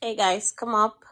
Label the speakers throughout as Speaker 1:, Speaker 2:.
Speaker 1: Hey guys, come up.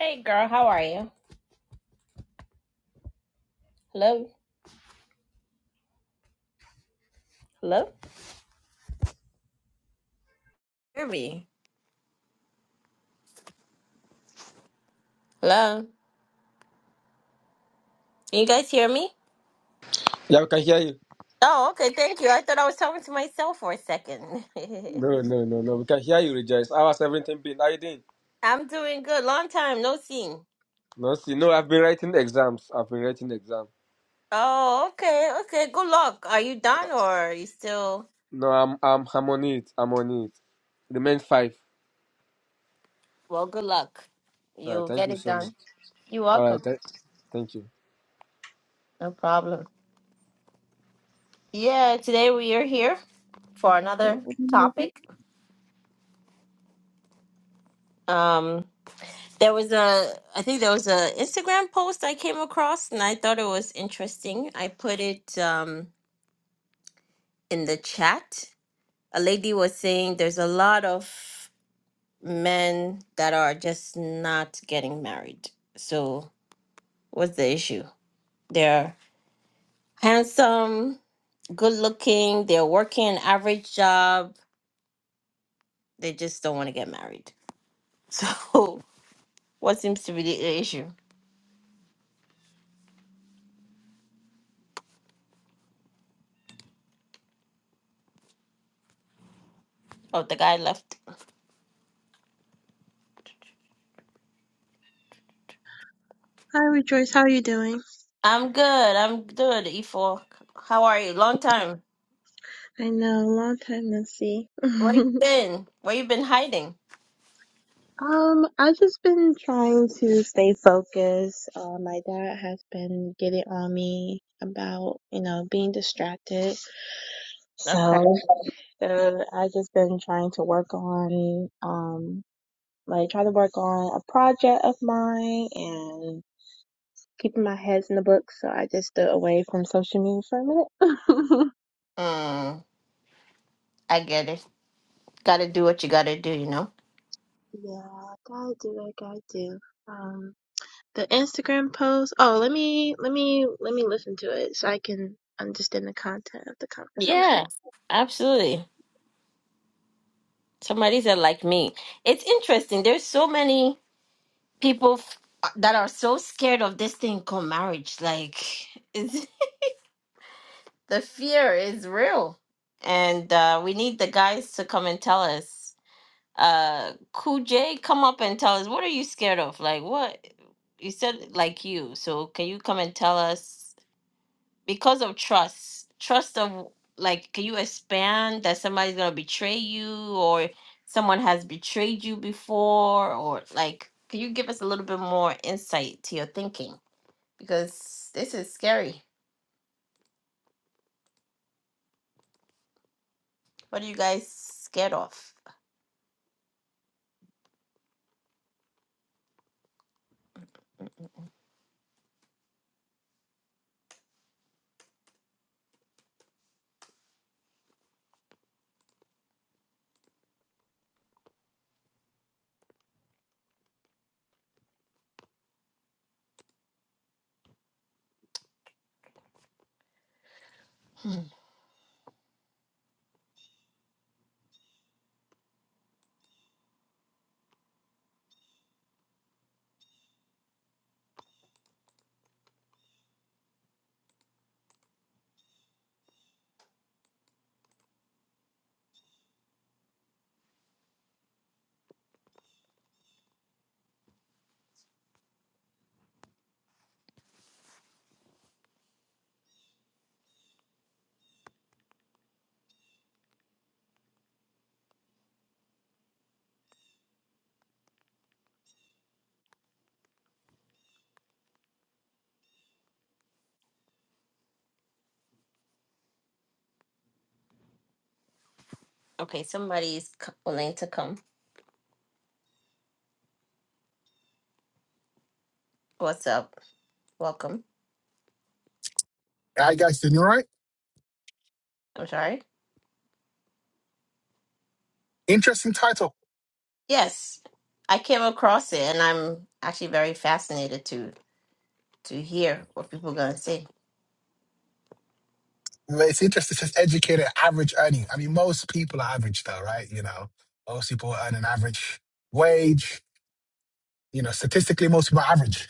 Speaker 1: Hey girl, how are you? Hello? Hello? Hear me. Hello. Can you guys hear me?
Speaker 2: Yeah, we can hear you.
Speaker 1: Oh, okay. Thank you. I thought I was talking to myself for a second.
Speaker 2: No, no, no, no. We can hear you, Rejoice. Our everything been. How you doing?
Speaker 1: I'm doing good. Long time no seen.
Speaker 2: No, see, no. I've been writing exams. I've been writing exam.
Speaker 1: Oh, okay. Okay. Good luck. Are you done or are you still?
Speaker 2: No, I'm, I'm, I'm on it. I'm on it. Remain five.
Speaker 1: Well, good luck.
Speaker 2: All right.
Speaker 1: You'll
Speaker 2: Thank
Speaker 1: get
Speaker 2: you
Speaker 1: it
Speaker 2: so much.
Speaker 1: done. You're
Speaker 2: All right.
Speaker 1: welcome.
Speaker 2: Th- thank you.
Speaker 1: No problem. Yeah, today we are here for another topic. Um, there was a i think there was a instagram post i came across and i thought it was interesting i put it um in the chat a lady was saying there's a lot of men that are just not getting married so what's the issue they're handsome good looking they're working an average job they just don't want to get married so what seems to be the issue oh the guy left
Speaker 3: Hi Rejoice, how are you doing?
Speaker 1: I'm good. I'm good, E4. How are you? Long time.
Speaker 3: I know, long time no see.
Speaker 1: Where you
Speaker 3: um,
Speaker 1: been? Where you been hiding?
Speaker 3: I've just been trying to stay focused. Uh, my dad has been getting on me about, you know, being distracted.
Speaker 1: Okay.
Speaker 3: So, uh, I've just been trying to work on, um, like trying to work on a project of mine and keeping my heads in the book. So I just stood away from social media for a minute.
Speaker 1: Mm, I get it. Gotta do what you gotta do, you know?
Speaker 3: yeah, gotta do what I gotta do. Um. the Instagram post. Oh, let me let me let me listen to it so I can understand the content of the
Speaker 1: Yeah,
Speaker 3: conversation.
Speaker 1: absolutely. Somebody said like me. It's interesting. There's so many people f- uh, that are so scared of this thing called marriage. Like, it's, the fear is real. And uh, we need the guys to come and tell us. uh Jay, come up and tell us what are you scared of? Like what you said like you. So can you come and tell us because of trust, trust of like can you expand that somebody's gonna betray you or someone has betrayed you before or like can you give us a little bit more insight to your thinking? Because this is scary. What are you guys scared of? Hmm. okay, somebody's co- willing to come. What's up? Welcome.
Speaker 4: I guys doing all right?
Speaker 1: I'm sorry.
Speaker 4: Interesting title.
Speaker 1: Yes, I came across it, and I'm actually very fascinated to to hear what people are gonna say.
Speaker 4: It's interesting. It says educated average earning. I mean, most people are average though, right? You know, most people earn an average wage. You know, statistically, most people are average.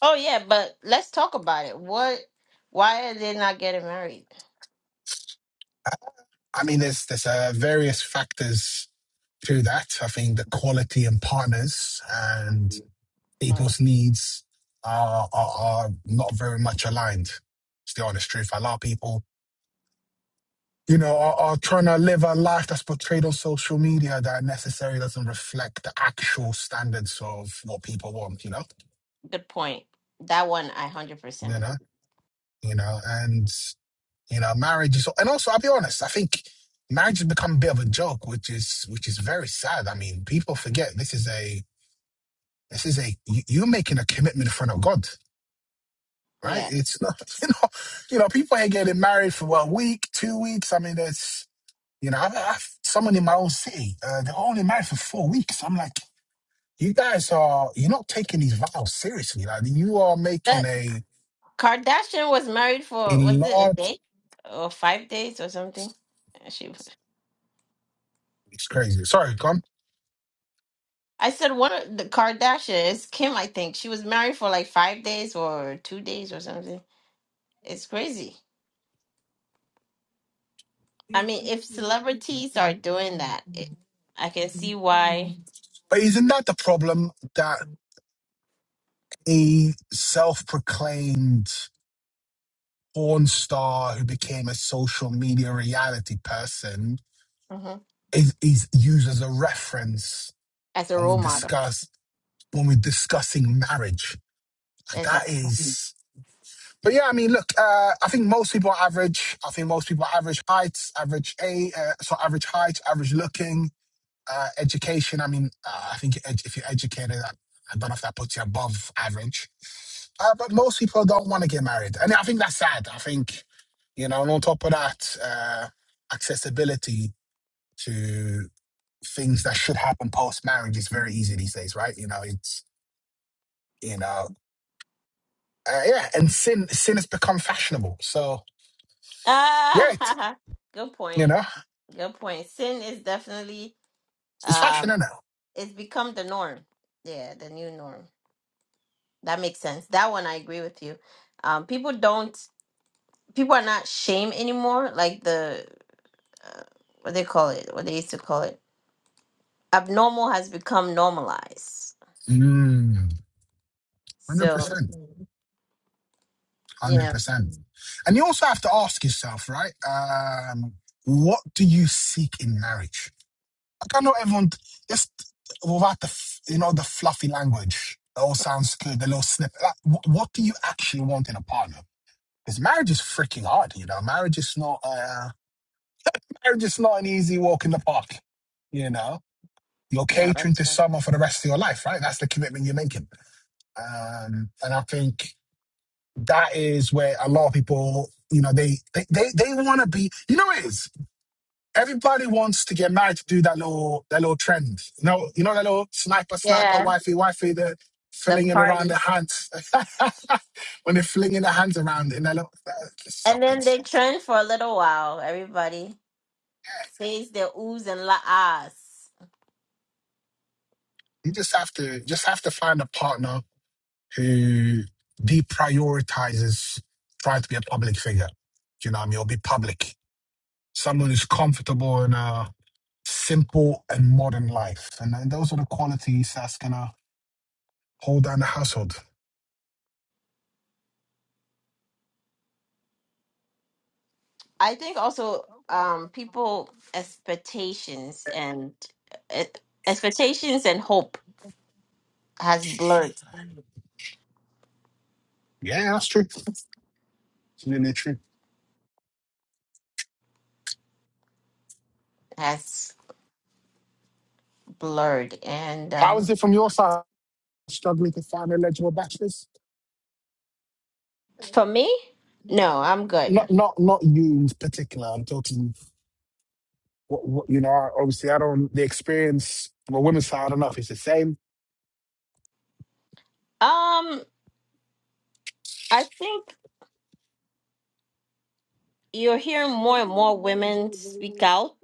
Speaker 1: Oh yeah, but let's talk about it. What? Why are they not getting married?
Speaker 4: I mean, there's there's uh, various factors to that. I think the quality and partners and
Speaker 1: Mm,
Speaker 4: people's needs are, are are not very much aligned. It's the honest truth. A lot of people you know, are or trying to live a life that's portrayed on social media that necessarily doesn't reflect the actual standards of what people want, you know,
Speaker 1: good point. That one, I hundred percent
Speaker 4: you know,
Speaker 1: agree.
Speaker 4: you know, and you know, marriage is, and also I'll be honest, I think marriage has become a bit of a joke, which is which is very sad. I mean, people forget this is a this is a you- you're making a commitment in front of God. Right,
Speaker 1: Yeah,
Speaker 4: it's not you know, you know, people ain't getting married for what a week, two weeks. I mean, there's you know, I've, I've someone in my own city, uh, they're only married for four weeks. I'm like, you guys are you're not taking these vows seriously. Like you are making
Speaker 1: that
Speaker 4: a
Speaker 1: Kardashian was married
Speaker 4: a
Speaker 1: for was it a
Speaker 4: large
Speaker 1: day or five days or something? She,
Speaker 4: it's crazy. Sorry, come.
Speaker 1: I said one of the Kardashians, Kim, I think she was married for like five days or two days or something. It's crazy. I mean, if celebrities are doing that, it, I can see why.
Speaker 4: But isn't that the problem that a self-proclaimed porn star who became a social media reality person
Speaker 1: Mhm.
Speaker 4: is is used as a reference
Speaker 1: As a
Speaker 4: when we
Speaker 1: role model,
Speaker 4: discuss when we're discussing marriage? Like that
Speaker 1: exactly.
Speaker 4: is but yeah, I mean, look, uh, I think most people are average. I think most people are average heights, average a, uh, so average height, average looking Uh, education, I mean, uh, I think ed- if you're educated, I, I don't know if that puts you above average. Uh, but most people don't want to get married. And I think that's sad. I think, you know, and on top of that, uh, accessibility to things that should happen post marriage is very easy these days, right? You know, it's, you know, uh, yeah, and sin sin has become fashionable. So, yeah, it's,
Speaker 1: Ah, good
Speaker 4: you
Speaker 1: point.
Speaker 4: know,
Speaker 1: Good point. Sin is definitely
Speaker 4: it's fashion
Speaker 1: um,
Speaker 4: now.
Speaker 1: it's become the norm. Yeah, the new norm. That makes sense. That one I agree with you. Um, people don't. People are not shame anymore. Like the uh, what they call it, what they used to call it, abnormal has become normalized.
Speaker 4: Mm,
Speaker 1: So
Speaker 4: 100%.
Speaker 1: you
Speaker 4: Hundred
Speaker 1: know,
Speaker 4: percent. And you also have to ask yourself, right? Um, what do you seek in marriage? Like I know everyone just without the f- you know the fluffy language. It all sounds good. The little snippet. Like, wh- what do you actually want in a partner? Because marriage is freaking hard. You know, marriage is not. Uh, marriage is not an easy walk in the park. You know, you're
Speaker 1: no,
Speaker 4: catering
Speaker 1: that's
Speaker 4: to
Speaker 1: not.
Speaker 4: someone for the rest of your life, right? That's the commitment you're making. Um, and I think that is where a lot of people, you know, they they they, they want to be. You know, it is everybody wants to get married to do that little that little trend. You know, you know that little sniper sniper
Speaker 1: yeah.
Speaker 4: wifey wifey the
Speaker 1: the
Speaker 4: flinging around their
Speaker 1: parties.
Speaker 4: hands when they're flinging their hands around in that little. uh, Just
Speaker 1: And
Speaker 4: stop it.
Speaker 1: then they
Speaker 4: Stop. it.
Speaker 1: trend for a little while. Everybody says their oohs and la ahs.
Speaker 4: You just have to just have to find a partner who deprioritizes trying to be a public figure. You know what I mean? Or be public. Someone who's comfortable in uh simple and modern life. And, and those are the qualities that's going to hold down the household.
Speaker 1: I think also um, people expectations and uh, expectations and hope has blurred
Speaker 4: Yeah, that's true. It's really true.
Speaker 1: has blurred. And
Speaker 4: How is
Speaker 1: um,
Speaker 4: it from your side? Struggling to find eligible bachelors?
Speaker 1: for me, no, I'm good.
Speaker 4: Not, not, not you in particular. I'm talking, what, what, you know, I- obviously I don't, the experience on the women's side, I don't know if it's the same.
Speaker 1: Um, I think you're hearing more and more women speak out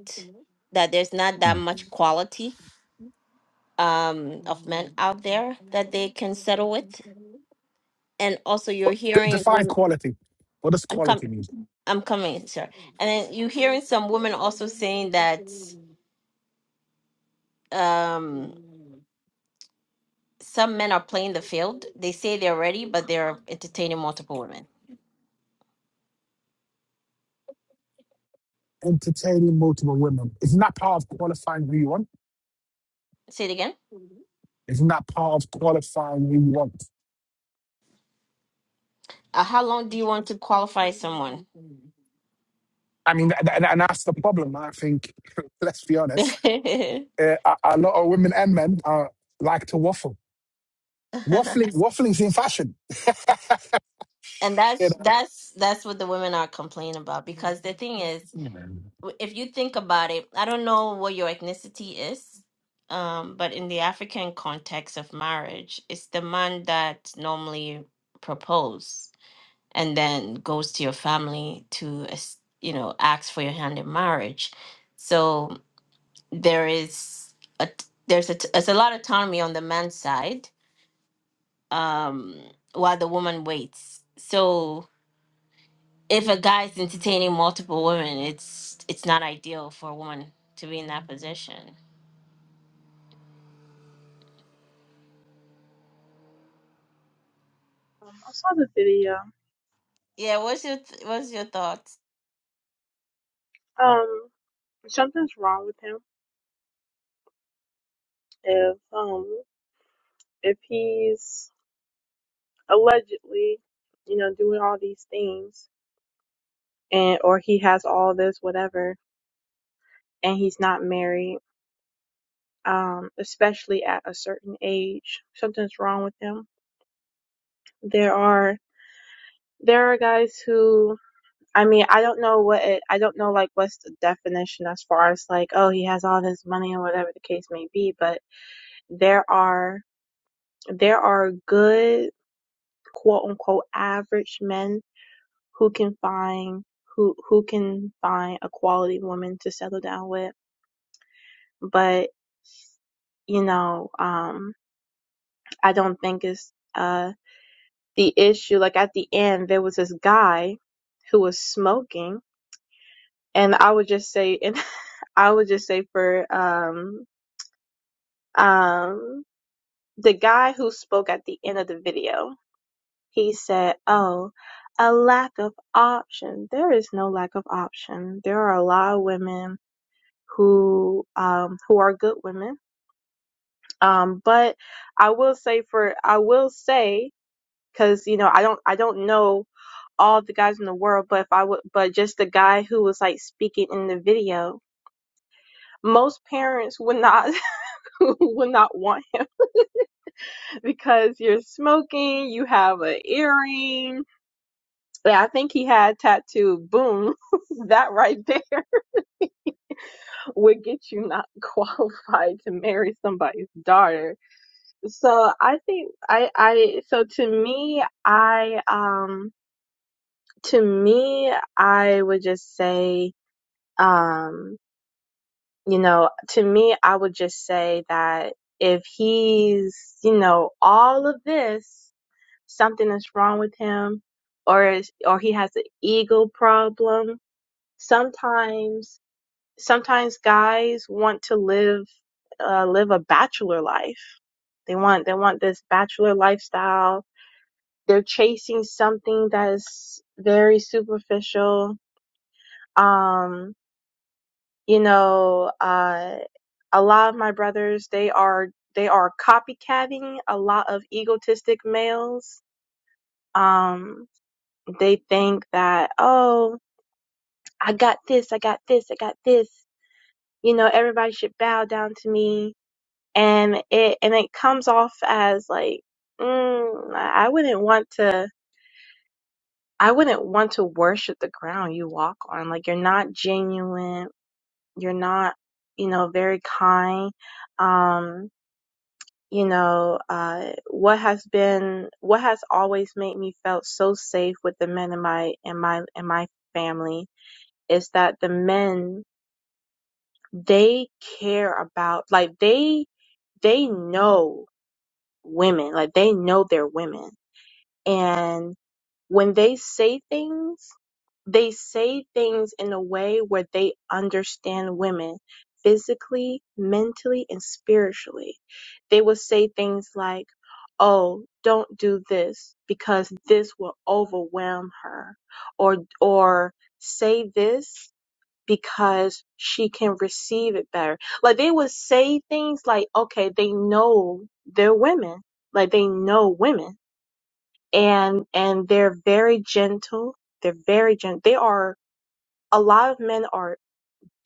Speaker 1: that there's not that
Speaker 4: Mm.
Speaker 1: much quality um, of men out there that they can settle with, and also you're
Speaker 4: But d-
Speaker 1: hearing
Speaker 4: define
Speaker 1: women.
Speaker 4: quality. What does
Speaker 1: I'm coming.
Speaker 4: quality mean?
Speaker 1: I'm coming, sir. And then you're hearing some women also saying that um, some men are playing the field. They say they're ready, but they're entertaining multiple women.
Speaker 4: Entertaining multiple women. Isn't that part of qualifying who you want?
Speaker 1: Say it again.
Speaker 4: Isn't that part of qualifying who you want?
Speaker 1: Uh, how long do you want to qualify someone?
Speaker 4: I mean, th- and, and that's the problem. I think, let's be honest,
Speaker 1: and
Speaker 4: uh, a, a lot of women and men are, like to waffle. Waffling, waffling's in fashion. You
Speaker 1: that's
Speaker 4: know,
Speaker 1: that's that's what the women are complaining about because the thing is if you think about it, I don't know what your ethnicity is, um, but in the African context of marriage, it's the man that normally propose and then goes to your family to, as- you know, ask for your hand in marriage. So there is a t- there's a t- there's a lot of autonomy on the man's side, um, while the woman waits. So if a guy's entertaining multiple women, it's it's not ideal for a woman to be in that position.
Speaker 3: Um, I saw the video.
Speaker 1: Yeah, what's your th- what's your thoughts?
Speaker 3: Um, something's wrong with him if um if he's allegedly, you know, doing all these things and or he has all this whatever and he's not married um, especially at a certain age. Something's wrong with them. There are there are guys who I mean I don't know what it, I don't know like what's the definition as far as like oh he has all this money or whatever the case may be, but there are there are good quote unquote average men who can find who who can find a quality woman to settle down with, but you know um I don't think it's uh. the issue like at the end there was this guy who was smoking and i would just say and i would just say for um um the guy who spoke at the end of the video he said oh a lack of option there is no lack of option there are a lot of women who um who are good women um but i will say for i will say because you know i don't i don't know all the guys in the world, but if I would, but just the guy who was like speaking in the video, most parents would not would not want him because you're smoking, you have an earring. Yeah, I think he had tattoo. Boom, that right there would get you not qualified to marry somebody's daughter. So I think I I so to me I um to me I would just say um You know, to me, I would just say that if he's, you know, all of this, something is wrong with him, or is, or he has an ego problem. Sometimes, sometimes guys want to live, uh, live a bachelor life. They want, they want this bachelor lifestyle. They're chasing something that is very superficial. Um, You know, uh, a lot of my brothers, they are they are copycatting a lot of egotistic males. Um, they think that, oh, I got this, I got this, I got this. You know, everybody should bow down to me. And it and it comes off as like, mm, I wouldn't want to I wouldn't want to worship the ground you walk on. Like you're not genuine, you're not, you know, very kind. Um, you know, uh, what has been, what has always made me felt so safe with the men in my, in my, in my family is that the men, they care about, like they, they know women, like they know they're women. And when they say things, they say things in a way where they understand women physically, mentally, and spiritually. They will say things like, "Oh, don't do this because this will overwhelm her," or or say this because she can receive it better. Like they would say things like, "Okay, they know they're women. Like they know women." and and they're very gentle. They're very gentle. They are a lot of men are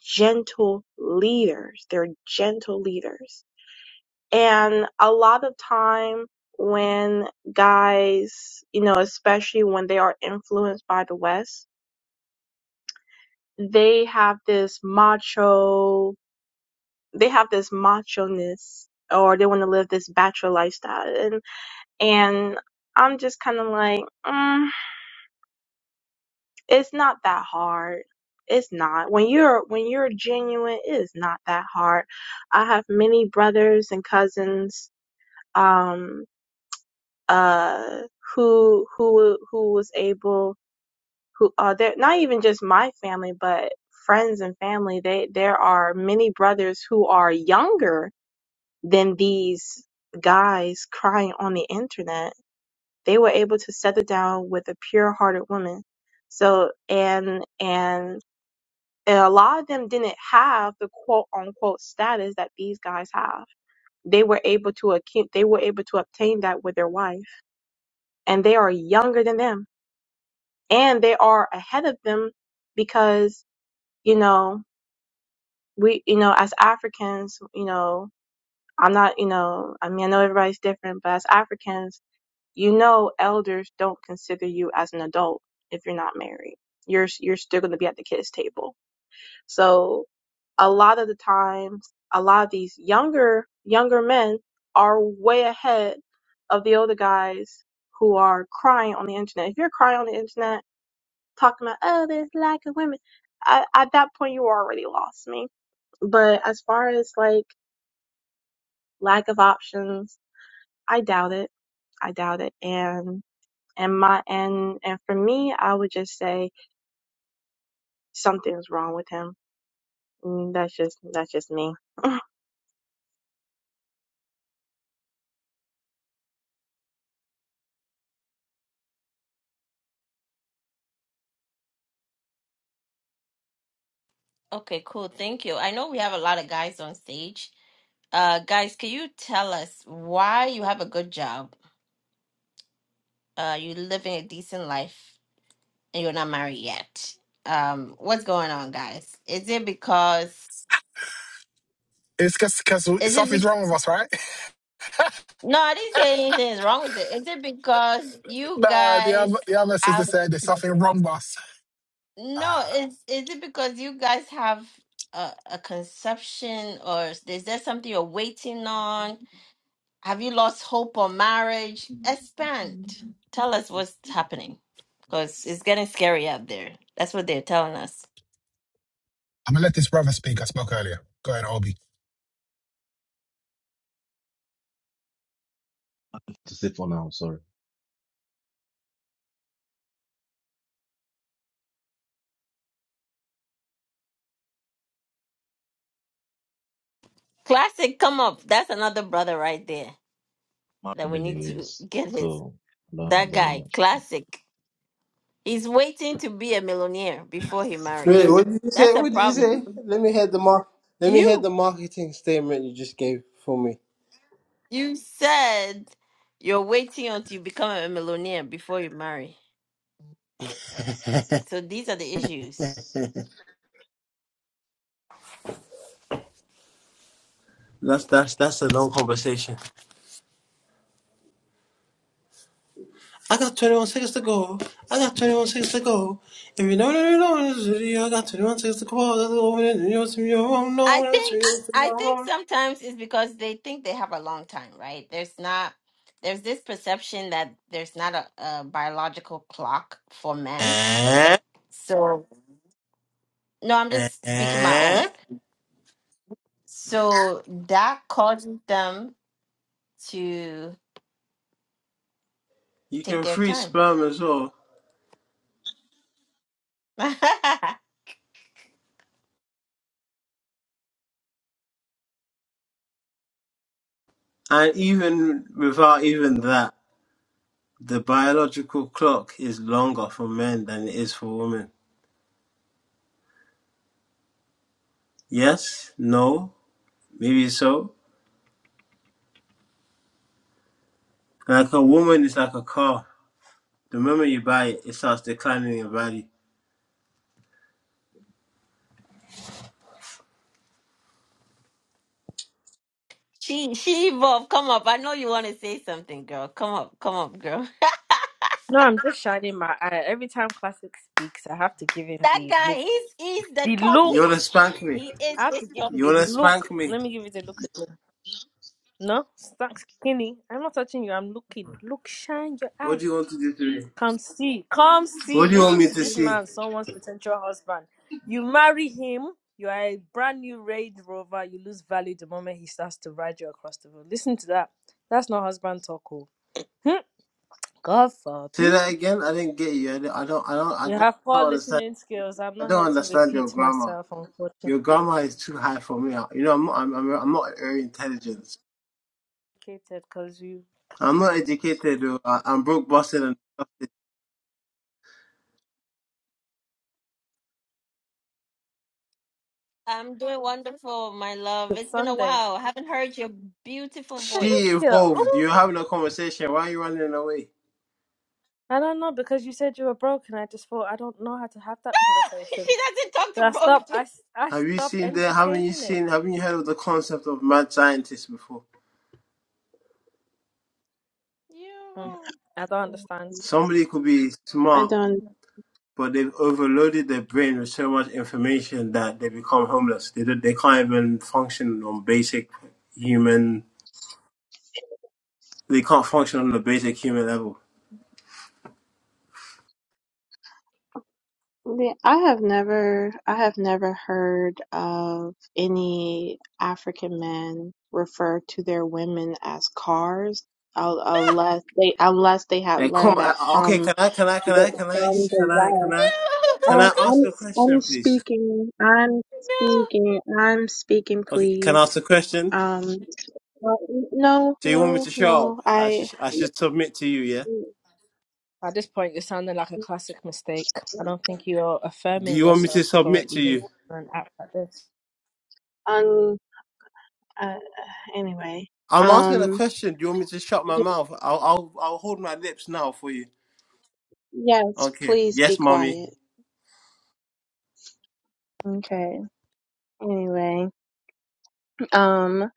Speaker 3: gentle leaders. They're gentle leaders. And a lot of time when guys, you know, especially when they are influenced by the West, they have this macho, they have this macho-ness or they want to live this bachelor lifestyle. And, and I'm just kind of like, mm, It's not that hard. It's not. When you're when you're genuine, it is not that hard. I have many brothers and cousins um uh who who who was able who uh they're not even just my family but friends and family they there are many brothers who are younger than these guys crying on the internet. They were able to settle down with a pure-hearted woman. So and and And a lot of them didn't have the quote unquote status that these guys have. They were able to accu- they were able to obtain that with their wife. And they are younger than them. And they are ahead of them because, you know, we you know, as Africans, you know, I'm not, you know, I mean I know everybody's different, but as Africans, you know elders don't consider you as an adult if you're not married. You're you're still gonna be at the kids' table So a lot of the times, a lot of these younger younger men are way ahead of the older guys who are crying on the internet. If you're crying on the internet, talking about oh, there's lack of women, I, at that point you already lost me. But as far as like lack of options, I doubt it. I doubt it. And and my and and for me, I would just say something's wrong with him Mm, That's just that's just me.
Speaker 1: Okay, cool. Thank you. I know we have a lot of guys on stage. Uh guys, can you tell us why you have a good job? Uh you're living a decent life and you're not married yet. Um what's going on, guys? Is it because
Speaker 4: it's because because
Speaker 1: is it
Speaker 4: something's
Speaker 1: because
Speaker 4: wrong with us, right?
Speaker 1: No, I didn't say anything is wrong with it. Is it because you
Speaker 4: nah, the
Speaker 1: guys
Speaker 4: other the other sister
Speaker 1: have
Speaker 4: said there's something wrong with us.
Speaker 1: No,
Speaker 4: Uh,
Speaker 1: is is it because you guys have a, a conception, or is is there something you're waiting on? Have you lost hope on marriage? Expand. Tell us what's happening, because it's getting scary out there. That's what they're telling us.
Speaker 4: I'm gonna let this brother speak. I spoke earlier. Go ahead, Obi.
Speaker 5: to say for now, sorry.
Speaker 1: Classic, come up. That's another brother right there that
Speaker 5: Married
Speaker 1: we need to
Speaker 5: anyways,
Speaker 1: get his.
Speaker 5: so I don't
Speaker 1: That
Speaker 5: have any
Speaker 1: guy,
Speaker 5: much.
Speaker 1: classic. He's waiting to be a millionaire before he marries.
Speaker 6: Wait, what did you say?
Speaker 1: That's a
Speaker 6: What did you
Speaker 1: problem.
Speaker 6: say? Let me hear the mar- Let me hear
Speaker 1: You.
Speaker 6: the marketing statement you just gave for me.
Speaker 1: You said you're waiting until you become a millionaire before you marry. So these are the issues.
Speaker 6: That's that's that's a long conversation. I got 21 seconds to go. I got 21 seconds to go. If you know, you know, this video, I got 21 seconds to go. That's over there. You know, it's me, you don't know,
Speaker 1: I
Speaker 6: it's me.
Speaker 1: think I think sometimes it's because they think they have a long time, right? There's not there's this perception that there's not a, a biological clock for men.
Speaker 6: Eh?
Speaker 1: So no, I'm just speaking my own.
Speaker 6: Eh?
Speaker 1: So that causes them to
Speaker 6: You
Speaker 1: take
Speaker 6: can
Speaker 1: their
Speaker 6: freeze
Speaker 1: time.
Speaker 6: sperm as well, and even without even that, the biological clock is longer for men than it is for women. Yes? No? Maybe so. Like a woman is like a car. The moment you buy it, it starts declining in value.
Speaker 1: She she evolved. Come up. I know you want to say something, girl. Come up. Come up, girl.
Speaker 7: No, I'm just shining my eye. Every time Classic speaks, I have to give him
Speaker 1: That
Speaker 7: the
Speaker 1: guy,
Speaker 7: look.
Speaker 1: he's he's the
Speaker 7: The look.
Speaker 6: You
Speaker 1: topic.
Speaker 6: wanna spank me?
Speaker 1: He is
Speaker 7: I have to
Speaker 1: this
Speaker 7: give you
Speaker 6: You
Speaker 1: topic.
Speaker 7: the
Speaker 6: wanna spank
Speaker 7: look.
Speaker 6: me?
Speaker 7: Let me give you the look again. No, stop skinny. I'm not touching you. I'm looking. Look, shine your
Speaker 6: What
Speaker 7: eye.
Speaker 6: do you want to do to me?
Speaker 7: Come see. Come see.
Speaker 6: What do you want
Speaker 7: Listen
Speaker 6: me
Speaker 7: to
Speaker 6: to
Speaker 7: this
Speaker 6: see?
Speaker 7: man, someone's potential husband. You marry him. You are a brand new Range Rover. You lose value the moment he starts to ride you across the road. Listen to that. That's not husband talk. oh. Hmm. God
Speaker 6: Say that
Speaker 7: forbid.
Speaker 6: again. I didn't get you. I don't. I don't. I
Speaker 7: You
Speaker 6: don't,
Speaker 7: have
Speaker 6: I don't
Speaker 7: poor
Speaker 6: understand.
Speaker 7: listening skills. I'm
Speaker 6: I
Speaker 7: not here
Speaker 6: don't
Speaker 7: to
Speaker 6: understand your
Speaker 7: repeat
Speaker 6: grammar.
Speaker 7: myself, unfortunately,
Speaker 6: Your grammar is too high for me. You know, I'm not. I'm, I'm, I'm not very intelligent.
Speaker 7: because you.
Speaker 6: I'm not educated. I, I'm broke, busted, and busted.
Speaker 1: I'm doing wonderful, my love.
Speaker 7: It's
Speaker 1: It's been a
Speaker 7: Sunday.
Speaker 1: while. I haven't heard your beautiful voice.
Speaker 6: She
Speaker 7: Thank you.
Speaker 6: evolved. You're having a conversation. Why are you running away?
Speaker 7: I don't know because you said you were broke, and I just thought I don't know how to have that conversation.
Speaker 1: she doesn't talk to
Speaker 7: So I
Speaker 1: Brooke.
Speaker 7: stop. I s- I
Speaker 6: Have you
Speaker 7: stop
Speaker 6: seen the? Haven't you
Speaker 7: entertaining it.
Speaker 6: seen? Haven't you heard of the concept of mad scientists before?
Speaker 7: Mm,
Speaker 1: You.
Speaker 7: I don't understand.
Speaker 6: Somebody could be
Speaker 3: I
Speaker 6: smart,
Speaker 3: don't.
Speaker 6: but they've overloaded their brain with so much information that they become homeless. They don't, they can't even function on basic human. They can't function on the basic human level.
Speaker 3: yeah, I have never. I have never heard of any African men refer to their women as cars, un- unless they unless they had
Speaker 6: And come,
Speaker 3: learned
Speaker 6: uh,
Speaker 3: that
Speaker 6: okay,
Speaker 3: from
Speaker 6: can I, can I, can I,
Speaker 3: the-
Speaker 6: can I,
Speaker 3: from the
Speaker 6: can I,
Speaker 3: West.
Speaker 6: can I, can
Speaker 3: Um,
Speaker 6: I ask
Speaker 3: I'm
Speaker 6: a
Speaker 3: I'm
Speaker 6: question, please?
Speaker 3: speaking. I'm
Speaker 1: no.
Speaker 3: speaking. I'm speaking.
Speaker 6: Okay, can I
Speaker 3: Please.
Speaker 6: ask a question?
Speaker 3: Um. uh, No.
Speaker 6: So you want me
Speaker 3: No.
Speaker 6: to show
Speaker 3: No.
Speaker 6: up? I should,
Speaker 3: I.
Speaker 6: I should submit to you, yeah?
Speaker 7: At this point, you're sounding like a classic mistake. I don't think you're
Speaker 6: Do
Speaker 7: affirming
Speaker 6: you want me to
Speaker 7: yourself
Speaker 6: submit
Speaker 7: correctly
Speaker 6: to
Speaker 7: when
Speaker 6: you?
Speaker 7: you are an act like this.
Speaker 3: Um. Uh, anyway.
Speaker 6: I'm asking a
Speaker 3: Um.
Speaker 6: question. Do you want me to shut my
Speaker 3: y-
Speaker 6: mouth? I'll I'll, I'll hold my lips now for you.
Speaker 3: Yes.
Speaker 6: Okay.
Speaker 3: Please be
Speaker 6: Yes, mommy.
Speaker 3: quiet. Okay. Anyway. Um.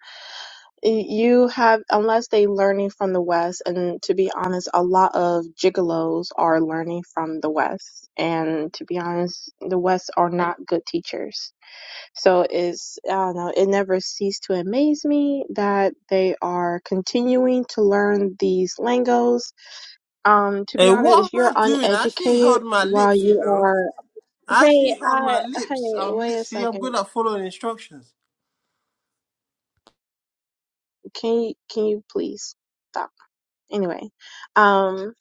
Speaker 3: y- You have unless they learning from the West, and to be honest, a lot of gigolos are learning from the West, and to be honest, the West are not good teachers. So it's, I don't know, it never ceased to amaze me that they are continuing to learn these lingo's. Um, to be
Speaker 6: Hey,
Speaker 3: honest,
Speaker 6: what am
Speaker 3: if you're
Speaker 6: I doing? I actually
Speaker 3: uneducated
Speaker 6: held my
Speaker 3: while
Speaker 6: lips, you
Speaker 3: you
Speaker 6: know.
Speaker 3: are,
Speaker 6: I
Speaker 3: hey,
Speaker 6: actually held
Speaker 3: I,
Speaker 6: my
Speaker 3: hey,
Speaker 6: lips. I'm
Speaker 3: wait
Speaker 6: li-
Speaker 3: a
Speaker 6: see, I'm
Speaker 3: second.
Speaker 6: good at following instructions.
Speaker 3: Can you, can you please stop? Anyway, um,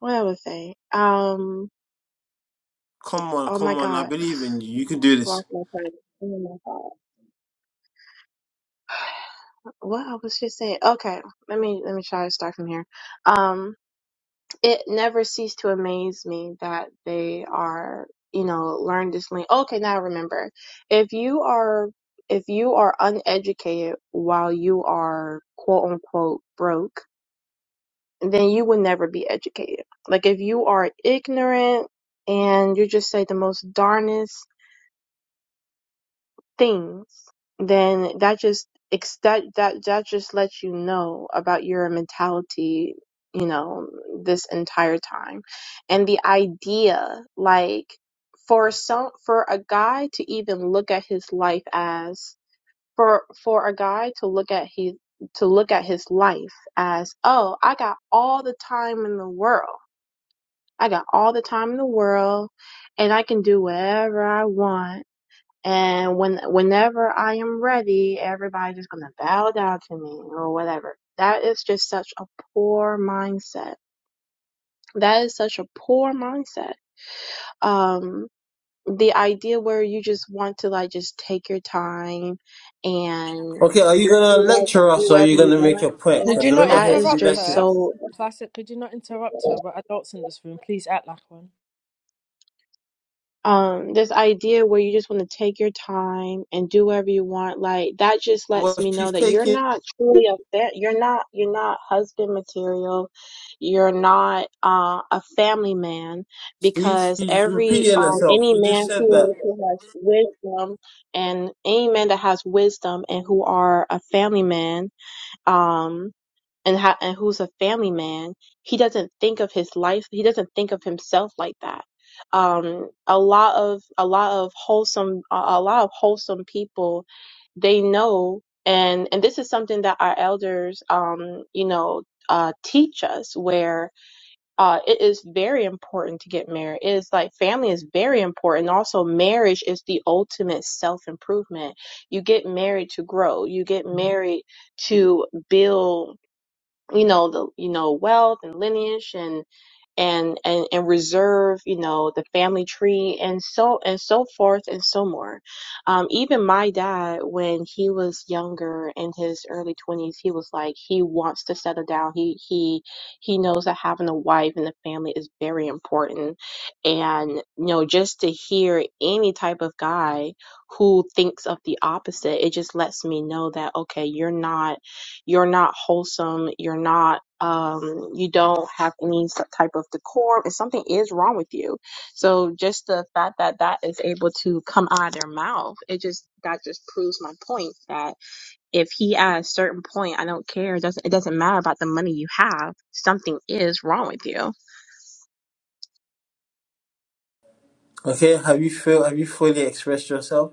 Speaker 3: what I would say, um,
Speaker 6: Come on,
Speaker 3: oh
Speaker 6: come
Speaker 3: my
Speaker 6: on. I
Speaker 3: God,
Speaker 6: believe in you. You can do this.
Speaker 3: lost my train. Oh my God. What I was just saying. Okay, let me, let me try to start from here. Um. it never ceased to amaze me that they are, you know, learn this language. Okay, now I remember. If you are if you are uneducated while you are quote unquote broke, then you will never be educated. Like if you are ignorant and you just say the most darnest things, then that just ex- that that that just lets you know about your mentality, you know, this entire time, and the idea like for some for a guy to even look at his life as for for a guy to look at his to look at his life as oh I got all the time in the world I got all the time in the world and I can do whatever I want and when whenever I am ready, everybody's just gonna bow down to me or whatever. That is just such a poor mindset. That is such a poor mindset. Um, the idea where you just want to like just take your time and
Speaker 6: Okay, are you gonna
Speaker 3: do it
Speaker 6: lecture
Speaker 3: and do
Speaker 6: us or are
Speaker 3: whatever
Speaker 6: you
Speaker 3: you
Speaker 6: gonna make
Speaker 3: want.
Speaker 6: your point?
Speaker 7: Could
Speaker 3: That
Speaker 6: Because
Speaker 7: you
Speaker 6: we're
Speaker 7: not
Speaker 6: not
Speaker 3: that
Speaker 6: here to
Speaker 3: is
Speaker 6: be
Speaker 7: interrupt
Speaker 3: just
Speaker 7: her?
Speaker 6: lectured.
Speaker 3: so.
Speaker 7: Classic. Could you not interrupt her? We're adults in this room. Please act like one.
Speaker 3: um this idea where you just want to take your time and do whatever you want like that just lets
Speaker 6: Well,
Speaker 3: me know
Speaker 6: she's
Speaker 3: that you're
Speaker 6: taking.
Speaker 3: not truly a fa- you're not you're not husband material you're not uh, a family man
Speaker 6: She's
Speaker 3: because
Speaker 6: she's
Speaker 3: every
Speaker 6: repeating
Speaker 3: um
Speaker 6: herself.
Speaker 3: any
Speaker 6: You just
Speaker 3: man
Speaker 6: said
Speaker 3: who,
Speaker 6: that.
Speaker 3: is, who has wisdom and any man that has wisdom and who are a family man um and ha- and who's a family man, he doesn't think of his life. He doesn't think of himself like that. Um, a lot of a lot of wholesome a a lot of wholesome people, they know, and and this is something that our elders, um, you know. Uh, teach us where uh, it is very important to get married. It is like family is very important. Also, marriage is the ultimate self improvement. You get married to grow. You get married to build you know the you know wealth and lineage and and and and reserve you know the family tree and so and so forth and so more um even my dad when he was younger in his early 20s he was like he wants to settle down he he he knows that having a wife and a family is very important and you know just to hear any type of guy who thinks of the opposite it just lets me know that okay you're not you're not wholesome you're not um you don't have any s- type of decorum and something is wrong with you so just the fact that that is able to come out of their mouth it just that just proves my point that if he at a certain point i don't care it doesn't it doesn't matter about the money you have something is wrong with you
Speaker 6: Okay. Have you feel? Have you fully expressed yourself?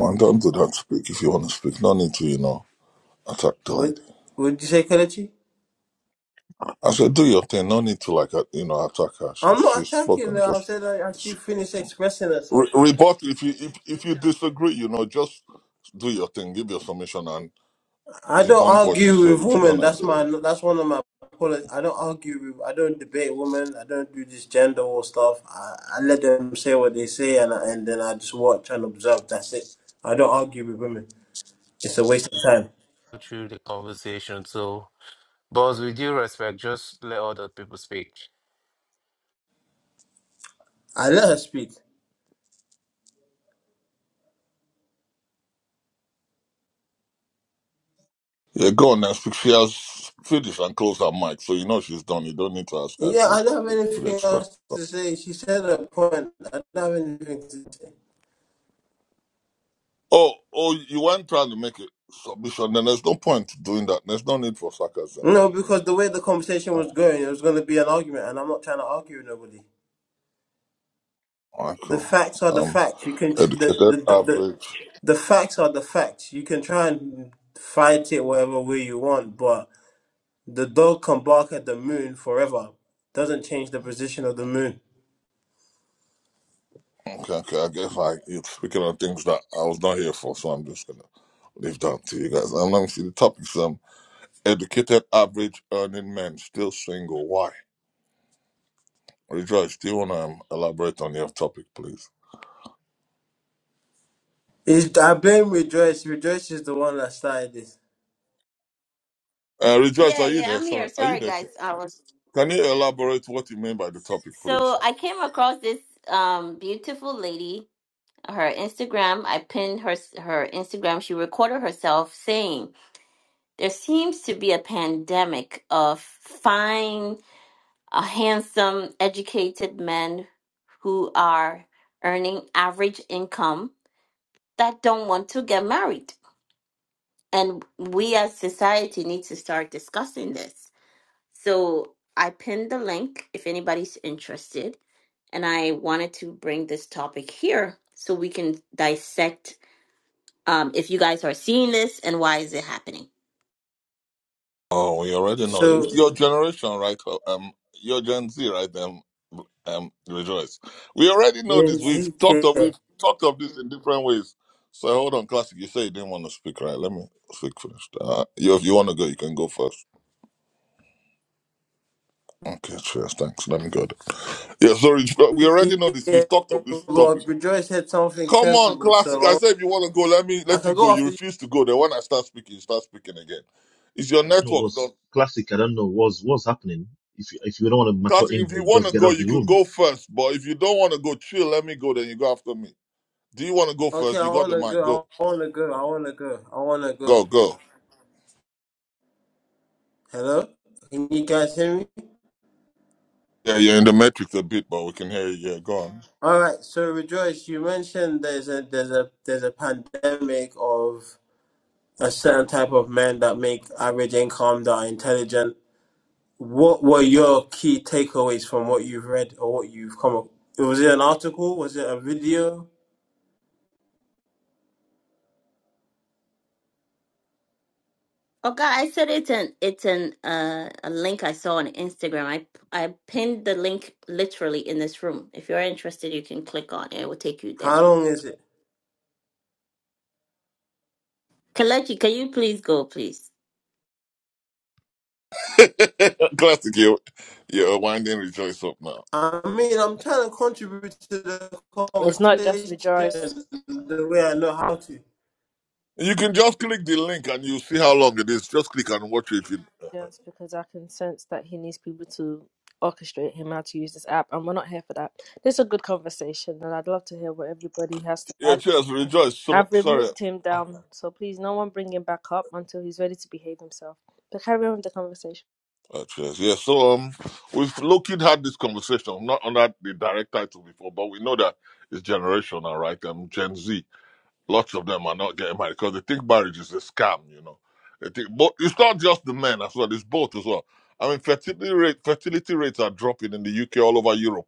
Speaker 8: Man, don't do that. Speak if you want to speak. No need to, you know, attack the
Speaker 6: Would
Speaker 8: lady.
Speaker 6: would you say, Kelechi?
Speaker 8: I said, do your thing. No need to, like, uh, you know, attack her. She's
Speaker 6: I'm not
Speaker 8: she's
Speaker 6: attacking
Speaker 8: spoken.
Speaker 6: her. I'm
Speaker 8: Just
Speaker 6: saying like she finished expressing herself.
Speaker 8: re- rebut if you if, if you disagree. You know, just do your thing. Give your submission and
Speaker 6: I don't
Speaker 8: debunk what she
Speaker 6: argue
Speaker 8: said.
Speaker 6: with
Speaker 8: If you don't
Speaker 6: women. That's
Speaker 8: agree, with
Speaker 6: my.
Speaker 8: it.
Speaker 6: That's one of my. poli- I don't argue with. I don't debate women. I don't do this gender war stuff. I, I let them say what they say, and I, and then I just watch and observe. That's it. I don't argue with women. It's a waste of time.
Speaker 9: go through the conversation. So, boss, with due respect, just let other people speak.
Speaker 6: I let her speak.
Speaker 8: yeah, go on and speak. She has finished and closed her mic, so you know she's done. You don't need to ask her if
Speaker 6: Yeah, I
Speaker 8: she's
Speaker 6: don't have
Speaker 8: fully
Speaker 6: anything
Speaker 8: expressed.
Speaker 6: else to say. She said her point. I don't have anything to say.
Speaker 8: Oh, oh, you weren't trying to make a submission. Then there's no point doing that. There's no need for sarcasm,
Speaker 6: No,
Speaker 8: man. You know.
Speaker 6: because the way the conversation
Speaker 8: Uh.
Speaker 6: was going, it was going to be an argument, and I'm not trying to argue with nobody.
Speaker 8: All right,
Speaker 6: The
Speaker 8: cool.
Speaker 6: facts are the
Speaker 8: Um,
Speaker 6: facts. You can the
Speaker 8: educate
Speaker 6: the
Speaker 8: that
Speaker 6: the, the,
Speaker 8: average.
Speaker 6: the facts are the facts. You can try and fight it whatever way you want, but the dog can bark at the moon forever. Doesn't change the position of the moon.
Speaker 8: Okay, okay. I guess like you're speaking on things that I was not here for, so I'm just gonna leave that to you guys. Um, let me see the topics. Um, educated average earning men still single. Why? Rejoice. Do you wanna um, elaborate on your topic, please?
Speaker 6: Is I blame Rejoice. Rejoice is the one that started this.
Speaker 8: Uh, Rejoice,
Speaker 1: Yeah,
Speaker 8: are you
Speaker 1: yeah,
Speaker 8: there?
Speaker 1: I'm here.
Speaker 8: Sorry, are you
Speaker 1: Sorry,
Speaker 8: there?
Speaker 1: guys. I was
Speaker 8: Can you elaborate what you mean by the topic, please?
Speaker 1: so I came across this um beautiful lady. Her Instagram. I pinned her her Instagram. She recorded herself saying. there seems to be a pandemic of fine, uh, handsome, educated men who are earning average income that don't want to get married. And we as society need to start discussing this. So I pinned the link if anybody's interested. And I wanted to bring this topic here so we can dissect um, if you guys are seeing this and why is it happening.
Speaker 8: Oh, we already know.
Speaker 6: So
Speaker 8: It's your generation, right? Um, your Gen Z, right? Um, um, rejoice. We already know this. We've talked
Speaker 6: Ezekiel,
Speaker 8: of we've talked of this in different ways. So hold on, classic. You say you didn't want to speak, right? Let me speak first. Uh, you, if you want to go, you can go first. Okay, cheers. Thanks. Let me go. There. Yeah, sorry. We already know this.
Speaker 6: yeah,
Speaker 8: We've talked of this
Speaker 6: but
Speaker 8: topic.
Speaker 6: Rejoice said something
Speaker 8: Come on,
Speaker 6: sensible.
Speaker 8: classic. I
Speaker 6: So
Speaker 8: said if you want to go, let me
Speaker 6: I I
Speaker 8: let you
Speaker 6: can
Speaker 8: go.
Speaker 6: go
Speaker 8: You
Speaker 6: after you.
Speaker 8: refuse to go. Then when I start speaking, you start speaking again. It's
Speaker 5: I
Speaker 8: your
Speaker 5: don't know
Speaker 8: network.
Speaker 5: what's classic. I don't know what's what's happening. If you, if you don't want to mature
Speaker 8: Classic.
Speaker 5: in
Speaker 8: if
Speaker 5: here,
Speaker 8: you
Speaker 5: you
Speaker 8: want
Speaker 5: just
Speaker 8: to
Speaker 5: get out
Speaker 8: go,
Speaker 5: of
Speaker 8: you
Speaker 5: the
Speaker 8: can
Speaker 5: room.
Speaker 8: go first. But if you don't want to go, chill. Let me go. Then you go after me. Do you want to go
Speaker 6: Okay,
Speaker 8: first?
Speaker 6: I
Speaker 8: You got the
Speaker 6: wanna
Speaker 8: mic. Go,
Speaker 6: go. I wanna go. I wanna go. I wanna go.
Speaker 8: go, go.
Speaker 6: Hello, can you guys hear me?
Speaker 8: Yeah, you're in the matrix a bit, but we can hear you. Yeah, go on.
Speaker 6: All right, so Rejoice, you mentioned there's a there's a there's a pandemic of a certain type of men that make average income that are intelligent. What were your key takeaways from what you've read or what you've come up? Was it an article? Was it a video?
Speaker 1: Okay, I said it's an it's an uh, a link I saw on Instagram. I I pinned the link literally in this room. If you're interested, you can click on it. It will take you there.
Speaker 6: How long is it?
Speaker 1: Kalechi, can you please go, please?
Speaker 8: Classic, you. You're winding rejoice up now.
Speaker 6: I mean, I'm trying to contribute to the
Speaker 7: It's not just with Joris
Speaker 6: conversation the way I know how to.
Speaker 8: You can just click the link and you see how long it is. Just click and watch it.
Speaker 7: Jones because I can sense that he needs people to orchestrate him how to use this app, and we're not here for that. This is a good conversation, and I'd love to hear what everybody has to
Speaker 8: Yeah,
Speaker 7: add.
Speaker 8: cheers, rejoice. So,
Speaker 7: I've
Speaker 8: sorry.
Speaker 7: removed him
Speaker 8: Oh,
Speaker 7: down, so please, no one bring him back up until he's ready to behave himself. But carry on with the conversation.
Speaker 8: uh, cheers. Yeah, so um, we've looking had this conversation, not under the direct title before, but we know that it's generational, right? Um, Gen Z. Lots of them are not getting married because they think marriage is a scam, you know. They think, but it's not just the men as well; it's both as well. I mean, fertility rate, fertility rates are dropping in the UK all over Europe.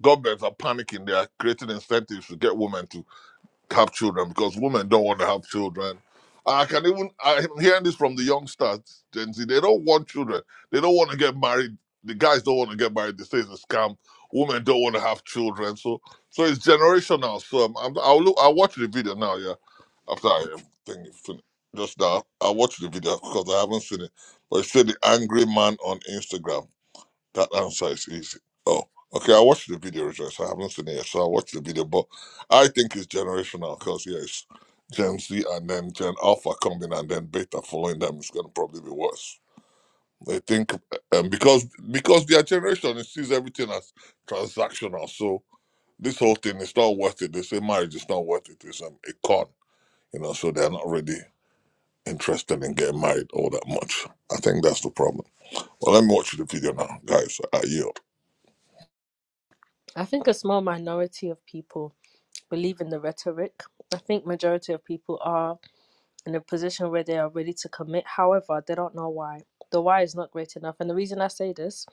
Speaker 8: Governments are panicking; they are creating incentives to get women to have children because women don't want to have children. I can even I'm hearing this from the youngsters, Gen Z. They don't want children. They don't want to get married. The guys don't want to get married. They say it's a scam. Women don't want to have children. So so it's generational. So um, I'm, I'll look. I'll watch the video now. Yeah after I um, think it fin- just now. I watched the video because I haven't seen it. But it said the angry man on Instagram. That answer is easy. Oh, okay. I watched the video, Rejoice. I haven't seen it yet, so I watched the video. But I think it's generational because yeah, it's Gen Z and then Gen Alpha coming and then Beta following them is going to probably be worse. They think um, because because their generation it sees everything as transactional. So this whole thing is not worth it. They say marriage is not worth it. It's um, a con you know, so they're not ready interested in getting married all that much. I think that's the problem. Well, let me watch the video now, guys. I yield.
Speaker 7: I think a small minority of people believe in the rhetoric. I think majority of people are. in a position where they are ready to commit. However, they don't know why. The why is not great enough. And the reason I say this,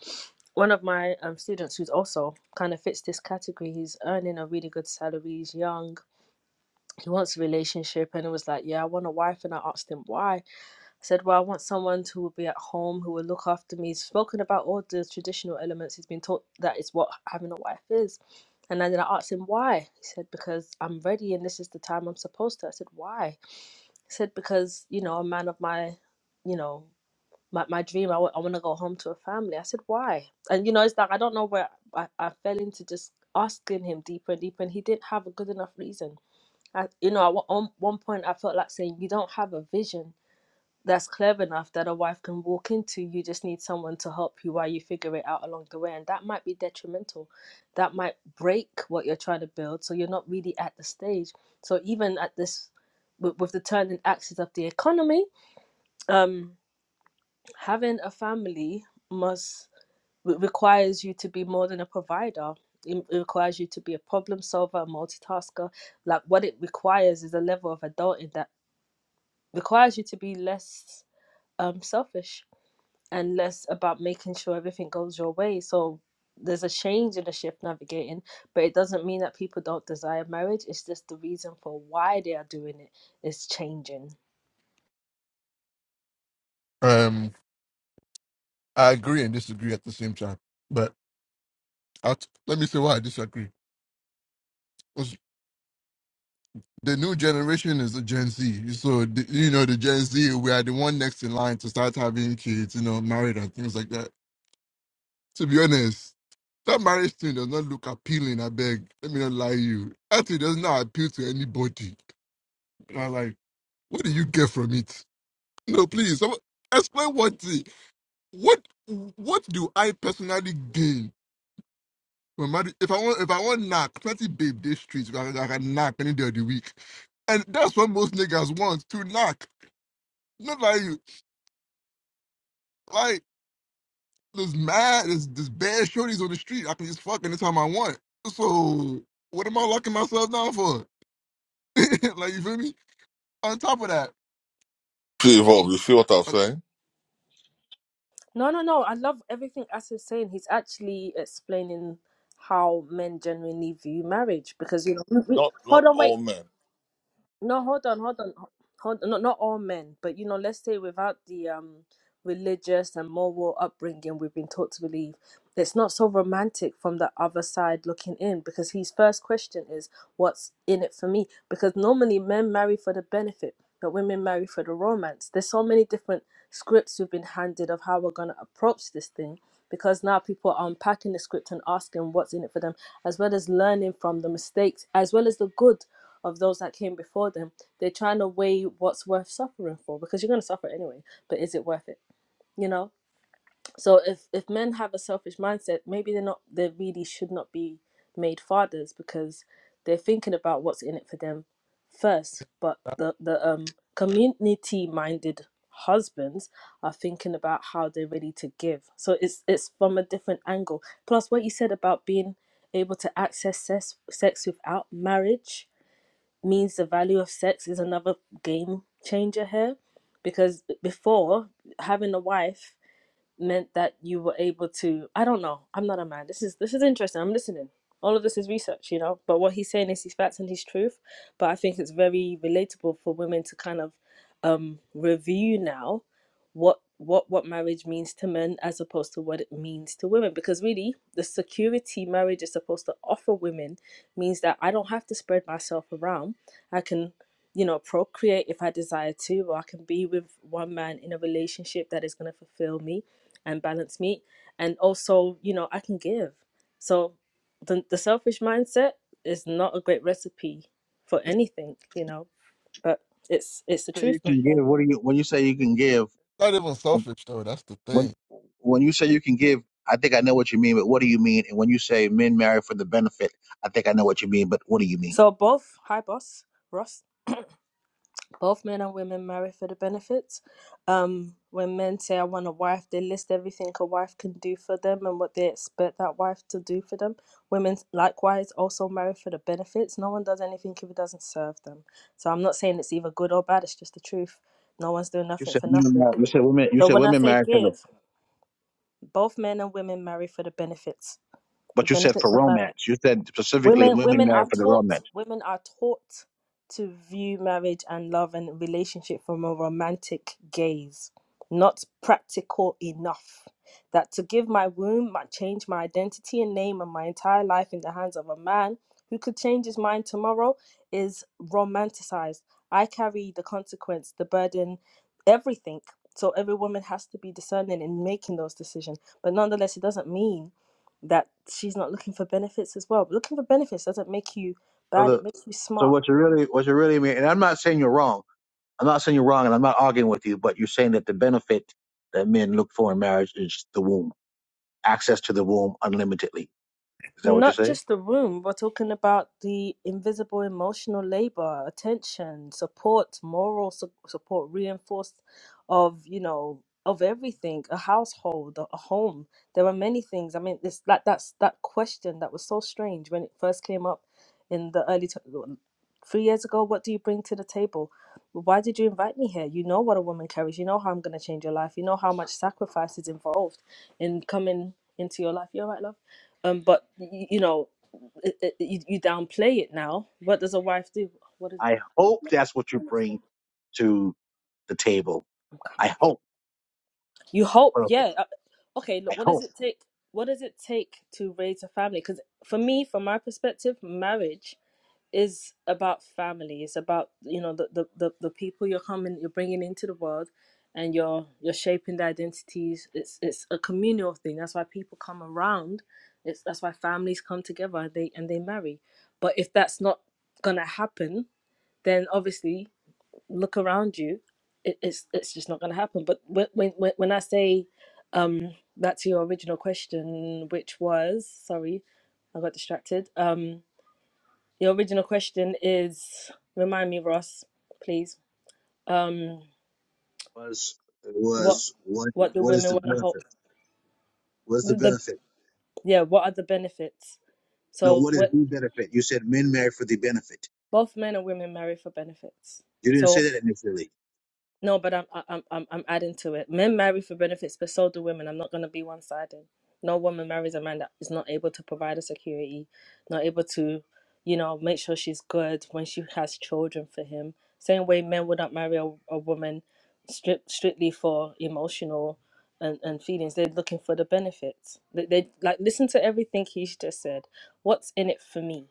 Speaker 7: one of my um, students who's also kind of fits this category, he's earning a really good salary, he's young, he wants a relationship, and it was like, yeah, I want a wife. And I asked him why. I said, Well, I want someone who will be at home, who will look after me. He's spoken about all the traditional elements. He's been taught that is what having a wife is. And then I asked him why. He said, Because I'm ready and this is the time I'm supposed to. I said, Why? He said, Because, you know, a man of my, you know, my, my dream, I w- I want to go home to a family. I said, Why? And, you know, it's like, I don't know where I, I fell into just asking him deeper and deeper, and he didn't have a good enough reason. I, you know, at one one point I felt like saying, you don't have a vision that's clever enough that a wife can walk into. You just need someone to help you while you figure it out along the way. And that might be detrimental. That might break what you're trying to build. So you're not really at the stage. So even at this, with, with the turning axis of the economy, um, having a family must requires you to be more than a provider. It it requires you to be a problem solver, a multitasker, like what it requires is a level of adulting that requires you to be less um, selfish and less about making sure everything goes your way. So there's a change in the shift navigating, but it doesn't mean that people don't desire marriage. It's just the reason for why they are doing it is changing.
Speaker 10: Um, I agree and disagree at the same time. But i let me say why I disagree. 'Cause the new generation is the Gen Z. So, the, you know, the Gen Z, we are the one next in line to start having kids, you know, married and things like that. To be honest, that marriage thing does not look appealing, I beg. Let me not lie to you. Actually, it does not appeal to anybody. And I'm like, what do you get from it? No, please, someone- explain what the, what, what do I personally gain Well, Madu- if I want, if I want knock, plenty babe this streets. I, I can knock any day of the week, and that's what most niggas want to knock. Not like you, like this mad, this this bad shorties on the street. I can just fuck anytime I want. So what am I locking myself down for? like you feel me? On top of that,
Speaker 8: See, Evolve, you see what I'm
Speaker 10: uh,
Speaker 8: saying?
Speaker 7: No, no, no. I love everything As is saying. He's actually explaining how men genuinely view marriage because you know. We, we,
Speaker 8: Not
Speaker 7: hold
Speaker 8: not
Speaker 7: on, wait.
Speaker 8: all men.
Speaker 7: No, hold on, hold on, hold on. Not, not all men, but you know, let's say without the um religious and moral upbringing we've been taught to believe, it's not so romantic from the other side looking in because his first question is, "What's in it for me?" Because normally men marry for the benefit, but women marry for the romance. There's so many different scripts we've been handed of how we're gonna approach this thing because now people are unpacking the script and asking what's in it for them, as well as learning from the mistakes, as well as the good of those that came before them, they're trying to weigh what's worth suffering for because you're going to suffer anyway. But is it worth it? You know. So if if men have a selfish mindset, maybe they're not. They really should not be made fathers because they're thinking about what's in it for them first. But
Speaker 10: that's
Speaker 7: the the um community minded husbands are thinking about how they're ready to give. So it's it's from a different angle. Plus, what you said about being able to access sex, sex without marriage means the value of sex is another game changer here because before having a wife meant that you were able to i don't know i'm not a man this is this is interesting i'm listening all of this is research you know but what he's saying is his facts and his truth but i think it's very relatable for women to kind of um review now what what what marriage means to men as opposed to what it means to women because really the security marriage is supposed to offer women means that i don't have to spread myself around i can you know procreate if i desire to or i can be with one man in a relationship that is going to fulfill me and balanced meat and also you know i can give so the, the selfish mindset is not a great recipe for anything you know but it's it's the
Speaker 11: So you
Speaker 7: truth
Speaker 11: can give, what do you when you say you can give?
Speaker 10: not even selfish though. That's the
Speaker 11: When
Speaker 10: thing.
Speaker 11: when you say you can give, I think I know what you mean. But what do you mean? And when you say men marry for the benefit, I think I know what you mean. But what do you mean?
Speaker 7: so both hi boss ross both men and women marry for the benefits. Um, when men say, I want a wife, they list everything a wife can do for them and what they expect that wife to do for them. Women, likewise, also marry for the benefits. No one does anything if it doesn't serve them. So I'm not saying it's either good or bad, it's just the truth. No one's doing
Speaker 11: But you
Speaker 7: nothing
Speaker 11: said
Speaker 7: for
Speaker 11: women
Speaker 7: nothing.
Speaker 11: marry- you said women you
Speaker 7: So
Speaker 11: said
Speaker 7: when I
Speaker 11: women
Speaker 7: say
Speaker 11: marry for the
Speaker 7: give, both men and women marry for the benefits. The
Speaker 11: but you said for
Speaker 7: benefits of marriage.
Speaker 11: romance. You said specifically
Speaker 7: Women
Speaker 11: women
Speaker 7: women
Speaker 11: marry
Speaker 7: are
Speaker 11: for the
Speaker 7: taught
Speaker 11: romance.
Speaker 7: women are taught to view marriage and love and relationship from a romantic gaze, not practical enough. That to give my womb, my change my identity and name and my entire life in the hands of a man who could change his mind tomorrow is romanticized. I carry the consequence, the burden, everything. So every woman has to be discerning in making those decisions. But nonetheless, it doesn't mean that she's not looking for benefits as well. But looking for benefits doesn't make you
Speaker 11: So
Speaker 7: bad, it
Speaker 11: the
Speaker 7: makes you
Speaker 11: so
Speaker 7: smart.
Speaker 11: what you really what you really mean? And I'm not saying you're wrong. I'm not saying you're wrong, and I'm not arguing with you. But you're saying that the benefit that men look for in marriage is the womb, access to the womb unlimitedly. Is that what you're
Speaker 7: Not
Speaker 11: saying?
Speaker 7: just the room, we're talking about the invisible emotional labor, attention, support, moral su- support, reinforced of, you know, of everything, a household, a a home. There are many things. I mean, it's that that's that question that was so strange when it first came up in the early t- three years ago. What do you bring to the table? Why did you invite me here? You know what a woman carries. You know how I'm going to change your life. You know how much sacrifice is involved in coming into your life. You're right, love. Um, but y- you know, it, it, you, you downplay it now. What does a wife do? What is it?
Speaker 11: I hope that's what you bring to the table.
Speaker 7: I'm coming.
Speaker 11: I hope.
Speaker 7: You hope, yeah.
Speaker 11: I
Speaker 7: Uh, Okay, look, what does
Speaker 11: hope.
Speaker 7: it take? What does it take to raise a family? Because for me, from my perspective, marriage is about family. It's about you know the, the, the, the people you're coming, you're bringing into the world, and you're you're shaping their identities. It's it's a communal thing. That's why people come around. It's that's why families come together. and They and they marry. But if that's not gonna happen, then obviously look around you. It, it's it's just not going to happen. But when when when I say um back to your original question, which was sorry, I got distracted. Um, your original question is remind me, Ross, please. Um,
Speaker 11: was
Speaker 7: what
Speaker 11: was what
Speaker 7: what do
Speaker 11: what is
Speaker 7: women
Speaker 11: the
Speaker 7: want to hold?
Speaker 11: benefit? What is the
Speaker 7: The, the
Speaker 11: benefit?
Speaker 7: yeah, what are the benefits?
Speaker 11: No,
Speaker 7: So
Speaker 11: what is
Speaker 7: what
Speaker 11: the benefit? You said men marry for the benefit.
Speaker 7: both men and women marry for benefits.
Speaker 11: You didn't
Speaker 7: So
Speaker 11: say that initially.
Speaker 7: No, but I'm I- I'm I'm I'm adding to it. Men marry for benefits, but so do women. I'm not gonna be one sided. No woman marries a man that is not able to provide her security, not able to, you know, make sure she's good when she has children for him. Same way men would not marry a, a woman strip, strictly for emotional and, and feelings. They're looking for the benefits. They, they like listen to everything he's just said. What's in it for me?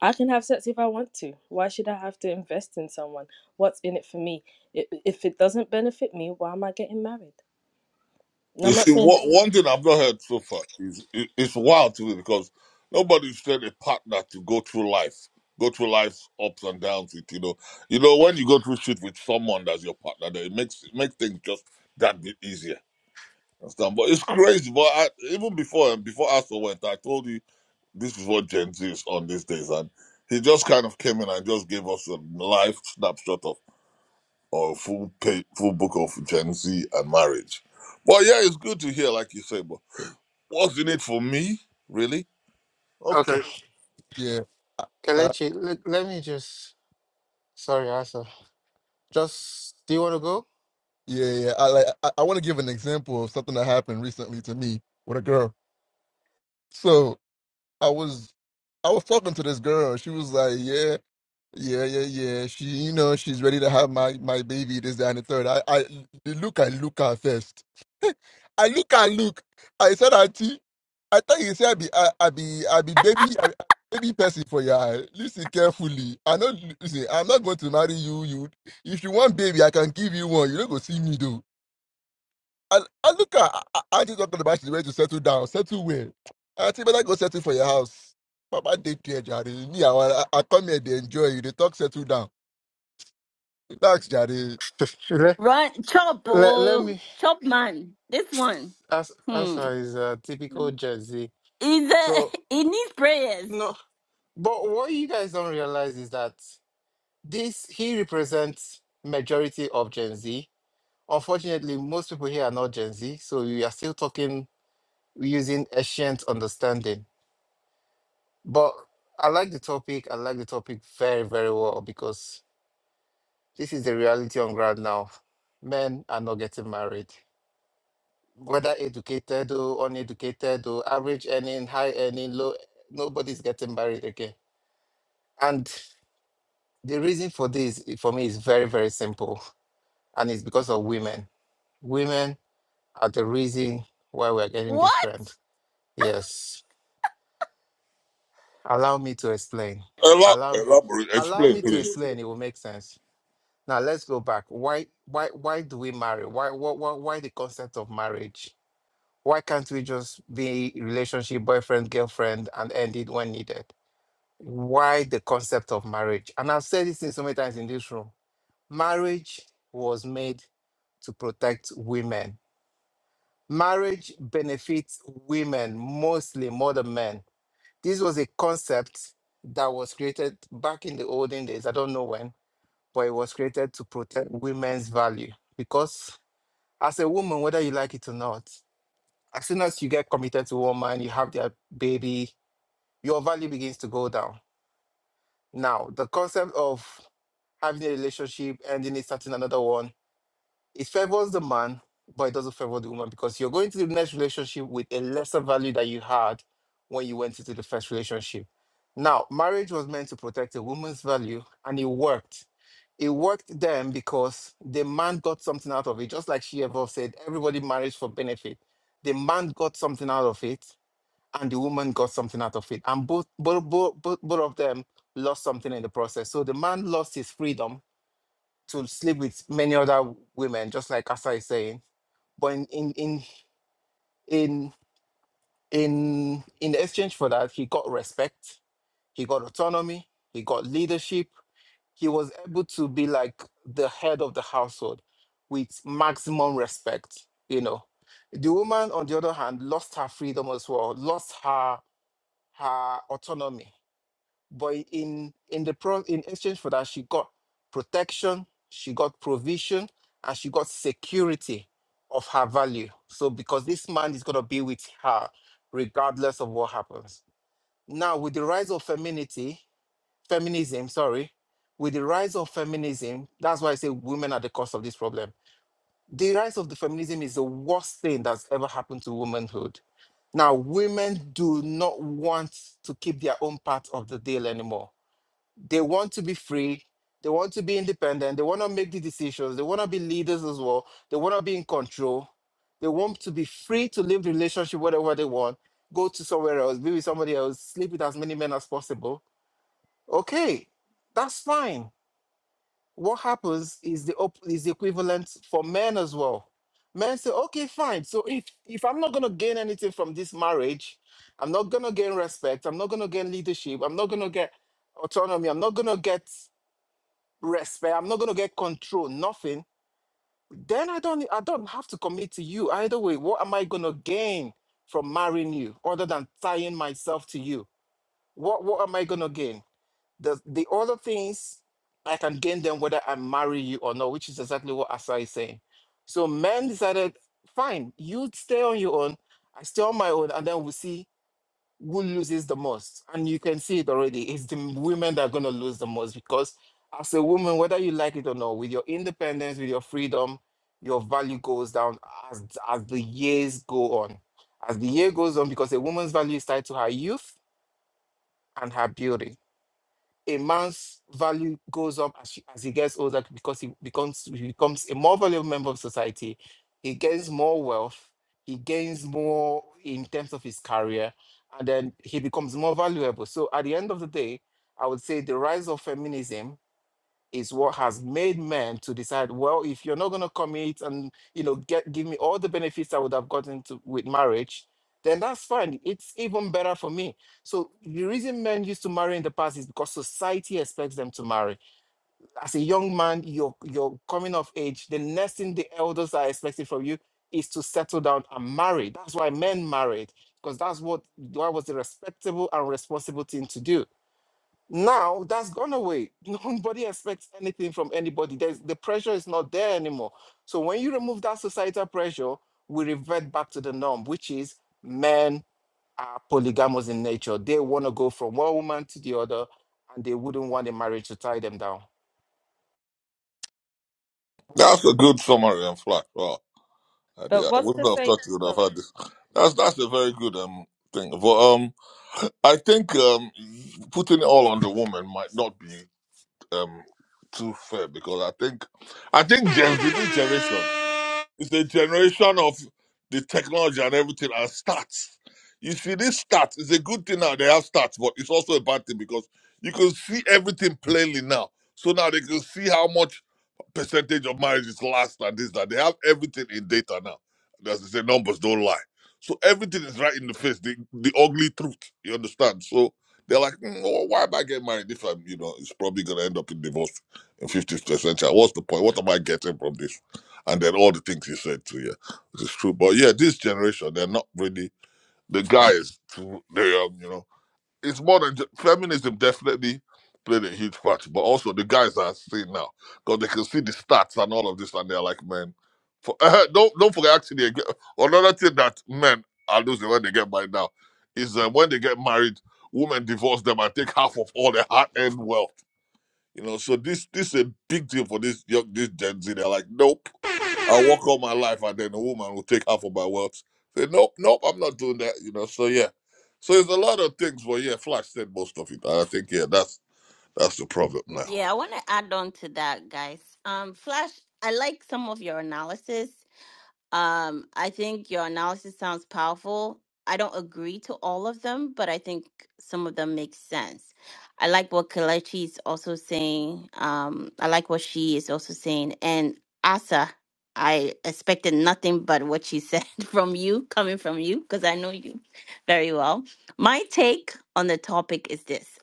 Speaker 7: I can have sex if I want to. Why should I have to invest in someone? What's in it for me? I- If it doesn't benefit me, why am I getting married? And
Speaker 8: You
Speaker 7: I'm not
Speaker 8: see,
Speaker 7: saying
Speaker 8: what
Speaker 7: that,
Speaker 8: one thing I've not heard so far is it, it's wild to me because nobody said a partner to go through life, go through life's ups and downs. With you know, you know when you go through shit with someone that's your partner, then it makes it makes things just that bit easier. Understand? But it's crazy. But I, even before before Asa went, I told you. This is what Gen Z is on these days, and he just kind of came in and just gave us a live snapshot of or full pay, full book of Gen Z and marriage. But yeah, it's good to hear, like you say. But what's in it for me, really?
Speaker 9: Okay.
Speaker 8: Okay,
Speaker 10: Yeah, I- uh,
Speaker 9: Kelechi, let, let me just. Sorry, Asa. Just. Do you want to go?
Speaker 10: yeah, yeah. I like. I, I want to give an example of something that happened recently to me with a girl. So. I was I was talking to this girl. She was like, "Yeah, yeah, yeah, yeah." She, you know, she's ready to have my my baby. This, that, and the third. I, I the look at Luca first. I look at look. I said, "Auntie, I thought you said I be I, I be I be baby I, I baby person for your eye. Listen carefully. I know. Listen, I'm not going to marry you. You, if you want baby, I can give you one. You don't go see me though." And, and look at A- A- Auntie talking about she's ready to settle down. Settle where? Auntie better go settle for your house. Papa, they care, Jare. Me, I, want- I I come here, they enjoy you. They talk, settle down. Relax, Jare.
Speaker 9: let,
Speaker 1: Run, chop,
Speaker 9: let, let
Speaker 1: oh,
Speaker 9: me.
Speaker 1: chop, man. This one,
Speaker 9: As-
Speaker 1: hmm,
Speaker 9: Asa is a typical Jersey.
Speaker 1: is uh,
Speaker 9: So,
Speaker 1: it needs prayers.
Speaker 9: no. But what you guys don't realize is that this, he represents majority of Gen Z. Unfortunately, most people here are not Gen Z. So, we are still talking using ancient understanding. But I like the topic. I like the topic very, very well because this is the reality on ground now. Men are not getting married, whether educated or uneducated or average earning, high earning, low. Nobody's getting married again. And the reason for this, eh, for me, is very, very simple, and it's because of women. Women are the reason why we're getting this
Speaker 1: What?
Speaker 9: trend. Yes, allow me to explain.
Speaker 8: Elab-
Speaker 9: Allow,
Speaker 8: elaborate,
Speaker 9: allow
Speaker 8: explain,
Speaker 9: me to
Speaker 8: please.
Speaker 9: explain. It will make sense Now let's go back. Why why why do we marry? Why why why, why the concept of marriage? Why can't we just be relationship boyfriend girlfriend and end it when needed? Why the concept of marriage? And I've said this thing so many times in this room. Marriage was made to protect women. Marriage benefits women mostly more than men. This was a concept that was created back in the olden days. I don't know when but it was created to protect women's value. Because as a woman, whether you like it or not, as soon as you get committed to a man, you have their baby, your value begins to go down. Now, the concept of having a relationship, ending it, starting another one, it favors the man, but it doesn't favor the woman because you're going to the next relationship with a lesser value that you had when you went into the first relationship. Now, marriage was meant to protect a woman's value and it worked It worked then because the man got something out of it. Just like she above said, everybody marries for benefit. The man got something out of it, and the woman got something out of it. And both both both, both, both of them lost something in the process. So the man lost his freedom to sleep with many other women, just like Asa is saying. But in in in in in, in exchange for that, he got respect, he got autonomy, he got leadership, he was able to be like the head of the household with maximum respect you know the woman on the other hand lost her freedom as well lost her her autonomy but in in the pro in exchange for that she got protection she got provision and she got security of her value so because this man is going to be with her regardless of what happens now with the rise of femininity feminism, sorry, with the rise of feminism, that's why I say women are the cause of this problem. The rise of the feminism is the worst thing that's ever happened to womanhood. Now, women do not want to keep their own part of the deal anymore. They want to be free. They want to be independent. They want to make the decisions. They want to be leaders as well. They want to be in control. They want to be free to live the relationship whatever they want, go to somewhere else, be with somebody else, sleep with as many men as possible. Okay, that's fine what happens is the op- is the equivalent for men as well. Men say, okay, fine. So if if I'm not gonna gain anything from this marriage, I'm not gonna gain respect. I'm not gonna gain leadership. I'm not gonna get autonomy. I'm not gonna get respect. I'm not gonna get control. Nothing. Then I don't I don't have to commit to you either way. What am I gonna gain from marrying you other than tying myself to you? What what am I gonna gain? The the other things I can gain them whether I marry you or not, which is exactly what Asa is saying. So men decided, fine, you stay on your own, I stay on my own, and then we'll see who loses the most. And you can see it already. It's the women that are gonna lose the most because as a woman, whether you like it or not, with your independence, with your freedom, your value goes down as as the years go on. As the year goes on, because a woman's value is tied to her youth and her beauty a man's value goes up as, he- as he gets older because he becomes he becomes a more valuable member of society. He gains more wealth. He gains more in terms of his career, and then he becomes more valuable. So at the end of the day, I would say the rise of feminism is what has made men to decide well if you're not going to commit and you know get give me all the benefits i would have gotten to with marriage then that's fine it's even better for me so the reason men used to marry in the past is because society expects them to marry as a young man you're you're coming of age the next thing the elders are expecting from you is to settle down and marry that's why men married because that's what that was the respectable and responsible thing to do now that's gone away. Nobody expects anything from anybody. There's, the pressure is not there anymore. So when you remove that societal pressure, we revert back to the norm, which is men are polygamous in nature. They want to go from one woman to the other, and they wouldn't want a marriage to tie them down.
Speaker 8: That's a good summary and flat. Wow, I, did,
Speaker 7: but
Speaker 8: I
Speaker 7: what's to
Speaker 8: wouldn't have
Speaker 7: say?
Speaker 8: thought you would have
Speaker 7: Sorry.
Speaker 8: had this. That's that's a very good um thing. But um, I think um, putting it all on the woman might not be. um too fair because I think I think James did this generation. is a generation of the technology and everything and stats. You see, this stats is a good thing now. They have stats, but it's also a bad thing because you can see everything plainly now. So now they can see how much percentage of marriages last and this that they have everything in data now. As they say, numbers don't lie. So everything is right in the face, the, the ugly truth. You understand? So they're like, "Mm, oh, why am I getting married if I'm, you know, it's probably gonna end up in divorce in 50th century. What's the point? What am I getting from this? And then all the things you said too, yeah, it's true. But yeah, this generation, they're not really the guys. Too, they are, you know it's more than ju- feminism definitely played a huge part, but also the guys are seeing now because they can see the stats and all of this, and they're like, man, for, don't don't forget actually again, another thing that men are losing when they get married now is uh, when they get married, women divorce them and take half of all their hard earned wealth. You know, so this this is a big deal for this young this Gen Z. They're like, nope, I'll work all my life, and then a woman will take half of my wealth. Say, nope, nope, I'm not doing that. You know, so yeah, so there's a lot of things. But yeah, Flash said most of it, and I think yeah, that's that's the problem now.
Speaker 1: Yeah, I want to add on to that, guys. Um, Flash, I like some of your analysis. Um, I think your analysis sounds powerful. I don't agree to all of them, but I think some of them make sense. I like what Kalechi is also saying. Um, I like what she is also saying. And Asa, I expected nothing but what she said from you, coming from you, because I know you very well. My take on the topic is this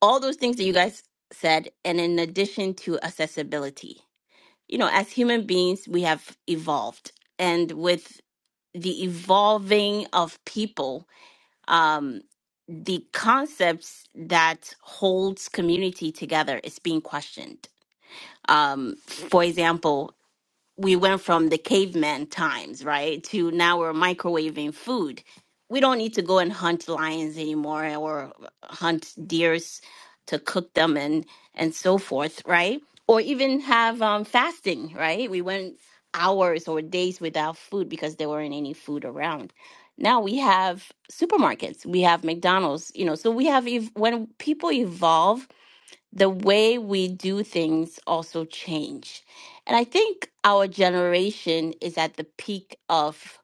Speaker 1: all those things that you guys said, and in addition to accessibility you know, as human beings, we have evolved. And with the evolving of people, um, the concepts that holds community together is being questioned. Um, for example, we went from the caveman times, right, to now we're microwaving food. We don't need to go and hunt lions anymore or hunt deers to cook them and and so forth, right? Or even have um, fasting, right? We went hours or days without food because there weren't any food around. Now we have supermarkets, we have McDonald's, you know. So we have ev- when people evolve the way we do things also change. And I think our generation is at the peak of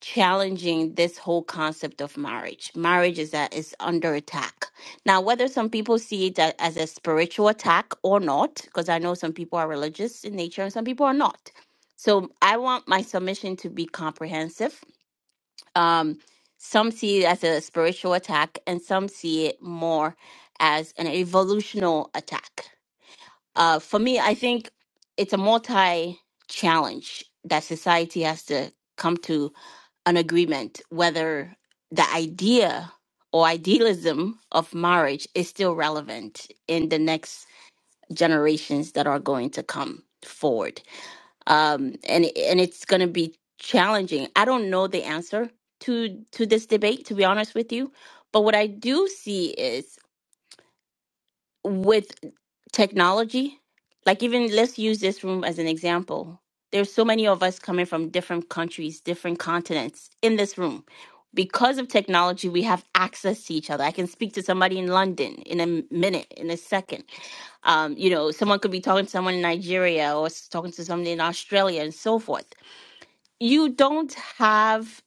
Speaker 1: challenging this whole concept of marriage. Marriage is that is under attack. Now, whether some people see it a- as a spiritual attack or not, because I know some people are religious in nature and some people are not. So I want my submission to be comprehensive. Um, some see it as a spiritual attack and some see it more as an evolutional attack. Uh, for me, I think it's a multi challenge that society has to come to an agreement whether the idea or idealism of marriage is still relevant in the next generations that are going to come forward. Um, and and it's going to be challenging. I don't know the answer to to this debate, to be honest with you. But what I do see is with technology like even let's use this room as an example there's so many of us coming from different countries different continents in this room because of technology we have access to each other i can speak to somebody in london in a minute in a second um, you know someone could be talking to someone in nigeria or s- talking to someone in australia and so forth you don't have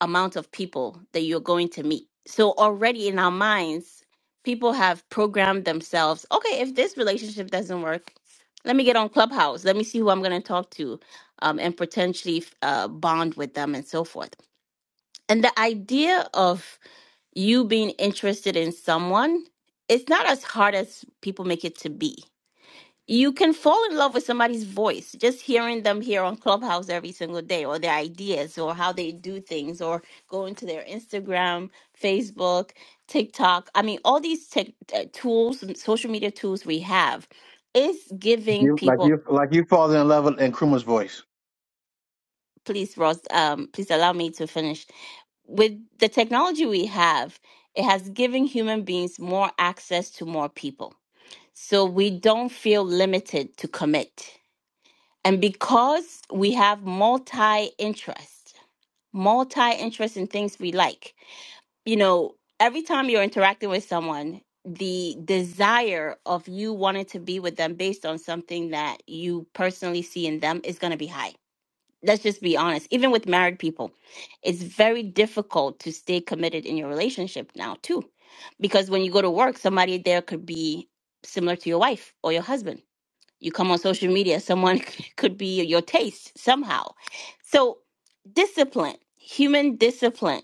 Speaker 1: amount of people that you're going to meet. So already in our minds, people have programmed themselves. Okay, if this relationship doesn't work, let me get on Clubhouse. Let me see who I'm going to talk to, um, and potentially uh, bond with them and so forth. And the idea of you being interested in someone, it's not as hard as people make it to be you can fall in love with somebody's voice just hearing them here on clubhouse every single day or their ideas or how they do things or going to their instagram facebook tiktok i mean all these tech uh, tools and social media tools we have is giving
Speaker 11: You, like
Speaker 1: people
Speaker 11: you, like you falling in love in Kruma's voice.
Speaker 1: please ross um, please allow me to finish with the technology we have it has given human beings more access to more people so we don't feel limited to commit And because we have multi interest, multi interest in things we like, you know, every time you're interacting with someone, the desire of you wanting to be with them based on something that you personally see in them is going to be high. Let's just be honest. Even with married people, it's very difficult to stay committed in your relationship now, too. Because when you go to work, somebody there could be similar to your wife or your husband you come on social media, someone could be your taste somehow. So, discipline, human discipline,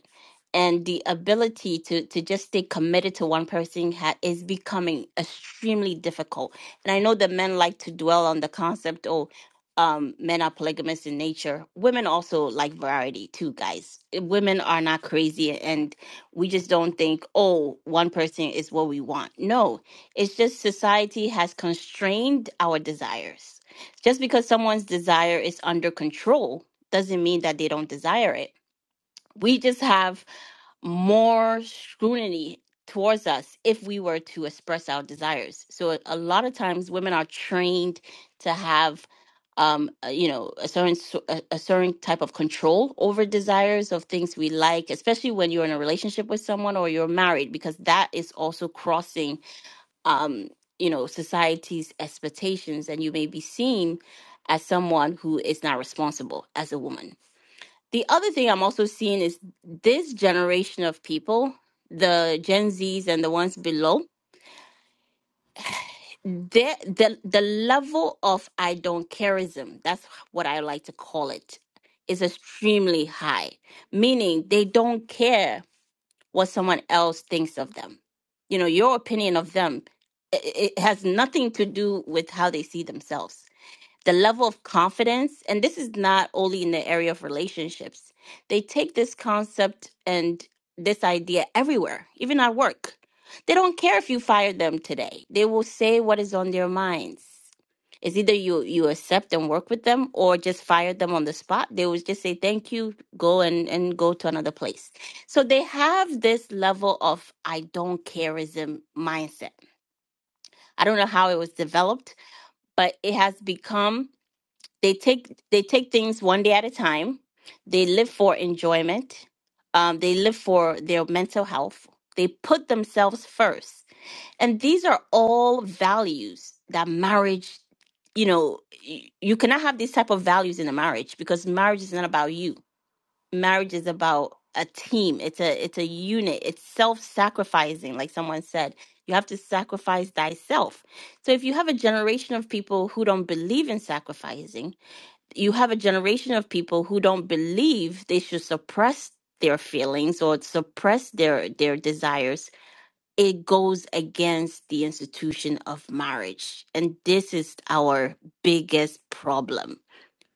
Speaker 1: and the ability to, to just stay committed to one person ha- is becoming extremely difficult. And I know that men like to dwell on the concept, oh, um, men are polygamous in nature. Women also like variety too, guys. Women are not crazy and we just don't think, oh, one person is what we want. No, it's just society has constrained our desires. Just because someone's desire is under control doesn't mean that they don't desire it. We just have more scrutiny towards us if we were to express our desires. So a a lot of times women are trained to have um uh, you know a certain so- a, a certain type of control over desires of things we like especially when you're in a relationship with someone or you're married because that is also crossing um, you know, society's expectations, and you may be seen as someone who is not responsible as a woman. The other thing I'm also seeing is this generation of people, the Gen Zs and the ones below, the the the level of I don't careism, that's what I like to call it, is extremely high. Meaning they don't care what someone else thinks of them. You know, your opinion of them it, it has nothing to do with how they see themselves. The level of confidence, and this is not only in the area of relationships. They take this concept and this idea everywhere, even at work. They don't care if you fire them today. They will say what is on their minds. It's either you you accept and work with them or just fire them on the spot. They would just say thank you, go and and go to another place. So they have this level of I don't careism mindset. I don't know how it was developed, but it has become they take they take things one day at a time. They live for enjoyment. Um, they live for their mental health. They put themselves first and these are all values that marriage, you know, y- you cannot have these type of values in a marriage because marriage is not about you. Marriage is about a team. It's a it's a unit. It's self-sacrificing, like someone said. You have to sacrifice thyself. So if you have a generation of people who don't believe in sacrificing, you have a generation of people who don't believe they should suppress their feelings or suppress their their desires it goes against the institution of marriage. And this is our biggest problem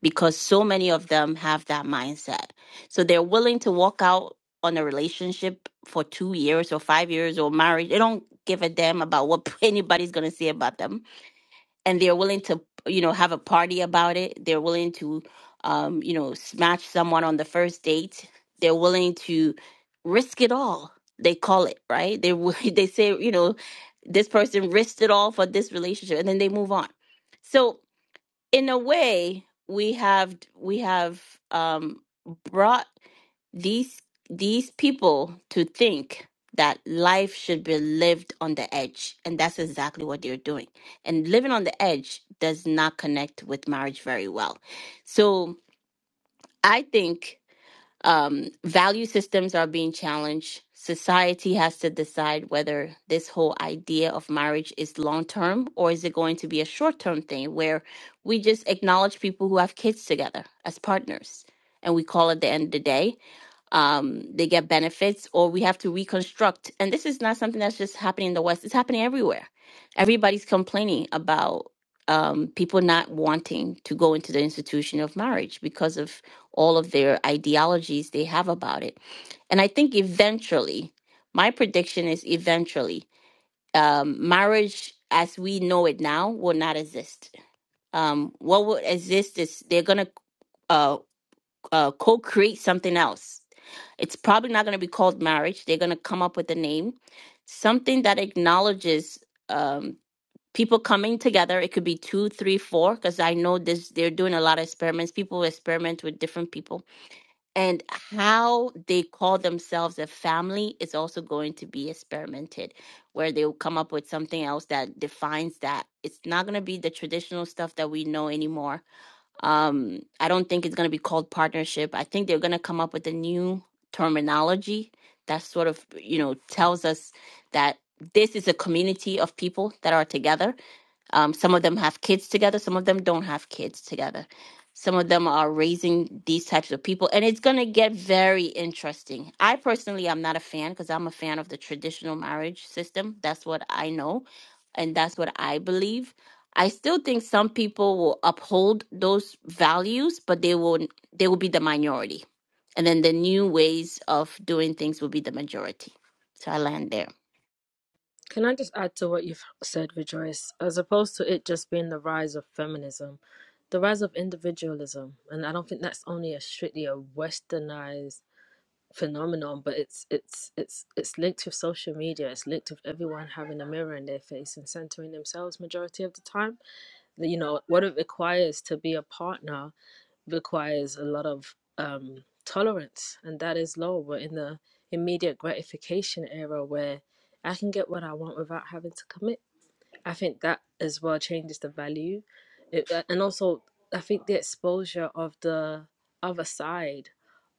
Speaker 1: because so many of them have that mindset. So they're willing to walk out on a relationship for two years or five years or marriage. They don't give a damn about what anybody's going to say about them and they're willing to you know have a party about it they're willing to um you know smash someone on the first date they're willing to risk it all they call it right they wi- they say you know this person risked it all for this relationship and then they move on so in a way we have we have um brought these these people to think that life should be lived on the edge and that's exactly what they're doing and living on the edge does not connect with marriage very well so i think um, value systems are being challenged. Society has to decide whether this whole idea of marriage is long term or is it going to be a short term thing where we just acknowledge people who have kids together as partners and we call it the end of the day um, they get benefits, or we have to reconstruct. And this is not something that's just happening in the West, it's happening everywhere. Everybody's complaining about um, people not wanting to go into the institution of marriage because of all of their ideologies they have about it. And I think eventually, my prediction is eventually, um, marriage as we know it now will not exist. Um, what will exist is they're going to uh, uh, co-create something else. It's probably not going to be called marriage. They're going to come up with a name, something that acknowledges um, people coming together. It could be two, three, four, because I know this. They're doing a lot of experiments. People experiment with different people, and how they call themselves a family is also going to be experimented, where they'll come up with something else that defines that. It's not going to be the traditional stuff that we know anymore um, I don't think it's going to be called partnership. I think they're going to come up with a new terminology that sort of, you know, tells us that this is a community of people that are together um, some of them have kids together, some of them don't have kids together. Some of them are raising these types of people, and it's going to get very interesting. I personally am not a fan because I'm a fan of the traditional marriage system. That's what I know, and that's what I believe. I still think some people will uphold those values, but they will they will be the minority, and then the new ways of doing things will be the majority. So I land there.
Speaker 7: Can I just add to what you've said, Rejoice? As opposed to it just being the rise of feminism, the rise of individualism, and I don't think that's only a strictly a westernized phenomenon, but it's it's it's it's linked with social media. It's linked with everyone having a mirror in their face and centering themselves majority of the time. you know what it requires to be a partner requires a lot of um tolerance and that is low we're in the immediate gratification era where i can get what i want without having to commit I think that as well changes the value, it, uh, and also I think the exposure of the other side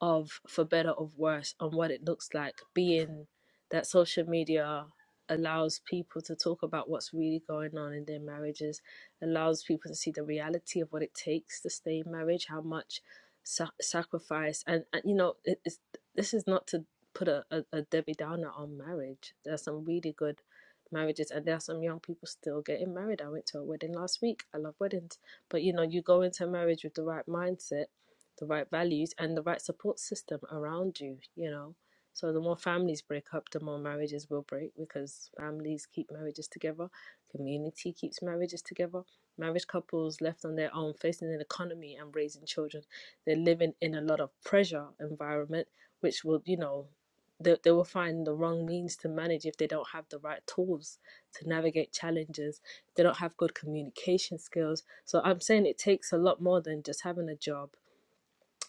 Speaker 7: of for better or worse on what it looks like being that social media allows people to talk about what's really going on in their marriages allows people to see the reality of what it takes to stay in marriage how much sa- sacrifice and, and you know it, it's, this is not to put a, a, a debbie downer on marriage there's some really good marriages and there are some young people still getting married i went to a wedding last week i love weddings but you know you go into marriage with the right mindset the right values and the right support system around you you know so the more families break up the more marriages will break because families keep marriages together community keeps marriages together Married couples left on their own facing an economy and raising children they're living in a lot of pressure environment which will you know they, they will find the wrong means to manage if they don't have the right tools to navigate challenges they don't have good communication skills so i'm saying it takes a lot more than just having a job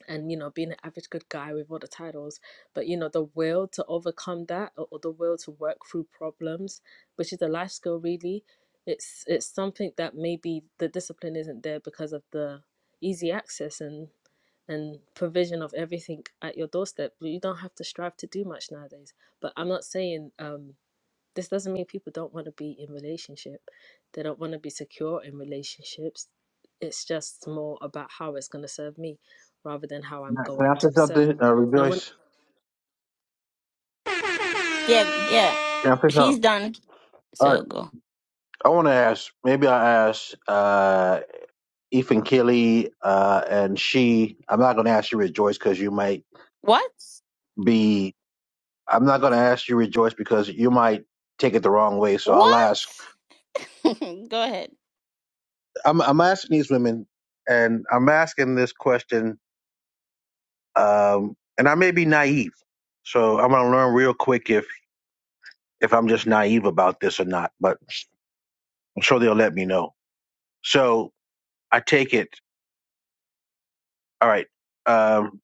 Speaker 7: and you know being an average good guy with all the titles but you know the will to overcome that or, or the will to work through problems which is a life skill really it's it's something that maybe the discipline isn't there because of the easy access and and provision of everything at your doorstep. You don't have to strive to do much nowadays. But I'm not saying um, this doesn't mean people don't want to be in relationship. They don't want to be secure in relationships. It's just more about how it's going to serve me, rather than how I'm
Speaker 11: Now, Can I
Speaker 7: going
Speaker 11: say
Speaker 7: to serve.
Speaker 11: something, uh,
Speaker 7: And when,
Speaker 11: Rejoice?
Speaker 1: Yeah, yeah.
Speaker 11: Can I say something?
Speaker 1: She's done.
Speaker 11: All right.
Speaker 1: So go.
Speaker 11: I want to ask. Maybe I ask uh, Ethan Kelly uh, and she. I'm not going to ask you, Rejoice, because you might
Speaker 1: What?
Speaker 11: be. I'm not going to ask you, Rejoice, because you might take it the wrong way. So I'll
Speaker 1: What?
Speaker 11: ask.
Speaker 1: Go ahead.
Speaker 11: I'm, I'm asking these women, and I'm asking this question, um, and I may be naive. So I'm going to learn real quick if if I'm just naive about this or not. But I'm sure they'll let me know. So I take it. All right. Um,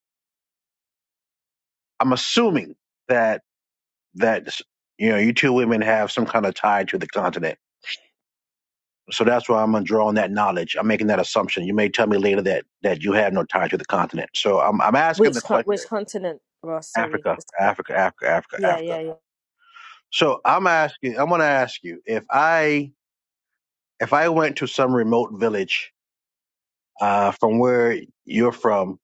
Speaker 11: I'm assuming that that you know you two women have some kind of tie to the continent So that's why I'm gonna draw on that knowledge. I'm making that assumption. You may tell me later that that you have no tie to the continent. So I'm I'm asking the
Speaker 7: which co-
Speaker 11: question:
Speaker 7: which continent? Ross, sorry,
Speaker 11: Africa,
Speaker 7: it's co-
Speaker 11: Africa, Africa, Africa,
Speaker 7: yeah,
Speaker 11: Africa.
Speaker 7: yeah, yeah.
Speaker 11: So I'm asking. I'm gonna ask you if I if I went to some remote village uh, from where you're from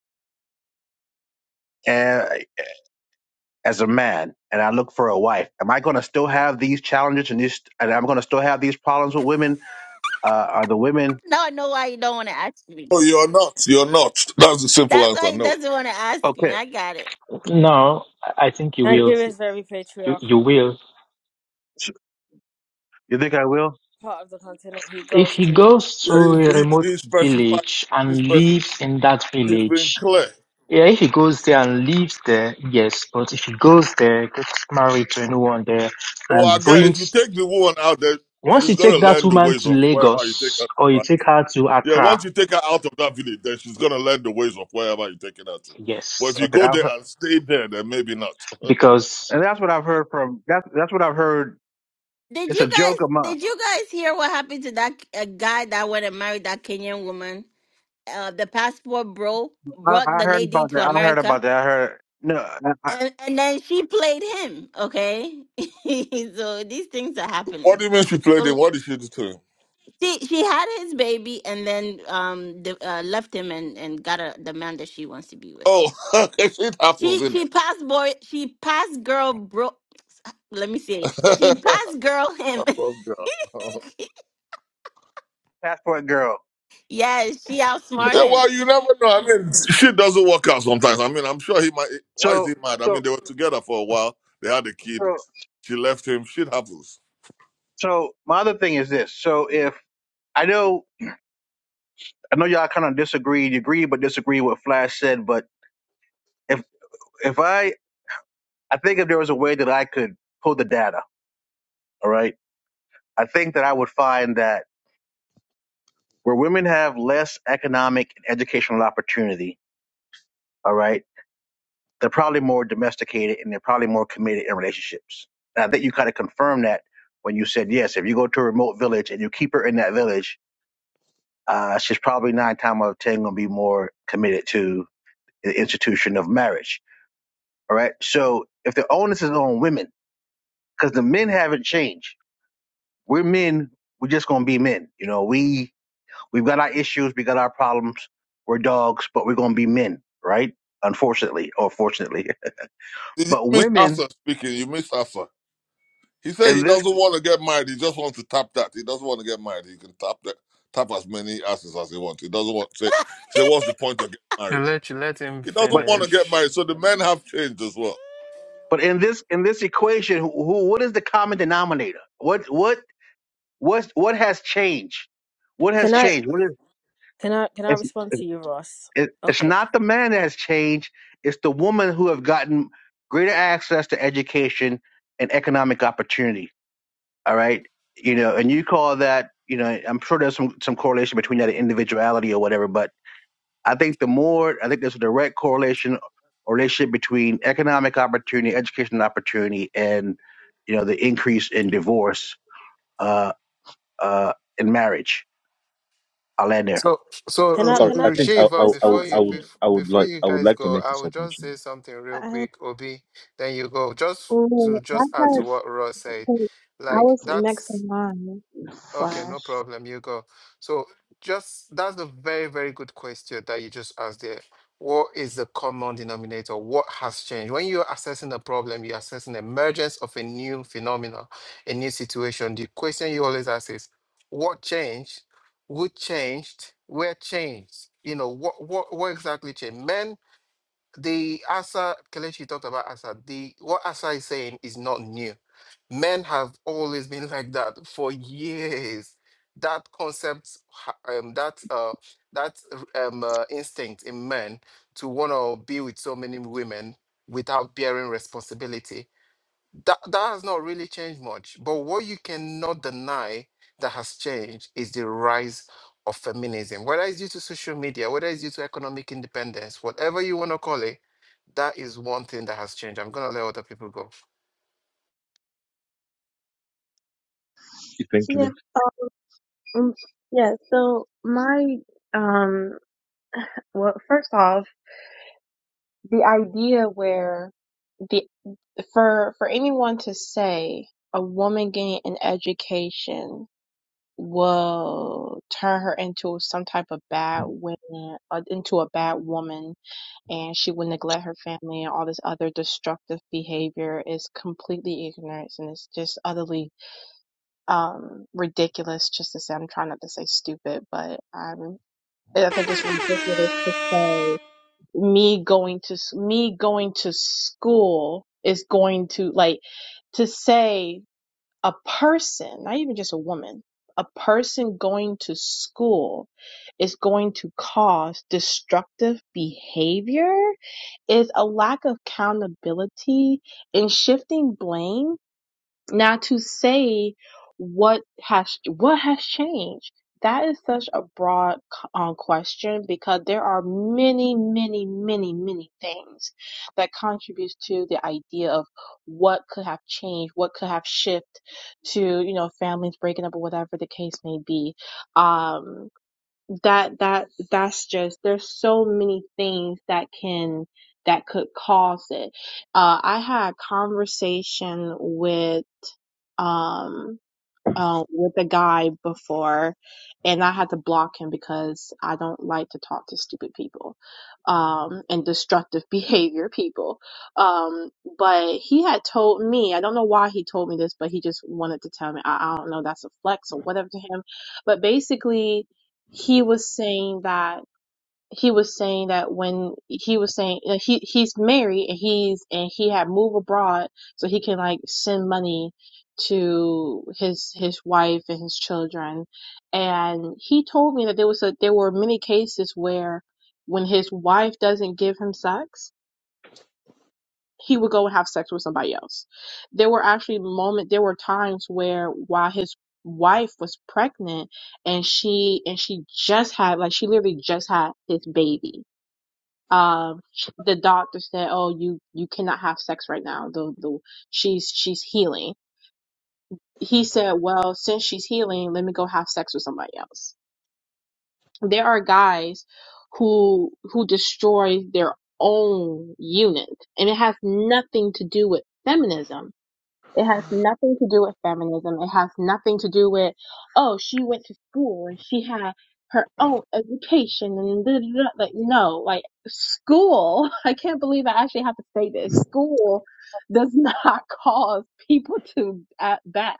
Speaker 11: uh, as a man, and I look for a wife, am I gonna still have these challenges and these? And I'm gonna still have these problems with women? Uh, are the women
Speaker 1: Now I know why you don't want to ask me.
Speaker 8: Oh, you're not, you're not. That's the simple
Speaker 1: That's
Speaker 8: answer.
Speaker 1: why he
Speaker 8: No.
Speaker 1: doesn't want to ask me.
Speaker 11: okay?
Speaker 1: I got it.
Speaker 12: No, I think you
Speaker 11: Okay.
Speaker 12: will.
Speaker 7: Nigeria
Speaker 11: so,
Speaker 7: is very
Speaker 12: You, you
Speaker 7: patriarchal.
Speaker 12: will.
Speaker 11: so, You think I will?
Speaker 7: Part of the continent he
Speaker 12: If
Speaker 7: goes
Speaker 12: he
Speaker 7: to.
Speaker 12: goes to
Speaker 8: Yeah, he
Speaker 12: a remote
Speaker 8: he, he specified.
Speaker 12: village
Speaker 8: He
Speaker 12: and
Speaker 8: specified.
Speaker 12: lives in that
Speaker 8: He's been
Speaker 12: village,
Speaker 8: clear.
Speaker 12: yeah, if he goes there and lives there, yes, but if he goes there, gets married to anyone there,
Speaker 8: Oh, I
Speaker 12: and
Speaker 8: get. If you
Speaker 12: brings,
Speaker 8: take the woman out there,
Speaker 12: once
Speaker 8: she's
Speaker 12: you
Speaker 8: gonna
Speaker 12: take that
Speaker 8: learn the
Speaker 12: woman
Speaker 8: ways
Speaker 12: to
Speaker 8: of wherever you take
Speaker 12: Lagos or
Speaker 8: her.
Speaker 12: you take her to
Speaker 8: Yeah, once
Speaker 12: Accra,
Speaker 8: you take her out of that village, then she's gonna learn the ways of wherever you're taking her to. But if
Speaker 12: yes,
Speaker 8: you
Speaker 11: Okay.
Speaker 8: go
Speaker 11: I'll,
Speaker 8: there and stay there, then maybe not.
Speaker 12: because,
Speaker 11: And that's what I've heard from. That's that's what I've heard.
Speaker 1: Did
Speaker 11: It's a
Speaker 1: you
Speaker 11: joke
Speaker 1: guys?
Speaker 11: among.
Speaker 1: Did you guys hear what happened to that uh, guy that went and married that Kenyan woman? Uh, the passport bro
Speaker 11: I,
Speaker 1: brought
Speaker 11: I
Speaker 1: the
Speaker 11: heard
Speaker 1: lady
Speaker 11: about
Speaker 1: to
Speaker 11: that. I heard
Speaker 1: America,
Speaker 11: about that. I heard no I, I,
Speaker 1: and and then she played him. Okay, so these things are
Speaker 8: what do
Speaker 1: happening.
Speaker 8: you mean she played him?
Speaker 1: Go
Speaker 8: What did she do to him?
Speaker 1: She she had his baby, and then um, the, uh, left him and and got a, the man that she wants to be with.
Speaker 8: Oh, shit happens,
Speaker 1: She
Speaker 8: isn't
Speaker 1: she
Speaker 8: it?
Speaker 1: passed boy. She passed girl bro. Let me see. She passed girl
Speaker 8: My
Speaker 1: him.
Speaker 8: poor girl.
Speaker 11: passport girl.
Speaker 1: yes, she outsmart
Speaker 8: yeah, well,
Speaker 1: him.
Speaker 8: you never know. I mean, shit doesn't work out sometimes. I mean, I'm sure he might. Why is
Speaker 11: So
Speaker 8: he mad? I
Speaker 11: so
Speaker 8: mean, they were together for a while. They had a kid.
Speaker 11: so
Speaker 8: She left him. Shit happens.
Speaker 11: so my other thing is this. So if I know I know y'all kind of disagreed, agree but disagree with Flash said. But if if I I think if there was a way that I could pull the data, all right, I think that I would find that where women have less economic and educational opportunity, all right they're probably more domesticated and they're probably more committed in relationships. And I think you kind of confirmed that when you said yes. If you go to a remote village and you keep her in that village, uh, she's probably nine times out of ten gonna be more committed to the institution of marriage. All right. So if the onus is on women, because the men haven't changed, we're men. We're just gonna be men. You know, we we've got our issues, we got our problems. We're dogs, but we're gonna be men, right? Unfortunately, or fortunately,
Speaker 8: Did you
Speaker 11: but
Speaker 8: miss
Speaker 11: women
Speaker 8: Asa speaking? You missed Asa. He said
Speaker 11: in
Speaker 8: he
Speaker 11: this.
Speaker 8: doesn't want to get married. He just wants to tap that. He doesn't want to get married. He can tap that, tap as many asses as he wants. He doesn't want to say, say what's the point of getting
Speaker 9: You
Speaker 8: married?
Speaker 9: let you let him
Speaker 8: He
Speaker 11: but.
Speaker 8: doesn't want to get
Speaker 9: finish.
Speaker 8: married. So the men have changed as well.
Speaker 11: But in this in this equation, who, who what is the common denominator? What what what what has changed? What has
Speaker 7: Can I
Speaker 11: changed? What is
Speaker 7: can I can I
Speaker 11: it's,
Speaker 7: respond to you, Ross?
Speaker 11: it, it's
Speaker 7: Okay.
Speaker 11: not the man that has changed. It's the woman who have gotten greater access to education and economic opportunity. All right, you know, and you call that you know. I'm sure there's some some correlation between that and individuality or whatever, but I think the more I think there's a direct correlation or relationship between economic opportunity, educational opportunity, and you know the increase in divorce uh, uh, and marriage. I'll end there.
Speaker 9: So,
Speaker 7: Can
Speaker 9: so
Speaker 7: I
Speaker 5: Sorry,
Speaker 9: uh,
Speaker 7: can
Speaker 5: I
Speaker 7: I
Speaker 9: uh, uh,
Speaker 5: think
Speaker 7: just
Speaker 5: I,
Speaker 9: Shiva,
Speaker 5: I, I, would
Speaker 7: respond
Speaker 9: before
Speaker 5: I
Speaker 7: to
Speaker 9: you
Speaker 5: would
Speaker 7: you?
Speaker 9: bef-
Speaker 5: I would
Speaker 9: before
Speaker 5: like
Speaker 9: you
Speaker 5: I would
Speaker 9: guys
Speaker 5: like to
Speaker 9: go,
Speaker 5: make a
Speaker 9: I will just
Speaker 5: submission.
Speaker 9: say something real
Speaker 3: I,
Speaker 9: quick, Obi. Then you go. Just to
Speaker 3: wait, I
Speaker 9: just add to what Ross said,
Speaker 3: thought I
Speaker 9: like
Speaker 3: was next
Speaker 9: that's
Speaker 3: in line.
Speaker 9: Okay,
Speaker 3: Flash.
Speaker 9: no problem. You go. So just that's a very, very good question that you just asked there. What is the common denominator? What has changed? When you're assessing a problem, you're assessing the emergence of a new phenomenon, a new situation. The question you always ask is, what changed? Who changed? Where changed? You know, what what what exactly changed? Men the Asa Kelechi talked about Asa. The what Asa is saying is not new. Men have always been like that for years. That concept, ha- um, that uh, that um, uh, instinct in men to want to be with so many women without bearing responsibility that that has not really changed much. But what you cannot deny that has changed is the rise of feminism, whether it's due to social media, whether it's due to economic independence, whatever you want to call it, that is one thing that has changed. I'm gonna let other people go.
Speaker 3: Yeah.
Speaker 5: Eventually.
Speaker 3: Um, yeah. So my um. Well, first off. the idea where the for for anyone to say a woman getting an education will turn her into some type of bad woman uh, into a bad woman and she will neglect her family and all this other destructive behavior is completely ignorance and it's just utterly um ridiculous just to say i'm trying not to say stupid but I'm. i think it's ridiculous to say me going to s- me going to school is going to like to say a person not even just a woman a person going to school is going to cause destructive behavior is a lack of accountability and shifting blame now to say what has what has changed, that is such a broad um, question because there are many, many, many, many things that contributes to the idea of what could have changed, what could have shifted to you know families breaking up or whatever the case may be. Um, that that that's just there's so many things that can that could cause it. Uh, I had a conversation with um uh, with a guy before, and I had to block him because I don't like to talk to stupid people, um, and destructive behavior people. Um, but he had told me, I don't know why he told me this, but he just wanted to tell me. I, I don't know, that's a flex or whatever to him. But basically, he was saying that he was saying that when he was saying uh, he he's married and he's and he had moved abroad so he can like send money to his his wife and his children and he told me that there was a there were many cases where when his wife doesn't give him sex he would go and have sex with somebody else there were actually moment there were times where while his wife was pregnant and she and she just had like she literally just had his baby um the doctor said oh you you cannot have sex right now the the she's she's healing he said well since she's healing let me go have sex with somebody else there are guys who who destroy their own unit and it has nothing to do with feminism it has nothing to do with feminism. It has nothing to do with, oh, she went to school and she had her own education and da, da, da. like no, like school. I can't believe I actually have to say this. School does not cause people to act bad.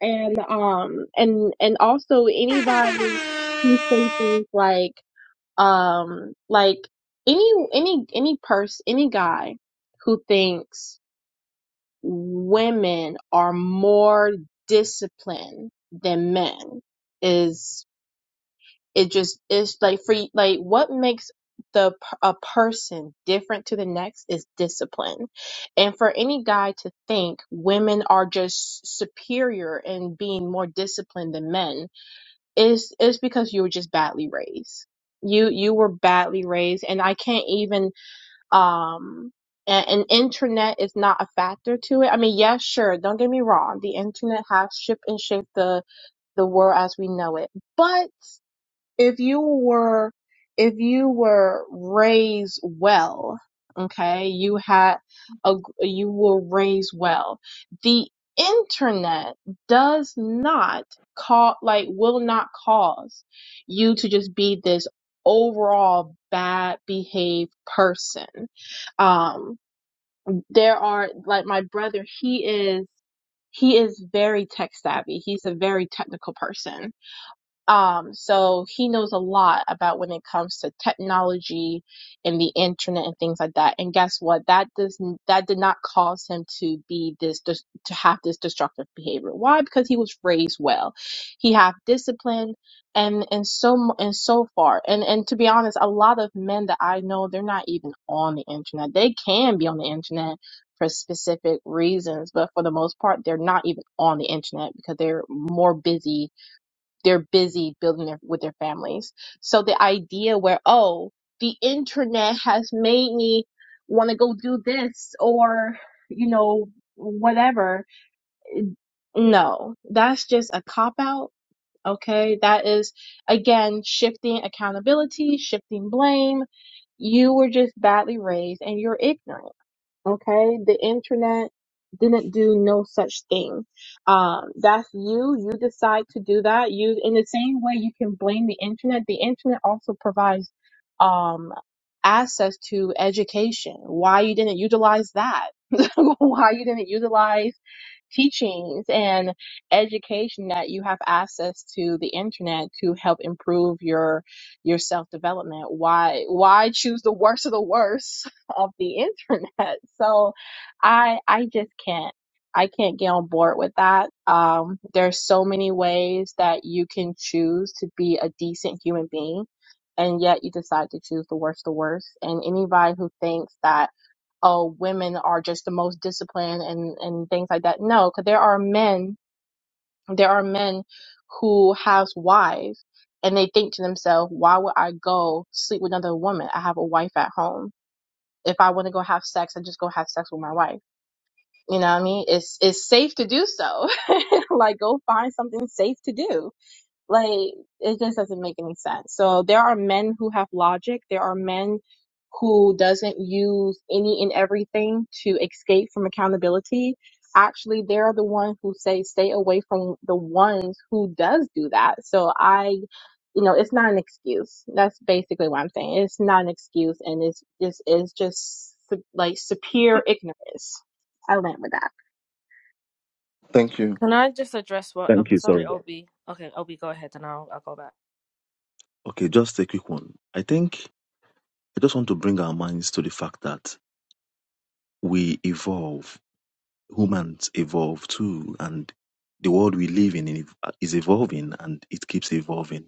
Speaker 3: And um and and also anybody who say things like um like any any any person any guy who thinks women are more disciplined than men is it just it's like for y- like what makes the p- a person different to the next is discipline and for any guy to think women are just superior in being more disciplined than men is is because you were just badly raised you you were badly raised and i can't even um and, and internet is not a factor to it. I mean, yes, sure, don't get me wrong. The internet has shaped and shaped the the world as we know it. But if you were if you were raised well okay you had a, you were raised well the internet does not call like will not cause you to just be this overall bad behaved person um there are like my brother he is he is very tech savvy he's a very technical person um, so he knows a lot about when it comes to technology and the internet and things like that. And guess what? That does that did not cause him to be this to have this destructive behavior. Why? Because he was raised well. He have discipline and and so mu- and so far. And and to be honest, a lot of men that I know, they're not even on the internet. They can be on the internet for specific reasons, but for the most part, they're not even on the internet because they're more busy they're busy building their, with their families. So the idea where, oh, the internet has made me want to go do this or, you know, whatever. No, that's just a cop out. Okay. That is again, shifting accountability, shifting blame. You were just badly raised and you're ignorant. Okay, the internet didn't do no such thing. Um, that's you. You decide to do that. You, in the same way, you can blame the internet. The internet also provides um, access to education. Why you didn't utilize that? Why you didn't utilize? teachings and education that you have access to the internet to help improve your your self development. Why why choose the worst of the worst of the internet? So I I just can't I can't get on board with that. Um, there's so many ways that you can choose to be a decent human being, and yet you decide to choose the worst the worst. And anybody who thinks that oh, women are just the most disciplined and, and things like that. No, because there are men, there are men who have wives and they think to themselves, why would I go sleep with another woman? I have a wife at home. If I want to go have sex, I just go have sex with my wife. You know what I mean? It's it's safe to do so. like go find something safe to do like, it just doesn't make any sense. So there are men who have logic. There are men who doesn't use any and everything to escape from accountability. Actually, they're the ones who say stay away from the ones who does do that. So I, you know, it's not an excuse. That's basically what I'm saying. It's not an excuse, and it's just it's just su- like superior ignorance. I went with that.
Speaker 5: Thank you.
Speaker 7: Can I just address what? I'm
Speaker 5: Thank you.
Speaker 7: sorry,
Speaker 5: Sorry.
Speaker 7: Obi. Okay, Obi, go ahead, and I'll I'll go back.
Speaker 5: Okay, just a quick one. I think I just want to bring our minds to the fact that we evolve. humans evolve too and the world we live in in- is evolving and it keeps evolving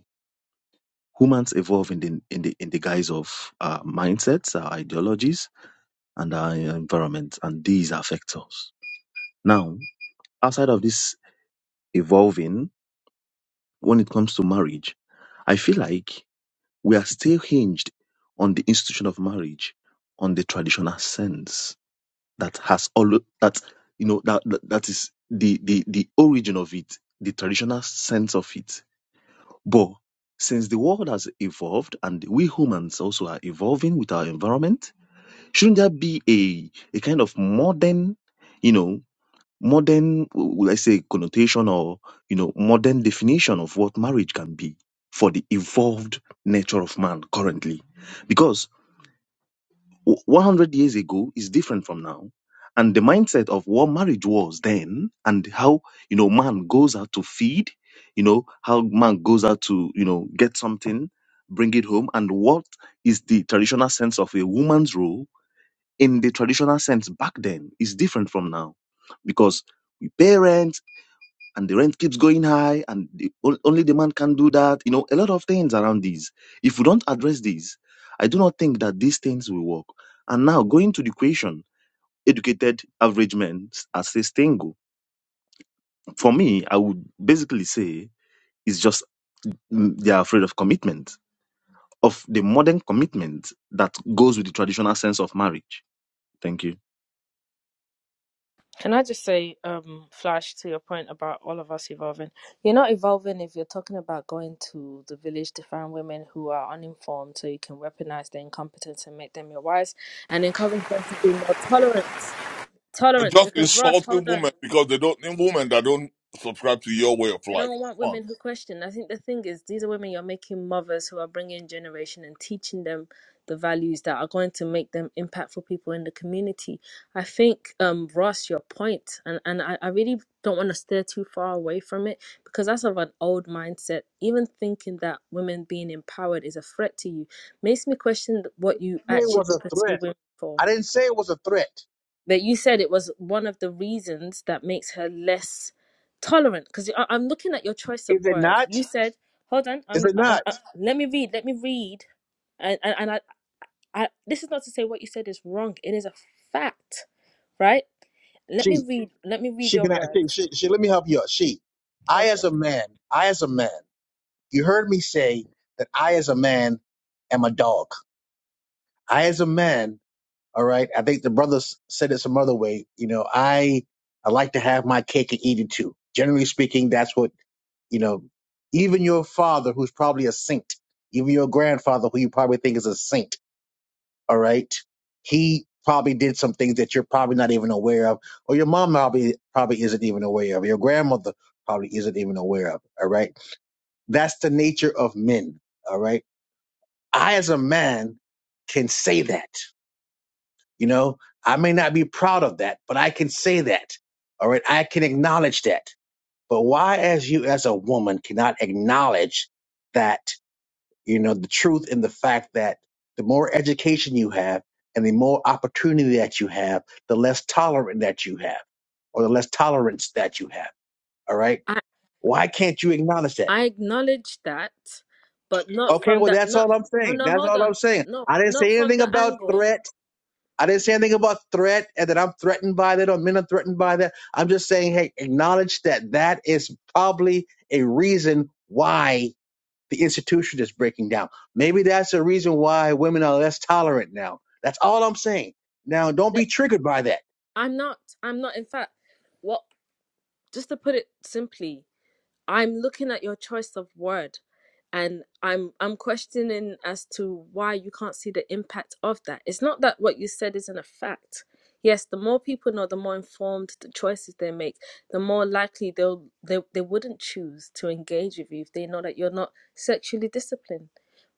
Speaker 5: humans evolve in the in the in the guise of our mindsets our ideologies and our environment and these affect us now outside of this evolving when it comes to marriage i feel like we are still hinged on the institution of marriage on the traditional sense that has all that you know that that, that is the, the the origin of it, the traditional sense of it. But since the world has evolved and we humans also are evolving with our environment, shouldn't there be a a kind of modern, you know, modern w- let's say connotation or you know modern definition of what marriage can be for the evolved nature of man currently? Because 100 years ago is different from now and the mindset of what marriage was then and how you know man goes out to feed you know how man goes out to you know get something bring it home and what is the traditional sense of a woman's role in the traditional sense back then is different from now because parents and the rent keeps going high and the, on- only the man can do that you know a lot of things around these if we don't address these i do not think that these things will work and now going to the question educated average men are say single for me i would basically say it's just mm, they are afraid of commitment of the modern commitment that goes with the traditional sense of marriage thank you
Speaker 7: Can I just say, um, Flash, to your point about all of us evolving, you're not evolving if you're talking about going to the village to find women who are uninformed, so you can weaponize their incompetence and make them your wives, and encourage them to be more tolerant.
Speaker 8: You're
Speaker 7: Tolerant,
Speaker 8: just
Speaker 7: because Ross,
Speaker 8: insulting
Speaker 7: hold on,
Speaker 8: women because they don't need women that don't subscribe to your way of
Speaker 7: They
Speaker 8: life.
Speaker 7: don't want
Speaker 8: Come on.
Speaker 7: women who question. I think the thing is, these are women you're making mothers who are bringing generation and teaching them the values that are going to make them impactful people in the community. I think, um, Ross, your point, and, and I, I really don't want to steer too far away from it because that's of an old mindset. Even thinking that women being empowered is a threat to you makes me question what you
Speaker 11: it
Speaker 7: actually
Speaker 11: was a
Speaker 7: pursue
Speaker 11: threat.
Speaker 7: women for
Speaker 11: I didn't say it was a threat.
Speaker 7: but you said it was one of the reasons that makes her less tolerant. Because I'm looking at your choice of
Speaker 11: Is it
Speaker 7: words.
Speaker 11: not?
Speaker 7: You said, "Hold on,
Speaker 11: Is
Speaker 7: I'm,
Speaker 11: it
Speaker 7: I'm,
Speaker 11: not?
Speaker 7: i let me read. Let me read." And and, and I, I, this is not to say what you said is wrong. It is a fact, right? Let me
Speaker 11: She,
Speaker 7: read. Let me read
Speaker 11: she
Speaker 7: your
Speaker 11: can, she,
Speaker 7: words.
Speaker 11: she, she- let me help you out. She, I
Speaker 7: Go for
Speaker 11: as
Speaker 7: it.
Speaker 11: a man, I as a man, you heard me say that I as a man am a dog. I as a man All right. I think the brother s- said it some other way. You know, I I like to have my you too. Generally speaking, that's what you know. Even your father, who's probably a saint, even your grandfather, who you probably think is a saint. All right, he probably did some things that you're probably not even aware of, or your mom probably probably isn't even aware of. Your grandmother probably isn't even aware of. All right, that's the nature of men. All right, I as a man can say that. You know, I may not be proud of that, but I can say that. All right. I can acknowledge that. But why, as you, as a woman, cannot acknowledge that, you know, the truth and the fact that the more education you have and the more opportunity that you have, the less tolerant that you have or the less tolerance that you have. All right.
Speaker 7: I
Speaker 11: Why can't you acknowledge that?
Speaker 7: I acknowledge that, but not
Speaker 11: Okay.
Speaker 7: from
Speaker 11: Well,
Speaker 7: that.
Speaker 11: that's
Speaker 7: Not.
Speaker 11: all I'm
Speaker 7: Oh
Speaker 11: saying.
Speaker 7: no,
Speaker 11: That's
Speaker 7: hold
Speaker 11: all
Speaker 7: on.
Speaker 11: I'm saying.
Speaker 7: No,
Speaker 11: I didn't
Speaker 7: not
Speaker 11: say
Speaker 7: from
Speaker 11: anything
Speaker 7: the
Speaker 11: about
Speaker 7: angle
Speaker 11: threats. I didn't say anything about threat and that I'm threatened by that or men are threatened by that. I'm just saying, hey, acknowledge that that is probably a reason why the institution is breaking down. Maybe that's a reason why women are less tolerant now. That's all I'm saying. Now, don't
Speaker 7: that
Speaker 11: be triggered by that.
Speaker 7: I'm not. I'm not. In fact, what? Just to put it simply, I'm looking at your choice of word and I'm I'm questioning as to why you can't see the impact of that. It's not that what you said isn't a fact. Yes, the more people know, the more informed the choices they make, the more likely they'll they, they wouldn't choose to engage with you if they know that you're not sexually disciplined,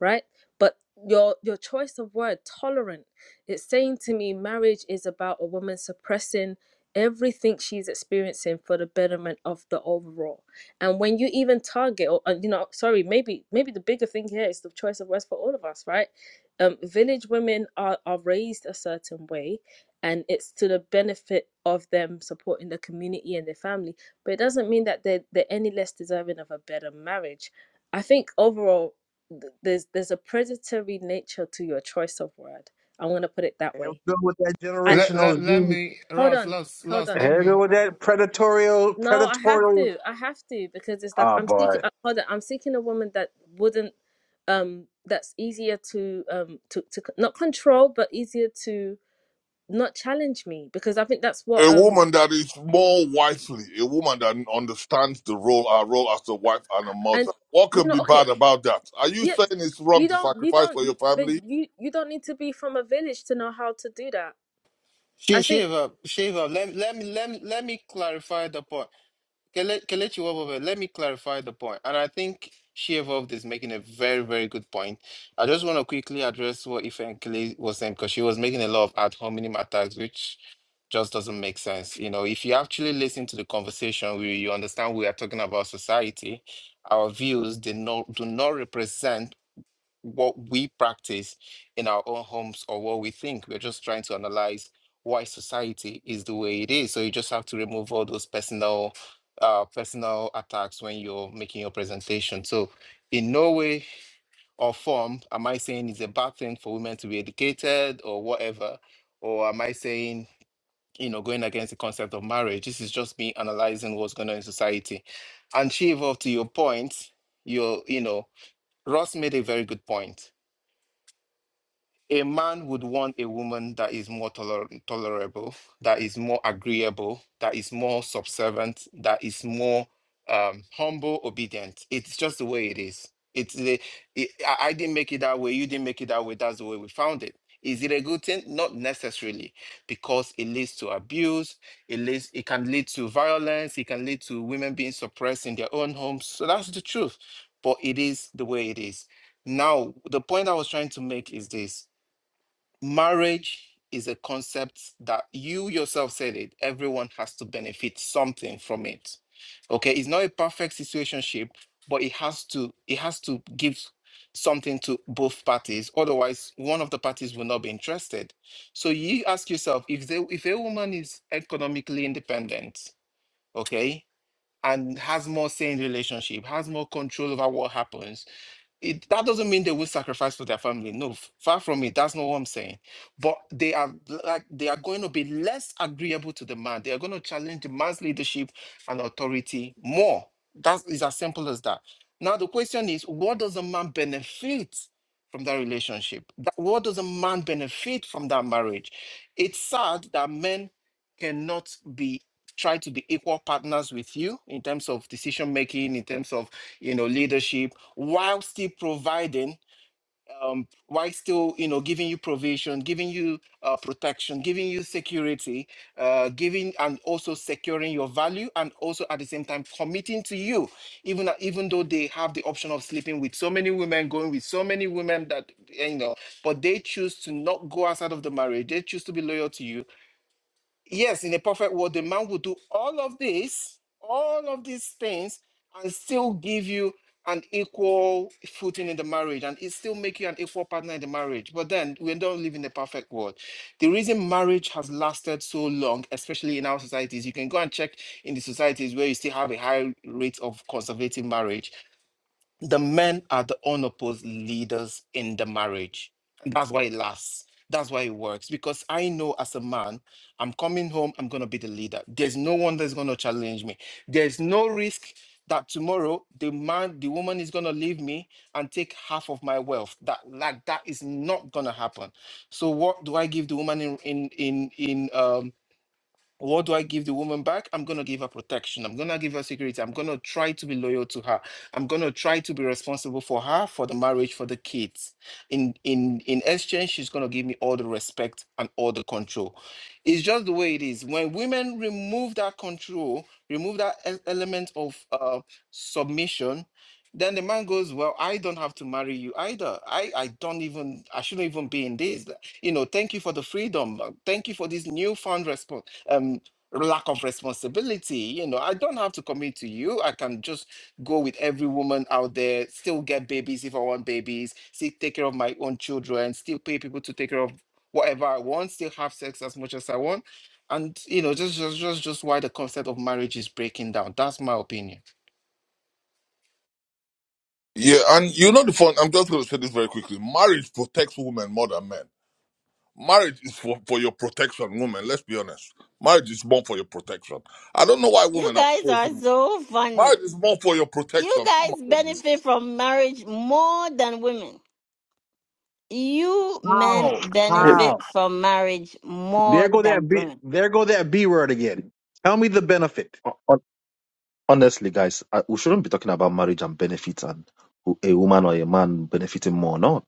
Speaker 7: right? But your your choice of word, tolerant, it's saying to me marriage is about a woman suppressing everything she's experiencing for the betterment of the overall and when you even target or uh, you know sorry maybe maybe the bigger thing here is the choice of words for all of us right um village women are are raised a certain way and it's to the benefit of them supporting the community and their family but it doesn't mean that they're, they're any less deserving of a better marriage i think overall th- there's there's a predatory nature to your choice of word i'm going to put it that
Speaker 11: Here we
Speaker 7: way
Speaker 11: go with that
Speaker 7: i
Speaker 9: Let
Speaker 11: generational.
Speaker 9: let, let
Speaker 11: gene.
Speaker 9: me
Speaker 7: hold
Speaker 9: Ross,
Speaker 7: on
Speaker 9: Ross,
Speaker 7: hold
Speaker 9: Ross,
Speaker 7: on
Speaker 9: let
Speaker 11: Here we go
Speaker 9: me
Speaker 11: with that predatorial,
Speaker 7: No, I have
Speaker 11: predatorial.
Speaker 7: to. I have to because it's like
Speaker 11: Oh
Speaker 7: I'm seeking.
Speaker 11: boy,
Speaker 7: uh, Hold on, I'm seeking a woman that wouldn't, um, that's easier to um to to c- not control, but easier to not challenge me because I think that's what
Speaker 8: A
Speaker 7: um
Speaker 8: woman that is more wifely, a woman that understands the role, our role as a wife and a
Speaker 7: and
Speaker 8: mother. What
Speaker 7: you
Speaker 8: can
Speaker 7: know
Speaker 8: be bad
Speaker 7: okay
Speaker 8: about that? Are you
Speaker 7: yeah
Speaker 8: saying it's wrong
Speaker 7: you
Speaker 8: to
Speaker 7: don't you
Speaker 8: sacrifice
Speaker 7: don't
Speaker 8: for
Speaker 7: you,
Speaker 8: your
Speaker 7: but
Speaker 8: family?
Speaker 7: you you don't need to be from a village to know how to do that. I
Speaker 9: Sh-
Speaker 7: think,
Speaker 9: Shiva, Shiva, let, let me let me let me clarify the point. Kele- Kelechi Wobebe, let me clarify the point. And I think she evolved is making a very, very good point. I just want to quickly address what Ife and Kele was saying because she was making a lot of ad hominem attacks, which just doesn't make sense. You know, if you actually listen to the conversation, we, you understand we are talking about society. Our views do not do not represent what we practice in our own homes or what we think. We're just trying to analyze why society is the way it is. So you just have to remove all those personal uh, personal attacks when you're making your presentation. So in no way or form am I saying it's a bad thing for women to be educated or whatever, or am I saying you know going against the concept of marriage? This is just me analyzing what's going on in society. And Shiva, to your point, you you know Ross made a very good point a man would want a woman that is more toler- tolerable, that is more agreeable, that is more subservient, that is more um, humble, obedient. It's just the way it is. It's the, it, I I didn't make it that way. You didn't make it that way. That's the way we found it. Is it a good thing? Not necessarily, because it leads to abuse. It leads. It can lead to violence. It can lead to women being suppressed in their own homes. So that's the truth. But it is the way it is. Now, the point I was trying to make is this marriage is a concept that you yourself said it everyone has to benefit something from it okay it's not a perfect situationship but it has to it has to give something to both parties otherwise one of the parties will not be interested so you ask yourself if they if a woman is economically independent okay and has more say in relationship has more control over what happens it, that doesn't mean they will sacrifice for their family. No, f- far from it. That's not what I'm saying. But they are like they are going to be less agreeable to the man. They are going to challenge the man's leadership and authority more. That is as simple as that. Now the question is, what does a man benefit from that relationship? That- what does a man benefit from that marriage? It's sad that men cannot be try to be equal partners with you in terms of decision making, in terms of you know leadership while still providing, um, while still you know giving you provision, giving you uh, protection, giving you security, uh, giving and also securing your value, and also at the same time committing to you, even even though they have the option of sleeping with so many women, going with so many women that you know, but they choose to not go outside of the marriage. They choose to be loyal to you Yes, in a perfect world, the man will do all of this, all of these things, and still give you an equal footing in the marriage, and it still make you an equal partner in the marriage. But then we don't live in a perfect world. The reason marriage has lasted so long, especially in our societies, you can go and check in the societies where you still have a high rate of conservative marriage the men are the unopposed leaders in the marriage. That's why it lasts. That's why it works. Because I know as a man, I'm coming home, I'm going to be the leader. There's no one that's going to challenge me. There's no risk that tomorrow the man, the woman is going to leave me and take half of my wealth. That like that is not going to happen. So what do I give the woman in in in in um what do I give the woman back? I'm going to give her protection. I'm going to give her security. I'm going to try to be loyal to her. I'm going to try to be responsible for her, for the marriage, for the kids. In in in exchange, she's going to give me all the respect and all the control. It's just the way it is. When women remove that control, remove that e- element of uh, submission, then the man goes, "Well, I don't have to marry you either. I I don't even I shouldn't even be in this. You know, thank you for the freedom. uh, Thank you for this newfound response." um lack of responsibility you know i don't have to commit to you i can just go with every woman out there still get babies if i want babies still take care of my own children still pay people to take care of whatever i want still have sex as much as i want and you know just just just, just why the concept of marriage is breaking down that's my opinion
Speaker 8: Yeah, and you know the fun. I'm just going to say this very quickly. Marriage protects women more than men. Marriage is for, for your protection, women. Let's be honest. Marriage is born for your protection. I don't know why
Speaker 1: You
Speaker 8: women are
Speaker 1: guys are
Speaker 8: opposing.
Speaker 1: so
Speaker 8: Marriage
Speaker 1: funny.
Speaker 8: is born for your
Speaker 1: You
Speaker 8: protection. Come on,
Speaker 1: guys
Speaker 8: ladies.
Speaker 1: benefit from marriage more than women. You men
Speaker 11: how,
Speaker 12: uh,
Speaker 11: how?
Speaker 1: benefit from marriage
Speaker 11: There
Speaker 1: more
Speaker 11: go that
Speaker 1: than
Speaker 11: b.
Speaker 1: women.
Speaker 11: There go that b word again. Tell me the benefit.
Speaker 5: honestly, guys, I, we shouldn't be talking about marriage and benefits and who a woman or a man benefiting more or not.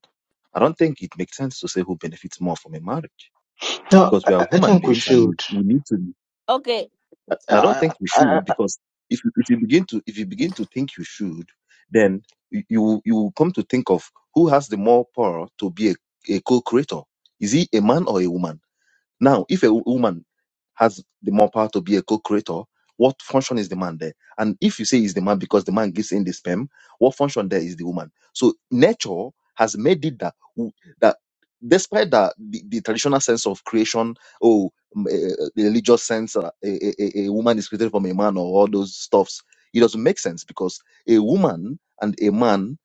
Speaker 5: I don't think it makes sense to say who benefits more from a marriage
Speaker 12: no,
Speaker 5: because
Speaker 12: I,
Speaker 5: we
Speaker 12: I
Speaker 5: are
Speaker 12: I
Speaker 5: human
Speaker 12: think we
Speaker 5: beings and
Speaker 12: should.
Speaker 5: we, we need to.
Speaker 1: Okay,
Speaker 5: I, I don't
Speaker 12: Uh,
Speaker 5: think we
Speaker 12: I,
Speaker 5: should
Speaker 12: I,
Speaker 5: because if you, if you begin to if you begin to think you should, then you you will you will come to think of who has the more power to be a, a co-creator. Is he a man or a woman? Now, if a woman has the more power to be a co-creator, what function is the man there? And if you say is the man because the man gives in the sperm, what function there is the woman? So nature has made it that w- that despite that the, the traditional sense of creation, oh, mm, eh, eh, the religious sense, uh, a, a, a woman is created from a man or all those stuffs, it doesn't make sense because a woman and a man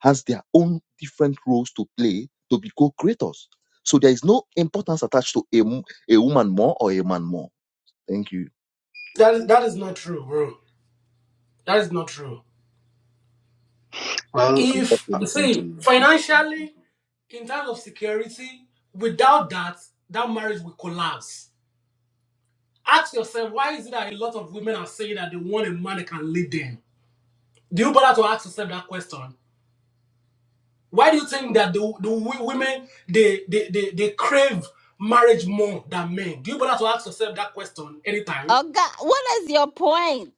Speaker 5: has their own different roles to play to be co-creators. So there is no importance attached to a, mo- a woman more or a man more. Thank you.
Speaker 13: That that is not true, bro. That is not true.
Speaker 12: well,
Speaker 5: Thank you
Speaker 13: If
Speaker 5: for
Speaker 12: uh,
Speaker 5: listening to
Speaker 13: see
Speaker 5: me.
Speaker 13: financially, in terms of security, without that, that marriage will collapse. Ask yourself why is it that a lot of women are saying that they want a man that can lead them? Do you bother to ask yourself that question? Why do you think that the, the wo- women they, they they they crave marriage more than men? Do you bother to ask yourself that question anytime?
Speaker 1: Oga, what is your point?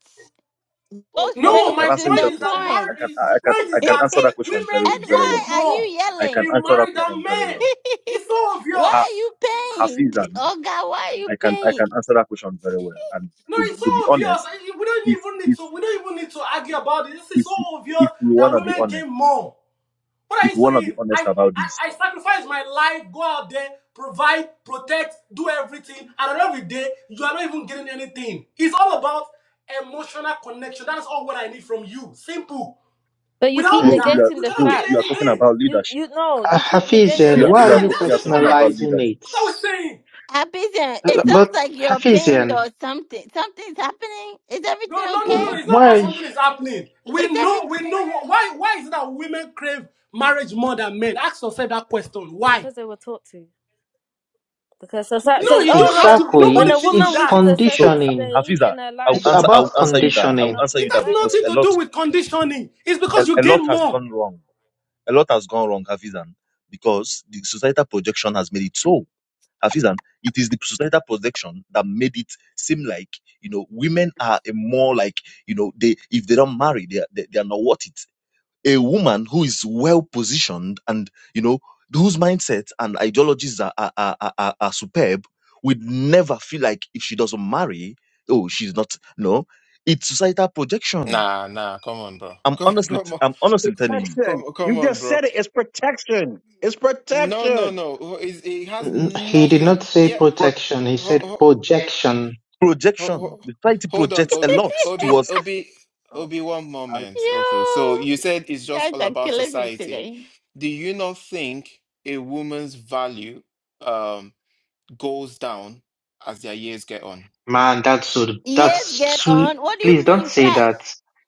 Speaker 1: Go
Speaker 5: Well, I, I
Speaker 13: No,
Speaker 1: straight
Speaker 13: my
Speaker 5: can answer
Speaker 1: to
Speaker 5: you
Speaker 13: point
Speaker 5: that
Speaker 1: the
Speaker 13: is that
Speaker 5: question. I
Speaker 13: mar-
Speaker 1: point.
Speaker 5: can, I
Speaker 13: the
Speaker 5: I can,
Speaker 13: point
Speaker 5: I
Speaker 13: is
Speaker 1: and
Speaker 5: can
Speaker 13: that
Speaker 5: answer that question very,
Speaker 13: women
Speaker 5: very
Speaker 13: gain
Speaker 5: well.
Speaker 1: why are
Speaker 13: more
Speaker 1: you
Speaker 5: I can
Speaker 1: yelling?
Speaker 13: in
Speaker 5: answer that
Speaker 13: marriage
Speaker 5: question
Speaker 13: than
Speaker 5: very well.
Speaker 13: men. It's so
Speaker 1: why
Speaker 5: Ha,
Speaker 1: are
Speaker 13: obvious.
Speaker 1: you pained?
Speaker 5: Hafizan,
Speaker 1: Oh God, why are you
Speaker 5: I can, I can
Speaker 1: pained?
Speaker 5: answer that question very well. And
Speaker 13: No,
Speaker 5: to,
Speaker 13: it's so
Speaker 5: to be
Speaker 13: obvious.
Speaker 5: honest,
Speaker 13: We don't
Speaker 5: if,
Speaker 13: even need
Speaker 5: if,
Speaker 13: to. We don't even need to argue about it. This is
Speaker 5: if,
Speaker 13: so obvious
Speaker 5: if we
Speaker 13: that
Speaker 5: wanna be
Speaker 13: women
Speaker 5: honest,
Speaker 13: gain more. What are
Speaker 5: if
Speaker 13: you
Speaker 5: we wanna be
Speaker 13: saying?
Speaker 5: honest
Speaker 13: I,
Speaker 5: about
Speaker 13: I
Speaker 5: this,
Speaker 13: I sacrifice my life, go out there, provide, protect, do everything, and every day you are not even getting anything. It's all about emotional connection. That's all what I need from you. Simple.
Speaker 7: but you keep
Speaker 13: Without
Speaker 12: uh,
Speaker 5: bro, you
Speaker 13: that,
Speaker 5: are,
Speaker 13: you
Speaker 7: negating the
Speaker 13: cannot
Speaker 5: bro,
Speaker 13: get
Speaker 5: you are
Speaker 7: facts.
Speaker 5: talking
Speaker 13: anything.
Speaker 5: about
Speaker 7: You
Speaker 5: leadership.
Speaker 7: you know you keep
Speaker 12: Hafiz,
Speaker 7: negating.
Speaker 5: You
Speaker 12: and
Speaker 5: are,
Speaker 13: You
Speaker 12: why
Speaker 5: you
Speaker 12: are
Speaker 5: are,
Speaker 7: Everyone
Speaker 13: understand?
Speaker 12: you
Speaker 7: is
Speaker 13: That's
Speaker 5: you
Speaker 13: the
Speaker 5: are talking
Speaker 7: hold
Speaker 13: fact.
Speaker 7: on
Speaker 5: about
Speaker 13: That's
Speaker 12: personalizing
Speaker 5: leadership.
Speaker 13: what
Speaker 12: it?
Speaker 13: we're saying.
Speaker 1: Happy then.
Speaker 12: Uh,
Speaker 1: It sounds
Speaker 12: But
Speaker 1: like you're pained
Speaker 12: Hafizian,
Speaker 1: or something. Something's happening. Is
Speaker 13: No,
Speaker 1: everything
Speaker 13: no, no,
Speaker 1: okay?
Speaker 13: no. no. It's not about
Speaker 12: why
Speaker 13: something that's happening.
Speaker 1: Is
Speaker 13: We know,
Speaker 1: everything
Speaker 13: we know. Why, why is it that women crave marriage more than men? Ask yourself that question. Why?
Speaker 7: because they were taught to. Because society
Speaker 13: No,
Speaker 7: says,
Speaker 13: you
Speaker 7: oh,
Speaker 13: don't
Speaker 7: hold
Speaker 13: have
Speaker 7: on!
Speaker 13: to.
Speaker 12: exactly?
Speaker 7: When
Speaker 13: Nobody
Speaker 7: a
Speaker 12: It's
Speaker 13: teach you
Speaker 7: woman
Speaker 12: it's
Speaker 13: that.
Speaker 7: reaches a
Speaker 5: So
Speaker 7: certain
Speaker 12: conditioning.
Speaker 5: Ha-
Speaker 7: stage
Speaker 5: Hafiza,
Speaker 7: in her
Speaker 5: I will
Speaker 7: life,
Speaker 12: It's
Speaker 7: the
Speaker 5: answer. I will
Speaker 7: world
Speaker 12: about
Speaker 7: will
Speaker 5: answer you
Speaker 7: shame her
Speaker 5: that.
Speaker 7: for
Speaker 5: I will
Speaker 12: conditioning.
Speaker 7: not
Speaker 5: answer
Speaker 13: It
Speaker 5: you
Speaker 7: being
Speaker 13: has
Speaker 5: that because
Speaker 7: married.
Speaker 5: a
Speaker 13: nothing to
Speaker 5: lot,
Speaker 13: do with conditioning. It's
Speaker 5: a,
Speaker 13: because you
Speaker 5: a lot
Speaker 13: gain
Speaker 5: has
Speaker 13: more.
Speaker 5: gone wrong. A lot has gone wrong, Hafizan, because the societal projection has made it so. Hafizan, it is the societal projection that made it seem like you know women are a more like you know they if they don't marry they are, they, they are not worth it. a woman who is well positioned and you know whose mindset and ideologies are are, are, are, are superb would never feel like if she doesn't marry oh she's not no it's societal projection
Speaker 9: nah nah come on bro
Speaker 5: i'm
Speaker 9: come
Speaker 5: honestly
Speaker 9: come on
Speaker 5: i'm
Speaker 11: It's
Speaker 5: honestly telling you
Speaker 11: protection.
Speaker 9: come, come
Speaker 11: You
Speaker 9: on
Speaker 11: just
Speaker 9: bro
Speaker 11: said it. It's protection. It's
Speaker 9: no no
Speaker 11: protection.
Speaker 9: no Oh, it has
Speaker 12: N- He did
Speaker 9: nothing
Speaker 12: not say
Speaker 9: yeah
Speaker 5: pro-
Speaker 12: protection. He
Speaker 9: ho-
Speaker 12: said
Speaker 9: ho-
Speaker 12: projection.
Speaker 9: Ho-
Speaker 5: projection
Speaker 9: ho-
Speaker 5: the society
Speaker 9: Hold on,
Speaker 5: projects a
Speaker 9: Obi,
Speaker 5: lot
Speaker 9: Obi,
Speaker 5: towards
Speaker 9: Obi,
Speaker 11: Oh,
Speaker 9: Obi, one
Speaker 11: I,
Speaker 9: moment. Okay, so
Speaker 1: you
Speaker 9: you said it's just
Speaker 1: guys
Speaker 9: all
Speaker 1: are
Speaker 9: about
Speaker 1: killing me
Speaker 9: society.
Speaker 1: today?
Speaker 9: Do you not think a woman's value um goes down as their years get on?
Speaker 12: Man, that's so,
Speaker 1: Yes, get
Speaker 12: that's too.
Speaker 1: on. What do you
Speaker 12: Please don't
Speaker 1: mean,
Speaker 12: say
Speaker 1: flash?
Speaker 12: that.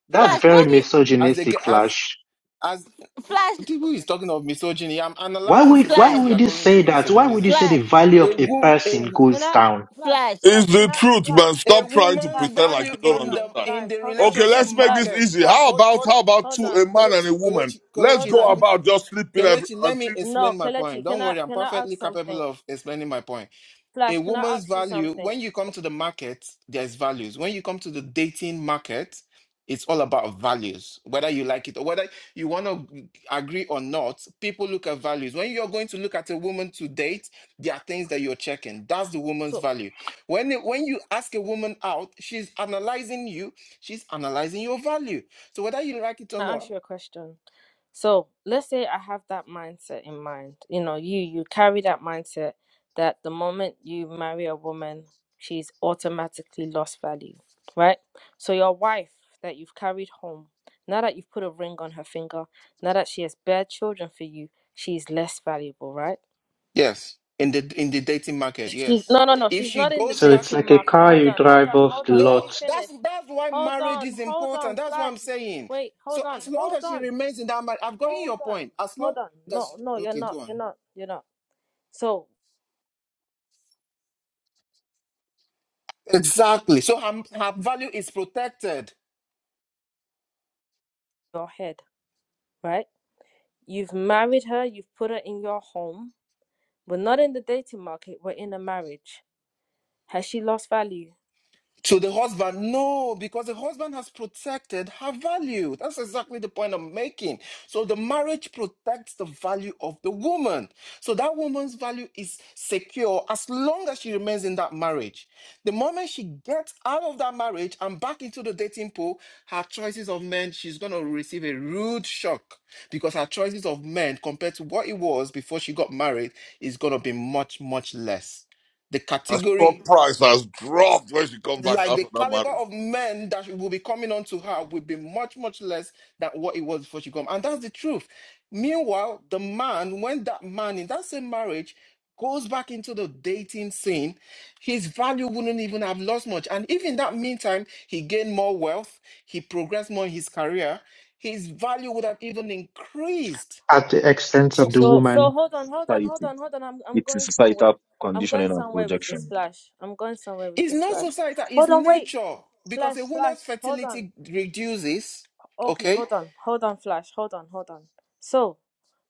Speaker 12: That's
Speaker 1: Flash,
Speaker 12: very
Speaker 1: what do you
Speaker 9: As they
Speaker 12: misogynistic,
Speaker 9: get as
Speaker 12: Flash.
Speaker 9: as
Speaker 1: flash
Speaker 9: people is talking of misogyny. I'm
Speaker 12: Why
Speaker 9: analyzing
Speaker 12: would why
Speaker 9: society.
Speaker 1: flash,
Speaker 9: You're
Speaker 12: would you
Speaker 9: calling it
Speaker 12: say that? Why would
Speaker 9: misogynism.
Speaker 12: you say the
Speaker 1: flash,
Speaker 12: value
Speaker 9: A
Speaker 12: of a
Speaker 9: wom a,
Speaker 12: person
Speaker 9: wo-
Speaker 7: Can
Speaker 12: goes
Speaker 7: I
Speaker 12: down?
Speaker 7: flash,
Speaker 1: flash.
Speaker 7: flash,
Speaker 8: It's the
Speaker 7: can I
Speaker 8: truth,
Speaker 7: flash,
Speaker 8: man.
Speaker 9: a
Speaker 8: Stop trying to
Speaker 9: woman's
Speaker 7: flash,
Speaker 8: pretend
Speaker 7: hold
Speaker 8: like
Speaker 9: value
Speaker 8: you
Speaker 7: on,
Speaker 8: don't
Speaker 7: hold
Speaker 9: in
Speaker 7: on,
Speaker 9: the
Speaker 8: understand.
Speaker 9: in
Speaker 7: guys,
Speaker 9: the
Speaker 7: hold on.
Speaker 8: Okay,
Speaker 9: relationship
Speaker 8: let's make
Speaker 7: Flash,
Speaker 8: this
Speaker 9: market.
Speaker 8: easy.
Speaker 7: flash,
Speaker 8: How
Speaker 9: Hold
Speaker 8: about
Speaker 9: hold on.
Speaker 8: how about
Speaker 7: hold
Speaker 8: two
Speaker 9: So
Speaker 7: on,
Speaker 8: a man
Speaker 9: Kelechi,
Speaker 8: and a woman?
Speaker 9: Kelechi,
Speaker 8: Let's
Speaker 7: hold
Speaker 9: Kelechi,
Speaker 8: go
Speaker 9: let
Speaker 7: on.
Speaker 9: me
Speaker 8: about just sleeping every
Speaker 9: Kelechi, let let me
Speaker 8: until
Speaker 9: explain
Speaker 7: No,
Speaker 9: my point.
Speaker 7: Kalechi, can
Speaker 9: Don't
Speaker 7: I
Speaker 9: worry, I'm
Speaker 7: can I
Speaker 9: perfectly
Speaker 7: ask
Speaker 9: capable
Speaker 7: something?
Speaker 9: of explaining my point. A
Speaker 7: Flash, can I
Speaker 9: woman's
Speaker 7: ask you
Speaker 9: value,
Speaker 7: something?
Speaker 9: when you come to the market, there's values. When you come to the dating market, it's all about values, whether you like it or whether you want to agree or not. People look at values. When you're going to look at a woman to date, there are things that you're checking. That's the woman's
Speaker 7: So.
Speaker 9: value. When, when you ask a woman out, she's analyzing you, she's analyzing your value. So whether you like it or
Speaker 7: to ask
Speaker 9: not,
Speaker 7: you a question. So let's say I have that mindset in mind. You know, you you carry that mindset that the moment you marry a woman, she's automatically lost value, right? So your wife that you've carried home, now that you've put a ring on her finger, now that she has bare children for you, she's less valuable, right?
Speaker 9: Yes, in the in the dating market,
Speaker 7: She's
Speaker 9: yes.
Speaker 7: no, no, no.
Speaker 9: If
Speaker 7: She's
Speaker 9: she
Speaker 7: not in the
Speaker 9: goes
Speaker 12: So it's
Speaker 9: back,
Speaker 7: dating
Speaker 12: like a
Speaker 7: market.
Speaker 12: car
Speaker 7: Hold
Speaker 12: you
Speaker 7: on, hold
Speaker 12: drive
Speaker 7: on,
Speaker 12: off
Speaker 7: hold
Speaker 12: the
Speaker 7: on. Let
Speaker 9: no,
Speaker 7: me
Speaker 12: lot
Speaker 9: that's
Speaker 7: finish.
Speaker 9: that's why
Speaker 7: Hold
Speaker 9: marriage
Speaker 7: on,
Speaker 9: is
Speaker 7: hold on,
Speaker 9: important. That's what
Speaker 7: Flash.
Speaker 9: I'm saying.
Speaker 7: Wait,
Speaker 9: So
Speaker 7: hold on,
Speaker 9: as long
Speaker 7: hold
Speaker 9: as she
Speaker 7: on.
Speaker 9: remains in that marriage, I've gotten
Speaker 7: Hold
Speaker 9: your
Speaker 7: on,
Speaker 9: point. As long
Speaker 7: hold on.
Speaker 9: that's
Speaker 7: No, no, you're
Speaker 9: okay,
Speaker 7: not.
Speaker 9: go
Speaker 7: You're
Speaker 9: on.
Speaker 7: not. You're not. So,
Speaker 9: Exactly. So her, her value is protected.
Speaker 7: your head, right? You've married her, you've put her in your home. We're not in the dating market, we're in a marriage. Has she lost value?
Speaker 9: to the husband no because the husband has protected her value that's exactly the point i'm making so the marriage protects the value of the woman so that woman's value is secure as long as she remains in that marriage the moment she gets out of that marriage and back into the dating pool her choices of men she's going to receive a rude shock because her choices of men compared to what it was before she got married is going to be much much less the
Speaker 8: a
Speaker 9: category
Speaker 8: stock price has dropped when she comes back
Speaker 9: like the
Speaker 8: after that
Speaker 9: caliber
Speaker 8: marriage.
Speaker 9: of men that will be coming onto her will be much much less than what it was before she come and that's the truth meanwhile the man when that man in that same marriage goes back into the dating scene his value wouldn't even have lost much and if in that meantime he gained more wealth he progressed more in his career his value would have even increased
Speaker 12: at the expense of
Speaker 9: so
Speaker 12: the
Speaker 7: So, so
Speaker 12: woman.
Speaker 7: hold on, hold on, hold
Speaker 5: society
Speaker 7: on, hold on. I'm, I'm
Speaker 5: it's
Speaker 7: going
Speaker 5: a
Speaker 7: somewhere. I'm going
Speaker 5: conditioning and
Speaker 7: somewhere with
Speaker 5: pushing.
Speaker 7: this flash. I'm going somewhere with
Speaker 9: it's
Speaker 7: this
Speaker 9: not
Speaker 7: flash.
Speaker 9: society it's
Speaker 7: Hold on, wait.
Speaker 9: nature because
Speaker 7: Flash,
Speaker 9: a
Speaker 7: flash.
Speaker 9: woman's
Speaker 7: Hold on.
Speaker 9: fertility reduces
Speaker 7: Okay,
Speaker 9: okay
Speaker 7: hold on, hold on, flash. Hold on, hold on. So,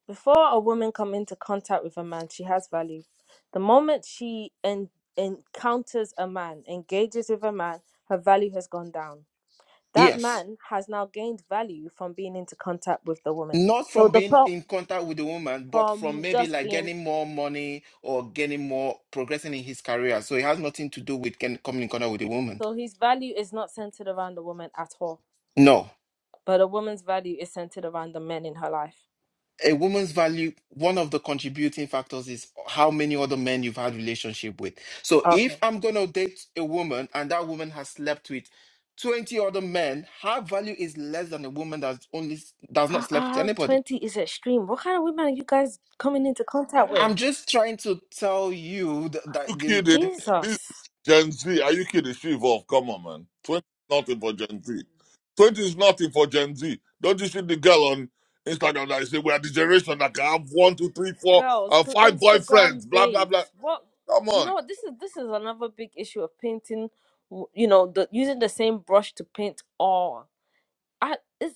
Speaker 7: Before a woman come into contact with a man, she has value. The moment she en- encounters a man, engages with a man, her value has gone down. That
Speaker 9: yes
Speaker 7: man has now gained value from being into contact with the woman.
Speaker 9: Not
Speaker 7: So
Speaker 9: from
Speaker 7: the
Speaker 9: being
Speaker 7: pro-
Speaker 9: in contact with the woman, but from
Speaker 7: from
Speaker 9: maybe
Speaker 7: just
Speaker 9: like
Speaker 7: being
Speaker 9: getting more money or getting more progressing in his career. So it has nothing to do with can, coming in contact with a woman.
Speaker 7: so his value is not centered around the woman at all,
Speaker 9: No.
Speaker 7: but a woman's value is centered around the men in her life.
Speaker 9: A woman's value, one of the contributing factors is how many other men you've had relationship with. So if
Speaker 7: Okay.
Speaker 9: I'm gonna date a woman and that woman has slept with 20 other men, her value is less than a woman that's only does not slept with
Speaker 7: Uh,
Speaker 9: anybody.
Speaker 7: 20 is extreme. What kind of women are you guys coming into contact
Speaker 9: I'm
Speaker 7: with?
Speaker 9: just trying to tell you that,
Speaker 8: you
Speaker 9: that the,
Speaker 8: kidding?
Speaker 9: the-
Speaker 8: This
Speaker 7: Jesus.
Speaker 8: Gen Z, are you kidding? She evolved. Come on, man. 20 is nothing for Gen Z. 20 is nothing for Gen Z. Don't you see the girl on Instagram that say, We are the generation that can have one, two, three, four,
Speaker 7: girls
Speaker 8: and
Speaker 7: to
Speaker 8: five
Speaker 7: Instagram
Speaker 8: boyfriends, blah, blah, blah.
Speaker 7: babes. What
Speaker 8: Come
Speaker 7: you
Speaker 8: on.
Speaker 7: know? This is this is another big issue of painting. w- You know, the using the same brush to paint all. I it's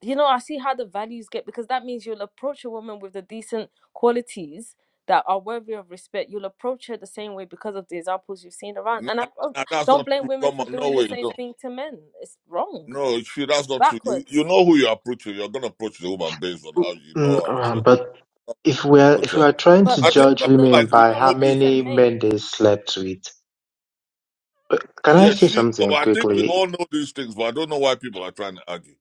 Speaker 7: you know I see how the values get because that means you'll approach a woman with the decent qualities that are worthy of respect. You'll approach her the same way because of the examples you've seen around.
Speaker 8: Nah,
Speaker 7: And
Speaker 8: nah,
Speaker 7: I don't
Speaker 8: nah, that's
Speaker 7: don't
Speaker 8: not
Speaker 7: blame
Speaker 8: true.
Speaker 7: women
Speaker 8: Come
Speaker 7: for
Speaker 8: on. No
Speaker 7: doing the
Speaker 8: way.
Speaker 7: same
Speaker 8: No,
Speaker 7: thing to men. It's wrong.
Speaker 8: no she,
Speaker 7: It's
Speaker 8: that's not true. You, you
Speaker 7: backwards.
Speaker 8: know who you're approaching. You're going to approach the woman based on how you
Speaker 12: Mm,
Speaker 8: know her.
Speaker 12: uh,
Speaker 8: So,
Speaker 12: but If we're
Speaker 8: approach
Speaker 12: if we
Speaker 8: her.
Speaker 12: are trying
Speaker 7: But
Speaker 12: to
Speaker 8: I
Speaker 7: the
Speaker 8: think,
Speaker 7: the,
Speaker 12: judge
Speaker 8: I
Speaker 7: the, the,
Speaker 8: feel
Speaker 7: the
Speaker 12: women
Speaker 8: like we
Speaker 7: point
Speaker 12: by
Speaker 7: I
Speaker 12: how
Speaker 8: know
Speaker 7: wanted
Speaker 8: these
Speaker 7: to
Speaker 12: many
Speaker 8: things.
Speaker 7: make,
Speaker 12: men they slept with, but can I
Speaker 8: Yeah,
Speaker 12: say
Speaker 8: she, but
Speaker 12: something
Speaker 8: I think we
Speaker 12: quickly?
Speaker 8: all know these things, but I don't know why people are trying to argue.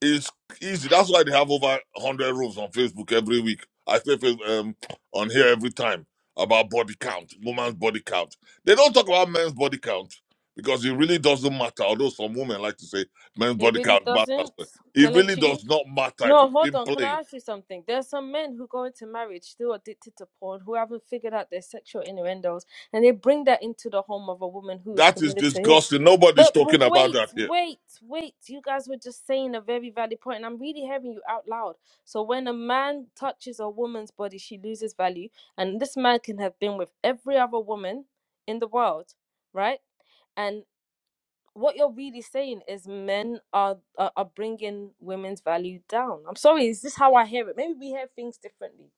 Speaker 8: It's easy. That's why they have over 100 rules on Facebook every week. I say face- um, on here every time about body count, woman's body count. They don't talk about men's body count because it really doesn't matter. Although some women like to say men's
Speaker 7: it
Speaker 8: body
Speaker 7: really
Speaker 8: count matters,
Speaker 7: doesn't.
Speaker 8: it really
Speaker 7: Kelechi.
Speaker 8: does not matter if
Speaker 7: No,
Speaker 8: we're
Speaker 7: hold
Speaker 8: being
Speaker 7: on. Can I
Speaker 8: plain.
Speaker 7: ask you something? There's some men who go into marriage still addicted to porn, who haven't figured out their sexual innuendos, and they bring that into the home of a woman who is
Speaker 8: That is
Speaker 7: committed to him.
Speaker 8: disgusting. Nobody's
Speaker 7: But w-
Speaker 8: talking about
Speaker 7: wait,
Speaker 8: that here.
Speaker 7: wait, wait. You guys were just saying a very valid point, and I'm really hearing you out loud. So when a man touches a woman's body, she loses value, and this man can have been with every other woman in the world, right? what you're really saying is men are, are are bringing women's value down. I'm sorry, is this how I hear it? Maybe we hear things differently.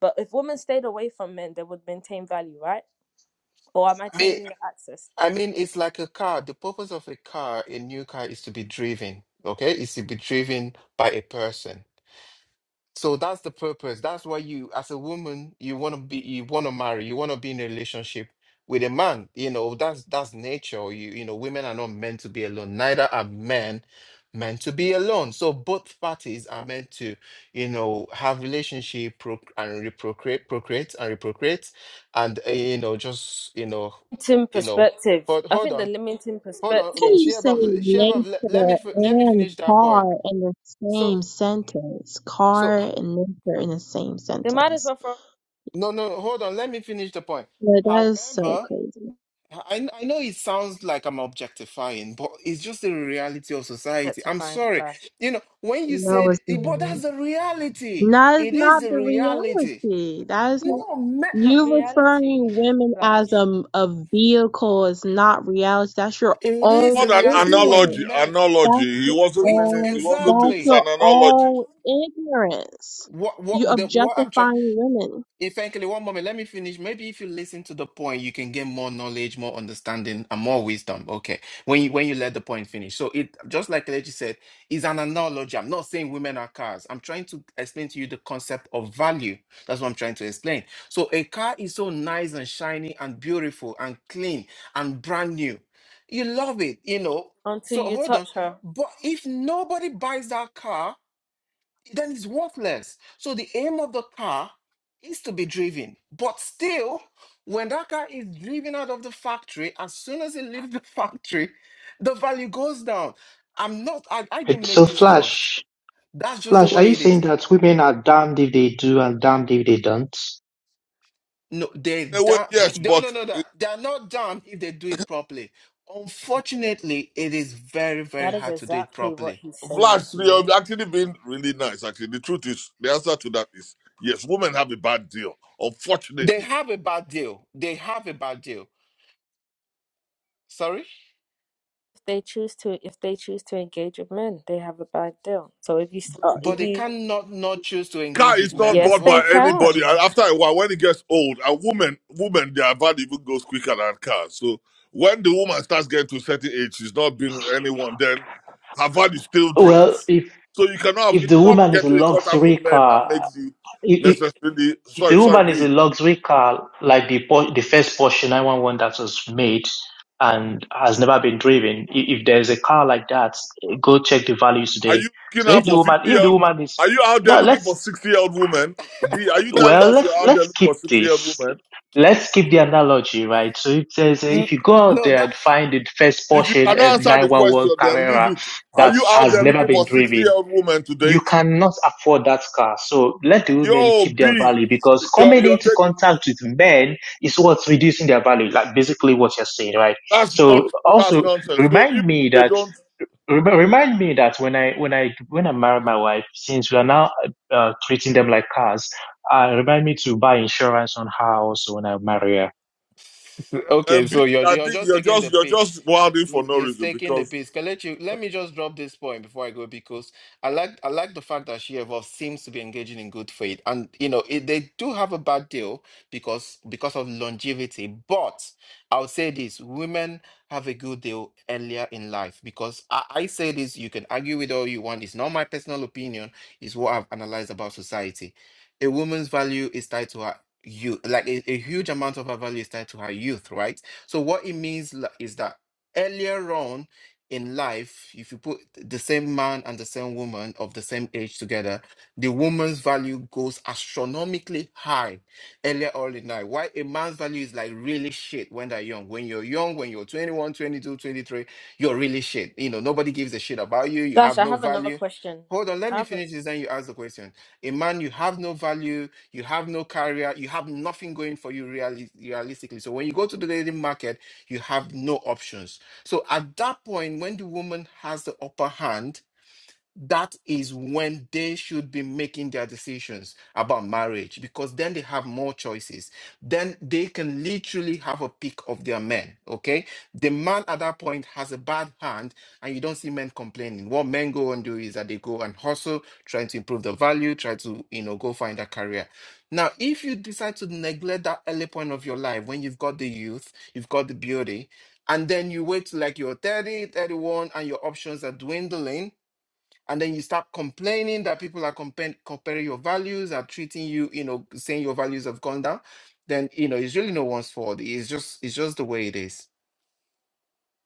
Speaker 7: But if women stayed away from men, they would maintain value, right? Or am I
Speaker 9: I mean,
Speaker 7: changing the access?
Speaker 9: I mean, it's like a car. The purpose of a car, a new car, is to be driven, okay? Is to be driven by a person. So that's the purpose. That's why you, as a woman, you want to be, you want to marry, you want to be in a relationship with a man. You know, that's that's nature. You, you know, women are not meant to be alone. Neither are men meant to be alone. So both parties are meant to, you know, have relationship proc and reprocreate, procreate and reprocreate, and uh, you know, just you know,
Speaker 7: Limiting
Speaker 9: you know.
Speaker 7: perspective.
Speaker 9: Hold,
Speaker 7: I
Speaker 9: hold
Speaker 7: think
Speaker 9: on.
Speaker 7: the limiting
Speaker 9: Hold on,
Speaker 3: can
Speaker 7: perspective.
Speaker 3: you say
Speaker 9: Shevov, Shevov, let, let me
Speaker 3: nature
Speaker 9: fi- let me
Speaker 3: and
Speaker 9: finish that point.
Speaker 3: car in the
Speaker 9: So,
Speaker 3: same sentence?
Speaker 9: so
Speaker 3: Car and nature in the same
Speaker 7: They might as
Speaker 3: sentence.
Speaker 7: well throw
Speaker 9: no, no, hold on. Let me finish the point.
Speaker 3: Yeah, that is so
Speaker 9: However,
Speaker 3: crazy.
Speaker 9: I I know it sounds like I'm objectifying, but it's just the reality of
Speaker 7: it
Speaker 9: society.
Speaker 7: to
Speaker 9: I'm
Speaker 7: find
Speaker 9: sorry,
Speaker 7: Flash.
Speaker 9: you know, when you
Speaker 3: No,
Speaker 9: said,
Speaker 3: it's
Speaker 9: but
Speaker 3: not.
Speaker 9: that's the reality.
Speaker 3: That is
Speaker 9: It is
Speaker 3: not
Speaker 9: the
Speaker 3: the
Speaker 9: reality.
Speaker 3: reality. That is not.
Speaker 9: No, men,
Speaker 7: Not
Speaker 3: You referring
Speaker 7: reality,
Speaker 3: women as
Speaker 7: Flash.
Speaker 3: a, a vehicle is not reality. That's your
Speaker 9: it is
Speaker 3: own
Speaker 8: What
Speaker 9: the
Speaker 8: an
Speaker 9: reality.
Speaker 3: ignorance.
Speaker 8: analogy!
Speaker 9: When men,
Speaker 3: That's
Speaker 8: Analogy. He
Speaker 3: your
Speaker 8: wasn't
Speaker 9: it
Speaker 8: meaning.
Speaker 3: own,
Speaker 8: He wasn't.
Speaker 3: that's
Speaker 8: It's
Speaker 9: exactly
Speaker 8: an
Speaker 3: your
Speaker 8: analogy.
Speaker 3: own ignorance.
Speaker 9: what
Speaker 3: You
Speaker 9: what the, what I'm trying.
Speaker 3: objectifying women.
Speaker 9: If Enkele, one moment, let me finish. Maybe if you listen to the point, you can gain more knowledge, more understanding, and more wisdom. Okay. When you when you let the point finish. So it just like Kelechi said, is an analogy. I'm not saying women are cars. I'm trying to explain to you the concept of value. That's what I'm trying to explain. So a car is so nice and shiny and beautiful and clean and brand new. You love it, you know.
Speaker 7: Until
Speaker 9: So
Speaker 7: you
Speaker 9: hold on.
Speaker 7: touch her.
Speaker 9: But if nobody buys that car, then it's worthless. So the aim of the car is to be driven. But still, when that car is driven out of the factory, as soon as it leaves the factory, the value goes down. I'm not, I, I didn't
Speaker 12: It-
Speaker 9: make
Speaker 12: So
Speaker 9: this loss.
Speaker 12: Flash,
Speaker 9: That's just the
Speaker 12: Flash, are
Speaker 9: way
Speaker 12: you
Speaker 9: it is.
Speaker 12: saying that women are damned if they do and damned if they don't?
Speaker 9: No,
Speaker 8: In
Speaker 9: they
Speaker 8: a way,
Speaker 9: don't,
Speaker 8: yes,
Speaker 9: no,
Speaker 8: but
Speaker 9: no, no, no. They're not done if they do it properly. Unfortunately, it is very, very
Speaker 7: That is
Speaker 9: hard to do it
Speaker 7: exactly what
Speaker 9: properly.
Speaker 7: he's saying.
Speaker 8: Flash, you
Speaker 7: B.
Speaker 8: have actually been really nice. Actually, the truth is, the answer to that is yes. Women have a bad deal,
Speaker 9: They
Speaker 8: unfortunately.
Speaker 9: have a bad deal. They have a bad deal. Sorry?
Speaker 7: If they choose to, if they choose to engage with men, they have a bad deal. So if you start,
Speaker 9: But
Speaker 7: if
Speaker 9: they
Speaker 7: you
Speaker 9: cannot not choose to
Speaker 8: Car
Speaker 9: engage with
Speaker 8: is
Speaker 9: men
Speaker 8: not
Speaker 9: as
Speaker 7: Yes,
Speaker 8: bought
Speaker 7: they
Speaker 8: by
Speaker 9: well
Speaker 7: can.
Speaker 8: anybody, and after a while, when it gets old, a woman, woman, their value even goes quicker than cars. So when the woman starts getting to a certain age, she's not being with anyone, then her value still
Speaker 12: Well,
Speaker 8: drops.
Speaker 12: if
Speaker 8: So you cannot. Have,
Speaker 12: if
Speaker 8: it's
Speaker 12: the
Speaker 8: not
Speaker 12: woman is a
Speaker 8: getting in contact with
Speaker 12: luxury
Speaker 8: men that
Speaker 12: car,
Speaker 8: makes you
Speaker 12: if, if
Speaker 8: necessarily.
Speaker 12: if
Speaker 8: Sorry,
Speaker 12: the
Speaker 8: sorry,
Speaker 12: woman is
Speaker 8: B.
Speaker 12: a luxury car, like the Por- the first Porsche 911 that was made and has never been driven, i- if there's a car like that, go check the values
Speaker 8: Are
Speaker 12: today.
Speaker 8: you
Speaker 12: So
Speaker 8: looking
Speaker 12: if
Speaker 8: out
Speaker 12: the
Speaker 8: for 50
Speaker 12: woman,
Speaker 8: year
Speaker 12: if the
Speaker 8: old?
Speaker 12: woman is
Speaker 8: Are you out there
Speaker 12: no,
Speaker 8: looking
Speaker 12: let's
Speaker 8: for 60 year old woman? B, are you telling
Speaker 12: Well,
Speaker 8: us you're
Speaker 12: let's
Speaker 8: out there
Speaker 12: let's
Speaker 8: looking for
Speaker 12: keep
Speaker 8: 60 year old
Speaker 12: this.
Speaker 8: woman?
Speaker 12: Let's keep the analogy, right? So it says uh,
Speaker 9: N-
Speaker 12: if you go out
Speaker 9: No,
Speaker 12: there
Speaker 9: that
Speaker 12: and find the first
Speaker 8: If you
Speaker 12: Porsche
Speaker 8: cannot
Speaker 12: uh,
Speaker 8: answer the
Speaker 12: 911
Speaker 8: question, then leave
Speaker 12: Carrera
Speaker 8: it. Are
Speaker 12: that
Speaker 8: you out
Speaker 12: has
Speaker 8: there
Speaker 12: never
Speaker 8: looking
Speaker 12: been
Speaker 8: for 60 year
Speaker 12: driven,
Speaker 8: old woman to
Speaker 12: you
Speaker 8: date?
Speaker 12: cannot afford that car. So let the women
Speaker 8: Yo,
Speaker 12: keep their
Speaker 8: B,
Speaker 12: value because
Speaker 8: you're,
Speaker 12: coming
Speaker 8: you're
Speaker 12: into
Speaker 8: taking,
Speaker 12: contact with men is what's reducing their value, like basically what you're saying, right?
Speaker 8: that's not
Speaker 12: So
Speaker 8: true. That's
Speaker 12: also
Speaker 8: nonsense. So if
Speaker 12: remind me
Speaker 8: they
Speaker 12: that
Speaker 8: don't,
Speaker 12: Rem- Remind me that when I when I when I married my wife, since we are now uh, treating them like cars, uh, remind me to buy insurance on her also when I marry her.
Speaker 9: okay.
Speaker 8: and B,
Speaker 9: So you're
Speaker 8: I
Speaker 9: you're
Speaker 8: think
Speaker 9: just
Speaker 8: you're
Speaker 9: taking the
Speaker 8: just, you're
Speaker 9: piss.
Speaker 8: just wilding for
Speaker 9: He's
Speaker 8: no
Speaker 9: he's
Speaker 8: reason
Speaker 9: taking the
Speaker 8: because
Speaker 9: piss. Let you. let me just drop this point before I go because I like I like the fact that she Shevov seems to be engaging in good faith, and you know it, they do have a bad deal because because of longevity. But I'll say this: women have a good deal earlier in life because I, I say this. You can argue with all you want. It's not my personal opinion. It's what I've analyzed about society. A woman's value is tied to her youth, like a, a huge amount of her value is tied to her youth, right? So what it means li- is that earlier on in life, if you put the same man and the same woman of the same age together, the woman's value goes astronomically high earlier on in life. Why a man's value is like really shit when they're young. When you're young, when you're twenty-one, twenty-two, twenty-three, you're really shit. You know, nobody gives a shit about you. You
Speaker 7: Flash,
Speaker 9: have
Speaker 7: I
Speaker 9: no
Speaker 7: have another
Speaker 9: value.
Speaker 7: question.
Speaker 9: Hold on, let
Speaker 7: I
Speaker 9: me
Speaker 7: have a,
Speaker 9: finish this. Then you ask the question. A man, you have no value, you have no career, you have nothing going for you reali- realistically. So when you go to the dating market, you have no options so at that point, when the woman has the upper hand, that is when they should be making their decisions about marriage because then they have more choices. Then they can literally have a pick of their men. Okay. The man at that point has a bad hand and you don't see men complaining. What men go and do is that they go and hustle, trying to improve the value, try to, you know, go find a career. Now, if you decide to neglect that early point of your life when you've got the youth, you've got the beauty, and then you wait till like you're thirty, thirty-one, and your options are dwindling and then you start complaining that people are comparing, comparing your values are treating you you know saying your values have gone down then you know it's really no one's fault it's just it's just the way it is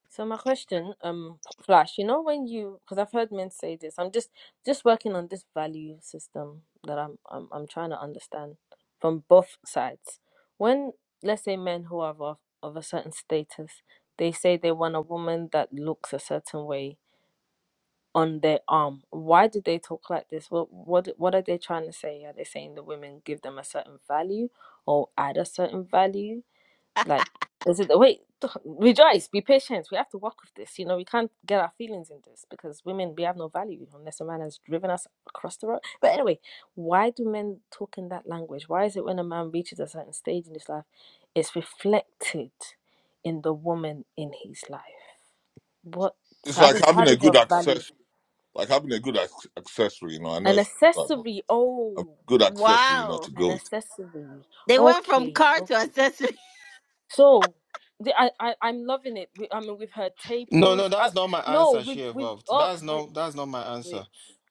Speaker 7: so my question, um, Flash, you know when you because I've heard men say this. I'm just just working on this value system that I'm I'm I'm trying to understand from both sides. When let's say men who are of of a certain status, they say they want a woman that looks a certain way on their arm. Why do they talk like this? What what what are they trying to say? Are they saying the women give them a certain value or add a certain value? Like, is it the wait? Rejoice, be patient. We have to work with this. You know, we can't get our feelings in this because women, we have no value unless a man has driven us across the road. But anyway, why do men talk in that language? Why is it when a man reaches a certain stage in his life, it's reflected in the woman in his life? What?
Speaker 8: it's
Speaker 7: So How
Speaker 8: like
Speaker 7: does how
Speaker 8: having a
Speaker 7: does
Speaker 8: good
Speaker 7: your value
Speaker 8: accessory, like having a good ac- accessory, you know. I know
Speaker 7: an
Speaker 8: it's like, but
Speaker 7: accessory?
Speaker 8: a
Speaker 7: Oh,
Speaker 8: good accessory, you know,
Speaker 1: Wow.
Speaker 8: to
Speaker 7: an
Speaker 8: go with.
Speaker 7: accessory.
Speaker 1: They went from
Speaker 7: Okay,
Speaker 1: car to
Speaker 7: okay.
Speaker 1: accessory.
Speaker 7: So the, I, I I'm loving it. We, I mean, we've heard
Speaker 9: no no
Speaker 7: tables. I,
Speaker 9: that's not my
Speaker 7: no,
Speaker 9: answer
Speaker 7: we've
Speaker 9: she
Speaker 7: we've
Speaker 9: evolved
Speaker 7: oh
Speaker 9: that's
Speaker 7: wait
Speaker 9: no, that's not my answer
Speaker 7: wait.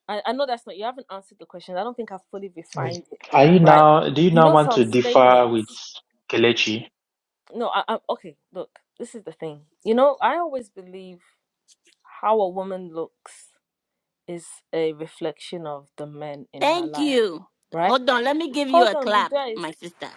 Speaker 7: I, I know that's not you haven't answered the question. I don't think I've fully
Speaker 12: Mm.
Speaker 7: refined it,
Speaker 12: Are you
Speaker 7: right?
Speaker 12: now? Do you
Speaker 7: You
Speaker 12: now
Speaker 7: know
Speaker 12: want
Speaker 7: some
Speaker 12: to differ with
Speaker 7: statements.
Speaker 12: Kelechi?
Speaker 7: No, I, I okay. Look, this is the thing. You know, I always believe how a woman looks is a reflection of the men in her
Speaker 1: Thank
Speaker 7: life,
Speaker 1: you.
Speaker 7: right?
Speaker 1: Hold on. Let me give you
Speaker 7: Hold
Speaker 1: a
Speaker 7: on,
Speaker 1: clap,
Speaker 7: rejoice.
Speaker 1: my sister.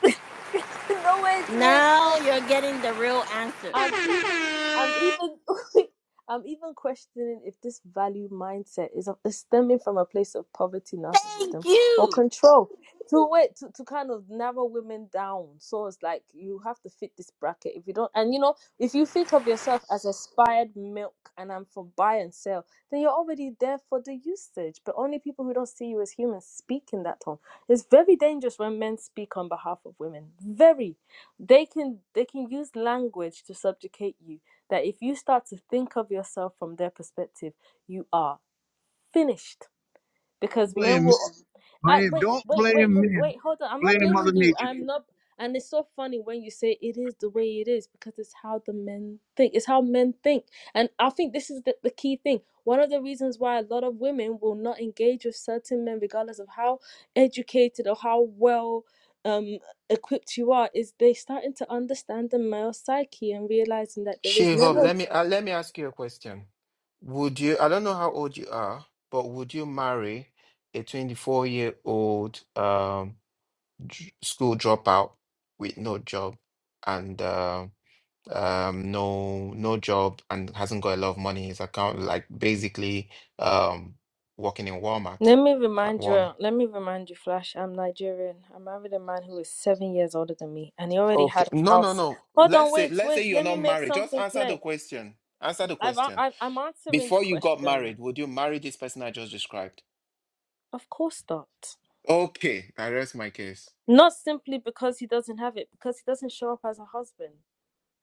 Speaker 7: no wait wait
Speaker 1: Now
Speaker 7: wait.
Speaker 1: you're getting the real answer.
Speaker 7: I'm even I'm even I'm even questioning if this value mindset is, is stemming from a place of poverty,
Speaker 1: Thank
Speaker 7: narcissism, or
Speaker 1: you.
Speaker 7: control. To wait to, to kind of narrow women down. So it's like you have to fit this bracket. If you don't, and you know, if you think of yourself as aspired milk, and I'm for buy and sell, then you're already there for the usage. But only people who don't see you as humans speak in that tone. It's very dangerous when men speak on behalf of women. Very they can they can use language to subjugate you that if you start to think of yourself from their perspective you are finished
Speaker 11: Don't
Speaker 7: because men
Speaker 11: blame me.
Speaker 7: will I
Speaker 11: Blame,
Speaker 7: wait,
Speaker 11: don't
Speaker 7: wait, wait,
Speaker 11: blame
Speaker 7: wait,
Speaker 11: me.
Speaker 7: wait. Hold on. I'm
Speaker 11: Blame
Speaker 7: not
Speaker 11: Mother
Speaker 7: blaming you.
Speaker 11: Nature.
Speaker 7: I'm not. And it's so funny when you say it is the way it is because it's how the men think. It's how men think. And I think this is the, the key thing. One of the reasons why a lot of women will not engage with certain men, regardless of how educated or how well um equipped you are, is they starting to understand the male psyche and realizing that there
Speaker 9: she
Speaker 7: is
Speaker 9: evolved
Speaker 7: never
Speaker 9: let me uh, let me ask you a question would you i don't know how old you are but would you marry a 24 year old um dr- school dropout with no job and um um no no job and hasn't got a lot of money in his account like basically um working in Walmart
Speaker 7: Let me
Speaker 9: at
Speaker 7: remind
Speaker 9: Walmart
Speaker 7: you, let me remind you, Flash, I'm Nigerian. I married a man who is seven years older than me, and he already
Speaker 9: okay
Speaker 7: had a
Speaker 9: no no
Speaker 7: house.
Speaker 9: no
Speaker 7: Hold on,
Speaker 9: let's say
Speaker 7: wait,
Speaker 9: let's
Speaker 7: wait,
Speaker 9: say you're
Speaker 7: let me
Speaker 9: not
Speaker 7: make
Speaker 9: married just
Speaker 7: something
Speaker 9: answer the
Speaker 7: clear.
Speaker 9: question answer the
Speaker 7: I've, a-
Speaker 9: question
Speaker 7: I've, I'm answering the
Speaker 9: before you got
Speaker 7: question.
Speaker 9: married would you marry this person I just described
Speaker 7: Of course not.
Speaker 9: okay I rest my case
Speaker 7: Not simply because he doesn't have it, because he doesn't show up as a husband.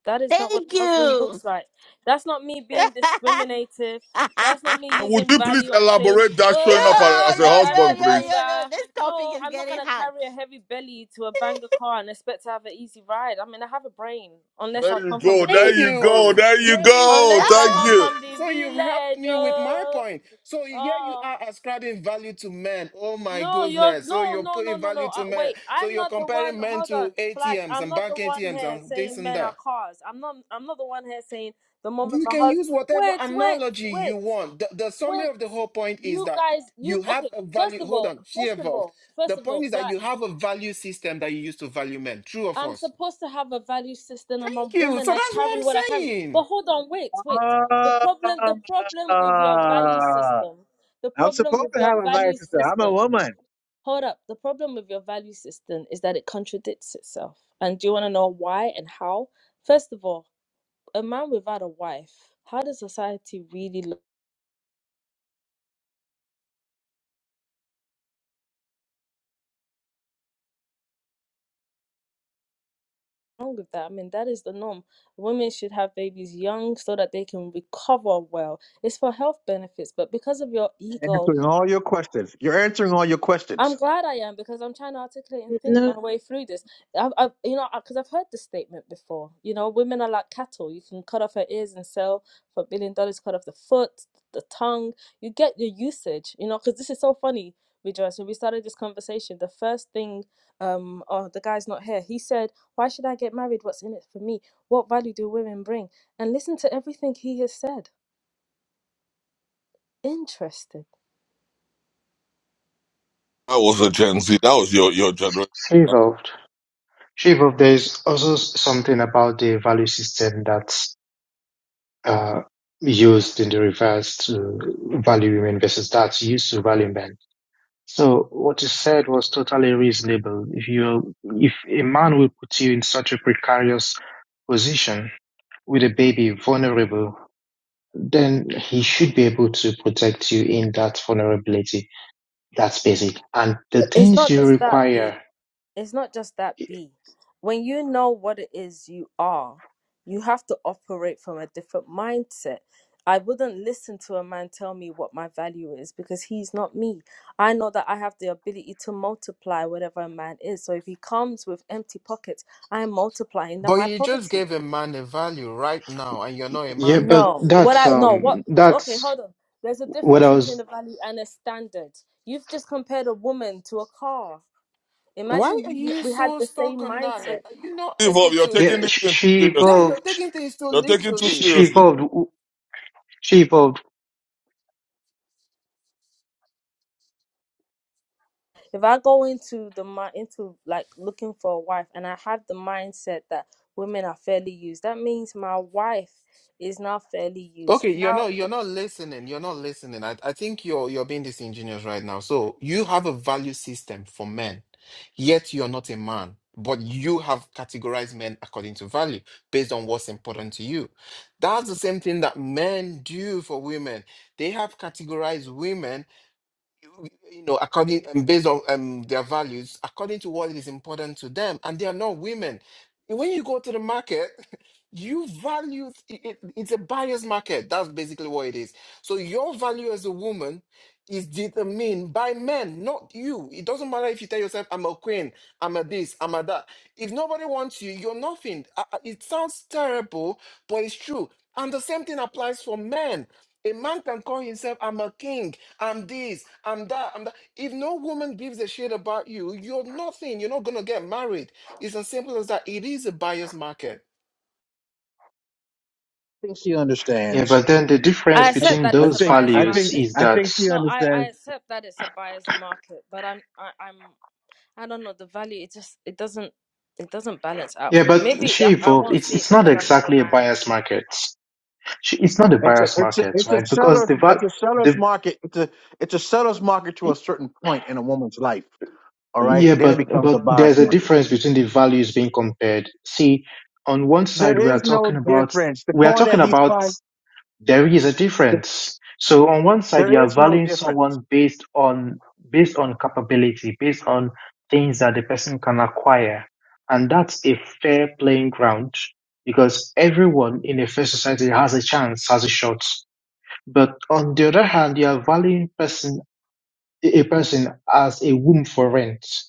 Speaker 7: That is not what
Speaker 1: Thank
Speaker 7: a husband
Speaker 1: you.
Speaker 7: looks like. That's not me
Speaker 1: yo,
Speaker 7: being discriminative. That's not me
Speaker 8: Would
Speaker 7: using
Speaker 8: you please
Speaker 7: value and saying,
Speaker 8: elaborate that showing up
Speaker 7: oh,
Speaker 8: as as a
Speaker 7: he's
Speaker 1: yo,
Speaker 7: driving
Speaker 1: yo,
Speaker 7: a
Speaker 8: husband,
Speaker 1: yo,
Speaker 8: please?
Speaker 1: yo, yo.
Speaker 7: banger.
Speaker 1: This topic
Speaker 7: No,
Speaker 1: is
Speaker 7: I'm not going
Speaker 1: getting
Speaker 7: to
Speaker 1: hot.
Speaker 7: carry a heavy belly to a banger car and expect to have an easy ride. I mean, I have a brain. Unless
Speaker 8: There
Speaker 7: I
Speaker 8: you
Speaker 7: come from the
Speaker 8: go. There
Speaker 7: village,
Speaker 9: Thank
Speaker 7: of
Speaker 8: you
Speaker 7: course.
Speaker 8: go.
Speaker 9: you.
Speaker 8: There you
Speaker 9: There you
Speaker 8: go.
Speaker 1: Ah!
Speaker 7: Unless
Speaker 9: go.
Speaker 7: I
Speaker 9: So,
Speaker 8: Thank
Speaker 7: come
Speaker 8: you.
Speaker 7: from the
Speaker 9: so you've helped
Speaker 7: village,
Speaker 9: me with my
Speaker 7: oh.
Speaker 9: point. So here you
Speaker 7: Oh,
Speaker 9: are ascribing value to men. Oh my
Speaker 7: no, you're
Speaker 9: goodness. So
Speaker 7: no,
Speaker 9: you're
Speaker 7: no, no,
Speaker 9: putting
Speaker 7: no, no.
Speaker 9: value
Speaker 7: Uh,
Speaker 9: to men.
Speaker 7: wait,
Speaker 9: So
Speaker 7: I'm
Speaker 9: you're
Speaker 7: not the one.
Speaker 9: comparing men
Speaker 7: Hold
Speaker 9: to
Speaker 7: on, Flash.
Speaker 9: ATMs
Speaker 7: I'm
Speaker 9: and
Speaker 7: not the
Speaker 9: bank
Speaker 7: one
Speaker 9: ATMs
Speaker 7: here
Speaker 9: and this
Speaker 7: saying
Speaker 9: and
Speaker 7: men are
Speaker 9: that.
Speaker 7: cars. I'm not. I'm not the one here saying the moment
Speaker 9: You
Speaker 7: my
Speaker 9: can
Speaker 7: husband.
Speaker 9: use whatever
Speaker 7: Wait, wait,
Speaker 9: analogy you
Speaker 7: wait,
Speaker 9: want. The, the summary
Speaker 7: wait.
Speaker 9: of the whole point is
Speaker 7: You
Speaker 9: that
Speaker 7: guys, you
Speaker 9: you have
Speaker 7: okay?
Speaker 9: a
Speaker 7: First
Speaker 9: value.
Speaker 7: of
Speaker 9: Hold
Speaker 7: all,
Speaker 9: on. She
Speaker 7: first of
Speaker 9: evolved.
Speaker 7: all,
Speaker 9: The
Speaker 7: first of
Speaker 9: point
Speaker 7: all,
Speaker 9: is that you
Speaker 7: Flash.
Speaker 9: have a value system that you use to value men. True or
Speaker 7: I'm
Speaker 9: false?
Speaker 7: supposed to have a value system. I'm a
Speaker 9: Thank you.
Speaker 7: woman.
Speaker 9: So
Speaker 7: I
Speaker 9: that's what
Speaker 7: carry
Speaker 9: I'm
Speaker 7: what I carry. But
Speaker 9: saying.
Speaker 7: hold on, wait, wait. The
Speaker 11: Ah,
Speaker 7: problem, the problem with your value system, the
Speaker 11: I'm
Speaker 7: problem
Speaker 11: supposed
Speaker 7: with
Speaker 11: to have
Speaker 7: your
Speaker 11: a nice
Speaker 7: value
Speaker 11: sister. I'm a
Speaker 7: system
Speaker 11: woman.
Speaker 7: Hold up. The problem with your value system is that it contradicts itself. And do you want to know why and how? First of all, a man without a wife, how does society really look wrong with that? I mean, that is the norm. Women should have babies young so that they can recover well. It's for health benefits, but because of your ego
Speaker 11: Answering all your questions. You're answering all your questions.
Speaker 7: I'm glad I am because I'm trying to articulate and think
Speaker 3: No.
Speaker 7: my way through this. I've, I've you know, because I've heard this statement before. You know, women are like cattle. You can cut off her ears and sell for a billion dollars. Cut off the foot, the tongue. You get your usage. You know, because this is so funny, Rejoice. When we started this conversation, the first thing, um, oh, the guy's not here. He said, "Why should I get married? What's in it for me? What value do women bring?" And listen to everything he has said. Interesting.
Speaker 8: That was a Gen Z. That was your your generation.
Speaker 12: Uh, used in the reverse to value women versus that's used to value men. So what you said was totally reasonable. If you, if a man will put you in such a precarious position with a baby, vulnerable, then he should be able to protect you in that vulnerability. That's basic. And the
Speaker 7: It's
Speaker 12: things
Speaker 7: not
Speaker 12: you
Speaker 7: just that.
Speaker 12: require,
Speaker 7: it's not just that B. When you know what it is you are, you have to operate from a different mindset. I wouldn't listen to a man tell me what my value is because he's not me. I know that I have the ability to multiply whatever a man is. So if he comes with empty pockets, I am multiplying that
Speaker 9: But
Speaker 7: my
Speaker 9: you just
Speaker 7: poverty.
Speaker 9: gave a man a value right now, and you're not a
Speaker 12: yeah,
Speaker 9: man.
Speaker 12: but
Speaker 7: No. What
Speaker 12: that's,
Speaker 7: I no, what
Speaker 12: um,
Speaker 7: okay,
Speaker 12: that's
Speaker 7: hold on. There's a
Speaker 12: what
Speaker 7: difference
Speaker 12: I
Speaker 7: between
Speaker 12: was,
Speaker 7: a value and a standard. You've just compared a woman to a car.
Speaker 9: Why
Speaker 7: Imagine
Speaker 9: are
Speaker 7: we
Speaker 9: you
Speaker 7: we had
Speaker 9: so
Speaker 7: the same
Speaker 9: stuck on that?
Speaker 7: mindset.
Speaker 9: Like, Are you not
Speaker 8: Evolve.
Speaker 9: able
Speaker 8: You're
Speaker 9: to?
Speaker 8: taking
Speaker 12: yeah,
Speaker 8: this
Speaker 12: sh-
Speaker 8: thing too
Speaker 12: she
Speaker 8: seriously.
Speaker 9: Then you're
Speaker 12: evolved,
Speaker 9: taking things too
Speaker 8: You're taking too
Speaker 12: sh- she
Speaker 9: literally.
Speaker 8: seriously.
Speaker 12: evolved, w- she evolved.
Speaker 7: if I go into the mi- into like looking for a wife and I have the mindset that women are fairly used, that means my wife is not fairly used.
Speaker 9: Okay, you're
Speaker 7: Now
Speaker 9: not you're not listening. You're not listening. I, I think you're you're being disingenuous right now. So you have a value system for men, yet you're not a man. But you have categorized men according to value based on what's important to you. That's the same thing that men do for women. They have categorized women you know, according and based on um, their values, according to what is important to them, and they are not women. When you go to the market, you value it, it- it's a buyer's market. That's basically what it is. So your value as a woman is determined by men, not you. It doesn't matter if you tell yourself, "I'm a queen," "I'm a this," "I'm a that." If nobody wants you, you're nothing. Uh, uh, It sounds terrible, but it's true. And the same thing applies for men. A man can call himself, "I'm a king." I'm this, I'm that, I'm that. If no woman gives a shit about you, you're nothing. You're not gonna get married. It's as simple as that. It is a buyer's market.
Speaker 11: I think she
Speaker 12: Yeah,
Speaker 11: understands.
Speaker 12: but then the
Speaker 11: I
Speaker 12: difference
Speaker 7: I accept
Speaker 12: between
Speaker 7: that
Speaker 11: I
Speaker 7: it's a
Speaker 12: those
Speaker 11: think
Speaker 7: biased
Speaker 11: I
Speaker 12: values
Speaker 11: think
Speaker 7: market.
Speaker 12: is
Speaker 11: I
Speaker 12: that,
Speaker 11: think she
Speaker 7: No, I, I
Speaker 11: understands.
Speaker 7: accept that it's a biased market, but I'm I, I'm I don't know the value. It just it doesn't it doesn't balance out
Speaker 12: yeah,
Speaker 7: for me.
Speaker 12: but
Speaker 7: Maybe
Speaker 12: she
Speaker 7: I, I
Speaker 12: evolved.
Speaker 7: won't
Speaker 12: It's,
Speaker 7: see it
Speaker 12: it's not
Speaker 7: because I'm not a
Speaker 12: exactly a
Speaker 7: man.
Speaker 12: bias market. She, it's not a
Speaker 11: It's a
Speaker 12: bias
Speaker 11: it's a
Speaker 12: market,
Speaker 11: it's a
Speaker 12: right? Because
Speaker 11: seller's
Speaker 12: the,
Speaker 11: it's
Speaker 12: va-
Speaker 11: a seller's
Speaker 12: the,
Speaker 11: market. It's a it's a seller's market to a certain point in a woman's life. All right.
Speaker 12: Yeah,
Speaker 11: Then it
Speaker 12: but
Speaker 11: becomes a
Speaker 12: but
Speaker 11: buyer's
Speaker 12: there's a
Speaker 11: market.
Speaker 12: difference between the values being compared. See, on one
Speaker 11: There
Speaker 12: side we are
Speaker 11: is no
Speaker 12: talking about
Speaker 11: difference. The
Speaker 12: we are
Speaker 11: point that
Speaker 12: talking
Speaker 11: he's
Speaker 12: about
Speaker 11: trying,
Speaker 12: there is a difference. So on one side you
Speaker 11: there
Speaker 12: are
Speaker 11: is no
Speaker 12: valuing
Speaker 11: difference.
Speaker 12: someone based on based on capability, based on things that the person can acquire. And that's a fair playing ground because everyone in a fair society has a chance, has a shot. But on the other hand, you are valuing person a person as a womb for rent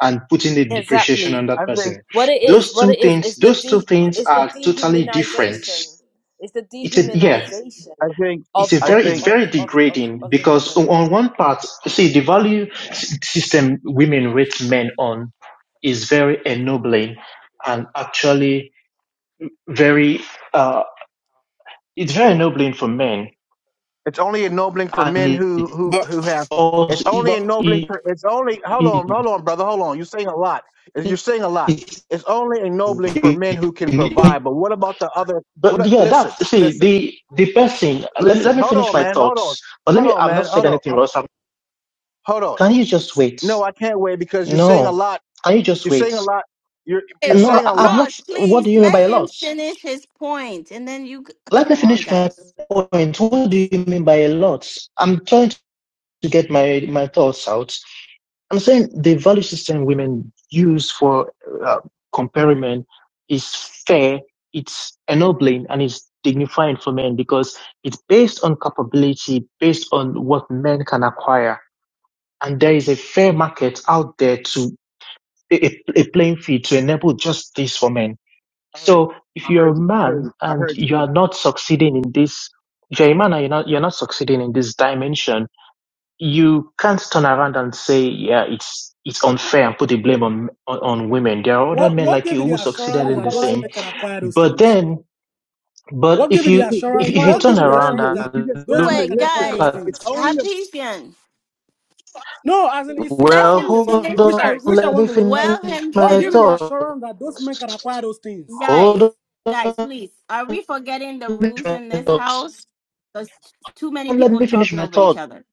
Speaker 12: and putting a depreciation
Speaker 7: Exactly.
Speaker 12: on
Speaker 11: I
Speaker 12: that
Speaker 11: think,
Speaker 12: person.
Speaker 7: What it is,
Speaker 12: Those
Speaker 7: what
Speaker 12: two
Speaker 7: it is,
Speaker 12: things,
Speaker 7: it's the
Speaker 12: those two
Speaker 7: de-
Speaker 12: things
Speaker 7: it's the
Speaker 12: are totally different.
Speaker 7: dehumanization. It's the
Speaker 12: It's a, yeah,
Speaker 11: I
Speaker 7: dehumanization
Speaker 11: think,
Speaker 12: it's
Speaker 7: of
Speaker 12: a
Speaker 11: I
Speaker 12: very,
Speaker 7: of
Speaker 12: it's
Speaker 11: think
Speaker 7: of
Speaker 12: very
Speaker 7: of of,
Speaker 12: degrading
Speaker 7: of the
Speaker 12: because
Speaker 7: woman.
Speaker 12: on one part, see, the value system women rate men on is very ennobling and actually very, uh, it's very ennobling for men
Speaker 11: it's only ennobling for men
Speaker 12: and
Speaker 11: who, who,
Speaker 9: But
Speaker 11: who
Speaker 12: it's
Speaker 11: have, it's
Speaker 12: also,
Speaker 11: only
Speaker 9: but
Speaker 11: ennobling
Speaker 12: it,
Speaker 11: for, it's only, hold on, hold
Speaker 12: it,
Speaker 11: on, brother. Hold on. You're saying a lot. You're saying a lot.
Speaker 12: it,
Speaker 11: It's only ennobling for men who can
Speaker 12: it's
Speaker 11: provide. But what about the other?
Speaker 12: But
Speaker 11: What?
Speaker 12: yeah, that
Speaker 11: Listen,
Speaker 12: see
Speaker 11: listen,
Speaker 12: the the best thing. Let me let
Speaker 11: listen.
Speaker 12: me
Speaker 11: Hold
Speaker 12: finish
Speaker 11: on,
Speaker 12: my
Speaker 11: man. Hold on.
Speaker 12: thoughts. But let
Speaker 11: Hold
Speaker 12: me.
Speaker 11: on,
Speaker 12: I've
Speaker 11: man.
Speaker 12: not said
Speaker 11: Hold
Speaker 12: anything,
Speaker 11: on.
Speaker 12: Ross. I'm-
Speaker 11: Hold on.
Speaker 12: Can you just wait?
Speaker 11: No, I can't wait because you're saying a
Speaker 12: No.
Speaker 11: lot.
Speaker 12: Can you just
Speaker 11: You're saying a
Speaker 12: wait?
Speaker 11: lot. You're,
Speaker 1: Hey,
Speaker 11: you're
Speaker 1: Ro-
Speaker 12: No,
Speaker 11: saying a
Speaker 12: I- I've
Speaker 11: lot
Speaker 12: not.
Speaker 1: Ross,
Speaker 12: What
Speaker 1: please
Speaker 12: do you mean by
Speaker 1: let
Speaker 12: a
Speaker 1: him
Speaker 12: lot?
Speaker 1: finish his point, and then you c-
Speaker 12: Let me
Speaker 1: come on,
Speaker 12: finish my
Speaker 1: guys.
Speaker 12: point. What do you mean by a lot? I'm trying to get my my thoughts out. I'm saying the value system women use for uh, comparison is fair, it's ennobling, and it's dignifying for men because it's based on capability, based on what men can acquire. And there is a fair market out there to a, a playing field to enable just this for men.
Speaker 11: I heard you.
Speaker 12: So if
Speaker 11: I
Speaker 12: you're a
Speaker 11: heard you. I heard
Speaker 12: man
Speaker 11: you. I
Speaker 12: and
Speaker 11: heard you.
Speaker 12: you
Speaker 11: But
Speaker 12: are not succeeding in this, if you're a man and you're not, you're not succeeding in this dimension, you can't turn around and say, yeah, it's it's unfair and put the blame on on, on women. There are other
Speaker 13: What
Speaker 12: men
Speaker 13: what
Speaker 12: like
Speaker 13: gave you
Speaker 12: you who
Speaker 13: the
Speaker 12: succeeded
Speaker 13: assurance
Speaker 12: in
Speaker 13: that
Speaker 12: the
Speaker 13: those men
Speaker 12: same.
Speaker 13: can acquire those
Speaker 12: But
Speaker 13: things?
Speaker 12: then, but
Speaker 13: What gave
Speaker 12: if
Speaker 13: you the
Speaker 12: you
Speaker 11: Dude, this
Speaker 12: if,
Speaker 13: assurance?
Speaker 12: if
Speaker 11: guy
Speaker 12: you
Speaker 11: is
Speaker 13: What gave
Speaker 12: turn
Speaker 11: just
Speaker 13: you the
Speaker 12: around
Speaker 13: assurance
Speaker 11: rambling.
Speaker 13: that
Speaker 11: You're just
Speaker 12: and
Speaker 13: those
Speaker 12: look
Speaker 13: men
Speaker 11: rambling.
Speaker 1: Wait,
Speaker 13: can acquire
Speaker 11: Listen,
Speaker 13: those
Speaker 1: guys,
Speaker 12: at,
Speaker 11: it's
Speaker 13: things?
Speaker 11: only a
Speaker 1: Habesian.
Speaker 13: No, as in he, he said
Speaker 1: Let
Speaker 12: well,
Speaker 1: him
Speaker 13: something now,
Speaker 12: hold
Speaker 1: finish
Speaker 13: which I
Speaker 12: on,
Speaker 13: which
Speaker 1: first.
Speaker 13: I
Speaker 12: let
Speaker 13: want
Speaker 12: me
Speaker 13: to repel.
Speaker 1: Well,
Speaker 12: finish
Speaker 1: him
Speaker 13: What
Speaker 12: my
Speaker 13: gave
Speaker 1: finish,
Speaker 13: you the
Speaker 12: thoughts.
Speaker 13: assurance that those men can acquire those things?
Speaker 1: guys.
Speaker 12: Hold
Speaker 1: Guys,
Speaker 12: on,
Speaker 1: please. Are we forgetting the
Speaker 12: let me finish
Speaker 1: rules in
Speaker 12: my
Speaker 1: this
Speaker 12: thoughts.
Speaker 1: house? There's too many
Speaker 12: Let
Speaker 1: people
Speaker 12: me finish
Speaker 1: talking
Speaker 12: my
Speaker 1: over each
Speaker 12: thoughts.
Speaker 1: other.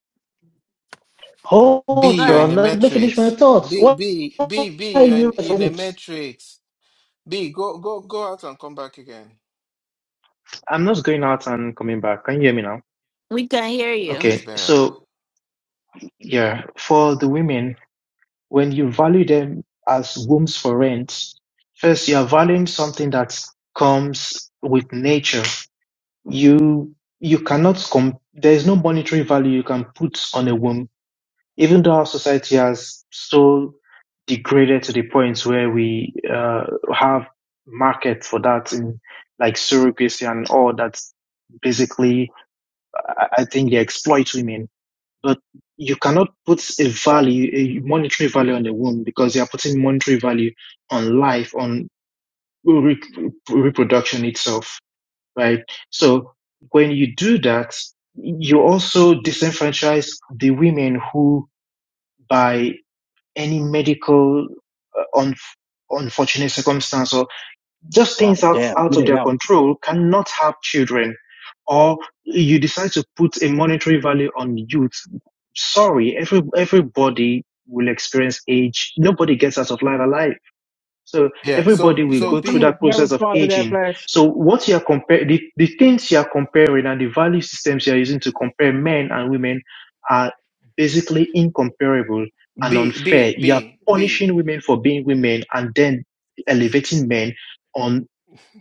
Speaker 12: Hold
Speaker 1: Go
Speaker 9: B, you're in
Speaker 1: ahead.
Speaker 12: on,
Speaker 9: a
Speaker 12: let me finish my
Speaker 9: matrix.
Speaker 12: thoughts.
Speaker 9: B
Speaker 12: Why
Speaker 9: B B B,
Speaker 12: are
Speaker 9: you're in,
Speaker 12: you?
Speaker 9: in a matrix. B, go go go out and come back again.
Speaker 12: I'm not going out and coming back. Can you hear me now?
Speaker 1: We can hear
Speaker 9: Okay,
Speaker 1: you.
Speaker 9: it's
Speaker 12: Okay,
Speaker 9: better.
Speaker 12: so yeah, for the women, when you value them as wombs for rent, first you are valuing something that comes with nature. You you cannot com there is no monetary value you can put on a womb, even though our society has so degraded to the point where we uh, have market for that in like surrogacy and all that. Basically, I I think they exploit women But you cannot put a value, a monetary value on the womb because you are putting monetary value on life, on re- reproduction itself, right? So when you do that, you also disenfranchise the women who, by any medical uh, un- unfortunate circumstance or just
Speaker 11: God
Speaker 12: things out,
Speaker 11: damn,
Speaker 12: out
Speaker 11: get
Speaker 12: of
Speaker 11: it
Speaker 12: their
Speaker 11: out.
Speaker 12: control cannot have children or you decide to put a monetary value on youth sorry every everybody will experience age nobody gets out of life alive so
Speaker 9: Yeah.
Speaker 12: everybody
Speaker 9: So
Speaker 12: will
Speaker 9: so
Speaker 11: you
Speaker 12: go through
Speaker 9: B
Speaker 12: that
Speaker 11: never
Speaker 12: process of
Speaker 11: started that
Speaker 12: aging
Speaker 11: flash.
Speaker 12: so what you are comparing the, the things you are comparing and the value systems you are using to compare men and women are basically incomparable and
Speaker 9: B
Speaker 12: unfair
Speaker 9: B
Speaker 12: you are
Speaker 9: B B.
Speaker 12: punishing women for being women and then elevating men on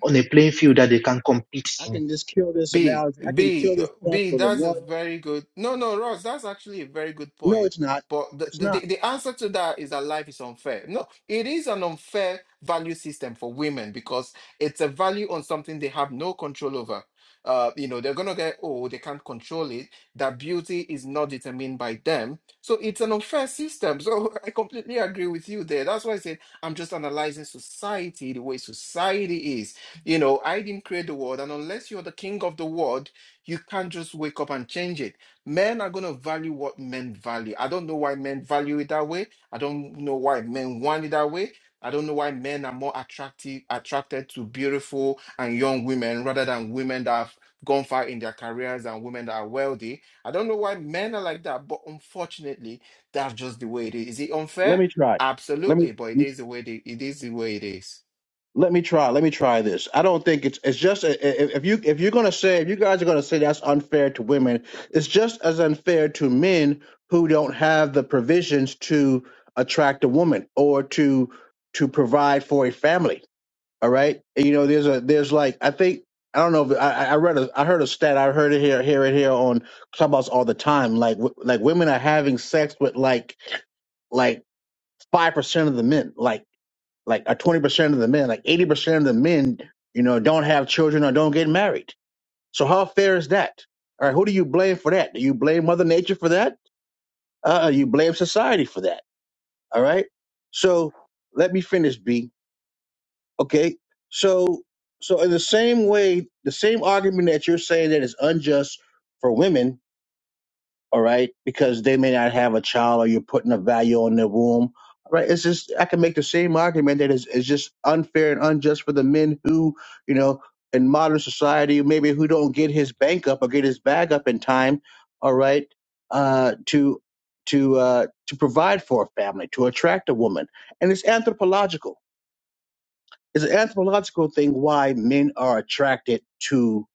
Speaker 12: on a playing field that they can compete
Speaker 11: I
Speaker 12: in.
Speaker 11: can just kill this
Speaker 9: B,
Speaker 11: analogy. I can kill
Speaker 9: B, uh,
Speaker 11: this point
Speaker 9: B,
Speaker 11: with a
Speaker 9: that's a
Speaker 11: one.
Speaker 9: very good. No, no, Ross, that's actually a very good
Speaker 11: No,
Speaker 9: point.
Speaker 11: it's not.
Speaker 9: But the,
Speaker 11: It's
Speaker 9: the,
Speaker 11: not.
Speaker 9: the the answer to that is that life is unfair. No, it is an unfair value system for women because it's a value on something they have no control over. Uh, you know, they're gonna get old, they can't control it. That beauty is not determined by them. So it's an unfair system. So I completely agree with you there. That's why I said I'm just analyzing society, the way society is you know, I didn't create the world, and unless you're the king of the world, you can't just wake up and change it. Men are going to value what men value. I don't know why men value it that way. I don't know why men want it that way. I don't know why men are more attractive attracted to beautiful and young women rather than women that have gone far in their careers and women that are wealthy. I don't know why men are like that, but unfortunately, that's just the way it is. Is it
Speaker 11: Let
Speaker 9: unfair?
Speaker 11: me try. Let
Speaker 9: Absolutely,
Speaker 11: me.
Speaker 9: but it is the way it, it is the way it is.
Speaker 11: let me try let me try this i don't think it's it's just if if you if you're going to say if you guys are going to say that's unfair to women it's just as unfair to men who don't have the provisions to attract a woman or to to provide for a family all right you know there's a there's like i think i don't know if i i I read a i heard a stat i heard it here here and here on clubhouse all the time like w- like women are having sex with like like five percent of the men, like like or twenty percent of the men, like eighty percent of the men, you know, don't have children or don't get married. So how fair is that? All right, who do you blame for that? Do you blame Mother Nature for that? Uh, you blame society for that. All right. So let me finish, B. Okay. So so in the same way, the same argument that you're saying that is unjust for women all right, because they may not have a child or you're putting a value on their womb. All right, it's just I can make the same argument that is it's just unfair and unjust for the men who, you know, in modern society maybe who don't get his bank up or get his bag up in time, all right, uh, to to uh, to provide for a family, to attract a woman. And it's anthropological. It's an anthropological thing why men are attracted to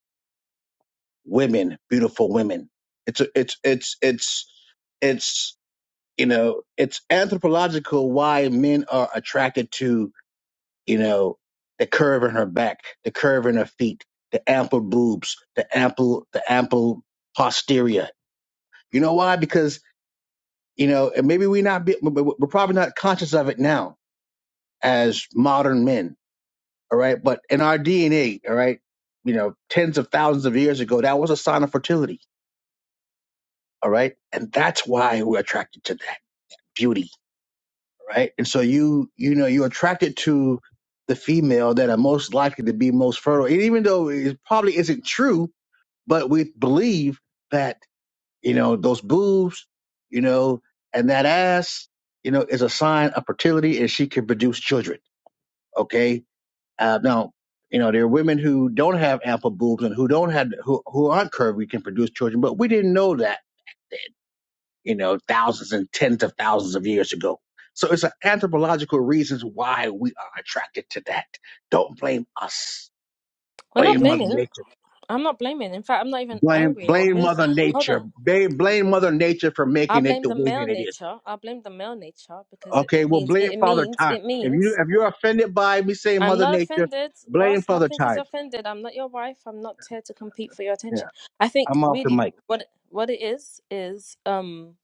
Speaker 11: women, beautiful women. It's a, it's it's it's it's you know, it's anthropological why men are attracted to, you know, the curve in her back, the curve in her feet, the ample boobs, the ample, the ample posterior. You know why? Because, you know, and maybe we not be, we- we- we're probably not conscious of it now as modern men. All right. But in our DNA, all right, you know, tens of thousands of years ago, that was a sign of fertility. All right. And that's why we're attracted to that beauty right? And so you you know you're attracted to the female that are most likely to be most fertile. And even though it probably isn't true, but we believe that you know those boobs, you know, and that ass, you know, is a sign of fertility, and she can produce children. Okay, uh, now you know there are women who don't have ample boobs and who don't have who who aren't curvy can produce children, but we didn't know that you know, thousands and tens of thousands of years ago. So it's an anthropological reasons why we are attracted to that. Don't blame us.
Speaker 7: We're not
Speaker 11: Blame Mother
Speaker 7: blaming.
Speaker 11: Nature.
Speaker 7: I'm not blaming. In fact, I'm not even
Speaker 11: Blame
Speaker 7: angry or
Speaker 11: blame
Speaker 7: moved.
Speaker 11: Mother
Speaker 7: Hold
Speaker 11: Nature.
Speaker 7: on.
Speaker 11: Blame, blame Mother Nature for
Speaker 7: I
Speaker 11: making it
Speaker 7: blame
Speaker 11: the
Speaker 7: the
Speaker 11: way
Speaker 7: male
Speaker 11: that it is.
Speaker 7: nature. I blame the male nature because it,
Speaker 11: Okay,
Speaker 7: it
Speaker 11: well
Speaker 7: means
Speaker 11: blame
Speaker 7: it, it
Speaker 11: Father
Speaker 7: means
Speaker 11: Time.
Speaker 7: it
Speaker 11: If you
Speaker 7: means
Speaker 11: if you're offended by me saying
Speaker 7: I'm
Speaker 11: Mother
Speaker 7: not
Speaker 11: Nature,
Speaker 7: offended,
Speaker 11: blame
Speaker 7: Ross.
Speaker 11: Father
Speaker 7: Nothing is
Speaker 11: Time.
Speaker 7: offended. I'm not your wife. I'm not here to compete for your
Speaker 11: Yeah,
Speaker 7: attention. I think
Speaker 11: I'm off the
Speaker 7: really
Speaker 11: mic.
Speaker 7: what what it is is um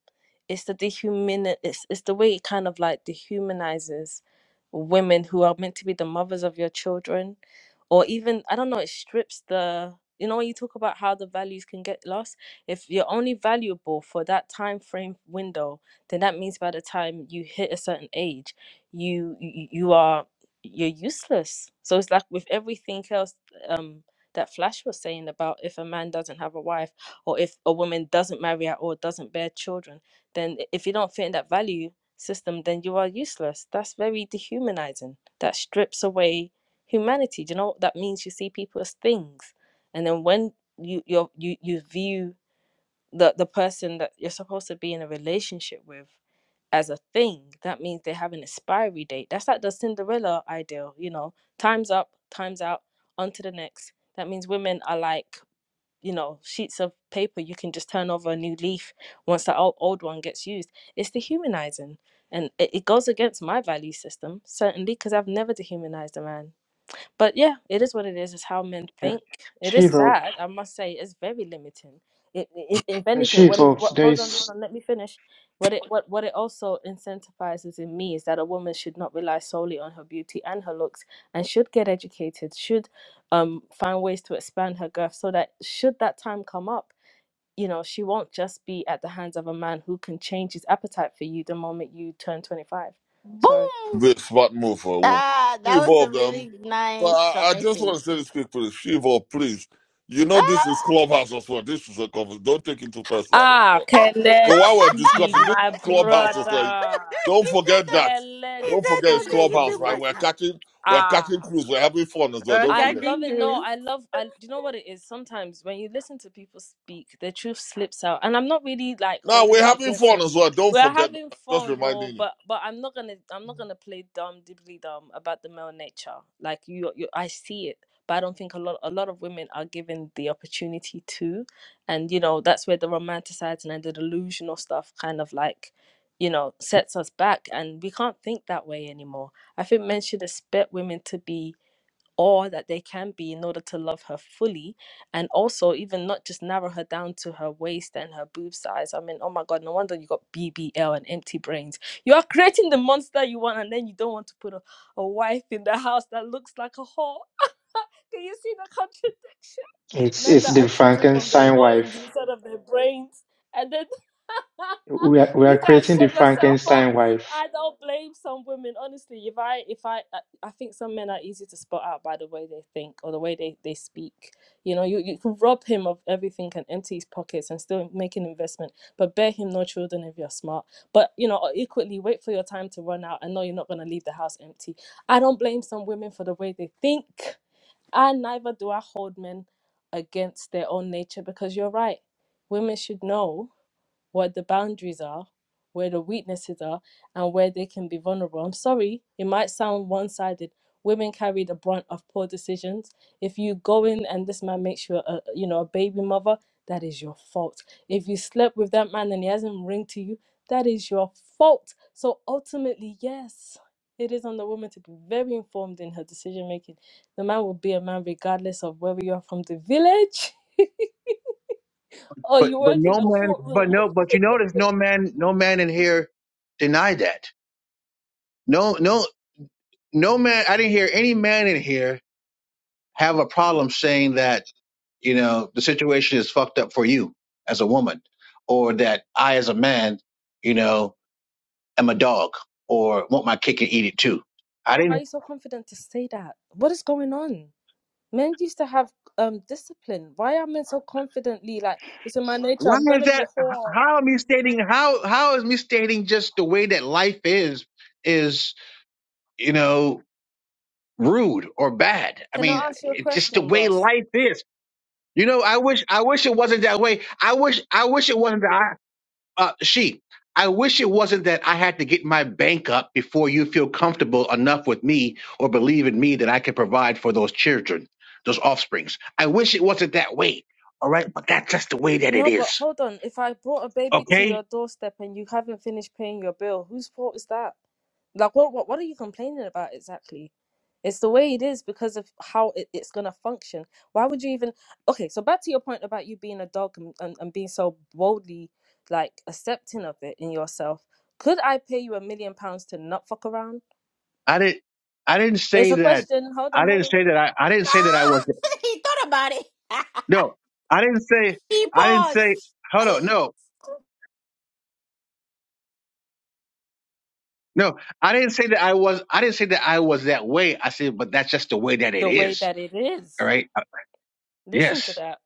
Speaker 7: it's the dehuman it's, it's the way it kind of like dehumanizes women who are meant to be the mothers of your children or even i don't know it strips the you know when you talk about how the values can get lost if you're only valuable for that time frame window then that means by the time you hit a certain age you you, you are you're useless so it's like with everything else um that flash was saying about if a man doesn't have a wife or if a woman doesn't marry at all doesn't bear children then if you don't fit in that value system, then you are useless. That's very dehumanizing. That strips away humanity. Do you know what that means? You see people as things, and then when you you you you view the the person that you're supposed to be in a relationship with as a thing, that means they have an expiry date. That's like the Cinderella ideal. You know, time's up, time's out, on to the next. That means women are like you know sheets of paper you can just turn over a new leaf once that old, old one gets used it's dehumanizing and it, it goes against my value system certainly because i've never dehumanized a man but yeah, it is what it is. It's how men
Speaker 12: Yeah.
Speaker 7: think. It is
Speaker 12: She-Hulk,
Speaker 7: sad, I must say. It's very limiting. It, it, if anything, what it what hold on, hold on, let me finish. What it what what it also incentivizes in me is that a woman should not rely solely on her beauty and her looks, and should get educated, should um find ways to expand her girth, so that should that time come up, you know, she won't just be at the hands of a man who can change his appetite for you the moment you turn twenty five. Sorry.
Speaker 1: Boom.
Speaker 8: Big smart move for a woman.
Speaker 1: Ah,
Speaker 8: She
Speaker 1: that was a
Speaker 8: evolved them.
Speaker 1: really
Speaker 8: But
Speaker 1: nice
Speaker 8: I, I just
Speaker 1: submission,
Speaker 8: want to say
Speaker 1: she.
Speaker 8: this quick, please. She evolved, please. You know
Speaker 1: Ah!
Speaker 8: this is clubhouse as well. This is a conversation. Don't take it too personally as
Speaker 7: Ah,
Speaker 8: well. So while we're
Speaker 7: Kelechi,
Speaker 8: discussing this
Speaker 7: my
Speaker 8: clubhouse, also,
Speaker 7: brother.
Speaker 8: don't
Speaker 1: he said
Speaker 8: forget
Speaker 1: that.
Speaker 8: that.
Speaker 1: He
Speaker 8: Don't
Speaker 1: said
Speaker 8: forget
Speaker 1: don't
Speaker 8: it's
Speaker 1: take it
Speaker 8: clubhouse,
Speaker 1: too
Speaker 7: Kelechi.
Speaker 8: right? We're
Speaker 1: personal.
Speaker 8: catching, we're catching
Speaker 7: Ah.
Speaker 8: crews. We're having fun as well. Don't
Speaker 7: I'm
Speaker 8: forget.
Speaker 1: Regarding
Speaker 7: loving. No,
Speaker 1: rules.
Speaker 7: I love. I do you know what it is? Sometimes when you listen to people speak, the truth slips out, and I'm not really like
Speaker 8: Now
Speaker 7: holding
Speaker 8: we're
Speaker 7: it
Speaker 8: having
Speaker 7: against
Speaker 8: fun
Speaker 7: me.
Speaker 8: as well. Don't
Speaker 7: We're
Speaker 8: forget. That.
Speaker 7: having
Speaker 8: I'm just
Speaker 7: fun, no,
Speaker 8: reminding you.
Speaker 7: but but I'm not gonna I'm not gonna play dumb dibbly dumb about the male nature. Like you, you, I see it, but I don't think a lot a lot of women are given the opportunity to, and you know that's where the romanticizing and the delusional stuff kind of like, you know, sets us back, and we can't think that way anymore. I think men should expect women to be or that they can be in order to love her fully and also even not just narrow her down to her waist and her boob size i mean oh my god no wonder you got bbl and empty brains you are creating the monster you want and then you don't want to put a, a wife in the house that looks like a whore can you see the contradiction
Speaker 12: it's,
Speaker 7: men
Speaker 12: it's
Speaker 7: that are
Speaker 12: the,
Speaker 7: choosing from their loins instead of their brains. And then you guys set yourself up. I don't blame some women. Honestly, if I, if I, I think some men are easy to spot out by the way they think or the way they, they speak. You know, you, you can rob him of everything and empty his pockets and still make an investment, but bear him no children if you're smart. But, you know, equally wait for your time to run out and know you're not going to leave the house empty. I don't blame some women for the way they think and neither do I hold men against their own nature because you're right. Women should know what the boundaries are, where the weaknesses are, and where they can be vulnerable. I'm sorry, it might sound one sided. Women carry the brunt of poor decisions. If you go in and this man makes you a you know a baby mother, that is your fault. If you slept with that man and he hasn't ringed to you, that is your fault. So ultimately, yes, it is on the woman to be very informed in her decision making. The man will be a man regardless of whether you're from the village or
Speaker 11: But
Speaker 7: you
Speaker 11: but
Speaker 7: work in
Speaker 11: no
Speaker 7: the
Speaker 11: man but
Speaker 7: courtroom.
Speaker 11: no but you notice no man no man in here denied that. No no no man I didn't hear any man in here have a problem saying that you know the situation is fucked up for you as a woman, or that I as a man, you know, am a dog or want my cake and eat it too. I
Speaker 7: Why are
Speaker 11: didn't.
Speaker 7: you so confident to say that? What is going on? Men used to have um discipline. Why are men so confidently like it's in my nature?
Speaker 11: Why
Speaker 7: I'm
Speaker 11: is
Speaker 7: gonna be
Speaker 11: that?
Speaker 7: a
Speaker 11: h-
Speaker 7: whore.
Speaker 11: How am I stating? How how is me stating just the way that life is is you know rude or bad? I
Speaker 7: Can
Speaker 11: mean,
Speaker 7: I ask you a
Speaker 11: it's just the
Speaker 7: question,
Speaker 11: way
Speaker 7: Ross?
Speaker 11: life is. You know, I wish I wish it wasn't that way. I wish I wish it wasn't that. Uh, she, I wish it wasn't that I had to get my bank up before you feel comfortable enough with me or believe in me that I can provide for those children, those offsprings. I wish it wasn't that way. All right, but that's just the way that it
Speaker 7: No, but
Speaker 11: is.
Speaker 7: hold on. If I brought a baby to
Speaker 11: Okay?
Speaker 7: your doorstep and you haven't finished paying your bill, whose fault is that? Like, what, what, what are you complaining about exactly? It's the way it is because of how it, it's gonna function. Why would you even? Okay, so back to your point about you being a dog and, and, and being so boldly like accepting of it in yourself. Could I pay you a million pounds to not fuck around?
Speaker 11: I didn't I didn't
Speaker 7: It's
Speaker 11: say
Speaker 7: a
Speaker 11: that
Speaker 7: question. Hold
Speaker 11: I
Speaker 7: on, hold
Speaker 11: didn't
Speaker 7: on.
Speaker 11: say that I, I didn't say that I was
Speaker 1: Ah! he thought about it.
Speaker 11: no. I didn't say
Speaker 1: He
Speaker 11: I didn't say
Speaker 1: paused.
Speaker 11: hold
Speaker 1: I,
Speaker 11: on, no. No, I didn't say that I was I didn't say that I was that way. I said, but that's just the way that it
Speaker 7: The way
Speaker 11: is.
Speaker 7: that it
Speaker 11: All
Speaker 7: is.
Speaker 11: right. Uh,
Speaker 7: Listen to
Speaker 11: Yes.
Speaker 7: that.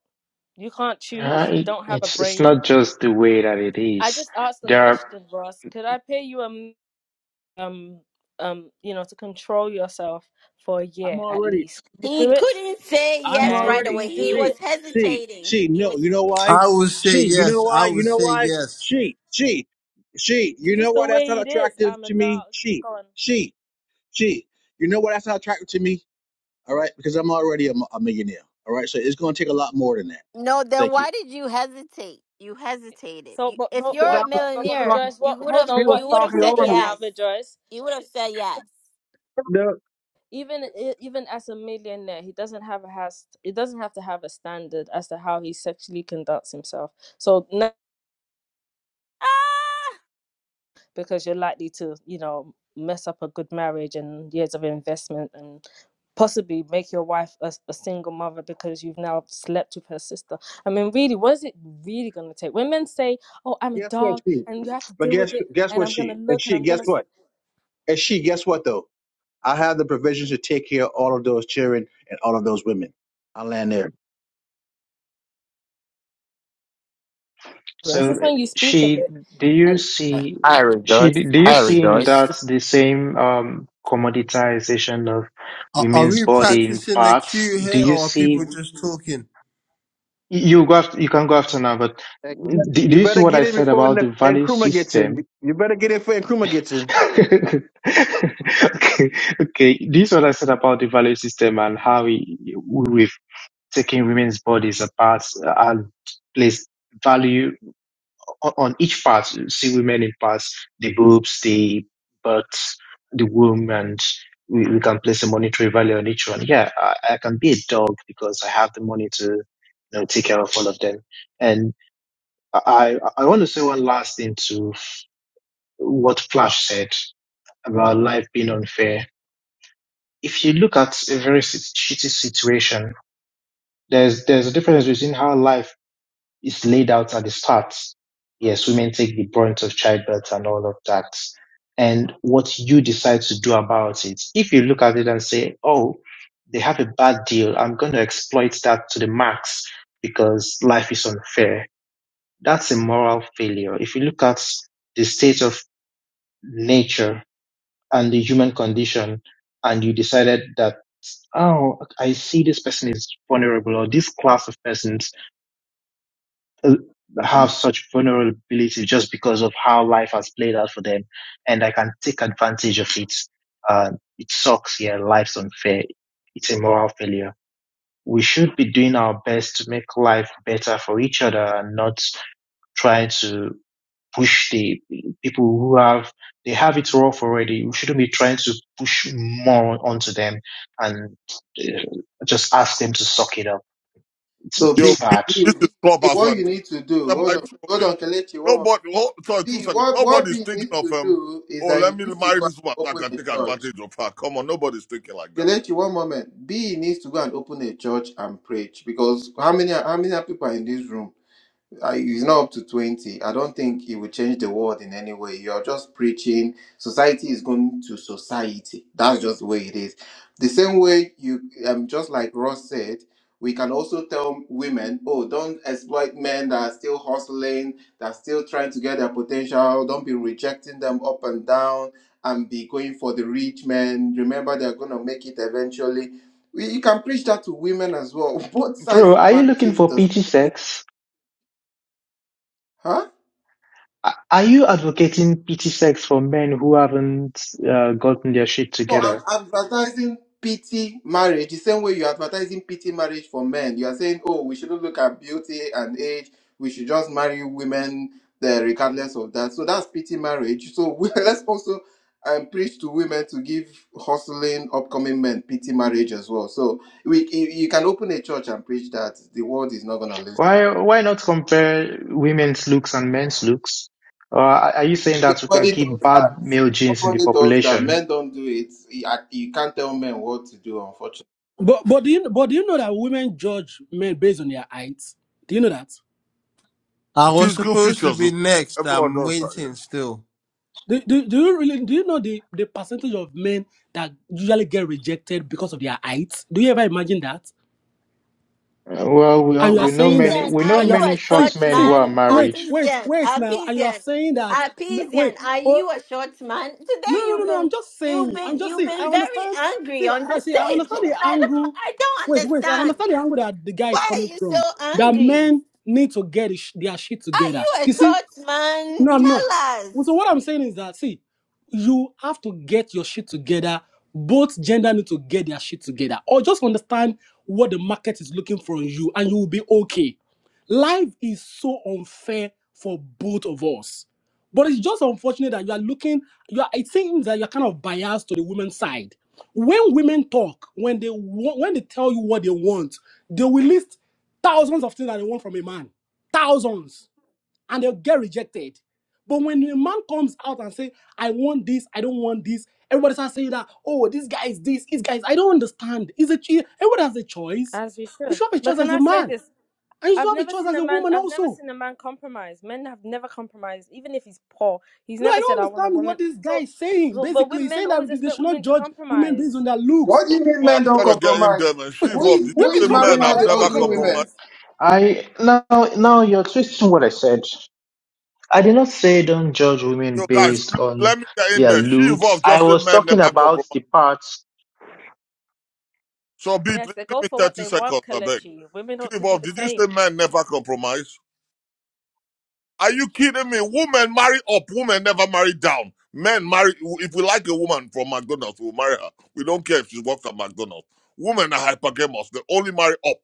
Speaker 7: You can't
Speaker 12: uh,
Speaker 7: choose. You don't have a
Speaker 12: it's, it's not
Speaker 7: brain.
Speaker 12: just the way that it
Speaker 7: I
Speaker 12: is.
Speaker 7: just asked the
Speaker 12: There are,
Speaker 7: question, Ross. Could I pay you um um um you know to control yourself for a
Speaker 11: I'm
Speaker 7: year at
Speaker 11: already.
Speaker 7: least? Can you
Speaker 1: he
Speaker 7: do it?
Speaker 1: couldn't say
Speaker 11: I'm
Speaker 1: yes
Speaker 7: Can
Speaker 1: right
Speaker 11: already
Speaker 7: you
Speaker 1: away. He
Speaker 7: do
Speaker 11: she,
Speaker 1: was
Speaker 7: it?
Speaker 11: she,
Speaker 1: hesitating.
Speaker 11: she.
Speaker 1: He
Speaker 11: No,
Speaker 1: was
Speaker 11: you know why?
Speaker 6: I would say
Speaker 11: She, you know
Speaker 6: yes.
Speaker 11: why?
Speaker 6: I
Speaker 11: You
Speaker 6: would
Speaker 11: know
Speaker 6: say
Speaker 11: why?
Speaker 6: yes.
Speaker 11: She, she, she. You
Speaker 7: It's
Speaker 11: know
Speaker 7: just
Speaker 11: why
Speaker 7: the
Speaker 11: that's not
Speaker 7: way it is.
Speaker 11: attractive
Speaker 7: I'm a
Speaker 11: to me?
Speaker 7: dog.
Speaker 11: She,
Speaker 7: Go on.
Speaker 11: she, she. You know why that's not attractive to me? All right, because I'm already a mi- a millionaire. All right, so it's going to take a lot more than that.
Speaker 1: no. Then
Speaker 11: Thank you.
Speaker 1: why did you hesitate? You hesitated.
Speaker 7: So,
Speaker 1: You,
Speaker 7: but
Speaker 1: if
Speaker 7: no,
Speaker 1: you're
Speaker 11: Because I
Speaker 7: no,
Speaker 1: a
Speaker 7: no, no, but
Speaker 1: millionaire,
Speaker 7: Rejoice. What?
Speaker 1: you would
Speaker 7: Hold
Speaker 11: she
Speaker 1: have
Speaker 7: on.
Speaker 11: was
Speaker 7: What
Speaker 1: you
Speaker 7: he's
Speaker 1: would have
Speaker 11: talking
Speaker 1: said
Speaker 11: over
Speaker 7: proven
Speaker 11: me.
Speaker 7: now,
Speaker 1: yes.
Speaker 7: Rejoice.
Speaker 1: You would have said yes.
Speaker 11: The,
Speaker 7: Even i- even as a millionaire, he doesn't have a has. He doesn't have to have a standard as to how he sexually conducts himself. So now
Speaker 1: Ah,
Speaker 7: because you're likely to, you know, mess up a good marriage and years of investment and possibly make your wife a a single mother because you've now slept with her sister. I mean, really, what is it really going to take? When men say, oh, I'm a
Speaker 11: guess what
Speaker 7: dog
Speaker 11: she?
Speaker 7: and you have to
Speaker 11: But
Speaker 7: deal
Speaker 11: guess
Speaker 7: with it
Speaker 11: guess
Speaker 7: and
Speaker 11: what
Speaker 7: I'm going to
Speaker 11: she? And
Speaker 7: look and
Speaker 11: she
Speaker 7: I'm
Speaker 11: guess
Speaker 7: going to.
Speaker 11: what? And she guess what though? I have the provisions to take care of all of those children and all of those women. I land there.
Speaker 7: It's
Speaker 12: so
Speaker 7: just when you speak of
Speaker 12: she,
Speaker 7: it
Speaker 12: do you
Speaker 7: and
Speaker 12: see,
Speaker 14: I
Speaker 12: she,
Speaker 14: rejoice.
Speaker 12: do you
Speaker 14: I
Speaker 12: see in
Speaker 14: rejoice.
Speaker 12: that the same, um, commoditization of
Speaker 6: Are, are
Speaker 12: women's
Speaker 6: we
Speaker 12: body in
Speaker 6: practicing the
Speaker 12: parts?
Speaker 6: cue
Speaker 12: Do
Speaker 6: here,
Speaker 12: you
Speaker 6: or are people
Speaker 12: see,
Speaker 6: just talking?
Speaker 12: you go after, you can go after now, but do, do
Speaker 11: You
Speaker 12: you see
Speaker 11: better
Speaker 12: what
Speaker 11: get
Speaker 12: I
Speaker 11: in
Speaker 12: said
Speaker 11: before
Speaker 12: about
Speaker 11: N-
Speaker 12: the value
Speaker 11: Nkrumah gets
Speaker 12: system
Speaker 11: in. You better get in before Nkrumah gets in.
Speaker 12: okay, okay. This is what I said about the value system and how we, we've taken women's bodies apart and placed value on, on each part. You see women in parts, the boobs, the butts, the womb, and we, we can place a monetary value on each one. Yeah, I, I can be a dog because I have the money to you know, take care of all of them. And I, I I want to say one last thing to what Flash said about life being unfair if you look at a very sit- shitty situation, there's there's a difference between how life is laid out at the start. Yes, women take the brunt of childbirth and all of that, and what you decide to do about it. If you look at it and say, "Oh, they have a bad deal. I'm going to exploit that to the max because life is unfair," that's a moral failure. If you look at the state of nature and the human condition and you decided that oh i see this person is vulnerable or this class of persons uh, have such vulnerability just because of how life has played out for them and i can take advantage of it uh, it sucks yeah life's unfair it's a moral failure we should be doing our best to make life better for each other and not try to push the people who have they have it rough already. We shouldn't be trying to push more onto them and uh, just ask them to suck it up. It's
Speaker 9: So
Speaker 8: Yo,
Speaker 9: B,
Speaker 12: it's
Speaker 8: B,
Speaker 12: bad.
Speaker 9: B,
Speaker 8: this
Speaker 9: B,
Speaker 8: is
Speaker 9: B,
Speaker 8: clubhouse. We're
Speaker 9: what you need to do,
Speaker 8: semi
Speaker 9: hold on, hold on,
Speaker 8: trolling.
Speaker 9: Kelechi, one more.
Speaker 8: Nobody. Hold, sorry, two
Speaker 9: B,
Speaker 8: seconds.
Speaker 9: what, what
Speaker 8: Nobody's
Speaker 9: B
Speaker 8: thinking
Speaker 9: needs
Speaker 8: of
Speaker 9: to
Speaker 8: him.
Speaker 9: do is
Speaker 8: Oh,
Speaker 9: that he
Speaker 8: let me
Speaker 9: needs to
Speaker 8: marry
Speaker 9: go and
Speaker 8: this one so I
Speaker 9: open
Speaker 8: can
Speaker 9: a
Speaker 8: take
Speaker 9: church.
Speaker 8: advantage of her. Come on, nobody's thinking like that.
Speaker 9: Kelechi, one moment. B needs to go and open a church and preach because how many, how many people are in this room? I, he's not up to 20. I don't think he will change the world in any way. You're just preaching. Society is going to society. That's just the way it is. The same way you, um, just like Ross said, we can also tell women, oh, don't exploit men that are still hustling, that are still trying to get their potential. Don't be rejecting them up and down and be going for the rich men. Remember, they're going to make it eventually. We, you can preach that to women as well. Both
Speaker 12: Bro,
Speaker 9: sides
Speaker 12: are you looking
Speaker 9: practice
Speaker 12: for
Speaker 9: the,
Speaker 12: PT sex?
Speaker 9: huh?
Speaker 12: Are you advocating PT sex for men who haven't uh, gotten their shit
Speaker 9: No, I'm
Speaker 12: together?
Speaker 9: advertising pity marriage the same way you're advertising pity marriage for men. You are saying, oh, we shouldn't look at beauty and age. We should just marry women uh, regardless of that. So that's pity marriage. So we, let's also um, preach to women to give hustling upcoming men pity marriage as well. So we you, you can open a church and preach that. The world is not going to listen.
Speaker 12: Why why not compare women's looks and men's looks? Or are you saying that we can
Speaker 9: Nobody does
Speaker 12: keep bad
Speaker 9: that.
Speaker 12: male genes in the
Speaker 9: Nobody does that.
Speaker 12: population?
Speaker 9: Men don't do it. You you can't tell men what to do,
Speaker 13: But but do you but do you know that women judge men based on their heights? Do you know that?
Speaker 6: I was
Speaker 8: Physical
Speaker 6: supposed to
Speaker 8: features.
Speaker 6: be
Speaker 8: is-
Speaker 6: next.
Speaker 8: Everyone
Speaker 6: I'm
Speaker 8: does that. Yeah.
Speaker 6: waiting still.
Speaker 13: Do, do, do you really do you know the, the percentage of men that usually get rejected because of their heights? Do you ever imagine that?
Speaker 12: Uh, Well, we are,
Speaker 13: And you are
Speaker 12: we know
Speaker 13: saying that
Speaker 12: many
Speaker 1: Happyzian,
Speaker 12: we
Speaker 1: are
Speaker 12: know
Speaker 13: and you are
Speaker 1: you
Speaker 12: many
Speaker 1: a short
Speaker 13: see
Speaker 12: short men who
Speaker 13: see
Speaker 12: are
Speaker 1: man?
Speaker 13: wait
Speaker 12: married.
Speaker 13: wait
Speaker 1: Happyzian,
Speaker 13: wait now and you are
Speaker 1: Happyzian,
Speaker 13: saying that wait
Speaker 1: Happyzian, are
Speaker 13: oh
Speaker 1: you a short man? Today
Speaker 13: No, no, no,
Speaker 1: you've
Speaker 13: no.
Speaker 1: been
Speaker 13: I'm just
Speaker 1: you've
Speaker 13: saying. I'm
Speaker 1: been
Speaker 13: just
Speaker 1: you've
Speaker 13: saying. I
Speaker 1: been very
Speaker 13: understand.
Speaker 1: angry
Speaker 13: See,
Speaker 1: on
Speaker 13: I
Speaker 1: the
Speaker 13: see. I
Speaker 1: stage.
Speaker 13: understand
Speaker 1: And
Speaker 13: the
Speaker 1: I don't
Speaker 13: angle.
Speaker 1: I don't
Speaker 13: Wait, wait. I understand
Speaker 1: understand.
Speaker 13: the angle that the guy is
Speaker 1: Why
Speaker 13: coming
Speaker 1: are you
Speaker 13: from.
Speaker 1: so
Speaker 13: That
Speaker 1: angry?
Speaker 13: men need to get his, their shit
Speaker 1: Are
Speaker 13: together.
Speaker 1: you a
Speaker 13: You see?
Speaker 1: short man?
Speaker 13: No, I'm not.
Speaker 1: Tell us.
Speaker 13: Well, So what I'm saying is that see, you have to get your shit together. Both gender need to get their shit together, or just understand what the market is looking for in you, and you will be okay. Life is so unfair for both of us, but it's just unfortunate that you are looking. You are. It seems that you're kind of biased to the women's side. When women talk, when they wa- when they tell you what they want, they will list thousands of things that they want from a man. Thousands and they'll get rejected. But when a man comes out and say, I want this, I don't want this, everybody starts saying that, oh, this guy is this, this guy is, I don't understand. Is a choi- everybody has a choice.
Speaker 7: as we
Speaker 13: You
Speaker 7: should.
Speaker 13: should have a
Speaker 7: But
Speaker 13: choice
Speaker 7: can
Speaker 13: as a
Speaker 7: I say
Speaker 13: man,
Speaker 7: this?
Speaker 13: and you should
Speaker 7: I've
Speaker 13: have a
Speaker 7: never
Speaker 13: choice
Speaker 7: seen
Speaker 13: as
Speaker 7: a
Speaker 13: a
Speaker 7: man.
Speaker 13: woman
Speaker 7: I've never
Speaker 13: also.
Speaker 7: seen a man compromise. Men have never compromised, even if he's poor. He's
Speaker 13: No, I
Speaker 7: never said,
Speaker 13: don't
Speaker 7: "I want a
Speaker 13: understand what
Speaker 7: woman."
Speaker 13: this guy
Speaker 7: So,
Speaker 13: is saying.
Speaker 7: so but
Speaker 13: Basically,
Speaker 7: women,
Speaker 13: he's
Speaker 7: men
Speaker 13: saying that
Speaker 7: always
Speaker 13: they
Speaker 7: expect
Speaker 13: should not
Speaker 7: women to
Speaker 13: judge women based on
Speaker 7: compromise.
Speaker 13: their looks.
Speaker 9: What do you mean
Speaker 8: Oh,
Speaker 9: men
Speaker 8: I
Speaker 9: don't
Speaker 8: gotta get in there,
Speaker 9: compromise?
Speaker 8: man. She
Speaker 9: Who
Speaker 8: evolved.
Speaker 9: is
Speaker 8: Did you
Speaker 9: who
Speaker 13: Women
Speaker 9: is
Speaker 8: say men
Speaker 9: marrying
Speaker 13: compromise,
Speaker 9: all
Speaker 8: have
Speaker 9: the
Speaker 13: everybody
Speaker 8: never
Speaker 9: ugly
Speaker 8: compromised?
Speaker 9: women?
Speaker 13: compromise.
Speaker 12: I now now you're twisting what I said. I did not say don't judge women
Speaker 8: Yo, guys, please
Speaker 12: based on
Speaker 8: let me get in
Speaker 12: their
Speaker 8: there. She
Speaker 12: looks.
Speaker 8: evolved,
Speaker 12: I
Speaker 8: just say
Speaker 12: was
Speaker 8: men
Speaker 12: talking
Speaker 8: never
Speaker 12: about
Speaker 8: compromise.
Speaker 12: the parts.
Speaker 8: So, B,
Speaker 7: Yes,
Speaker 8: please
Speaker 7: they
Speaker 8: give
Speaker 7: go
Speaker 8: me
Speaker 7: for what
Speaker 8: 30
Speaker 7: they want,
Speaker 8: seconds, I beg.
Speaker 7: Kalechi. Women
Speaker 8: She
Speaker 7: ought to do
Speaker 8: evolved,
Speaker 7: the
Speaker 8: did you
Speaker 7: same.
Speaker 8: say men never compromise? Are you kidding me? Women marry up, women never marry down. Men marry, if we like a woman from McDonald's, we'll marry her. We don't care if she works at McDonald's. Women are hypergamous. They only marry up,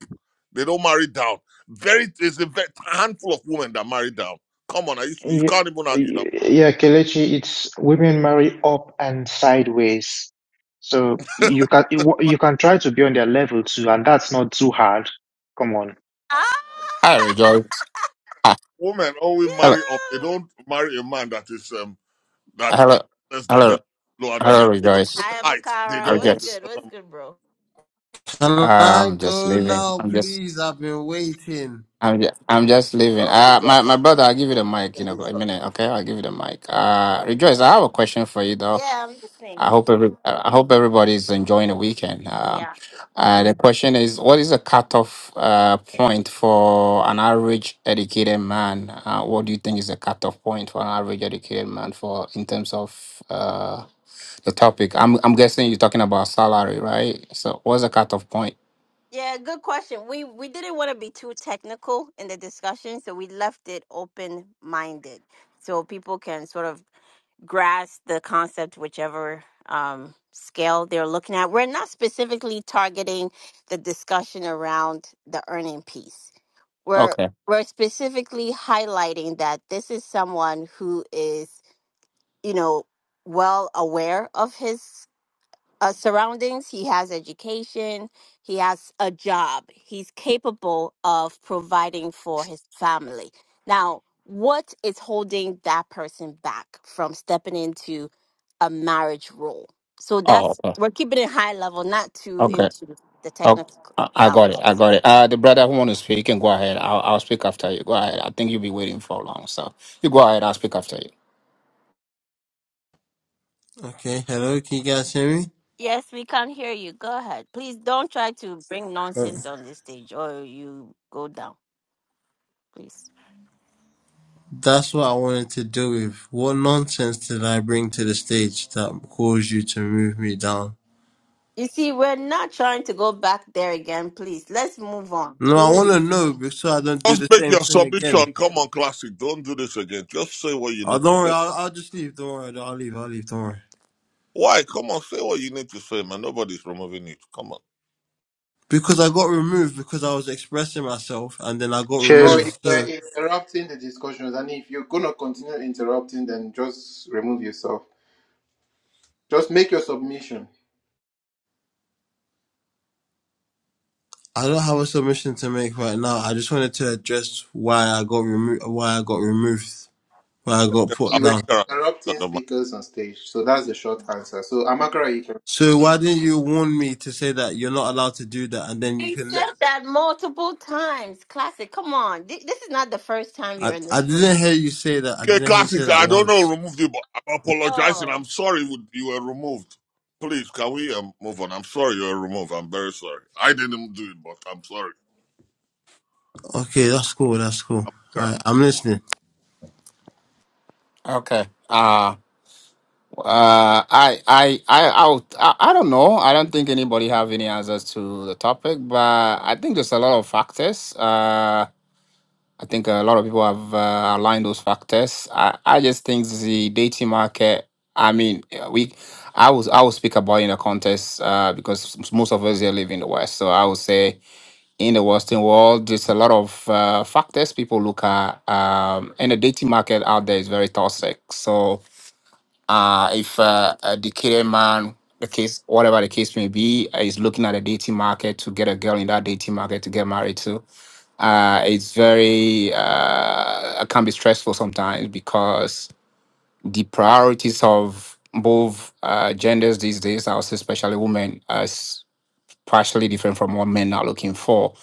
Speaker 8: they don't marry down. Very, there's a ve- handful of women that marry down. Come on, are you, you
Speaker 12: Yeah,
Speaker 8: can't even argue that.
Speaker 12: yeah, Kelechi, it's women marry up and sideways. So you can you can try to be on their level too, and that's not too hard. Come on.
Speaker 1: Ah,
Speaker 14: I rejoice. Ah,
Speaker 8: Women only
Speaker 14: hello,
Speaker 8: marry up, they
Speaker 1: yeah.
Speaker 8: don't marry a man that is. Um, that uh,
Speaker 14: hello,
Speaker 8: less than
Speaker 14: hello,
Speaker 8: them, lower than
Speaker 14: hello,
Speaker 8: them. Even
Speaker 14: rejoice.
Speaker 1: Hi,
Speaker 8: height, they
Speaker 14: I
Speaker 1: Makara.
Speaker 8: don't want
Speaker 1: What's
Speaker 8: to.
Speaker 14: rejoice.
Speaker 1: good? What's
Speaker 8: Uh,
Speaker 1: good, bro?
Speaker 6: Can
Speaker 14: Ah,
Speaker 6: I
Speaker 14: I'm just
Speaker 6: go
Speaker 14: leaving.
Speaker 6: now,
Speaker 14: I'm just,
Speaker 6: please? I've been waiting.
Speaker 14: I'm just, I'm just leaving.
Speaker 8: Who's
Speaker 14: Uh,
Speaker 8: that?
Speaker 14: my, my brother, I'll give you the mic
Speaker 8: Uh,
Speaker 14: in a,
Speaker 8: Who's
Speaker 14: a
Speaker 8: that?
Speaker 14: minute, okay? I'll give you the mic. Uh, rejoice, I have a question for you though.
Speaker 1: Yeah, I'm
Speaker 14: I
Speaker 1: listening.
Speaker 14: hope every I hope everybody's enjoying the weekend.
Speaker 1: We
Speaker 14: Um,
Speaker 1: are.
Speaker 14: uh, the question is, what is the cutoff uh, point for an average educated man? Uh, what do you think is the cutoff point for an average educated man for in terms of uh, the topic? I'm I'm guessing you're talking about salary, right? So, what's the cutoff point?
Speaker 1: Yeah, good question. We we didn't want to be too technical in the discussion, so we left it open minded, so people can sort of grasp the concept, whichever um, scale they're looking at. We're not specifically targeting the discussion around the earning piece we're
Speaker 14: Okay.
Speaker 1: we're specifically highlighting that this is someone who is you know well aware of his uh, surroundings he has education he has a job he's capable of providing for his family now what is holding that person back from stepping into a marriage role so
Speaker 14: Oh,
Speaker 1: that's
Speaker 14: okay.
Speaker 1: we're keeping it high level not too
Speaker 14: Okay.
Speaker 1: into the
Speaker 14: Oh,
Speaker 1: technical
Speaker 14: I I got it. I got it. Uh, the brother who want to speak, you can go ahead. I'll, I'll speak after you. Go ahead. I think you'll be waiting for long. So you go ahead. I'll speak after you.
Speaker 6: Okay, hello, can you guys hear me?
Speaker 1: Yes, we can hear you. Go ahead. Please don't try to bring
Speaker 6: Uh,
Speaker 1: nonsense on the stage or you go down, please.
Speaker 6: That's what I wanted to do with. What nonsense did I bring to the stage that caused you to move me down?
Speaker 1: You see, we're not trying to go back there again, please. Let's move on.
Speaker 6: No, I want to
Speaker 1: Please.
Speaker 6: know be- so I don't do
Speaker 8: Just
Speaker 6: the
Speaker 8: make
Speaker 6: same
Speaker 8: your
Speaker 6: thing again.
Speaker 8: submission. Come on, classic. Don't do this again. Just say what you
Speaker 6: Oh,
Speaker 8: need to
Speaker 6: don't worry,
Speaker 8: say.
Speaker 6: I'll, I'll just leave. Don't worry, I'll leave, I'll leave, don't worry.
Speaker 8: Why? Come on, say what you need to say, man. Nobody's removing it. Come on.
Speaker 6: Because I got removed because I was expressing myself and then I got
Speaker 9: No,
Speaker 12: Cheers,
Speaker 9: you
Speaker 6: removed.
Speaker 9: were
Speaker 6: So
Speaker 9: interrupting the discussions, and if you're gonna continue interrupting, then just remove yourself. Just make your submission.
Speaker 6: I don't have a submission to make right now. I just wanted to address why I got removed, why I got removed, why I got put
Speaker 9: You were
Speaker 6: down.
Speaker 8: Amakara got
Speaker 9: interrupting
Speaker 8: the mic.
Speaker 9: speakers on stage, so that's the short answer. So, Amakara, you can.
Speaker 6: So why didn't you warn me to say that you're not allowed to do that, and then you
Speaker 1: He
Speaker 6: can let?
Speaker 1: said that multiple times. Classic. Come on. Th- This is not the first time
Speaker 6: I
Speaker 1: you're in
Speaker 6: I
Speaker 1: this room.
Speaker 6: didn't hear you say that. I
Speaker 8: Okay,
Speaker 6: didn't hear you
Speaker 8: classic.
Speaker 6: say that
Speaker 8: I don't know. who
Speaker 6: once.
Speaker 8: Removed you, but I'm apologizing.
Speaker 1: Oh.
Speaker 8: I'm sorry you you were removed. Please, can we um, move on? I'm sorry you were removed. I'm very sorry. I didn't do it, but I'm sorry.
Speaker 6: Okay, that's cool. That's cool.
Speaker 8: Amakara.
Speaker 6: Alright, I'm listening.
Speaker 14: Okay. Uh uh I I I I'll, I I don't know. I don't think anybody have any answers to the topic, but I think there's a lot of factors. Uh I think a lot of people have uh, aligned those factors. I I just think the dating market, I mean, uh, we I was I will speak about in the context uh because s- most of us here live in the West. So I would say in the Western world, there's a lot of uh, factors people look at um and the dating market out there is very toxic. So uh, if uh, a decayed man, the case, whatever the case may be, uh, is looking at a dating market to get a girl in that dating market to get married to, uh, it's very uh, it can be stressful sometimes because the priorities of both uh, genders these days, I would say especially women, are s- partially different from what men are looking for.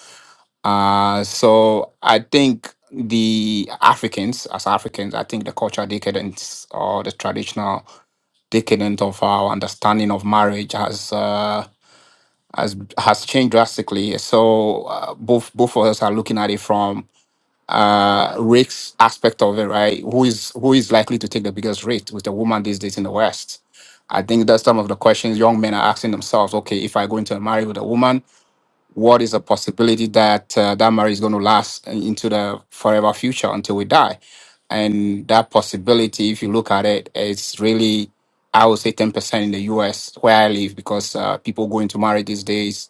Speaker 14: Uh, so I think the Africans, as Africans, I think the cultural decadence or the traditional decadent of our understanding of marriage has uh, has has changed drastically. So uh, both both of us are looking at it from uh, risk aspect of it, right? Who is who is likely to take the biggest risk with a woman these days in the West? I think that's some of the questions young men are asking themselves. Okay, if I go into a marriage with a woman, what is a possibility that uh, that marriage is going to last into the forever future until we die and that possibility if you look at it it's really i would say 10% in the us where i live because uh, people go into marriage these days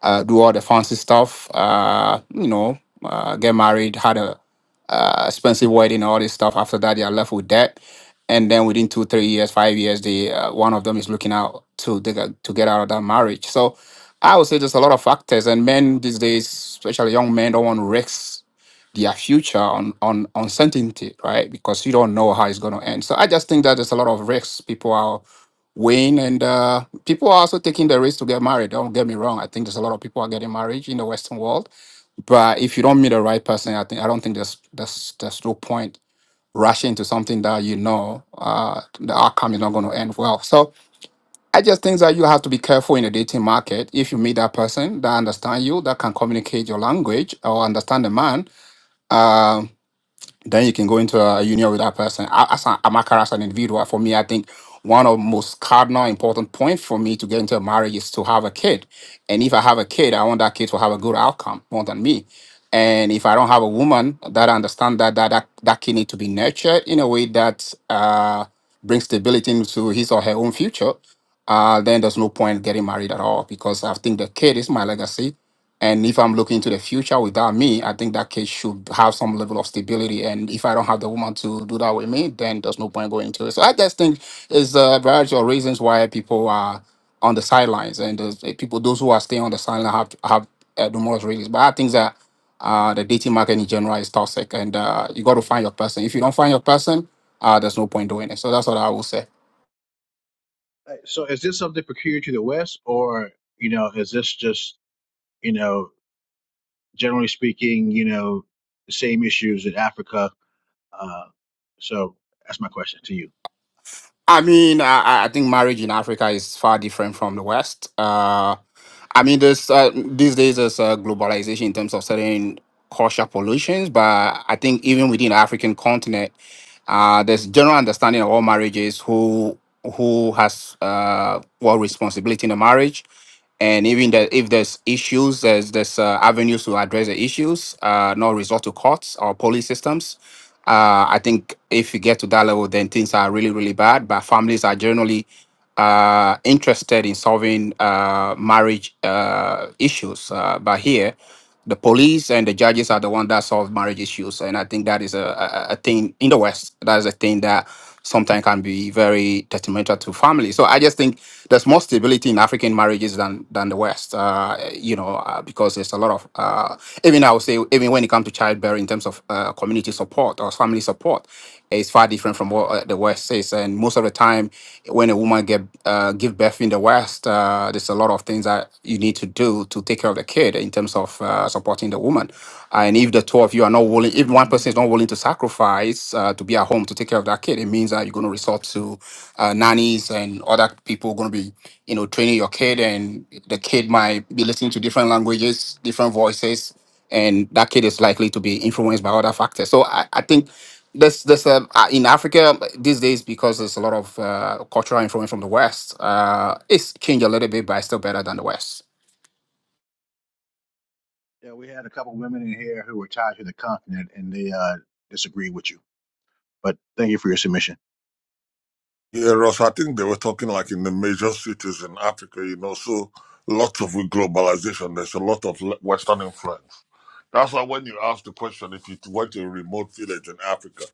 Speaker 14: uh, do all the fancy stuff uh, you know uh, get married had a expensive wedding, all this stuff. After that, they are left with debt, and then within two, three years, five years, they uh, one of them is looking out to they got- to get out of that marriage. So I would say there's a lot of factors, and men these days, especially young men, don't want to risk their future on on uncertainty, right? Because you don't know how it's going to end. So I just think that there's a lot of risks people are weighing, and uh, people are also taking the risk to get married. Don't get me wrong. I think there's a lot of people are getting married in the Western world, but if you don't meet the right person, I think I don't think there's there's there's no point rush into something that you know uh, the outcome is not going to end well. So I just think that you have to be careful in the dating market. If you meet that person that understand you, that can communicate your language or understand the man, um, then you can go into a union with that person. I, as, a, I'm a character as an individual, for me, I think one of the most cardinal important point for me to get into a marriage is to have a kid. And if I have a kid, I want that kid to have a good outcome more than me. And if I don't have a woman that understand that that that, that kid need to be nurtured in a way that uh, brings stability into his or her own future, uh, then there's no point getting married at all because I think the kid is my legacy and if I'm looking to the future without me, I think that case should have some level of stability. And if I don't have the woman to do that with me, then there's no point going to it. So I just think it's a variety of reasons why people are on the sidelines, and those eh, people, those who are staying on the sideline, have have uh, numerous reasons. But I think that uh, the dating market in general is toxic, and uh, you got to find your person. If you don't find your person, uh, there's no point doing it. So that's what I will say.
Speaker 11: So you know, s- you know,
Speaker 14: I mean, I, I I think marriage in Africa is far different from the West. Uh, I mean, this uh, these days there's uh, globalization in terms of certain cultural pollutions, but I think even within the African continent, uh, there's general understanding of all marriages who who has uh, what responsibility in the marriage, and even that if there's issues, there's there's uh, avenues to address the issues, uh, not resort to courts or police systems. Uh, I think if you get to that level, then things are really really bad. But families are generally uh, interested in solving uh, marriage uh, issues. Uh, but here, the police and the judges are the one that solve marriage issues, and I think that is a, a, a thing in the West. That is a thing that sometimes can be very detrimental to family. So I just think there's more stability in African marriages than than the West. Uh, you know, uh, because there's a lot of uh, even I would say even when it comes to childbearing in terms of uh, community support or family support, is far different from what uh, the West is. And most of the time, when a woman get uh, give birth in the West, uh, there's a lot of things that you need to do to take care of the kid in terms of uh, supporting the woman. And if the two of you are not willing, if one person is not willing to sacrifice uh, to be at home to take care of that kid, it means that you're going to resort to uh, nannies and other people going to be, you know, training your kid, and the kid might be listening to different languages, different voices, and that kid is likely to be influenced by other factors. So I, I think there's, there's um, uh, in Africa um, these days because there's a lot of uh, cultural influence from the West. Uh, it's changed a little bit, but it's still better than the West.
Speaker 11: yeah, we had a couple women in here who were tied to the continent, and they uh, disagreed with you. But thank you for your submission.
Speaker 8: Yeah, Ross, I think they were talking like in the major cities in Africa, you know, so lots of with globalization, there's a lot of le- Western influence. That's why when you ask the question, if you went to a remote village in Africa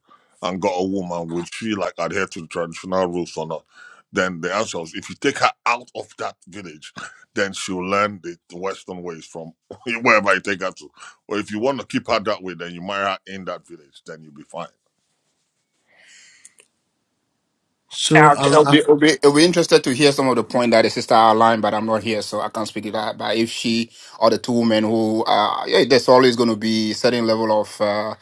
Speaker 8: and got a woman, would she like adhere to the traditional rules or not? Then the answer is if you take her out of that village, then she'll learn the the Western ways from wherever you take her to. Or if you want to keep her that way, then you marry her in that village, then you'll be fine.
Speaker 6: So
Speaker 14: I'll,
Speaker 6: I'm
Speaker 14: I'll
Speaker 6: I,
Speaker 14: be, I'll, be, I'll be interested to hear some of the point that the sister outlined, but I'm not here, so I can't speak to that. But if she or the two women who, uh, yeah, there's always going to be certain level of uh,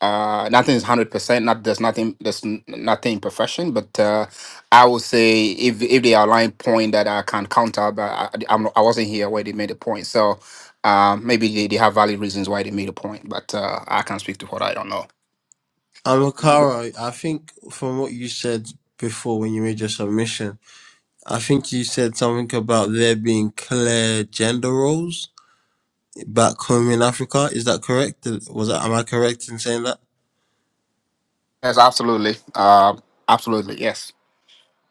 Speaker 14: uh, nothing is hundred percent. Not there's nothing there's n- nothing perfection, but uh, I would say if if they outline point that I can counter, but I, I'm, not- I wasn't here where they made the point, so uh, maybe they, they have valid reasons why they made a point, but uh, I can't speak to what I don't know.
Speaker 6: I'm Akara. I think from what you said before when you made your submission, I think you said something about there being clear gender roles back home in Africa. Is that correct? Was that, am I correct in saying that?
Speaker 14: Yes, absolutely, uh, absolutely, yes.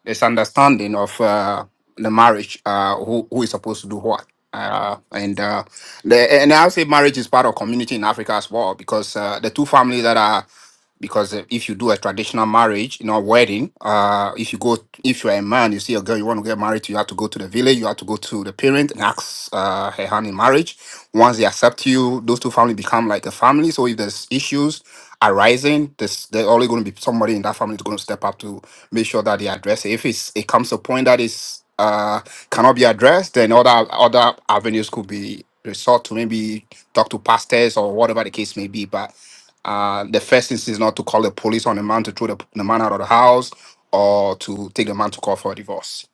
Speaker 14: There's understanding of uh, the marriage, uh, who, who is supposed to do what. Uh, and uh, the, and I'll say marriage is part of community in Africa as well because uh, the two families that are because uh, if you do a traditional marriage, you know, wedding, uh, if you go, if you're a man, you see a girl you want to get married to, you have to go to the village, you have to go to the parent and ask uh, her hand in marriage. Once they accept you, those two families become like a family. So if there's issues arising, there's, there's always going to be somebody in that family is going to step up to make sure that they address it. If it's, it comes to a point that is uh, cannot be addressed, then other other avenues could be resort to maybe talk to pastors or whatever the case may be. But uh, the first instance is not to call the police on the man to throw the, the man out of the house or to take the man to court for a divorce.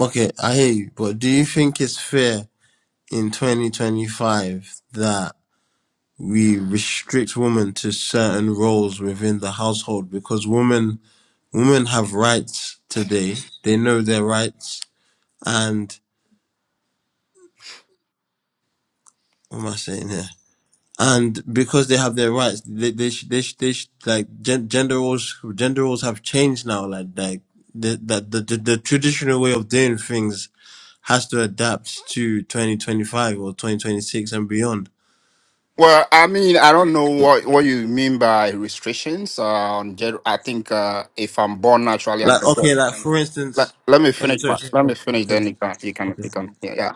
Speaker 6: Okay, I hear you, but do you think it's fair in 2025 that we restrict women to certain roles within the household because women women have rights today. They know their rights, and what am I saying here? And because they have their rights, they they sh- they sh- they sh- like gen- gender roles gender roles have changed now. Like like the, the the the the traditional way of doing things has to adapt to 2025 or 2026 and beyond.
Speaker 14: Well, I mean, I don't know what, what you mean by restrictions. Uh, on gen- I think uh, if I'm born naturally at
Speaker 6: Like,
Speaker 14: the birth,
Speaker 6: okay, like for
Speaker 14: let,
Speaker 6: instance,
Speaker 14: let me
Speaker 6: okay,
Speaker 14: finish
Speaker 6: sorry,
Speaker 14: my
Speaker 6: sorry,
Speaker 14: let me
Speaker 6: continue,
Speaker 14: finish. Then
Speaker 6: continue.
Speaker 14: you can you can
Speaker 6: okay.
Speaker 14: you can yeah. yeah.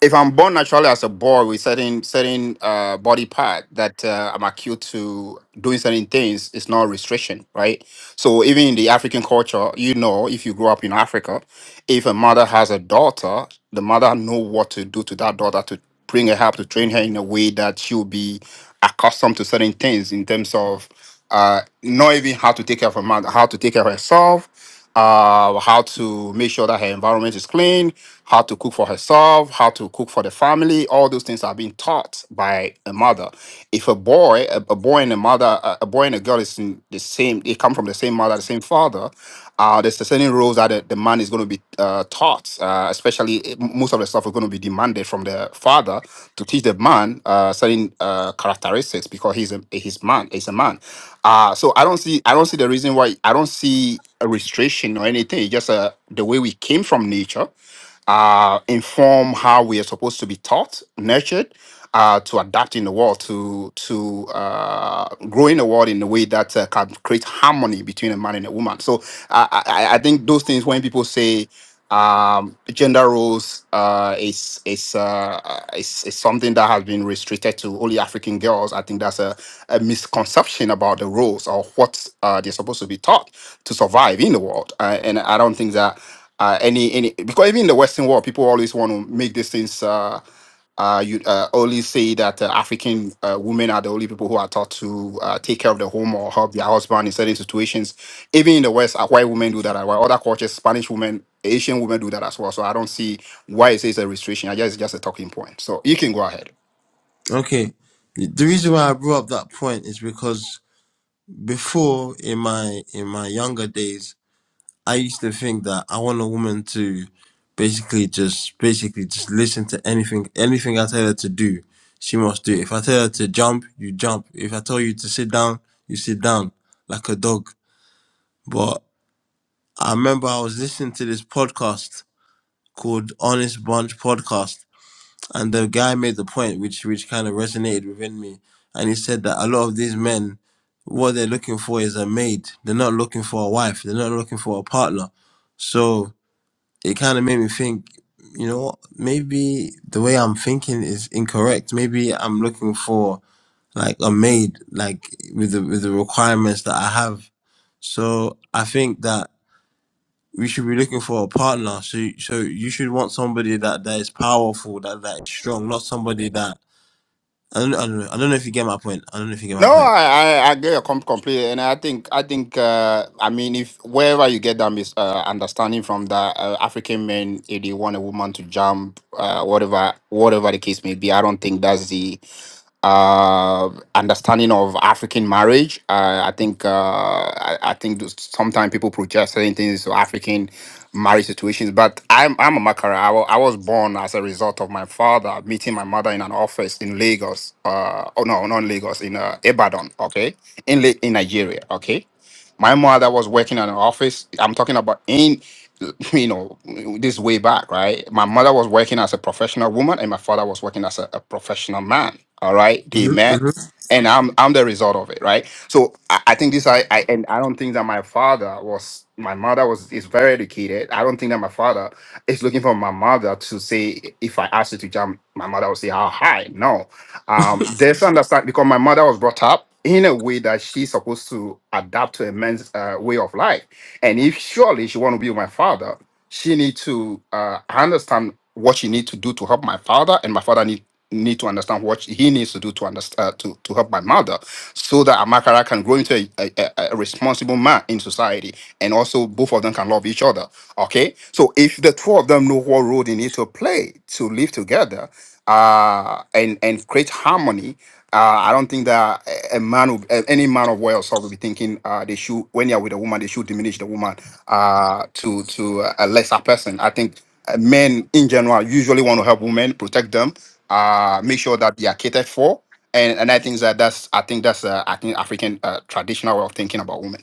Speaker 14: If I'm born naturally as a boy with certain certain uh, body part that uh, I'm acute to doing certain things, it's not a restriction, right? So even in the African culture, you know, if you grow up in Africa, If a mother has a daughter, the mother know what to do to that daughter to bring her up, to train her in a way that she'll be accustomed to certain things in terms of uh, not even how to take care of her mother, how to take care of herself, uh, how to make sure that her environment is clean, how to cook for herself, how to cook for the family. All those things are being taught by a mother. If a boy, a, a boy and a mother, a, a boy and a girl is in the same, they come from the same mother, the same father. Uh, there's certain roles that the, the man is going to be uh, taught, uh, especially eh, m- most of the stuff is going to be demanded from the father to teach the man uh, certain uh, characteristics because he's a eh, he's man, he's a man. Uh, so I don't see I don't see the reason why I don't see a restriction or anything. It's just uh, the way we came from nature uh, inform how we are supposed to be taught, nurtured uh, to adapt in the world, to to uh, grow in the world in a way that uh, can create harmony between a man and a woman. So I, I, I think those things when people say um, gender roles uh, is is, uh, is is something that has been restricted to only African girls. I think that's a, a misconception about the roles or what uh, they're supposed to be taught to survive in the world. Uh, and I don't think that uh, any any because even in the Western world, people always want to make these things. Uh, uh, you uh, only say that uh, African uh, women are the only people who are taught to uh, take care of the home or help their husband in certain situations. Even in the West, uh, white women do that. uh, While other cultures, Spanish women, Asian women do that as well. So I don't see why it says a restriction. I guess it's just a talking point. So you can go ahead.
Speaker 6: Okay. The reason why I brought up that point is because before in my in my younger days, I used to think that I want a woman to basically just basically just listen to anything anything I tell her to do, she must do. it. If I tell her to jump, you jump. If I tell you to sit down, you sit down like a dog. But I remember I was listening to this podcast called Honest Bunch Podcast, and the guy made the point which which kind of resonated within me, and he said that a lot of these men, what they're looking for is a maid. They're not looking for a wife. They're not looking for a partner. So it kind of made me think, you know, what, maybe the way I'm thinking is incorrect. Maybe I'm looking for like a maid, like with the with the requirements that I have. So I think that we should be looking for a partner. So, so you should want somebody that that is powerful, that that is strong, not somebody that I don't, I don't know. I don't know if you get my point. I don't know if you get
Speaker 14: No,
Speaker 6: my point.
Speaker 14: I I, I get your com- completely, and I think I think uh, I mean if wherever you get that mis- uh, understanding from that uh, African men, if they want a woman to jump, uh, whatever whatever the case may be, I don't think that's the uh, understanding of African marriage. Uh, I think uh, I, I think sometimes people project certain things to African marriage situations. But I'm I'm a Makara. I wa- I was born as a result of my father meeting my mother in an office in Lagos. Uh, oh no, not in Lagos in uh, Ibadan. Okay, in La- in Nigeria. Okay. My mother was working in an office. I'm talking about in, you know, this way back, right? My mother was working as a professional woman, and my father was working as a, a professional man. All right, they
Speaker 6: Mhm,
Speaker 14: met,
Speaker 6: mhm.
Speaker 14: and I'm I'm the result of it, right? So I, I think this I, I and I don't think that my father was my mother was is very educated. I don't think that my father is looking for my mother to say if I asked her to jump, my mother will say how high. No, um, there's understand because my mother was brought up in a way that she's supposed to adapt to a man's uh, way of life. And if surely she want to be my father, she need to uh, understand what she need to do to help my father, and my father need need to understand what he needs to do to understand uh, to, to help my mother so that amakara can grow into a, a, a a responsible man in society and also both of them can love each other okay so if the two of them know what role they need to play to live together uh and and create harmony uh, I don't think that a a man, of, a- any man of Wales, will be thinking uh, they should when they are with a woman, they should diminish the woman uh, to to a lesser person. I think uh, men in general usually want to help women, protect them, uh, make sure that they are catered for, and and I think that that's I think that's uh, I think African uh, traditional way of thinking about women.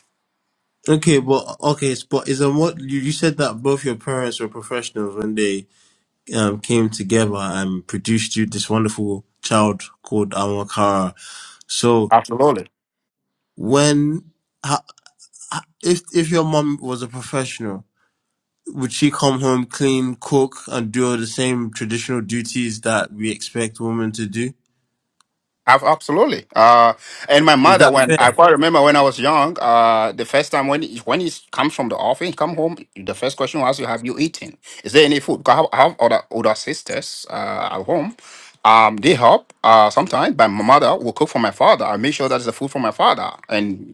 Speaker 6: Okay, but okay, s- but is on what you, you said that both your parents were professionals when they um, came together and produced you this wonderful child called Amakara. So
Speaker 14: Absolutely.
Speaker 6: when ha, ha- if if your mom was a professional would she come home, clean, cook, and do all the same traditional duties that we expect women to do?
Speaker 14: Ab- Absolutely. Uh, and my
Speaker 6: Is
Speaker 14: mother,
Speaker 6: that
Speaker 14: when I
Speaker 6: fair?
Speaker 14: quite remember when I was young, uh, the first time when he, when he comes from the office, he come home, the first question was, you "Have you eaten? Is there any food?" 'Cause I have, I have other older sisters uh, at home. Um, they help uh, sometimes. But my mother will cook for my father. I make sure that is the food for my father, and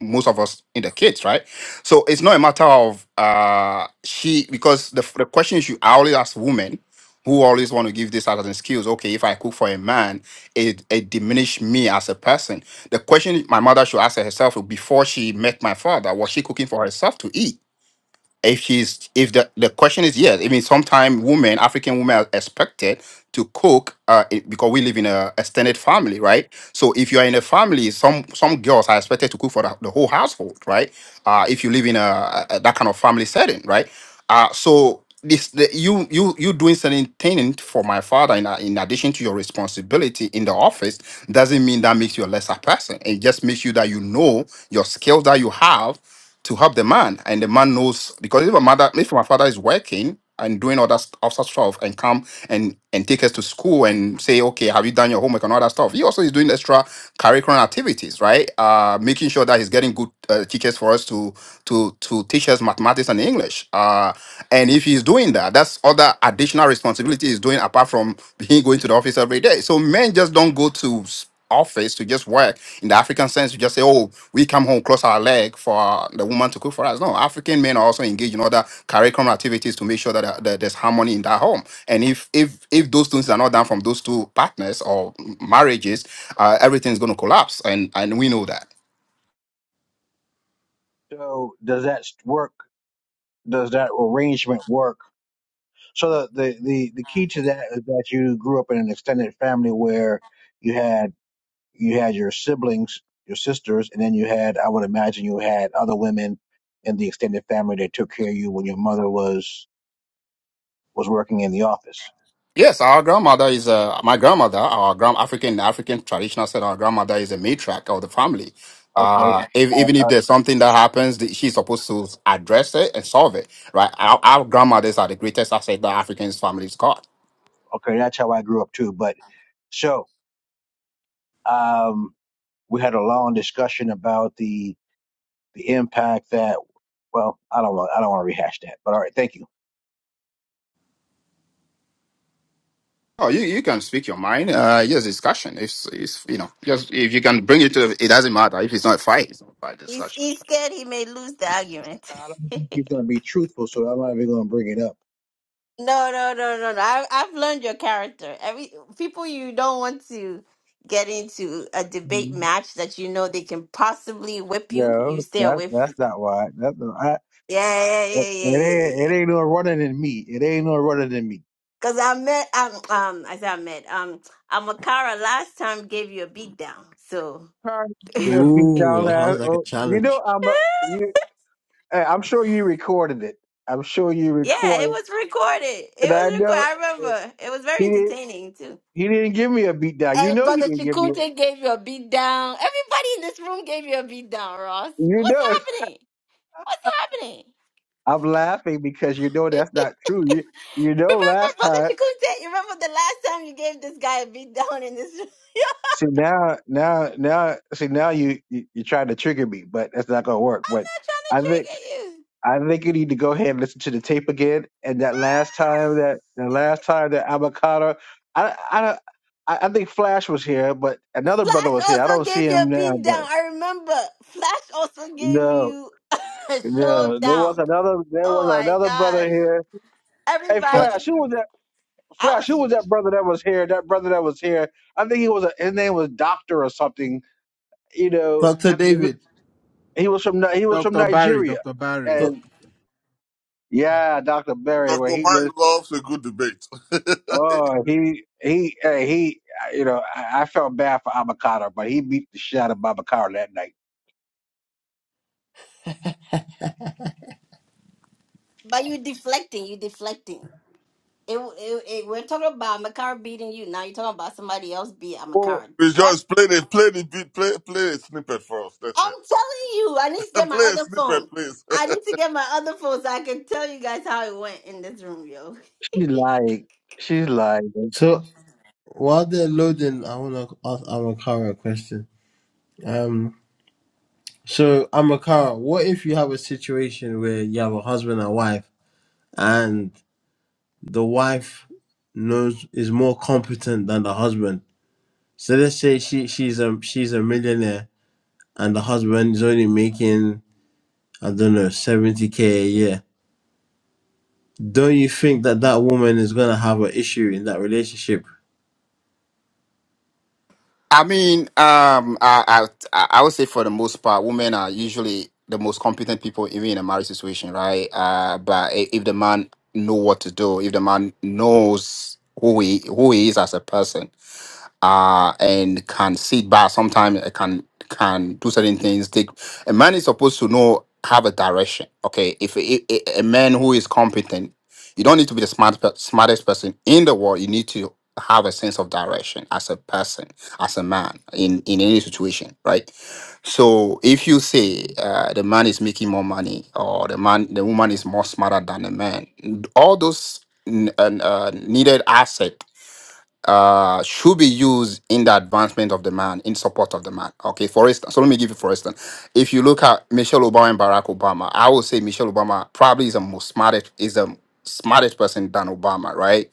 Speaker 14: most of us in the kids, right? So it's not a matter of uh she because the the question you I always ask women who always want to give this out as an excuse. Okay, if I cook for a man, it it diminish me as a person. The question my mother should ask herself before she met my father was she cooking for herself to eat? if she's if the the question is yes i mean sometimes women african women are expected to cook uh i- because we live in a extended family right so if you are in a family some some girls are expected to cook for the, the whole household right uh if you live in a, a a- that kind of family setting right uh so this the, you you you doing certain thing for my father in, a- in addition to your responsibility in the office doesn't mean that makes you a lesser person it just makes you that you know your skills that you have to help the man, and the man knows because if my mother, if my father is working and doing all that st- other stuff, and come and and take us to school and say, okay, have you done your homework and all that stuff? He also is doing extra curriculum activities, right? Uh, making sure that he's getting good uh, teachers for us to to to teach us mathematics and English. Uh, and if he's doing that, that's other additional responsibility he's doing apart from being going to the office every day. So men just don't go to office to just work. In the African sense, you just say, oh, we come home, cross our leg for the woman to cook for us. No, African men are also engaged in other curriculum activities to make sure that, uh, that there's harmony in that home. And if if if those things are not done from those two partners or marriages, uh, everything's going to collapse. And and we know that.
Speaker 11: So work the work. So there, you had you had your siblings, your sisters, and then you had, I would imagine, you had other women in the extended family that took care of you when your mother was was working in the office.
Speaker 14: Yes, our grandmother is uh, my grandmother. Our grand African African traditional said our grandmother is a matriarch of the family.
Speaker 11: Okay,
Speaker 14: Uh, if,
Speaker 11: uh,
Speaker 14: even if
Speaker 11: uh,
Speaker 14: there's something that happens, the- she's supposed to address it and solve it, right? Our, our grandmothers are the greatest asset that African's families got.
Speaker 11: okay, that's how I grew up too. But so. Um, we had a long discussion about the the impact that. Well, I don't want I don't want to rehash that. But all right, thank you.
Speaker 14: Oh, you, you can speak your mind. Uh, yes, discussion. If, if you know, just if you can bring it to, it doesn't matter. If it's not a fight, it's not a fight
Speaker 1: He's, he's scared he may lose the argument.
Speaker 11: I don't think he's going to be truthful, so I'm not even going to bring it up.
Speaker 1: No, no, no, no, no. I, I've learned your character. Every people you don't want to get into a debate match that you know they can possibly whip you. You
Speaker 11: No,
Speaker 1: stay
Speaker 11: that's
Speaker 1: away
Speaker 11: that's
Speaker 1: from.
Speaker 11: not why. That's not, I,
Speaker 1: Yeah, yeah,
Speaker 11: it
Speaker 1: yeah, yeah, yeah,
Speaker 11: ain't
Speaker 1: yeah.
Speaker 11: it ain't no running in me. It ain't no running in me.
Speaker 1: Because I met, um, um, as I met, um, Amakara last time gave you a beatdown. So
Speaker 11: Sorry, you beat
Speaker 6: Ooh,
Speaker 11: down
Speaker 6: that
Speaker 11: that.
Speaker 6: sounds like a
Speaker 11: Oh, you know
Speaker 6: challenge.
Speaker 11: I'm a, you. eh, I'm sure you recorded it. I'm sure you
Speaker 1: yeah, it
Speaker 11: recorded,
Speaker 1: was recorded. It
Speaker 11: and I
Speaker 1: was recorded.
Speaker 11: know
Speaker 1: I
Speaker 11: eh,
Speaker 1: remember. It was
Speaker 11: he
Speaker 1: very
Speaker 11: didn't.
Speaker 1: entertaining too.
Speaker 11: He didn't give me a beat down. You
Speaker 1: And
Speaker 11: know he
Speaker 1: brother
Speaker 11: didn't give me it.
Speaker 1: Chikunte gave you a beat down. Everybody in this room gave you a beat down, Ross.
Speaker 11: You
Speaker 1: What's
Speaker 11: know
Speaker 1: happening? What's happening?
Speaker 11: I'm laughing because you know that's not true. You you know
Speaker 1: Remember,
Speaker 11: last
Speaker 1: Brother
Speaker 11: time.
Speaker 1: Shakute, you remember the last time you gave this guy a beat down in this room?
Speaker 11: See now now now see now you, you you're trying to trigger me, but that's not gonna work.
Speaker 1: I'm
Speaker 11: But
Speaker 1: not trying
Speaker 11: I
Speaker 1: to
Speaker 11: think
Speaker 1: trigger you.
Speaker 11: I think you need to go ahead and listen to the tape again. And that last time that the last time that avocado, I I don't- I, I think Flash was here, but another brother was
Speaker 1: Flash
Speaker 11: here. I
Speaker 1: also
Speaker 11: don't see
Speaker 1: gave you
Speaker 11: him
Speaker 1: a
Speaker 11: now,
Speaker 1: beat down.
Speaker 11: but
Speaker 1: I remember. Flash also gave
Speaker 11: no
Speaker 1: you a
Speaker 11: no there was
Speaker 1: showdown.
Speaker 11: another there was
Speaker 1: Oh my
Speaker 11: another brother
Speaker 1: gosh.
Speaker 11: here. Hey
Speaker 6: Ca-
Speaker 11: Flash,
Speaker 1: Everybody.
Speaker 11: who was that?
Speaker 1: I
Speaker 11: Flash,
Speaker 1: was,
Speaker 11: who was that brother that was here? That brother that was here. I think he was. A, his name was Doctor or something. You know,
Speaker 6: Dr.
Speaker 11: I think he was
Speaker 6: David,
Speaker 11: he was from Ni- he was from
Speaker 9: Dr. Barry,
Speaker 11: Nigeria,
Speaker 9: Dr. Barry.
Speaker 6: doc-
Speaker 11: and yeah, Doctor Berry, where
Speaker 8: Dr.
Speaker 11: he just
Speaker 8: Mike loves a good debate.
Speaker 11: oh he he uh, he. You know, I, I felt bad for Abakar, but he beat the shit out of Abakar that night.
Speaker 1: but you deflecting, you deflecting. It, it, it, we're talking about Makara beating you. Now you're talking about somebody else beat
Speaker 11: Well,
Speaker 1: Makara.
Speaker 8: Rejoice, play the play the beat, play play a snippet for us. That's
Speaker 1: I'm
Speaker 8: it.
Speaker 1: telling you, I need to get my
Speaker 8: Play a
Speaker 1: other
Speaker 8: snippet,
Speaker 1: phone.
Speaker 8: please.
Speaker 1: I need to get my other phone so I can tell you guys how it went in this room, yo.
Speaker 11: she's like, she's like,
Speaker 6: so while they're loading, I want to ask Amakara a question. Um, so Amakara, what if you have a situation where you have a husband and wife, and the wife knows is more competent than the husband? So let's say she she's a she's a millionaire and the husband is only making I don't know seventy k a year. Don't you think that that woman is gonna have an issue in that relationship?
Speaker 14: I mean, um, I, I I would say for the most part, women are usually the most competent people, even in a marriage situation, right? Uh, but i- if the man know what to do, if the man knows who he who he is as a person, uh, and can sit back. Sometimes it can can do certain things. Take a man is supposed to know have a direction. Okay, if a, a a man who is competent, you don't need to be the smart pe- smartest person in the world. You need to have a sense of direction as a person, as a man in in any situation, right? So if you say uh, the man is making more money or the man the woman is more smarter than the man, all those n- uh, needed asset uh, should be used in the advancement of the man, in support of the man. Okay, for instance, so let me give you for instance. If you look at Michelle Obama and Barack Obama, I would say Michelle Obama probably is the most smartest is the smartest person than Obama, right?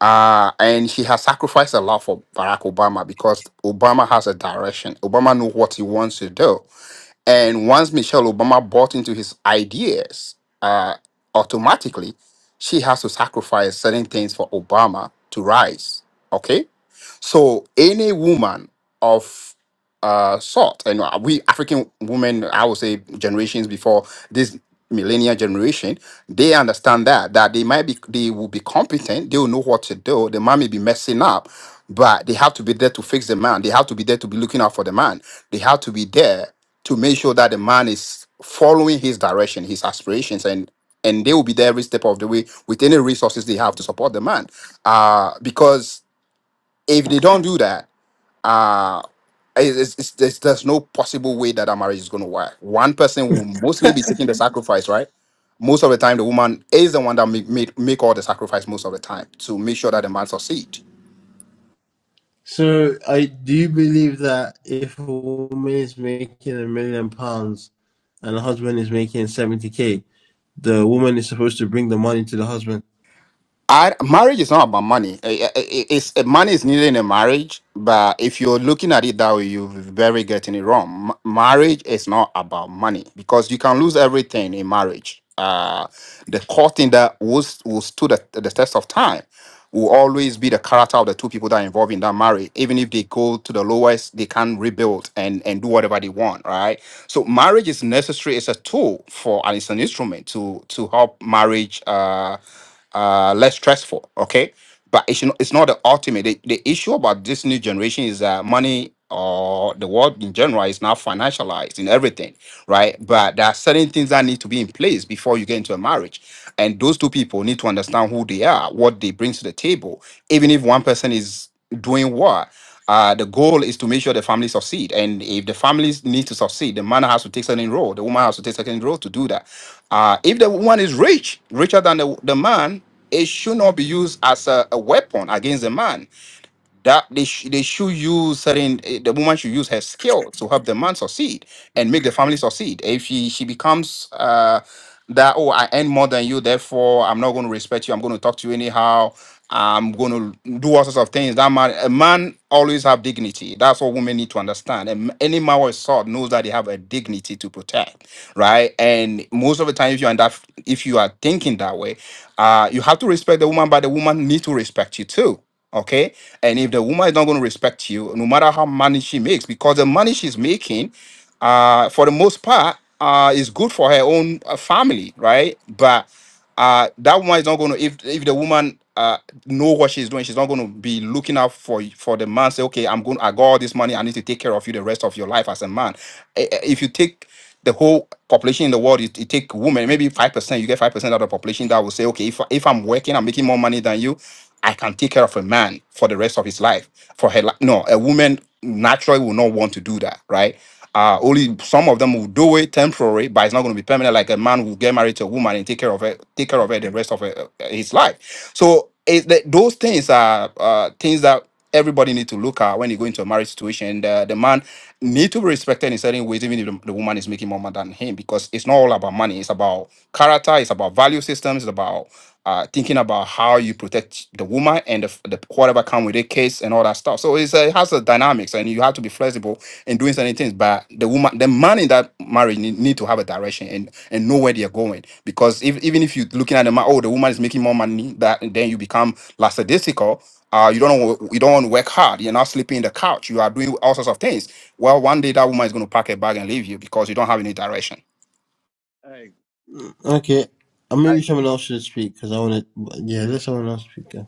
Speaker 14: Uh, and she has sacrificed a lot for Barack Obama because Obama has a direction. Obama knows what he wants to do and once Michelle Obama bought into his ideas, uh, automatically she has to sacrifice certain things for Obama to rise. Okay. So any woman of uh, sought. And uh, we African women, I would say generations before this millennial generation, they understand that that they might be they will be competent, they will know what to do. The man may be messing up, but they have to be there to fix the man. They have to be there to be looking out for the man. They have to be there to make sure that the man is following his direction, his aspirations, and and they will be there every step of the way with any resources they have to support the man. Uh, because if they don't do that, uh, it's, it's, it's- there's, there's no possible way that that marriage is going to work. One person will mostly be taking the sacrifice, right? Most of the time, the woman is the one that make, make, make all the sacrifice most of the time to make sure that the man succeed.
Speaker 6: So, I do you believe that if a woman is making a million pounds and the husband is making seventy k, the woman is supposed to bring the money to the husband?
Speaker 14: I, marriage is not about money. Eh, eh, eh, eh, It's eh, money is needed in a marriage, but if you're looking at it that way, you're very getting it wrong. M- marriage is not about money because you can lose everything in marriage. Uh, the core thing that was will stood the, the test of time will always be the character of the two people that are involved in that marriage. Even if they go to the lowest, they can rebuild and and do whatever they want, right? So marriage is necessary. It's a tool for and it's an instrument to to help marriage. Uh, uh, less stressful. Okay, but it's not, it's not the ultimate. The, the issue about this new generation is that money or the world in general is now financialized in everything, right? But there are certain things that need to be in place before you get into a marriage, and those two people need to understand who they are, what they bring to the table, even if one person is doing what. Uh, the goal is to make sure the family succeed, and if the families need to succeed, the man has to take certain role, the woman has to take certain role to do that. Uh, if the woman is rich, richer than the, the man, it should not be used as a, a weapon against the man that they, sh- they should use certain eh, the woman should use her skill to help the man succeed and make the family succeed if she she becomes uh that oh i earn more than you therefore i'm not going to respect you i'm going to talk to you anyhow i'm going to do all sorts of things that man a man always have dignity that's what women need to understand and any man with sword knows that they have a dignity to protect right and most of the time if you're in that if you are thinking that way uh you have to respect the woman but the woman need to respect you too Okay. And if the woman is not going to respect you, no matter how money she makes, because the money she's making, uh, for the most part, uh, is good for her own uh, family, right? But uh, that woman is not going to. If if the woman uh know what she's doing, she's not going to be looking out for for the man. Say, okay, I'm going. I got all this money. I need to take care of you the rest of your life as a man. I- I- If you take the whole population in the world, you, you take women, maybe 5%, you get 5% of the population that will say, okay, if, if I'm working, I'm making more money than you, I can take care of a man for the rest of his life. For her, li- no, a woman naturally will not want to do that, right? Uh, only some of them will do it temporary, but it's not going to be permanent. Like a man will get married to a woman and take care of her, take care of her the rest of her, uh, his life. So it, those things are uh, things that everybody need to look at when you go into a marriage situation. The, the man need to be respected in certain ways, even if the, the woman is making more money than him, because it's not all about money. It's about character. It's about value systems. It's about uh, thinking about how you protect the woman and the, the whatever come with the case and all that stuff. So it's, uh, it has a dynamics, and you have to be flexible in doing certain things. But the woman, the man in that marriage need, need to have a direction and, and know where they're going. Because if, even if you're looking at the man, oh, the woman is making more money, that then you become lackadaisical uh, you don't wa- you don't want to work hard. You're not sleeping in the couch. You are doing all sorts of things. Well, one day that woman is going to pack a bag and leave you because you don't have any direction.
Speaker 11: Hey,
Speaker 6: Mm, Okay, and
Speaker 11: I,
Speaker 6: maybe someone else should speak because I want to. Yeah, let someone else speak. yeah.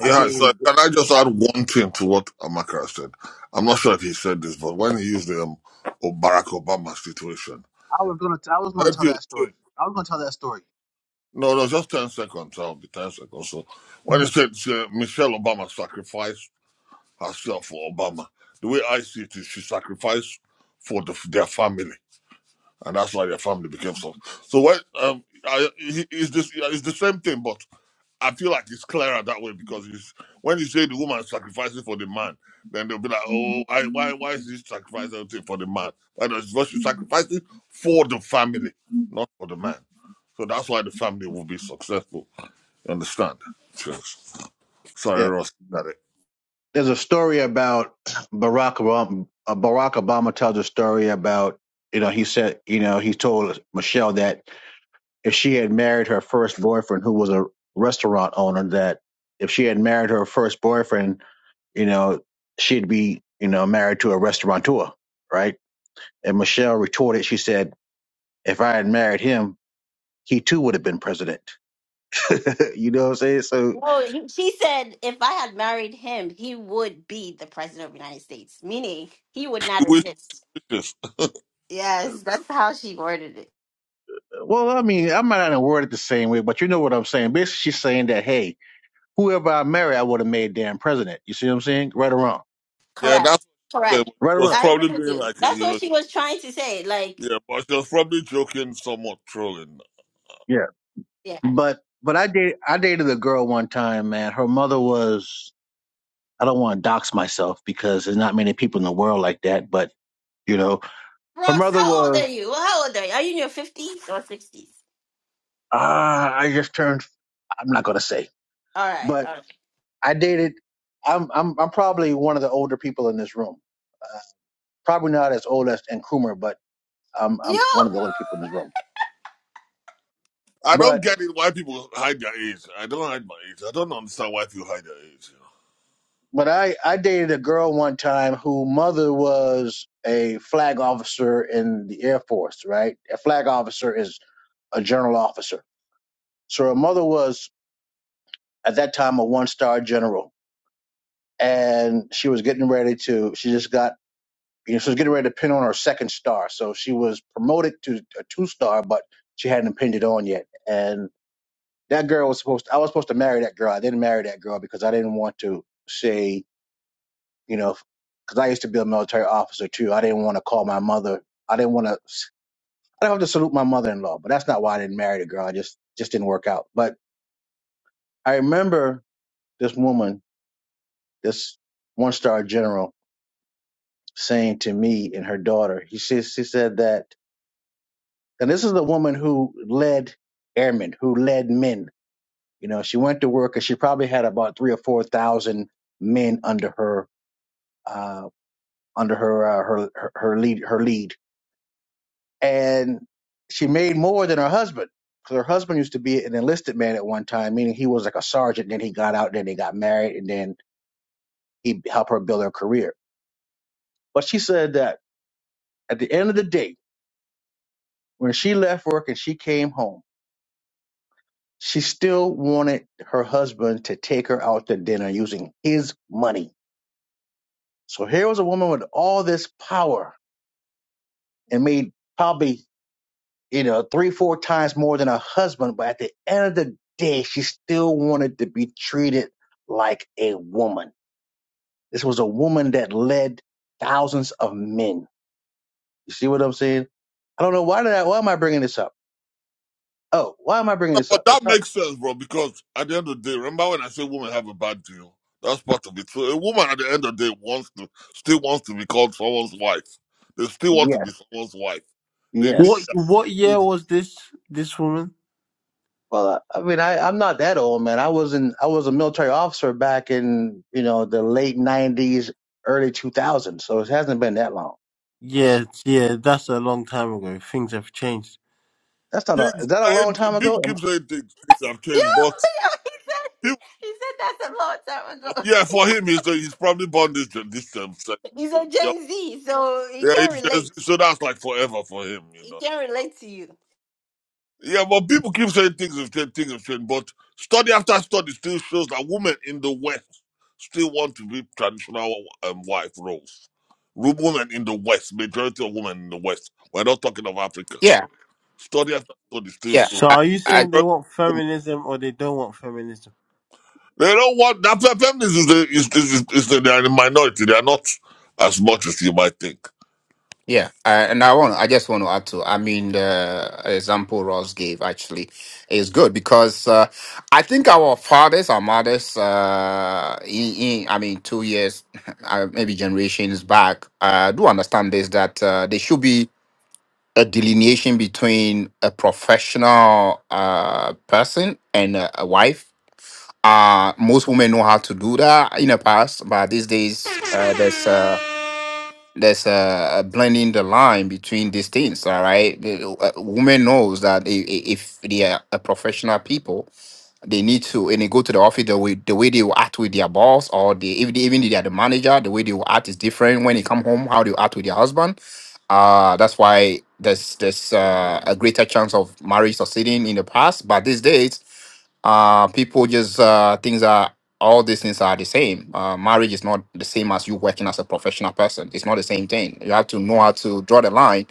Speaker 11: I
Speaker 8: Yeah,
Speaker 11: dated a
Speaker 8: so can I just
Speaker 11: I,
Speaker 8: add one thing to what Amaka said? I'm not sure if he said this, but when he used the um, O- Barack Obama situation,
Speaker 11: I was gonna I was gonna
Speaker 8: help
Speaker 11: tell
Speaker 8: you
Speaker 11: that
Speaker 8: say,
Speaker 11: story. I was gonna tell that story.
Speaker 8: no, no, just ten seconds. I'll be ten seconds. So when he said uh, Michelle Obama sacrificed herself for Obama, the way I see it is she sacrificed for the, their family. and that's why their family became so. So what? Um, I, he- it's this. yeah, It's the same thing, but I feel like it's clearer that way because it's, when you say the woman is sacrificing for the man, then they'll be like, oh, why, why, why is he sacrificing everything for the man? Why does what she's sacrificing for the family, not for the man? So that's why the family will be successful. You understand? Yes. Sorry,
Speaker 11: Yeah.
Speaker 8: Ross. Got it.
Speaker 11: story about you know he said you know he told Michelle that if she had married her first boyfriend who was a restaurant owner that if she had married her first boyfriend you know she'd be you know married to a restaurateur right and Michelle retorted she said if I had married him he too would have been president you know what I'm saying so
Speaker 1: Well, he- she said if I had married him, he would be the president of the United States, meaning he would not
Speaker 8: Wish-
Speaker 1: exist.
Speaker 8: Wishes.
Speaker 1: Yes, that's how she worded it.
Speaker 11: well I mean I'm not gonna word it the same way but you know what I'm saying basically she's saying that hey whoever I marry I would have made damn president you see what I'm saying right or wrong
Speaker 8: Yeah,
Speaker 1: Correct.
Speaker 8: that's yeah,
Speaker 1: Correct.
Speaker 8: she
Speaker 11: right or
Speaker 8: was
Speaker 11: wrong
Speaker 1: I agree
Speaker 8: probably
Speaker 1: with
Speaker 8: being
Speaker 1: you.
Speaker 8: like,
Speaker 1: That's
Speaker 8: you
Speaker 1: what
Speaker 8: know,
Speaker 1: she was trying to say. Like,
Speaker 8: yeah, but she was probably joking, somewhat trolling.
Speaker 11: yeah.
Speaker 1: yeah.
Speaker 11: But but I date I dated a girl one time, man. Her mother was I don't want to dox myself because there's not many people in the world like that. But you know, her
Speaker 1: Ross,
Speaker 11: mother
Speaker 1: how old
Speaker 11: was
Speaker 1: are you? How old are you? Are you in your 50s or 60s?
Speaker 11: ah, I just turned. I'm not gonna say,
Speaker 1: All right.
Speaker 11: but
Speaker 1: All right.
Speaker 11: I dated. I'm I'm I'm probably one of the older people in this room. Probably not as old as Nkrumah, but I'm I'm one of the
Speaker 1: Yo!
Speaker 11: older people in this room.
Speaker 8: I don't
Speaker 11: But
Speaker 8: get it why people hide their age. I don't hide my age. I don't understand why people hide their age. you know.
Speaker 11: but I I dated a girl one time who mother was a flag officer in the Air Force, right? A flag officer is a general officer. So her mother was at that time a one star general, and she was getting ready to. She just got you know she was getting ready to pin on her second star. So she was promoted to a two star, but she hadn't pinned it on yet. And that girl was supposed. to, I was supposed to marry that girl. I didn't marry that girl because I didn't want to say you know because I used to be a military officer too. I didn't want to call my mother. I didn't want to. I don't have to salute my mother in law, but that's not why I didn't marry the girl. I just just didn't work out. But I remember this woman this one star general saying to me and her daughter, he, says she said that, and this is the woman who led airmen, who led men. You know, she went to work and she probably had about three or four thousand men under her, uh, under her, uh, her, her, her lead, her lead. And she made more than her husband. Cause her husband used to be an enlisted man at one time, meaning he was like a sergeant. Then he got out, then he got married, and then he helped her build her career. But she said that at the end of the day, When she left work and she came home, she still wanted her husband to take her out to dinner using his money. So here was a woman with all this power and made probably, you know, three, four times more than her husband. But at the end of the day, she still wanted to be treated like a woman. This was that led thousands of men. You see, I don't know what's up. Oh,
Speaker 8: No,
Speaker 11: what's
Speaker 8: But
Speaker 11: up? It's
Speaker 8: that
Speaker 11: up.
Speaker 8: makes sense, bro, because at the end of the day, remember when I say women have a bad deal? That's part of it. So a woman at the end of the day wants to still wants to be called someone's wife. They still want to
Speaker 11: Yes,
Speaker 8: be someone's wife. They need
Speaker 11: yes.
Speaker 6: What
Speaker 8: that
Speaker 6: what
Speaker 8: need.
Speaker 6: year was this? This woman?
Speaker 11: Well, I I mean, I, I'm not that old, man. I was in, I was a military officer back in, you know, the late '90s, early 2000s. So it hasn't been that long.
Speaker 6: Yeah, yeah, that's a long time ago. Things have changed.
Speaker 11: That's not a,
Speaker 8: Things
Speaker 11: is that a
Speaker 8: I,
Speaker 11: long time ago?
Speaker 8: people keep
Speaker 11: Am-
Speaker 8: saying things, things have
Speaker 1: Yo,
Speaker 8: changed, but
Speaker 1: yo, he said
Speaker 8: people,
Speaker 1: he said that a long time ago.
Speaker 8: yeah,
Speaker 1: Yo,
Speaker 8: for him he's he's probably born this gen- this um, se-
Speaker 1: He's a
Speaker 8: yeah,
Speaker 1: Gen Z, so he
Speaker 8: yeah,
Speaker 1: can
Speaker 8: he's,
Speaker 1: relate.
Speaker 8: just- so that's like forever for him, you know.
Speaker 1: He can relate to you.
Speaker 8: Yeah, but people keep saying things have changed, things have changed. But study after study still shows that women in the West still want to be traditional um, wife roles. Ru- Women in the West, majority of women in the West, we're not talking of Africa.
Speaker 14: Yeah,
Speaker 8: Study after study still
Speaker 14: yeah,
Speaker 8: shows
Speaker 6: So
Speaker 14: I,
Speaker 6: are you
Speaker 8: majority
Speaker 14: I
Speaker 6: saying they want
Speaker 8: of women.
Speaker 6: feminism or they don't want feminism?
Speaker 8: They don't want that fe- feminism is, the- is, is, is, is the, they are in minority. They are not as much as you might think.
Speaker 14: yeah, I, and I want. I just want to add to. I mean, the example Ross gave actually is good because uh, I think our fathers, our mothers, uh, in, in, I mean, two years, uh, maybe generations back, uh, do understand this that uh, they should be a delineation between a professional uh, person and a, a wife. Uh, most women know how to do that in the past, but these days uh, there's uh, there's uh, blending the line between these things. All right, The- uh, women knows that i- i- if they are a professional people, they need to and they go to the office the way the way they will act with their boss or they even even if they are the manager the way they will act is different when they come home how they will act with their husband uh that's why there's there's uh, a greater chance of marriage succeeding in the past but these days uh people just uh things are all these things are the same uh marriage is not the same as you working as a professional person it's not the same thing you have to know how to draw the line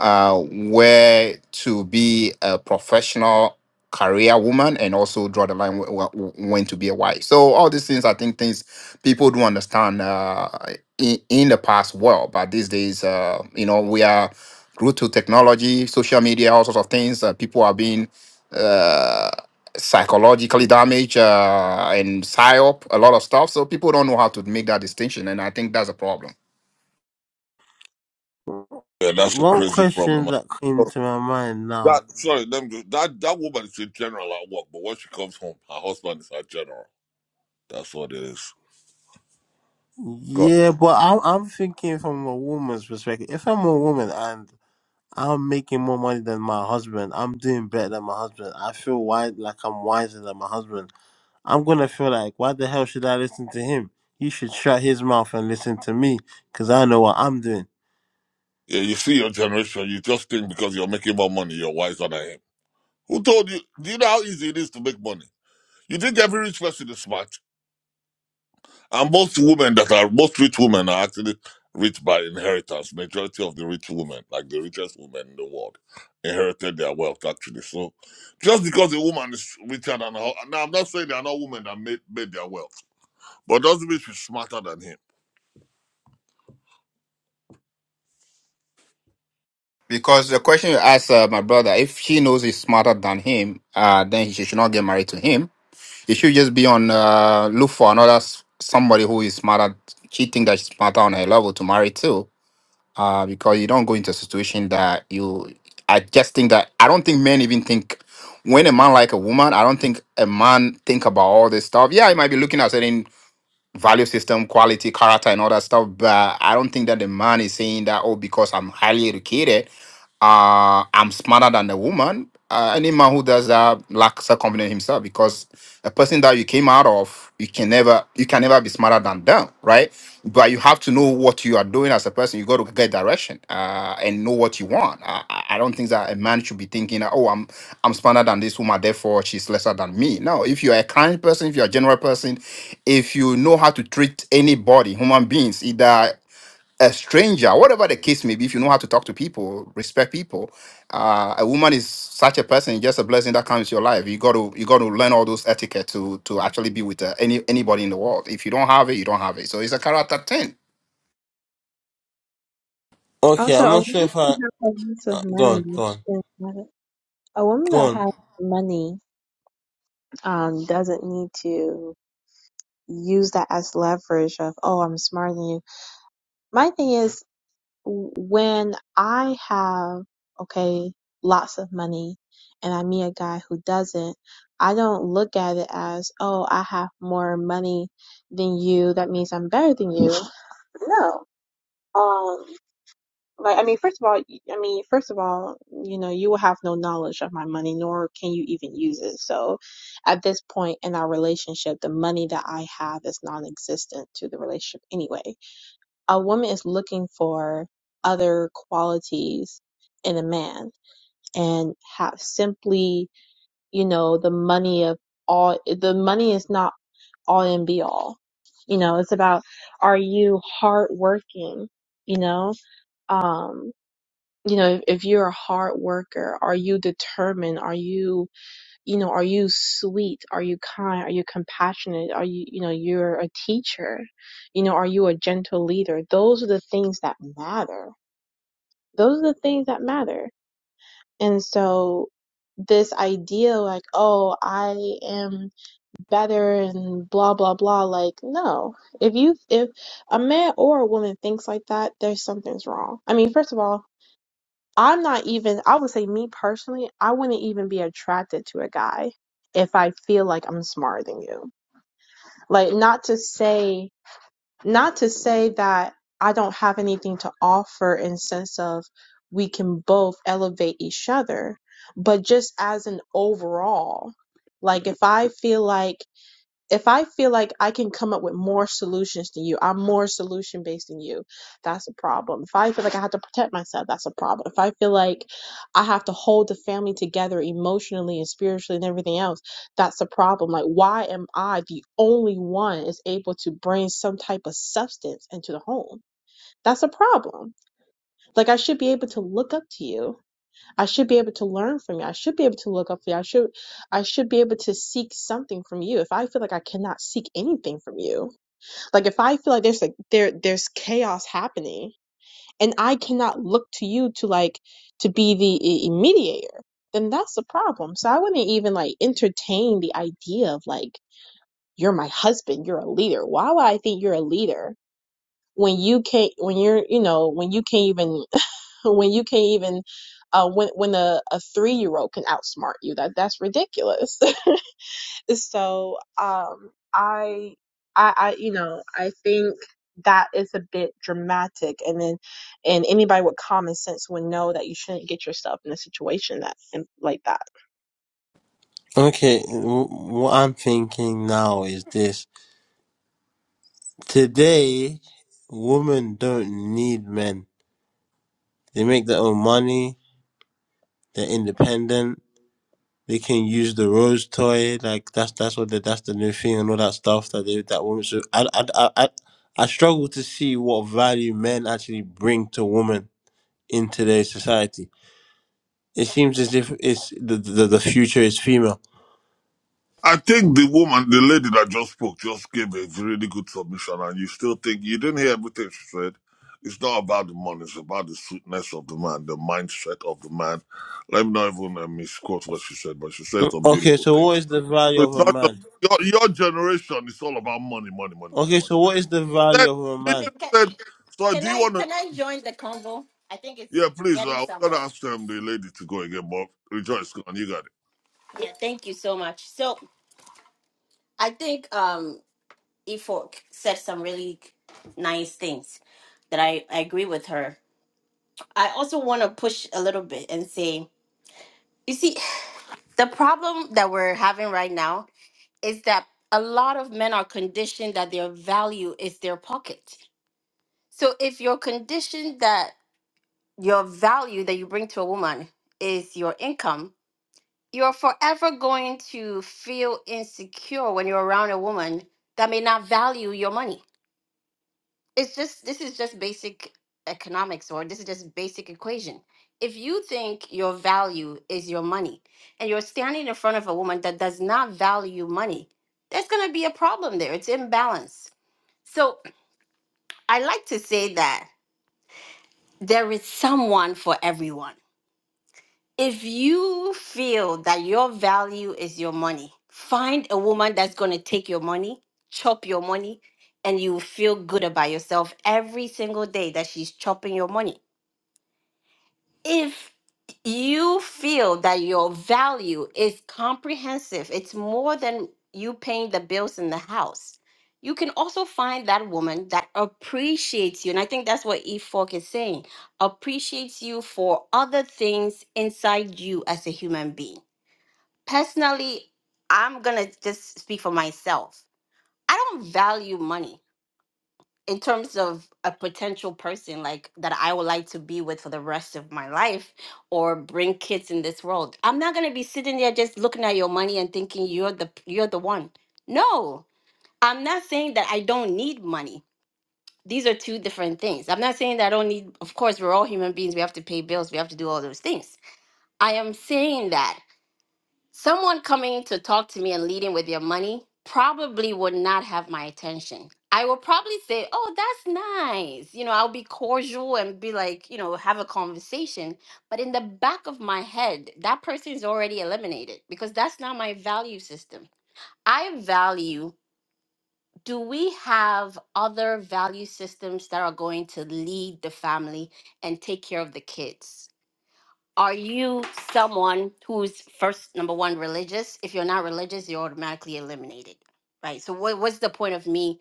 Speaker 14: uh where to be a professional career woman and also draw the line wh- wh- wh- when to be a wife so all these things i think things people do understand uh, in, in the past well but these days uh, you know we are grew to technology social media all sorts of things uh, people are being uh, psychologically damaged uh, and psyop a lot of stuff so people don't know how to make that distinction and i think that's a problem
Speaker 8: Yeah, that's a
Speaker 6: One
Speaker 8: crazy
Speaker 6: question
Speaker 8: problem.
Speaker 6: that came
Speaker 8: Because
Speaker 6: to my mind now.
Speaker 8: That sorry, let me, just, that that woman is a general at work, but when she comes home, her husband is her general. That's what it is. God.
Speaker 6: Yeah, but I'm I'm thinking from a woman's perspective. If I'm a woman and I'm making more money than my husband, I'm doing better than my husband. I feel wise like I'm wiser than my husband. I'm gonna feel like why the hell should I listen to him? He should shut his mouth and listen to me, cause I know what I'm doing.
Speaker 8: Yeah, you see your generation, you just think because you're making more money, you're wiser than him. Who told you? Do you know how easy it is to make money? You think every rich person is smart? And most women that are, most rich women are actually rich by inheritance. Majority of the rich women, like the richest women in the world, inherited their wealth actually. So just because a woman is richer than her, now I'm not saying there are not women that made, made their wealth, but doesn't mean she's smarter than him.
Speaker 14: because the question you asked uh, my brother if she knows he's smarter than him uh, then she should not get married to him You should just be on uh, look for another s- somebody who is smarter. She think that she's smarter on her level to marry too, uh, because you don't go into a situation that you. I just think that I don't think men even think when a man like a woman. I don't think a man think about all this stuff. Yeah, he might be looking at certain value system, quality, character, and all that stuff, but I don't think that the man is saying that oh because I'm highly educated uh, I'm smarter than a woman. Uh, any man who does that lacks self confidence himself because a person that you came out of, you can never, you can never be smarter than them, right? But you have to know what you are doing as a person. You got to get direction uh, and know what you want. I, I I don't think that a man should be thinking, oh, I'm, I'm smarter than this woman, therefore she's lesser than me. No, if you're a kind person, if you're a general person, if you know how to treat anybody, human beings, either a stranger, whatever the case may be, if you know how to talk to people, respect people, uh, a woman is such a person, just a blessing that comes to your life. You got to you got to learn all those etiquette to to actually be with uh, any anybody in the world. If you don't have it, you don't have it. So it's a character thing.
Speaker 6: Okay,
Speaker 3: Also,
Speaker 6: I'm
Speaker 3: a
Speaker 6: not sure
Speaker 3: woman
Speaker 6: if
Speaker 3: who
Speaker 6: I.
Speaker 3: has a lot of
Speaker 6: Uh, go
Speaker 3: money,
Speaker 6: on, go on,
Speaker 3: a woman
Speaker 6: go
Speaker 3: that
Speaker 6: on.
Speaker 3: has money, um, doesn't need to use that as leverage of, oh, I'm smarter than you. My thing is, w- when I have, okay, lots of money and I meet a guy who doesn't, I don't look at it as, oh, I have more money than you. That means I'm better than you. No. Um, Like, I mean, first of all, y- I mean, first of all, you know, you will have no knowledge of my money, nor can you even use it. So at this point in our relationship, the money that I have is non-existent to the relationship anyway. A woman is looking for other qualities in a man and have simply, you know, the money of all, the money is not all and be all. You know, it's about, are you hardworking? You know, um, you know if, if you're a hard worker are you determined are you you know are you sweet are you kind are you compassionate are you you know you're a teacher you know are you a gentle leader those are the things that matter those are the things that matter and so this idea like oh i am better and blah blah blah like no if you if a man or a woman thinks like that there's something's wrong i mean first of all I'm not even, I would say, me personally, I wouldn't even be attracted to a guy if I feel like I'm smarter than you. Like, not to say, not to say that I don't have anything to offer in sense of we can both elevate each other, but just as an overall, like if I feel like if I feel like I can come up with more solutions than you, I'm more solution based than you, that's a problem. If I feel like I have to protect myself, that's a problem. If I feel like I have to hold the family together emotionally and spiritually and everything else, that's a problem. Like, why am I the only one is able to bring some type of substance into the home? That's a problem. Like, I should be able to look up to you I should be able to learn from you. I should be able to look up for you. I should I should be able to seek something from you. If I feel like I cannot seek anything from you, like if I feel like there's like there there's chaos happening and I cannot look to you to like to be the i- mediator, then that's the problem. So I wouldn't even like entertain the idea of like you're my husband, you're a leader. Why would I think you're a leader when you can't when you're you know when you can't even when you can't even uh, when when a, a three year old can outsmart you that that's ridiculous so um I I I you know I think that is a bit dramatic and then and anybody with common sense would know that you shouldn't get yourself in a situation that like that
Speaker 6: Okay, w- what I'm thinking now is this. Today, women don't need men. They make their own money. They're independent. They can use the rose toy. Like that's that's what the, that's the new thing and all that stuff that they that women. So I I I I, I struggle to see what value men actually bring to women in today's society. It seems as if it's the the, the future is female.
Speaker 8: I think the woman, the lady that just spoke, just gave a really good submission, and you still think you didn't hear everything she said. It's not about the money; it's about the sweetness of the man, the mindset of the man. Let me not even uh, misquote what she said, but she said some
Speaker 6: Okay,
Speaker 8: beautiful
Speaker 6: so what
Speaker 8: things.
Speaker 6: is the value
Speaker 8: So
Speaker 6: of
Speaker 8: it's
Speaker 6: a
Speaker 8: not just
Speaker 6: man?
Speaker 8: your, your generation; it's all about money, money, money, money,
Speaker 6: Okay,
Speaker 8: money.
Speaker 6: so what is the
Speaker 8: Then
Speaker 6: value of a man?
Speaker 1: Okay,
Speaker 8: literally
Speaker 1: can,
Speaker 8: said, "So do
Speaker 1: can
Speaker 8: you
Speaker 1: I
Speaker 8: want to?"
Speaker 1: can I join the convo? I think it's
Speaker 8: Yeah, please. uh,
Speaker 1: getting
Speaker 8: I was gonna
Speaker 1: somewhere.
Speaker 8: ask them the lady to go again, but rejoice, go on, you got it.
Speaker 1: Yeah, thank you so much. So I think um Ifok said some really nice things that I, I agree with her. I also want to push a little bit and say, you see, the problem that we're having right now is that a lot of men are conditioned that their value is their pocket. So if you're conditioned that your value that you bring to a woman is your income, you're forever going to feel insecure when you're around a woman that may not value your money it's just this is just basic economics or this is just basic equation if you think your value is your money and you're standing in front of a woman that does not value money there's going to be a problem there it's imbalance so i like to say that there is someone for everyone if you feel that your value is your money find a woman that's going to take your money chop your money and you will feel good about yourself every single day that she's chopping your money if you feel that your value is comprehensive, it's more than you paying the bills in the house. You can also find that woman that appreciates you. And I think that's what E Fork is saying appreciates you for other things inside you as a human being. Personally, I'm going to just speak for myself. I don't value money in terms of a potential person like that I would like to be with for the rest of my life or bring kids in this world. I'm not going to be sitting there just looking at your money and thinking you're the you're the one. No. I'm not saying that I don't need money. These are two different things. I'm not saying that I don't need of course we're all human beings, we have to pay bills, we have to do all those things. I am saying that Someone coming to talk to me and leading with your money probably would not have my attention. I will probably say, Oh, that's nice. You know, I'll be cordial and be like, you know, have a conversation. But in the back of my head, that person is already eliminated because that's not my value system. I value, do we have other value systems that are going to lead the family and take care of the kids? are you someone who's first number one religious if you're not religious you're automatically eliminated right so what, what's the point of me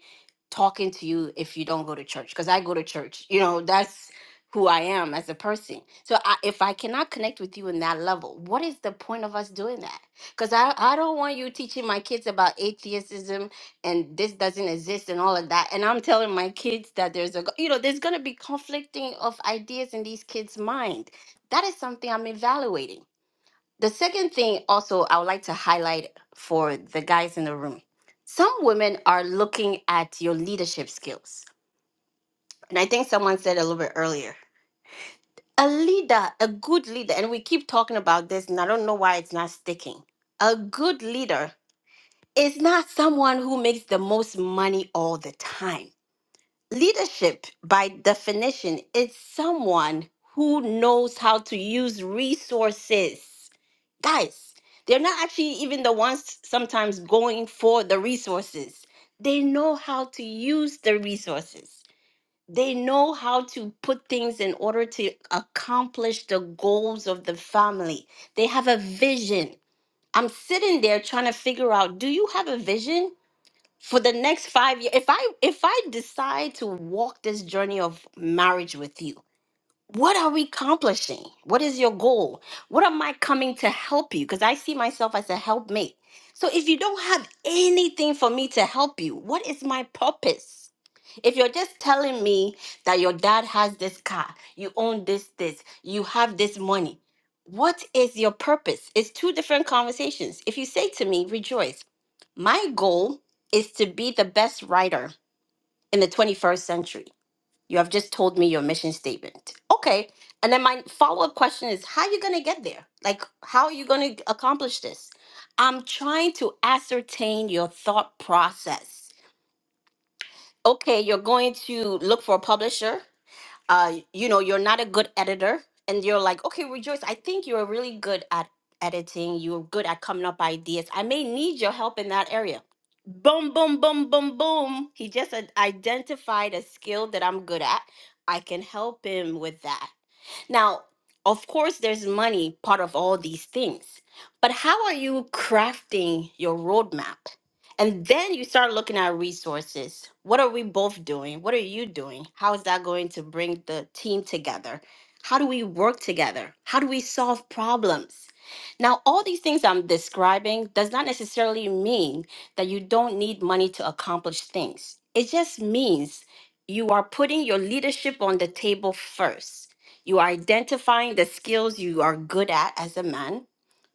Speaker 1: talking to you if you don't go to church because i go to church you know that's who i am as a person so I, if i cannot connect with you in that level what is the point of us doing that because I, I don't want you teaching my kids about atheism and this doesn't exist and all of that and i'm telling my kids that there's a g- you know there's going to be conflicting of ideas in these kids mind that is something I'm evaluating. The second thing, also, I would like to highlight for the guys in the room some women are looking at your leadership skills. And I think someone said a little bit earlier a leader, a good leader, and we keep talking about this, and I don't know why it's not sticking. A good leader is not someone who makes the most money all the time. Leadership, by definition, is someone who knows how to use resources. Guys, they're not actually even the ones sometimes going for the resources. They know how to use the resources. They know how to put things in order to accomplish the goals of the family. They have a vision. I'm sitting there trying to figure out do you have a vision? for the next five years if i if i decide to walk this journey of marriage with you what are we accomplishing what is your goal what am i coming to help you because i see myself as a helpmate so if you don't have anything for me to help you what is my purpose if you're just telling me that your dad has this car, you own this, this, you have this money, what is your purpose? It's two different conversations. If you say to me, rejoice, my goal is to be the best writer in the 21st century. You have just told me your mission statement. Okay. And then my follow up question is, how are you going to get there? Like, how are you going to accomplish this? I'm trying to ascertain your thought process okay, you're going to look for a publisher uh, you know, you're not a good editor, and you're like, okay, Rejoice, I think you're really good at editing. You're good at coming up ideas. I may need your help in that area. Boom, boom, boom, boom, boom. He just ad- identified a skill that I'm good at. I can help him with that. Now, of course, there's money part of all these things, but how are you crafting your roadmap? And then you start looking at resources. What are we both doing? What are you doing? How is that going to bring the team together? How do we work together? How do we solve problems? Now, all these things I'm describing does not necessarily mean that you don't need money to accomplish things. It just means you are putting your leadership on the table first you are identifying the skills you are good at as a man.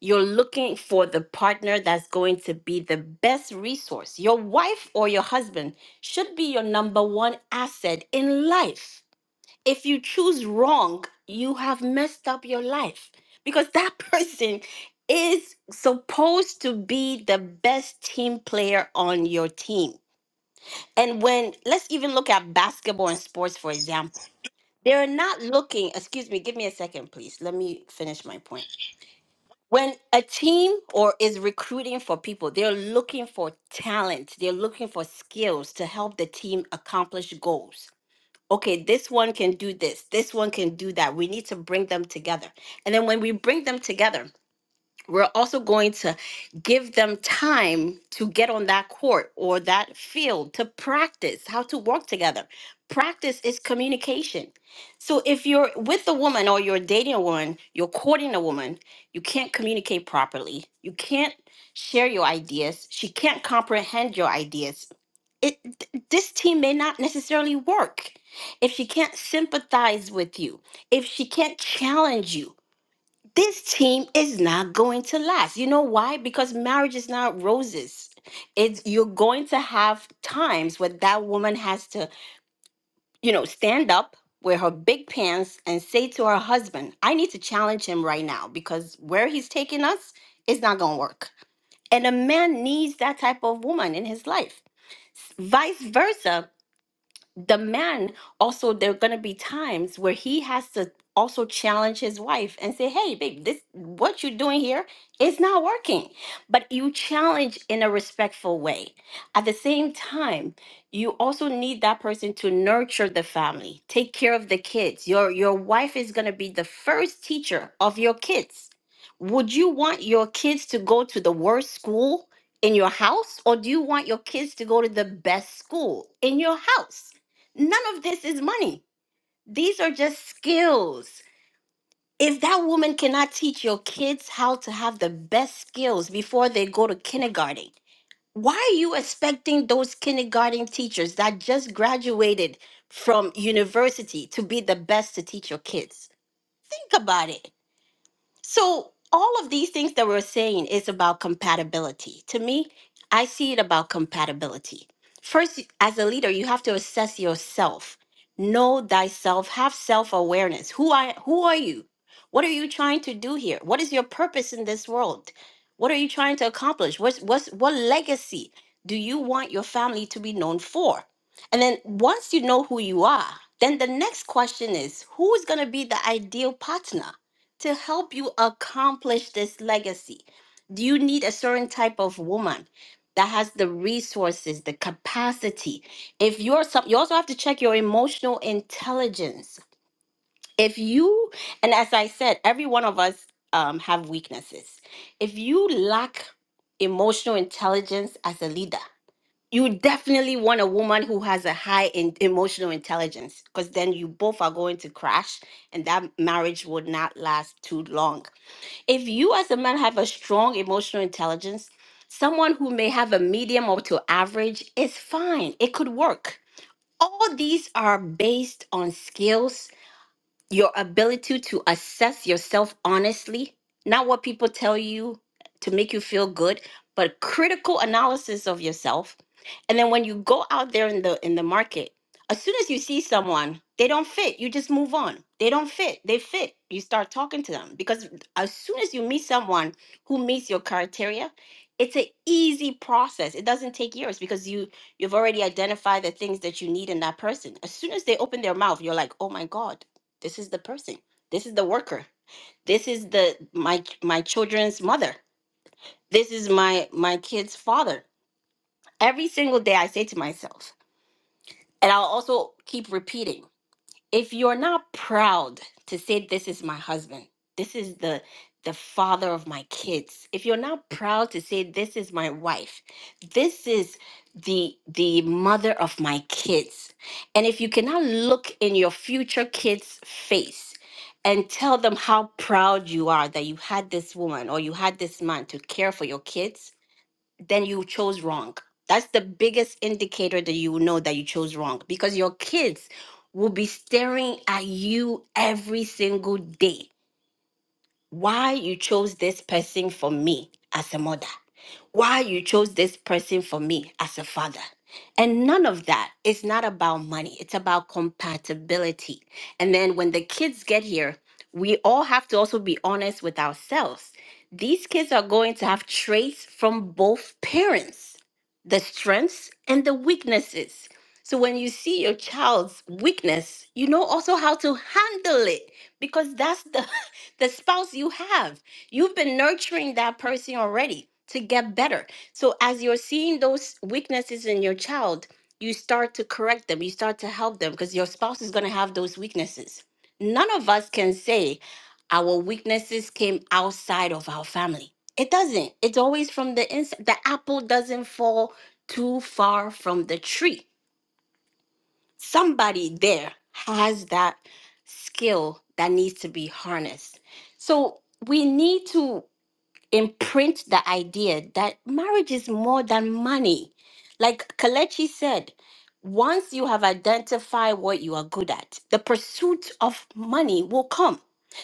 Speaker 1: You're looking for the partner that's going to be the best resource. Your wife or your husband should be your number one asset in life. If you choose wrong, you have messed up your life because that person is supposed to be the best team player on your team. And when let's even look at basketball and sports for example they're not looking, excuse me, give me a second, please. Let me finish my point. When a team or is recruiting for people, they're looking for talent. They're looking for skills to help the team accomplish goals. Okay, this one can do this. This one can do that. We need to bring them together. And then when we bring them together, we're also going to give them time to get on that court or that field to practice how to work together. Practice is communication. So if you're with a woman or you're dating a woman, you're courting a woman, you can't communicate properly. You can't share your ideas. She can't comprehend your ideas. It th- this team may not necessarily work if she can't sympathize with you, if she can't challenge you this team is not going to last. You know why? Because marriage is not roses. It's you're going to have times where that woman has to, you know, stand up with her big pants and say to her husband, I need to challenge him right now because where he's taking us is not going to work. And a man needs that type of woman in his life. Vice versa, the man also there are going to be times where he has to also challenge his wife and say hey babe this what you're doing here is not working but you challenge in a respectful way at the same time you also need that person to nurture the family take care of the kids your your wife is going to be the first teacher of your kids would you want your kids to go to the worst school in your house or do you want your kids to go to the best school in your house None of this is money. These are just skills. If that woman cannot teach your kids how to have the best skills before they go to kindergarten, why are you expecting those kindergarten teachers that just graduated from university to be the best to teach your kids? Think about it. So all of these things that we're saying is about compatibility. To me, I see it about compatibility. First, as a leader, you have to assess yourself. Know thyself, have self-awareness. Who I who are you? What are you trying to do here? What is your purpose in this world? What are you trying to accomplish? What's what's what legacy do you want your family to be known for? And then once you know who you are, then the next question is who is going to be the ideal partner? to help you accomplish this legacy? Do you need a certain type of woman that has the resources, the capacity? If you're some, you also have to check your emotional intelligence. If you, and as I said, every one of us um, have weaknesses. If you lack emotional intelligence as a leader, you definitely want a woman who has a high in emotional intelligence because then you both are going to crash and that marriage would not last too long if you as a man have a strong emotional intelligence, someone who may have a medium up to average is fine. It could work. All these are based on skills your ability to assess yourself honestly, not what people tell you to make you feel good, but critical analysis of yourself. And then when you go out there in the in the market, as soon as you see someone, they don't fit, you just move on. They don't fit, they fit. You start talking to them because as soon as you meet someone who meets your criteria, it's an easy process. It doesn't take years because you you've already identified the things that you need in that person. As soon as they open their mouth, you're like, "Oh my god, this is the person. This is the worker. This is the my my children's mother. This is my my kid's father. Every single day I say to myself, and I'll also keep repeating if you're not proud to say this is my husband this is the the father of my kids if you're not proud to say this is my wife this is the the mother of my kids and if you cannot look in your future kids face and tell them how proud you are that you had this woman or you had this man to care for your kids then you chose wrong. That's the biggest indicator that you will know that you chose wrong because your kids will be staring at you every single day why you chose this person for me as a mother, why you chose this person for me as a father. And none of that is not about money, it's about compatibility. And then when the kids get here, we all have to also be honest with ourselves. These kids are going to have traits from both parents, the strengths and the weaknesses. So when you see your child's weakness, you know also how to handle it because that's the the spouse you have. You've been nurturing that person already to get better. So as you're seeing those weaknesses in your child, you start to correct them, you start to help them because your spouse is going to have those weaknesses. None of us can say our weaknesses came outside of our family. It doesn't. It's always from the inside. The apple doesn't fall too far from the tree somebody there has that skill that needs to be harnessed. So we need to imprint the idea that marriage is more than money. Like Kalechi said, once you have identified what you are good at, the pursuit of money will come.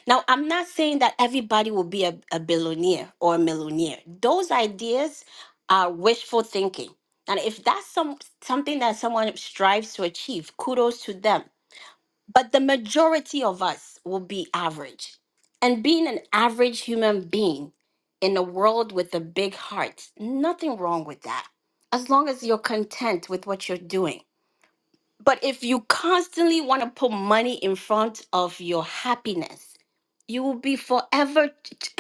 Speaker 1: Now, I'm not saying that everybody will be a, a billionaire or a millionaire. Those ideas are wishful thinking. And if that's some something that someone strives to achieve, kudos to them but the majority of us will be average. And being an average human being in a world with a big heart, nothing wrong with that, as long as you're content with what you're doing. But if you constantly want to put money in front of your happiness, you will be forever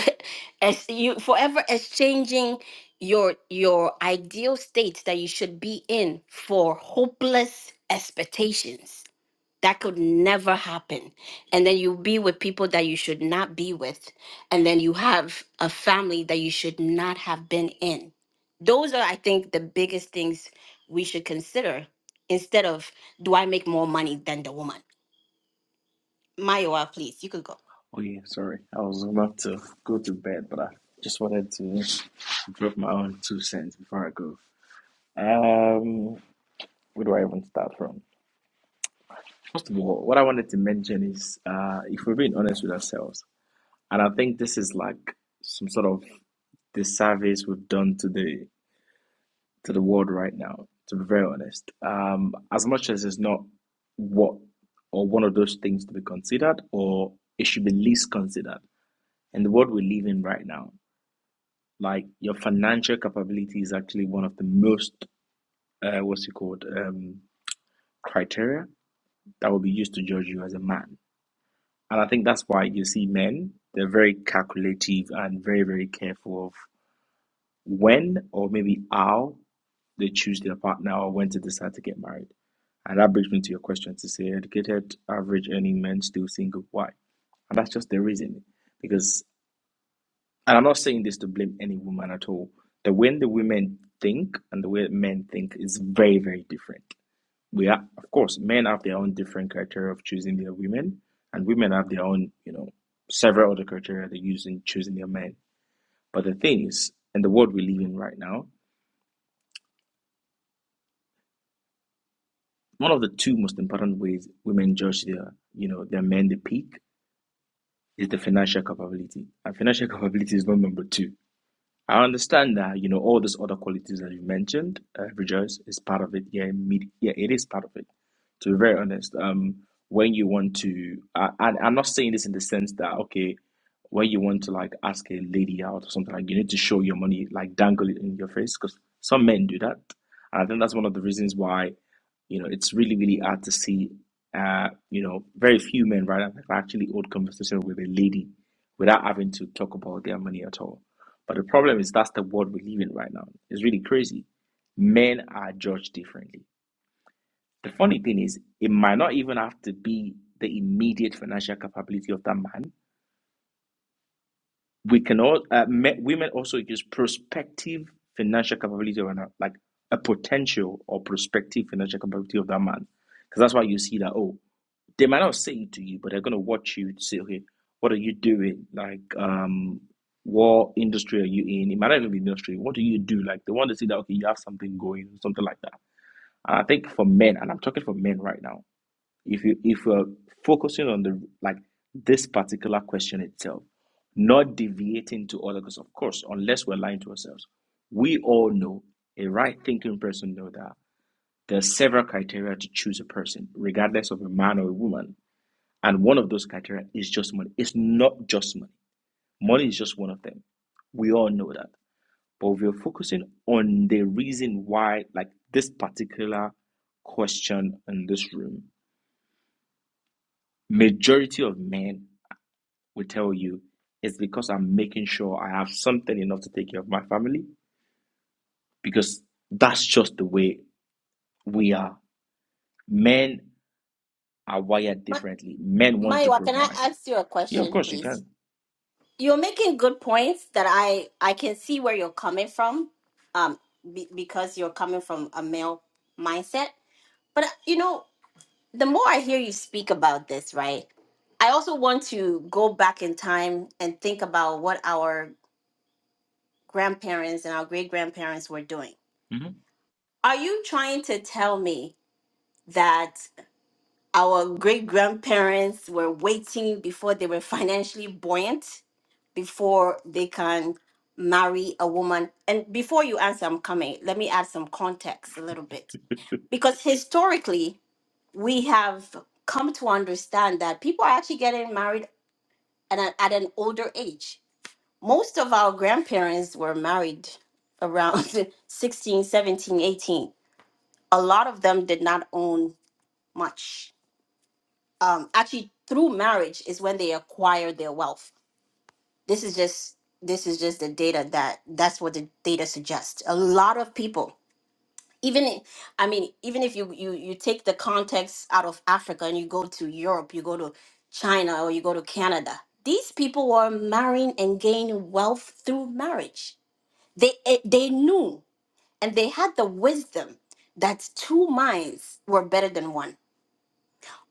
Speaker 1: ex- you forever exchanging your your ideal state that you should be in for hopeless expectations that could never happen. And then you be with people that you should not be with. And then you have a family that you should not have been in. Those are, I think, the biggest things we should consider instead of do I make more money than the woman? Maiwa, please, you could go.
Speaker 15: Oh yeah, sorry. I was about to go to bed, but I just wanted to drop my own two cents before I go. Um, where do I even start from? First of all, what I wanted to mention is, uh, if we're being honest with ourselves, and I think this is like some sort of disservice we've done to the to the world right now. To be very honest, um, as much as it's not what or one of those things to be considered, or it should be least considered in the world we live in right now. like your financial capability is actually one of the most uh, what's it called um, criteria that will be used to judge you as a man and i think that's why you see men they're very calculative and very very careful of when or maybe how they choose their partner or when to decide to get married and that brings me to your question to say educated average earning men still single why and that's just the reason. Because and I'm not saying this to blame any woman at all. The way the women think and the way men think is very, very different. We are, of course, men have their own different criteria of choosing their women, and women have their own, you know, several other criteria they use in choosing their men. But the thing is, in the world we live in right now, one of the two most important ways women judge their, you know, their men they pick is the financial capability, and financial capability is not number two I understand that, you know, all these other qualities that you mentioned, uh, rejoice is part of it. Yeah, med- yeah, it is part of it. To be very honest, um, when you want to, I, I, I'm not saying this in the sense that, okay, when you want to like ask a lady out or something, like you need to show your money, like dangle it in your face, because some men do that. And I think that's one of the reasons why, you know, it's really, really hard to see, uh, you know, very few men, right, have actually hold conversation with a lady without having to talk about their money at all but the problem is that's the world we live in right now. It's really crazy. Men are judged differently. The funny thing is, it might not even have to be the immediate financial capability of that man. We can all uh, me- women also use prospective financial capability of an, like a potential or prospective financial capability of that man, because that's why you see that. Oh. They might not say it to you, but they're gonna watch you to say, okay, what are you doing? Like, um, what industry are you in? It might not even be industry. What do you do? Like, they want to see that okay, you have something going, something like that. And I think for men, and I'm talking for men right now, if you if you're focusing on the like this particular question itself, not deviating to other, because of course, unless we're lying to ourselves, we all know a right thinking person know that there are several criteria to choose a person, regardless of a man or a woman. And one of those criteria is just money. It's not just money. Money is just one of them. We all know that. But we are focusing on the reason why, like this particular question in this room, majority of men will tell you it's because I'm making sure I have something enough to take care of my family. Because that's just the way we are. Men are wired
Speaker 1: Ma-
Speaker 15: differently. Men want to
Speaker 1: Maiwa, can I
Speaker 15: provide.
Speaker 1: ask you a
Speaker 15: Yeah, of
Speaker 1: question,
Speaker 15: course you
Speaker 1: please?
Speaker 15: can.
Speaker 1: You're making good points that I I can see where you're coming from, um, be, because you're coming from a male mindset. But uh, you know, the more I hear you speak about this, right, I also want to go back in time and think about what our grandparents and our great grandparents were doing.
Speaker 15: hmm
Speaker 1: Are you trying to tell me that our great grandparents were waiting before they were financially buoyant before they can marry a woman? And before you answer, I'm coming. Let me add some context a little bit. Because historically, we have come to understand that people are actually getting married at an, at an older age. Most of our grandparents were married around 16, 17, 18. A lot of them did not own much. Um, actually, through marriage is when they acquired their wealth. This is just this is just the data that that's what the data suggests. A lot of people even i- i mean even if you you you take the context out of africa and you go to europe you go to china or you go to canada these people were marrying and gaining wealth through marriage they eh, they knew and they had the wisdom that two minds were better than one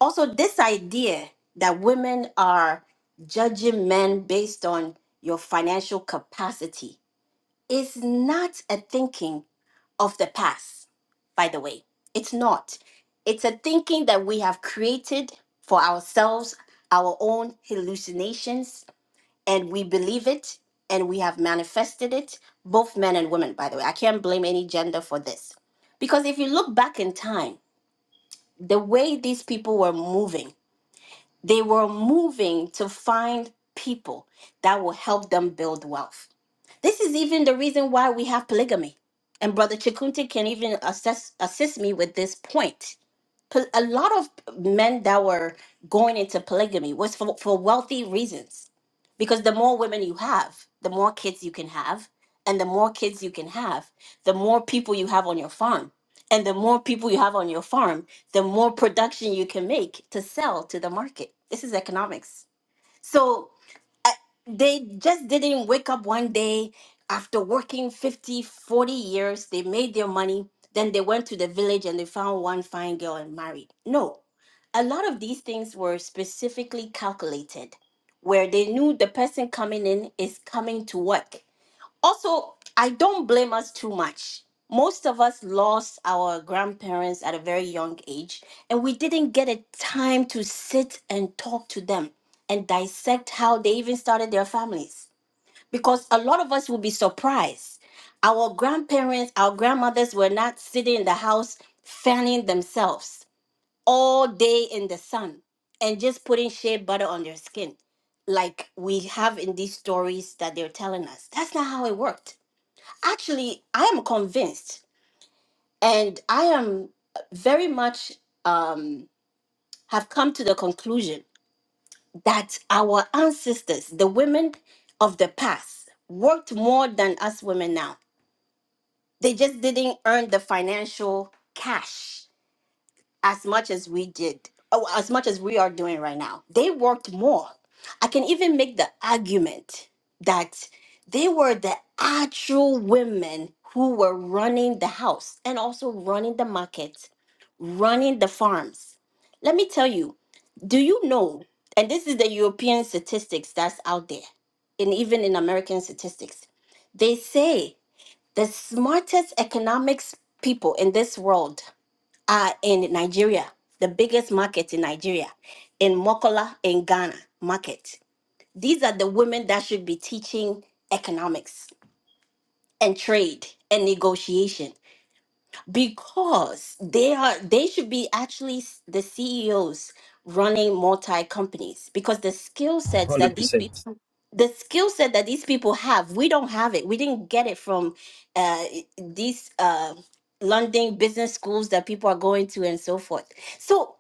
Speaker 1: also this idea that women are judging men based on your financial capacity is not a thinking of the past, by the way. It's not. It's a thinking that we have created for ourselves, our own hallucinations, and we believe it and we have manifested it, both men and women, by the way. I can't blame any gender for this. Because if you look back in time, the way these people were moving, they were moving to find people that will help them build wealth. This is even the reason why we have polygamy. And Brother Chikunte can even assess, assist me with this point pol- a lot of men that were going into polygamy was for, for wealthy reasons because the more women you have the more kids you can have and the more kids you can have the more people you have on your farm and the more people you have on your farm the more production you can make to sell to the market this is economics so I- they just didn't wake up one day after working 50, forty years. They made their money. Then they went to the village and they found one fine girl and married. No, a lot of these things were specifically calculated where they knew the person coming in is coming to work also i don't blame us too much most of us lost our grandparents at a very young age and we didn't get a time to sit and talk to them and dissect how they even started their families because a lot of us will be surprised our grandparents our grandmothers were not sitting in the house fanning themselves all day in the sun and just putting shea butter on their skin like we have in these stories that they're telling us that's not how it worked actually i am convinced and i am very much um have come to the conclusion that our ancestors the women of the past worked more than us women now they just didn't earn the financial cash as much as we did, oh, as much as we are doing right now. They worked more. I can even make the argument that they were the actual women who were running the house and also running the market, running the farms. Let me tell you, do you know, and this is the European statistics that's out there, and even in American statistics, they say the smartest economics people in this world are in Nigeria, the biggest market in Nigeria, in Mokola in Ghana market. These are the women that should be teaching economics and trade and negotiation because they are they should be actually s- the CEOs running multi companies because the skill sets
Speaker 16: one hundred
Speaker 1: that these
Speaker 16: percent.
Speaker 1: people the skill set that these people have we don't have it we didn't get it from uh, i- these uh, London business schools that people are going to and so forth so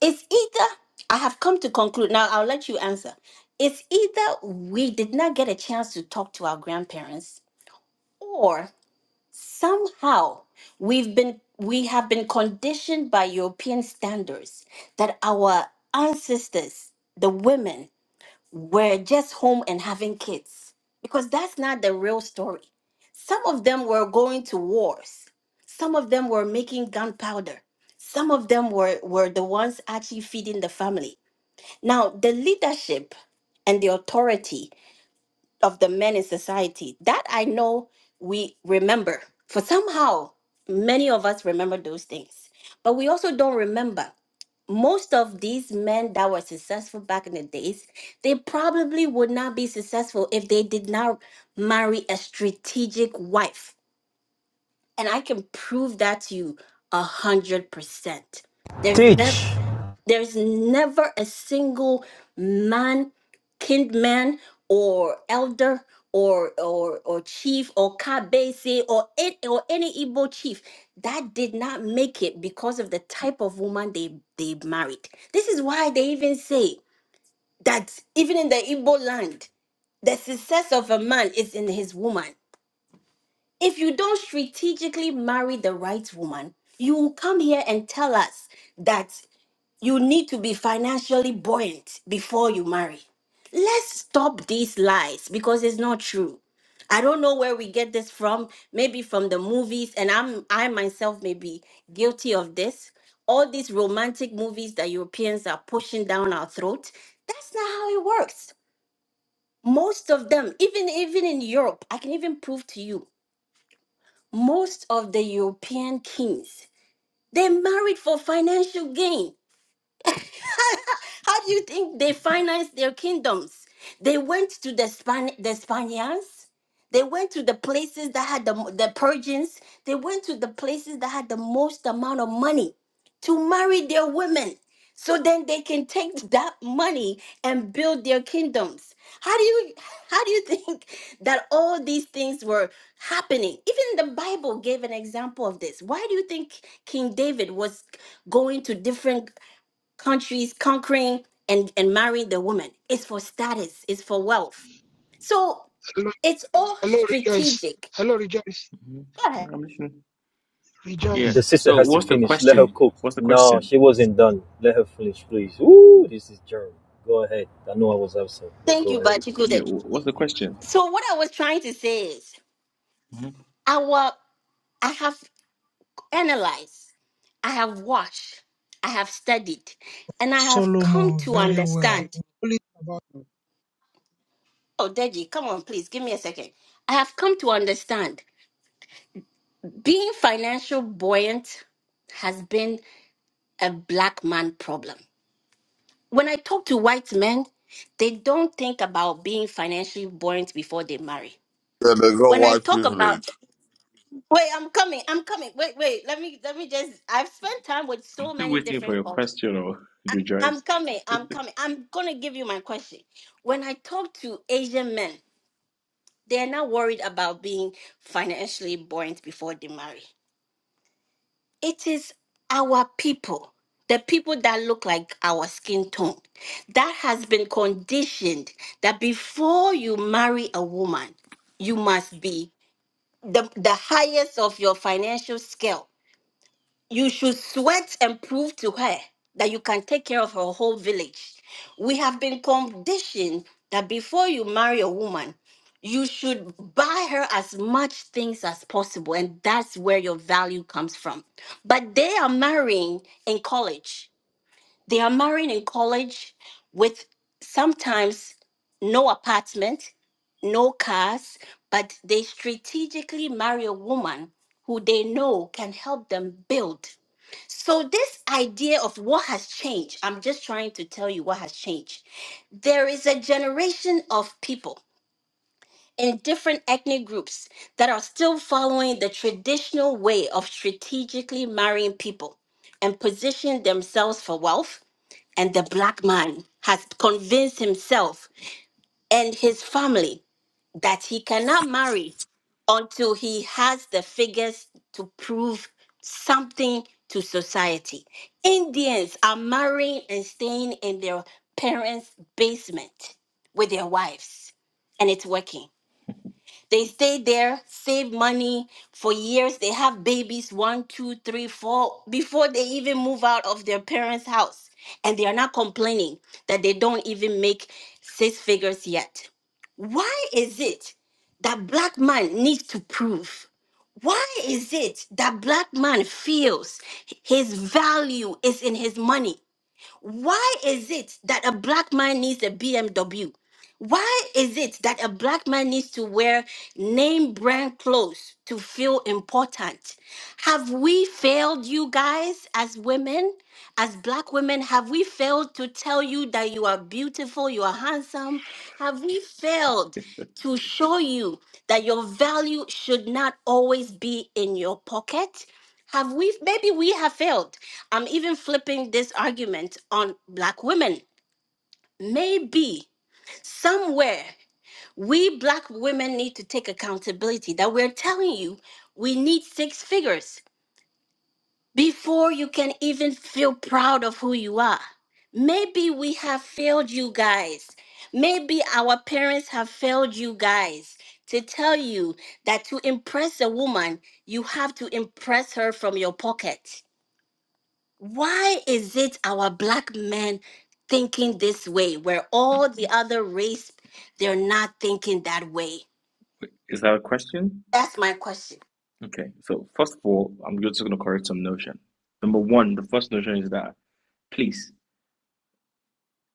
Speaker 1: it's either I have come to conclude now I'll let you answer it's either we did not get a chance to talk to our grandparents somehow we've been we have been conditioned by european standards that our ancestors the women were just home and having kids because that's not the real story some of them were going to wars some of them were making gunpowder some of them were were the ones actually feeding the family now the leadership and the authority of the men in society that i know we remember for somehow many of us remember those things but we also don't remember most of these men that were successful back in the days they probably would not be successful if they did not marry a strategic wife and i can prove that to you a hundred percent there's never
Speaker 16: Teach.
Speaker 1: there's never a single man, kindman, or elder, or or or chief, or kabese, or any, or any Igbo chief that did not make it because of the type of woman they they married. This is why they even say that even in the Igbo land, the success of a man is in his woman. If you don't strategically marry the right woman, you will come here and tell us that you need to be financially buoyant before you marry. Let's stop these lies because it's not true. I don't know where we get this from, maybe from the movies and I'm I myself may be guilty of this. All these romantic movies that Europeans are pushing down our throat, that's not how it works. Most of them, even even in Europe, I can even prove to you, most of the European kings, they married for financial gain How do you think they financed their kingdoms? They went to the Span the Spaniards. They went to the places that had the the Persians. They went to the places that had the most amount of money to marry their women. So then they can take that money and build their kingdoms. How do you how do you think that all these things were happening? Even the Bible gave an example of this. Why do you think King David was going to different countries conquering and, and marrying the woman. It's for status, it's for wealth. So
Speaker 17: Hello,
Speaker 1: it's all
Speaker 17: hello, rejoice.
Speaker 1: strategic.
Speaker 17: Hello, rejoice.
Speaker 15: hmm
Speaker 1: Go ahead.
Speaker 15: I'm listening. Yeah.
Speaker 16: The
Speaker 17: Rejoice.
Speaker 16: sister
Speaker 15: So
Speaker 16: has to
Speaker 15: what's the
Speaker 16: finish. Let her
Speaker 15: question?
Speaker 16: cook.
Speaker 15: What's the
Speaker 16: No,
Speaker 15: question?
Speaker 16: she wasn't done. Let her finish, please. Ooh, this is germ. Go ahead. I know I was absent, but
Speaker 1: Thank you,
Speaker 16: go ahead.
Speaker 1: Bachikude.
Speaker 15: Yeah. wh- What's the question?
Speaker 1: So what I was trying to say is
Speaker 15: hmm
Speaker 1: our I have analyzed, I have watched, I have studied, and I have come
Speaker 17: Solomon
Speaker 1: to
Speaker 17: very well.
Speaker 1: understand.
Speaker 17: We about
Speaker 1: Oh, Deji, come on, please give me a second. I have come to understand being financial buoyant has been a black man problem when I talk to white men, they don't think about being financially buoyant before they marry.
Speaker 8: Yeah, they got
Speaker 1: When I
Speaker 8: white
Speaker 1: talk about
Speaker 8: privilege.
Speaker 1: wait, I'm coming, I'm coming. Wait, wait, let me let me just I've spent time with
Speaker 15: I'm
Speaker 1: so
Speaker 15: still
Speaker 1: many
Speaker 15: waiting for
Speaker 1: different
Speaker 15: your
Speaker 1: cultures.
Speaker 15: question, or
Speaker 1: I'm
Speaker 15: Joyce.
Speaker 1: coming, I'm coming. I'm gonna give you my question. When I talk to Asian men, they're not worried about being financially buoyant before they marry. it is our people the people that look like our skin tone that has been conditioned that before you marry a woman you must be the, the highest of your financial scale you should sweat and prove to her that you can take care of her whole village. We have been conditioned that before you marry a woman, you should buy her as much things as possible, and that's where your value comes from. But they are marrying in college. They are marrying in college with sometimes no apartment, no cars, but they strategically marry a woman who they know can help them build. So, this idea of what has changed, I'm just trying to tell you what has changed. There is a generation of people in different ethnic groups that are still following the traditional way of strategically marrying people and position themselves for wealth. And the black man has convinced himself and his family that he cannot marry until he has the figures to prove something to society. Indians are marrying and staying in their parents' basement with their wives, and it's working. They stay there, save money for years. They have babies one, two, three, four before they even move out of their parents' house. And they are not complaining that they don't even make six figures yet. Why is it that black man needs to prove? Why is it that black man feels his value is in his money? Why is it that a black man needs a BMW? Why is it that a black man needs to wear name brand clothes to feel important? Have we failed you guys as women, as black women? Have we failed to tell you that you are beautiful, you are handsome? Have we failed to show you that your value should not always be in your pocket? Have we, maybe we have failed I'm even flipping this argument on black women. Maybe somewhere we black women need to take accountability that we're telling you we need six figures before you can even feel proud of who you are. Maybe we have failed you guys. Maybe our parents have failed you guys to tell you that to impress a woman, you have to impress her from your pocket why is it our black men thinking this way where all the other race they're not thinking that way
Speaker 15: Is that a question?
Speaker 1: that's my question
Speaker 15: Okay. So first of all, I'm just going to correct some notion. Number one, the first notion is that please,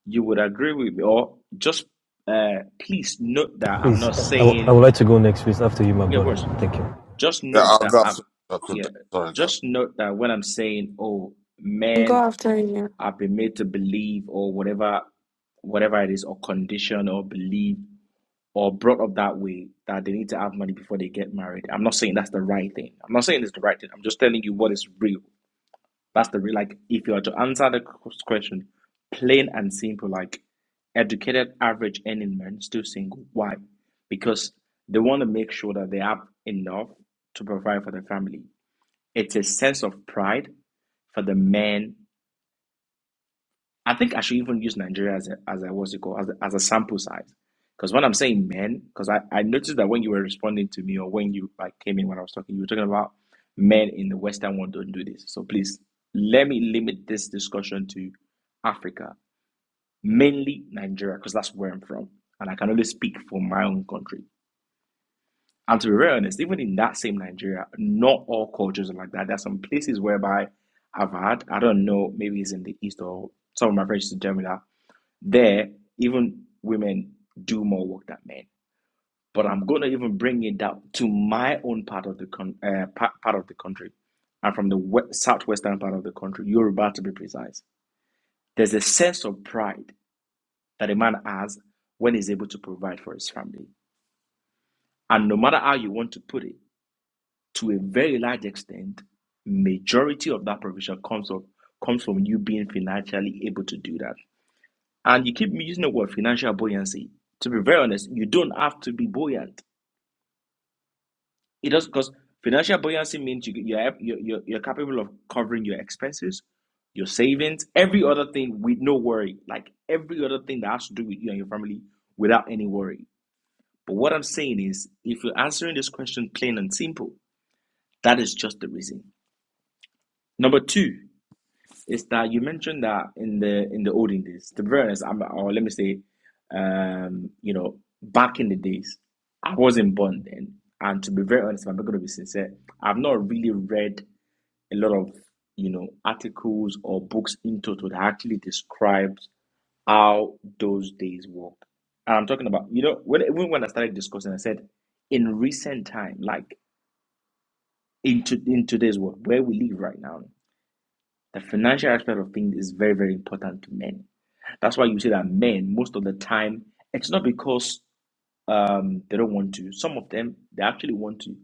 Speaker 15: you would agree with me, or just uh, please note that I'm
Speaker 16: Please,
Speaker 15: not
Speaker 16: I w I would
Speaker 15: saying.
Speaker 16: would like to go next, please. After you, my
Speaker 15: Yeah, of
Speaker 16: brother.
Speaker 15: course.
Speaker 16: Thank you.
Speaker 15: Just
Speaker 8: Yeah,
Speaker 15: note
Speaker 8: I'll
Speaker 15: that
Speaker 8: go.
Speaker 15: I'm.
Speaker 8: after-
Speaker 15: Yeah.
Speaker 8: Sorry, God.
Speaker 15: Just note that when I'm saying, oh,
Speaker 18: Go
Speaker 15: men
Speaker 18: after you.
Speaker 15: I've been made to believe or whatever whatever it is or condition or believe or brought up that way that they need to have money before they get married. I'm not saying that's the right thing. I'm not saying it's the right thing. I'm just telling you what is real. That's the real like if you are to answer the question plain and simple like educated average earning men still single. Why? Because they want to make sure that they have enough to provide for their family. It's a sense of pride for the men I think I should even use Nigeria as a, as a what's it called as a, as a sample size. Because when I'm saying men, because I, I noticed that when you were responding to me or when you like came in when I was talking, you were talking about men in the Western world don't do this. So please let me limit this discussion to Africa, mainly Nigeria, because that's where I'm from, and I can only speak for my own country. And to be very honest, even in that same Nigeria, not all cultures are like that. There's some places whereby I've had, I don't know, maybe it's in the east or some of my friends in to that there, even women do more work than men. But I'm going to even bring it down to my own part of the con- uh, pa- part of the country. I'm from the we- southwestern part of the country. You're about to be precise. There's a sense of pride that a man has when he's able to provide for his family. And no matter how you want to put it, to a very large extent, majority of that provision comes of comes from you being financially able to do that. And you keep using the word financial buoyancy. To be very honest, you don't have to be buoyant. It does because financial buoyancy means you, you're, you're, you're you're capable of covering your expenses, your savings, every other thing with no worry. Like every other thing that has to do with you and your family without any worry. But what I'm saying is, if you're answering this question plain and simple, that is just the reason. Number two, is that you mentioned that in the in the olden days, to be honest, I'm, or let me say, um, you know, back in the days, I wasn't born then, and to be very honest, if I'm not going to be sincere, I've not really read a lot of you know articles or books in total that actually describes how those days work. And I'm talking about, you know, when even when I started discussing, I said in recent time, like into in today's world, where we live right now. The financial aspect of things is very, very important to men. That's why you see that men, most of the time, it's not because um, they don't want to. Some of them, they actually want to,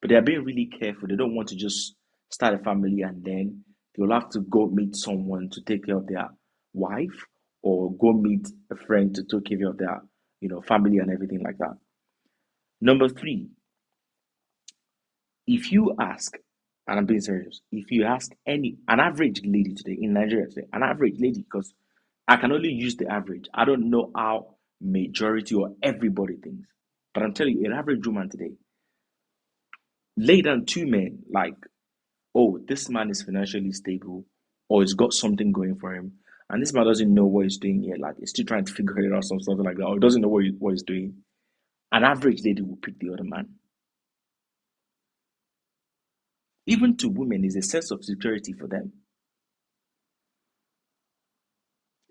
Speaker 15: but they are being really careful. They don't want to just start a family and then they'll have to go meet someone to take care of their wife or go meet a friend to take care of their, you know, family and everything like that. Number three, If you ask, and I'm being serious, if you ask any an average lady today in Nigeria today, an average lady, because I can only use the average. I don't know how majority or everybody thinks. But I'm telling you, an average woman today, lay down two men like, oh, this man is financially stable or he's got something going for him. And this man doesn't know what he's doing yet. Like, he's still trying to figure it out, some something like that, or he doesn't know what, he, what he's doing. An average lady will pick the other man. Even to women, is a sense of security for them.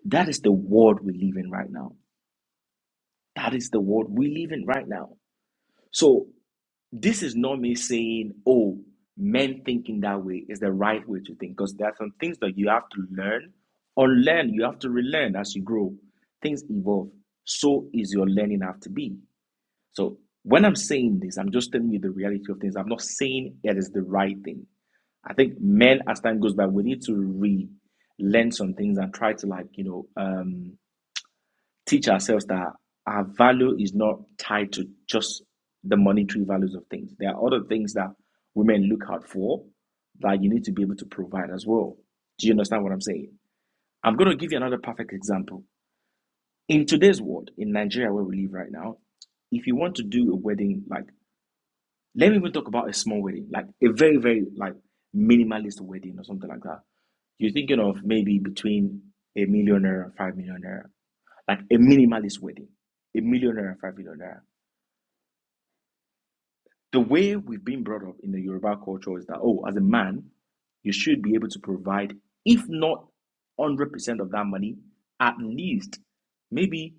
Speaker 15: That is the world we live in right now. That is the world we live in right now. So this is not me saying, oh, men thinking that way is the right way to think, because there are some things that you have to learn or learn. You have to relearn as you grow. Things evolve. So is your learning have to be. So when I'm saying this, I'm just telling you the reality of things. I'm not saying it is the right thing. I think men, as time goes by, we need to relearn some things and try to like, you know, um teach ourselves that our value is not tied to just the monetary values of things. There are other things that women look out for that you need to be able to provide as well. Do you understand what I'm saying? I'm going to give you another perfect example. In today's world, in Nigeria where we live right now, if you want to do a wedding, like let me even talk about a small wedding, like a very, very like minimalist wedding or something like that. You're thinking of maybe between a millionaire and five millionaire like a minimalist wedding, a millionaire and five millionaire. The way we've been brought up in the Yoruba culture is that, oh, as a man, you should be able to provide, if not 100% of that money, at least maybe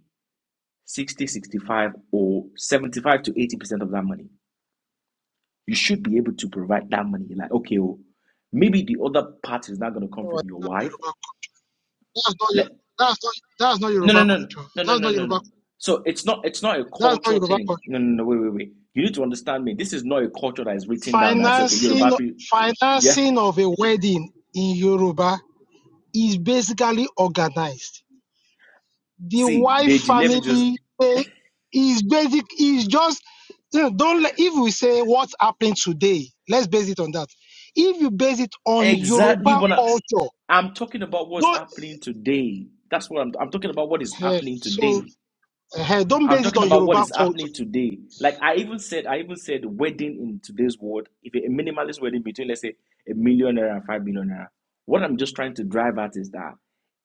Speaker 15: 60, 65, or 75 to 80% of that money. You should be able to provide that money. Like, okay, oh, maybe the other part is not going to come
Speaker 17: our
Speaker 15: from your
Speaker 17: That's not Yoruba.
Speaker 15: wife.
Speaker 17: culture. That's not your.
Speaker 15: Let.
Speaker 17: That's not. That's not
Speaker 15: No, no,
Speaker 17: Yoruba
Speaker 15: no,
Speaker 17: culture.
Speaker 15: no, no,
Speaker 17: That's
Speaker 15: no,
Speaker 17: not
Speaker 15: no,
Speaker 17: Yoruba.
Speaker 15: no. So it's not it's not a
Speaker 17: That's not
Speaker 15: cultural
Speaker 17: Yoruba
Speaker 15: thing.
Speaker 17: culture.
Speaker 15: No, no, no, wait, wait, wait. You need to understand me. This is not a culture that is written down that's okay,
Speaker 17: Financing,
Speaker 15: Yoruba people. Yeah.
Speaker 17: financing of a wedding in Yoruba is basically organized. the
Speaker 15: See,
Speaker 17: wife
Speaker 15: Deji, let me just
Speaker 17: family eh, is basic is just you know, don't let, if we say what's happening today let's base it on that if you base it on
Speaker 15: exactly
Speaker 17: yoruba
Speaker 15: what I,
Speaker 17: culture
Speaker 15: I'm talking about what's
Speaker 17: don't
Speaker 15: happening today. That's what I'm I'm talking about what is
Speaker 17: eh,
Speaker 15: happening
Speaker 17: so
Speaker 15: today.
Speaker 17: eh, don't
Speaker 15: I'm
Speaker 17: base it
Speaker 15: talking
Speaker 17: on
Speaker 15: about what
Speaker 17: yoruba
Speaker 15: is
Speaker 17: culture
Speaker 15: happening today. Like I even said, I even said wedding in today's world, if a minimalist wedding between let's say a millionaire and five billionaire, what I'm just trying to drive at is that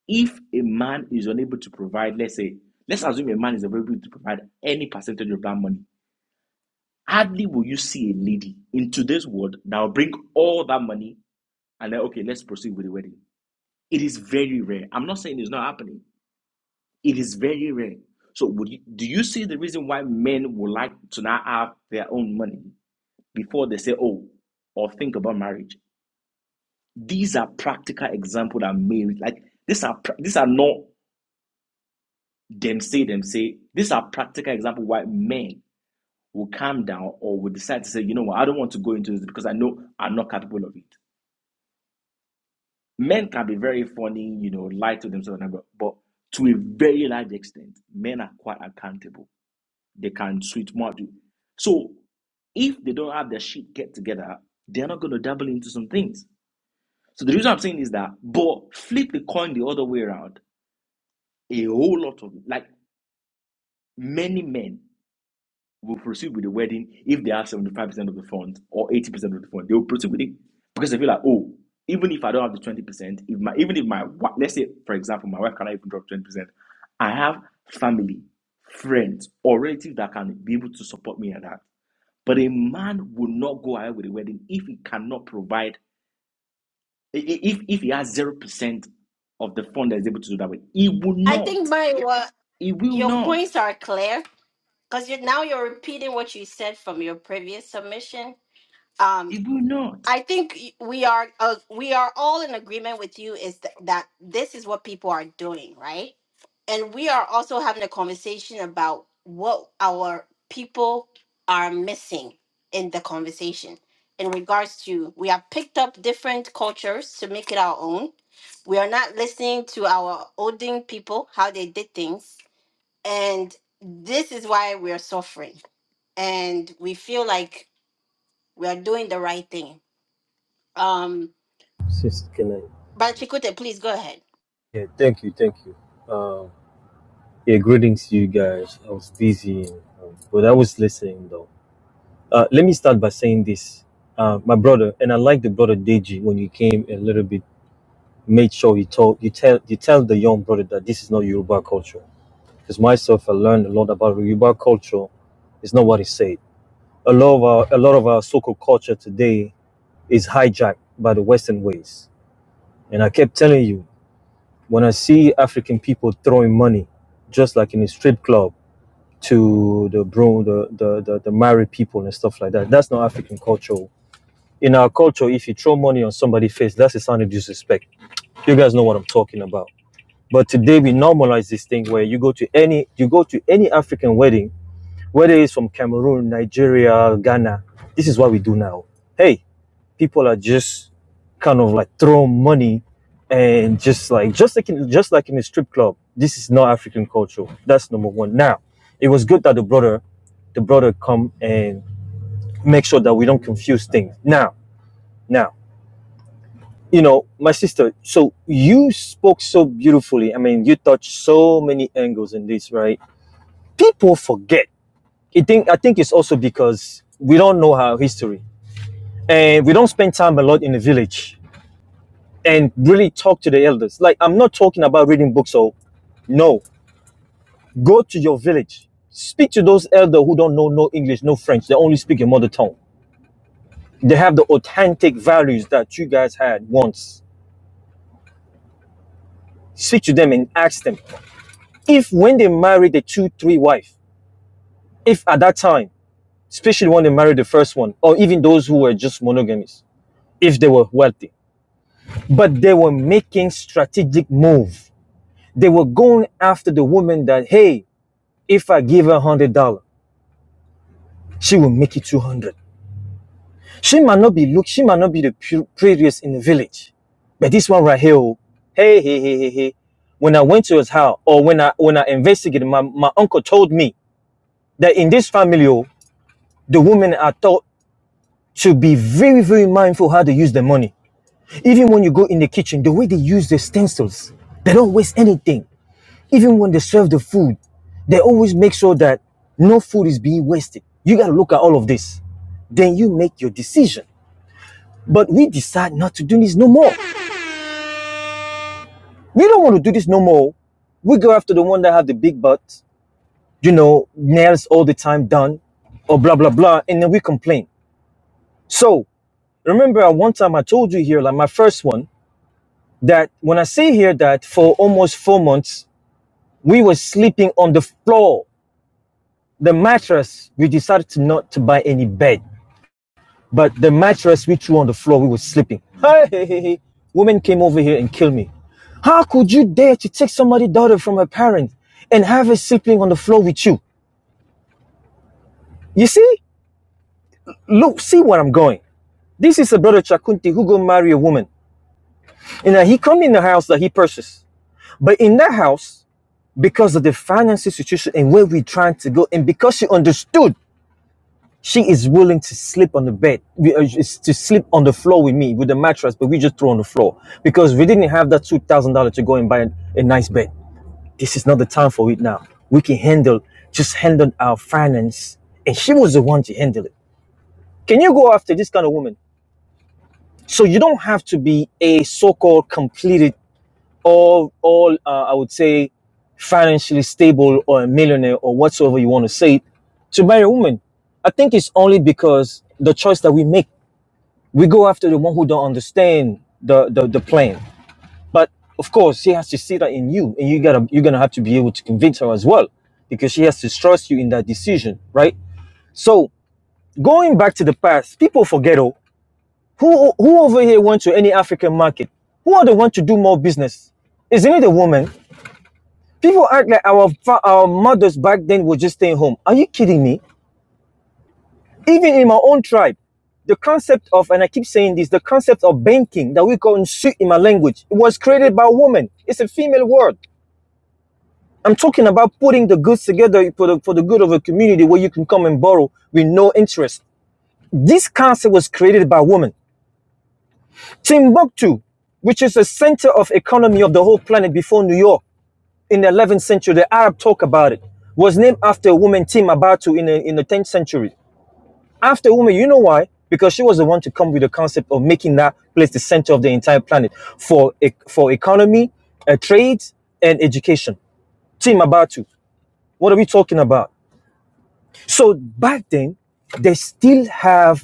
Speaker 15: if a man is unable to provide, let's say, let's assume a man is unable to provide any percentage of that money, hardly will you see a lady in today's world that will bring all that money and then okay, let's proceed with the wedding. It is very rare. I'm not saying it's not happening, it is very rare. So would you, do you see the reason why men would like to now have their own money before they say, oh, or think about marriage? These are practical examples that marriage like these are these are not them say them say these are practical examples why men will calm down or will decide to say, you know what, I don't want to go into this because I know I'm not capable of it. Men can be very funny, you know, lie to themselves, and all but to a very large extent, men are quite accountable They can sweet more. So if they don't have their shit get together, they're not going to dabble into some things. So the reason I'm saying is that, but flip the coin the other way around. A whole lot of like many men will proceed with the wedding if they have 75% of the funds or 80% of the funds. They will proceed with it because they feel like, oh, even if I don't have the 20%, if my even if my let's say for example, my wife cannot even drop 20%, I have family, friends, or relatives that can be able to support me at that. But a man will not go ahead with a wedding if he cannot provide, if, if he has 0% of the fund that is able to do that with. He will
Speaker 1: i
Speaker 15: not.
Speaker 1: think my uh,
Speaker 15: He will
Speaker 1: your
Speaker 15: not.
Speaker 1: points are clear because you now you're repeating what you said from your previous submission
Speaker 15: He will not.
Speaker 1: I think y- we are uh, we are all in agreement with you is th- that this is what people are doing, right? And we are also having a conversation about what our people are missing in the conversation in regards to we have picked up different cultures to make it our own. We are not listening to our olden people how they did things, and this is why we are suffering. And we feel like we are doing the right thing. Um,
Speaker 16: Sister, can I?
Speaker 1: But Chikute, please go ahead.
Speaker 16: Yeah, thank you, thank you. Um, yeah, greetings to you guys. I was busy, um, but I was listening though. Uh, let me start by saying this, uh, my brother, and I like the brother Deji when you came a little bit made sure you told you tell you tell the young brother that this is not Yoruba culture. Because myself, I learned a lot about Yoruba culture. It's not what it said. A lot of our a lot of our so-called culture today is hijacked by the Western ways. And I kept telling you, when I see African people throwing money, just like in a strip club, to the bro, the the the, the married people and stuff like that, that's not African culture. In our culture, if you throw money on somebody's face, that's a sign of disrespect. You guys know what I'm talking about But today we normalize this thing where you go to any you go to any African wedding, whether it's from Cameroon, Nigeria, Ghana. This is what we do now. Hey, people are just kind of like throwing money and just like just like in, just like in a strip club. This is not African culture. That's number one. Now, it was good that the brother the brother come and make sure that we don't confuse things. Now, now you know, my sister, so you spoke so beautifully. I mean, you touched so many angles in this, right? People forget. I think I think it's also because we don't know our history and we don't spend time a lot in the village and really talk to the elders. Like I'm not talking about reading books or no. Go to your village. Speak to those elders who don't know no English, no French. They only speak your mother tongue. They have the authentic values that you guys had once. Speak to them and ask them. If when they marry the two, three wife, if at that time, especially when they married the first one, or even those who were just monogamous, if they were wealthy, but they were making strategic move. They were going after the woman that, hey, if I give her one hundred dollar, she will make it two hundred. dollars. She might not be look, she might not be the prettiest in the village, but this one right here, oh, hey, hey, hey, hey, hey. When I went to his house, or when I when I investigated, my, my uncle told me that in this family, oh, the women are taught to be very, very mindful how to use the money. Even when you go in the kitchen, the way they use the stencils, they don't waste anything. Even when they serve the food, they always make sure that no food is being wasted. You got to look at all of this. Then you make your decision. But we decide not to do this no more. We don't want to do this no more. We go after the one that have the big butt, you know, nails all the time done, or blah blah blah, and then we complain. So remember, at one time I told you here, like my first one, that when I say here that for almost four months We were sleeping on the floor. The mattress, we decided to not to buy any bed, but the mattress we threw on the floor, we were sleeping. Hey, hey, hey, hey. Woman came over here and killed me. How could you dare to take somebody's daughter from her parents and have her sleeping on the floor with you? You see? Look, see where I'm going. This is a brother Chakunti who go marry a woman. And he come in the house that he purchased. But in that house, because of the financial situation and where we trying to go, and because she understood She is willing to sleep on the bed, we- uh, to sleep on the floor with me, with the mattress, but we just throw on the floor because we didn't have that two thousand dollars to go and buy a, a nice bed. This is not the time for it now. We can handle, just handle our finance, and she was the one to handle it. Can you go after this kind of woman? So you don't have to be a so-called completed, all, all, uh, I would say, financially stable or a millionaire or whatsoever you want to say to marry a woman. I think it's only because the choice that we make. we go after the one who don't understand the, the the plan but of course she has to see that in you and you gotta you're gonna have to be able to convince her as well because she has to trust you in that decision right so going back to the past people forget oh who who over here went to any african market who are the ones to do more business isn't it a woman people act like our our mothers back then were just staying home are you kidding me Even in my own tribe, the concept of, and I keep saying this, the concept of banking that we call nsu in my language, it was created by a woman. It's a female word. I'm talking about putting the goods together for the, for the good of a community where you can come and borrow with no interest. This concept was created by women. Timbuktu, which is the center of economy of the whole planet before New York in the 11th century, the Arab talk about it, was named after a woman, Timbuktu, in the, in the 10th century. after woman. You know why? Because she was the one to come with the concept of making that place the center of the entire planet for e- for economy, uh, trade, and education. Team Abatu, what are we talking about? So back then, they still have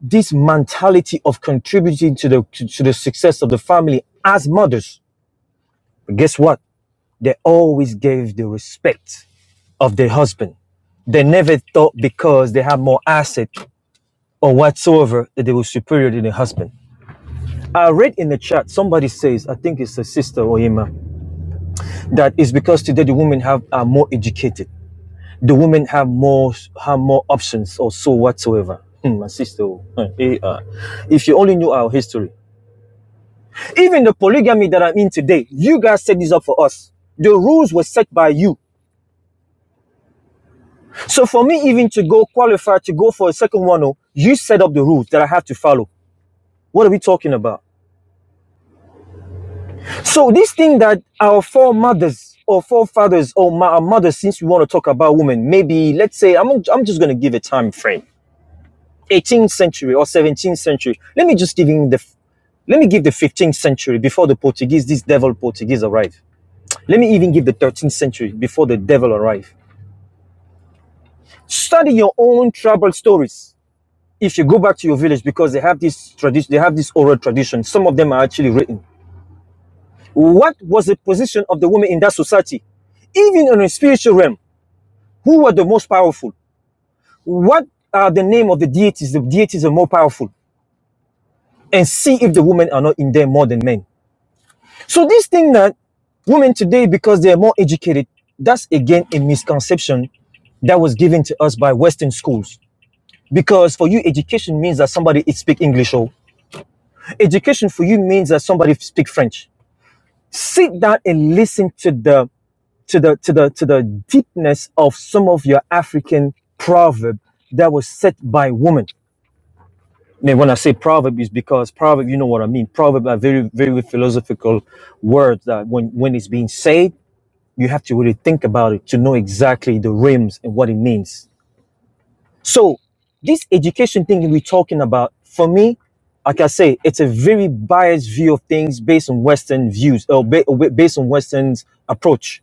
Speaker 16: this mentality of contributing to the to, to the success of the family as mothers. But guess what? They always gave the respect of their husband. They never thought because they had more asset or whatsoever that they were superior than their husband. I read in the chat somebody says, I think it's a sister or Ima, that it's because today the women have are more educated. The women have more have more options or so whatsoever. Hmm, my sister, oh, eh, eh, ah. if you only knew our history, even the polygamy that I'm in today, you guys set this up for us. The rules were set by you. So for me, even to go qualify to go for a second one, oh, you set up the rules that I have to follow. What are we talking about? So this thing that our foremothers or forefathers or our mothers, since we want to talk about women, maybe let's say I'm I'm just going to give a time frame, 18th century or 17th century. Let me just give in the let me give the 15th century before the Portuguese, this devil Portuguese arrived. Let me even give the 13th century before the devil arrived. Study your own tribal stories. If you go back to your village, because they have this tradition, they have this oral tradition. Some of them are actually written. What was the position of the woman in that society? even in a spiritual realm. Who were the most powerful? What are the name of the deities? The deities are more powerful. And see if the women are not in there more than men. So this thing that women today, because they are more educated, that's again a misconception that was given to us by Western schools. Because for you, education means that somebody speak English, or education for you means that somebody speak French. Sit down and listen to the to the to the to the deepness of some of your African proverb that was set by women. mean, when I say proverb, is because proverb, you know what I mean. Proverb are very, very philosophical words that when, when it's being said, you have to really think about it to know exactly the rims and what it means. So this education thing we're talking about, for me, like I say, it's a very biased view of things based on Western views or ba- ba- based on Western's approach.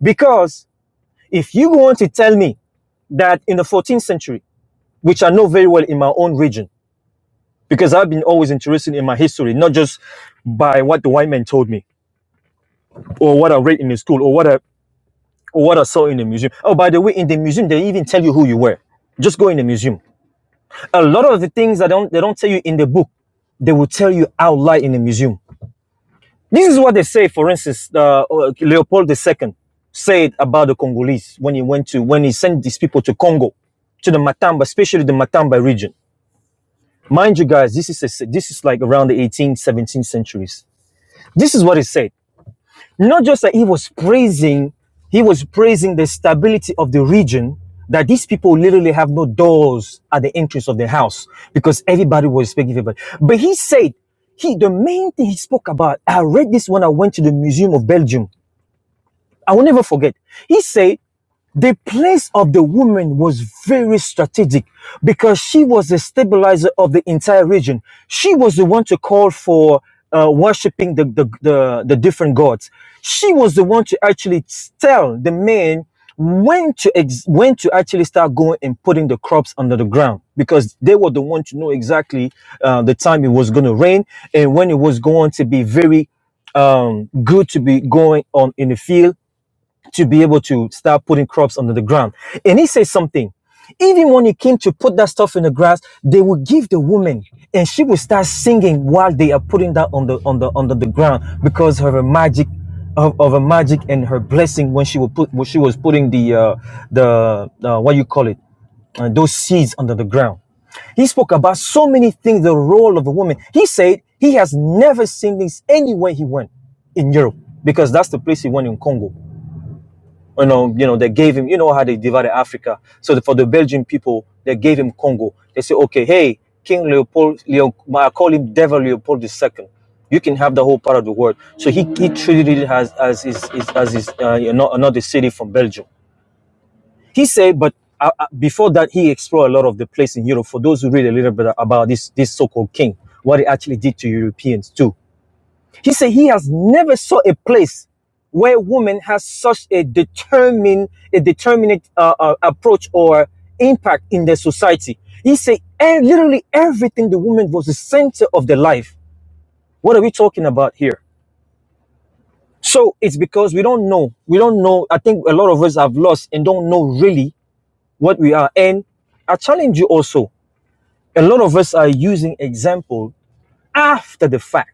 Speaker 16: Because if you want to tell me that in the 14th century, which I know very well in my own region, because I've been always interested in my history, not just by what the white man told me or what I read in the school or what I or what I saw in the museum. Oh, by the way, in the museum they even tell you who you were. Just go in the museum. A lot of the things that don't they don't tell you in the book, they will tell you out loud in the museum. This is what they say. For instance, uh, uh, Leopold II said about the Congolese when he went to when he sent these people to Congo, to the Matamba, especially the Matamba region. Mind you, guys, this is a, this is like around the 18th, 17th centuries This is what he said. Not just that he was praising, he was praising the stability of the region that these people literally have no doors at the entrance of the house because everybody was speaking to everybody. But he said, he the main thing he spoke about, I read this when I went to the Museum of Belgium. I will never forget. He said the place of the woman was very strategic because she was the stabilizer of the entire region. She was the one to call for uh, worshiping the, the, the, the different gods. She was the one to actually tell the men when to ex- when to actually start going and putting the crops under the ground because they were the one to know exactly uh, the time it was going to rain and when it was going to be very um, good to be going on in the field to be able to start putting crops under the ground. And he says something. Even when he came to put that stuff in the grass, they would give the woman, and she would start singing while they are putting that on the on the under the ground because of her magic, of, of her magic and her blessing when she would put when she was putting the uh, the uh, what you call it, uh, those seeds under the ground. He spoke about so many things, the role of a woman. He said he has never seen this anywhere he went in Europe because that's the place he went in Congo you know, you know, they gave him, you know, how they divided Africa. So the, for the Belgian people, they gave him Congo. They say, okay, hey, King Leopold, Leo, I call him Devil Leopold II. You can have the whole part of the world. So he, he treated it as as his, his as his uh, you know, another city from Belgium. He said, but uh, uh, before that, he explored a lot of the place in Europe. For those who read a little bit about this this so-called king, what he actually did to Europeans too he said he has never saw a place where woman has such a determined, a determinate uh, uh, approach or impact in the society. He said "Eh, literally everything the woman was the center of the life. What are we talking about here? So it's because we don't know. We don't know. I think a lot of us have lost and don't know really what we are. And I challenge you also. A lot of us are using example after the fact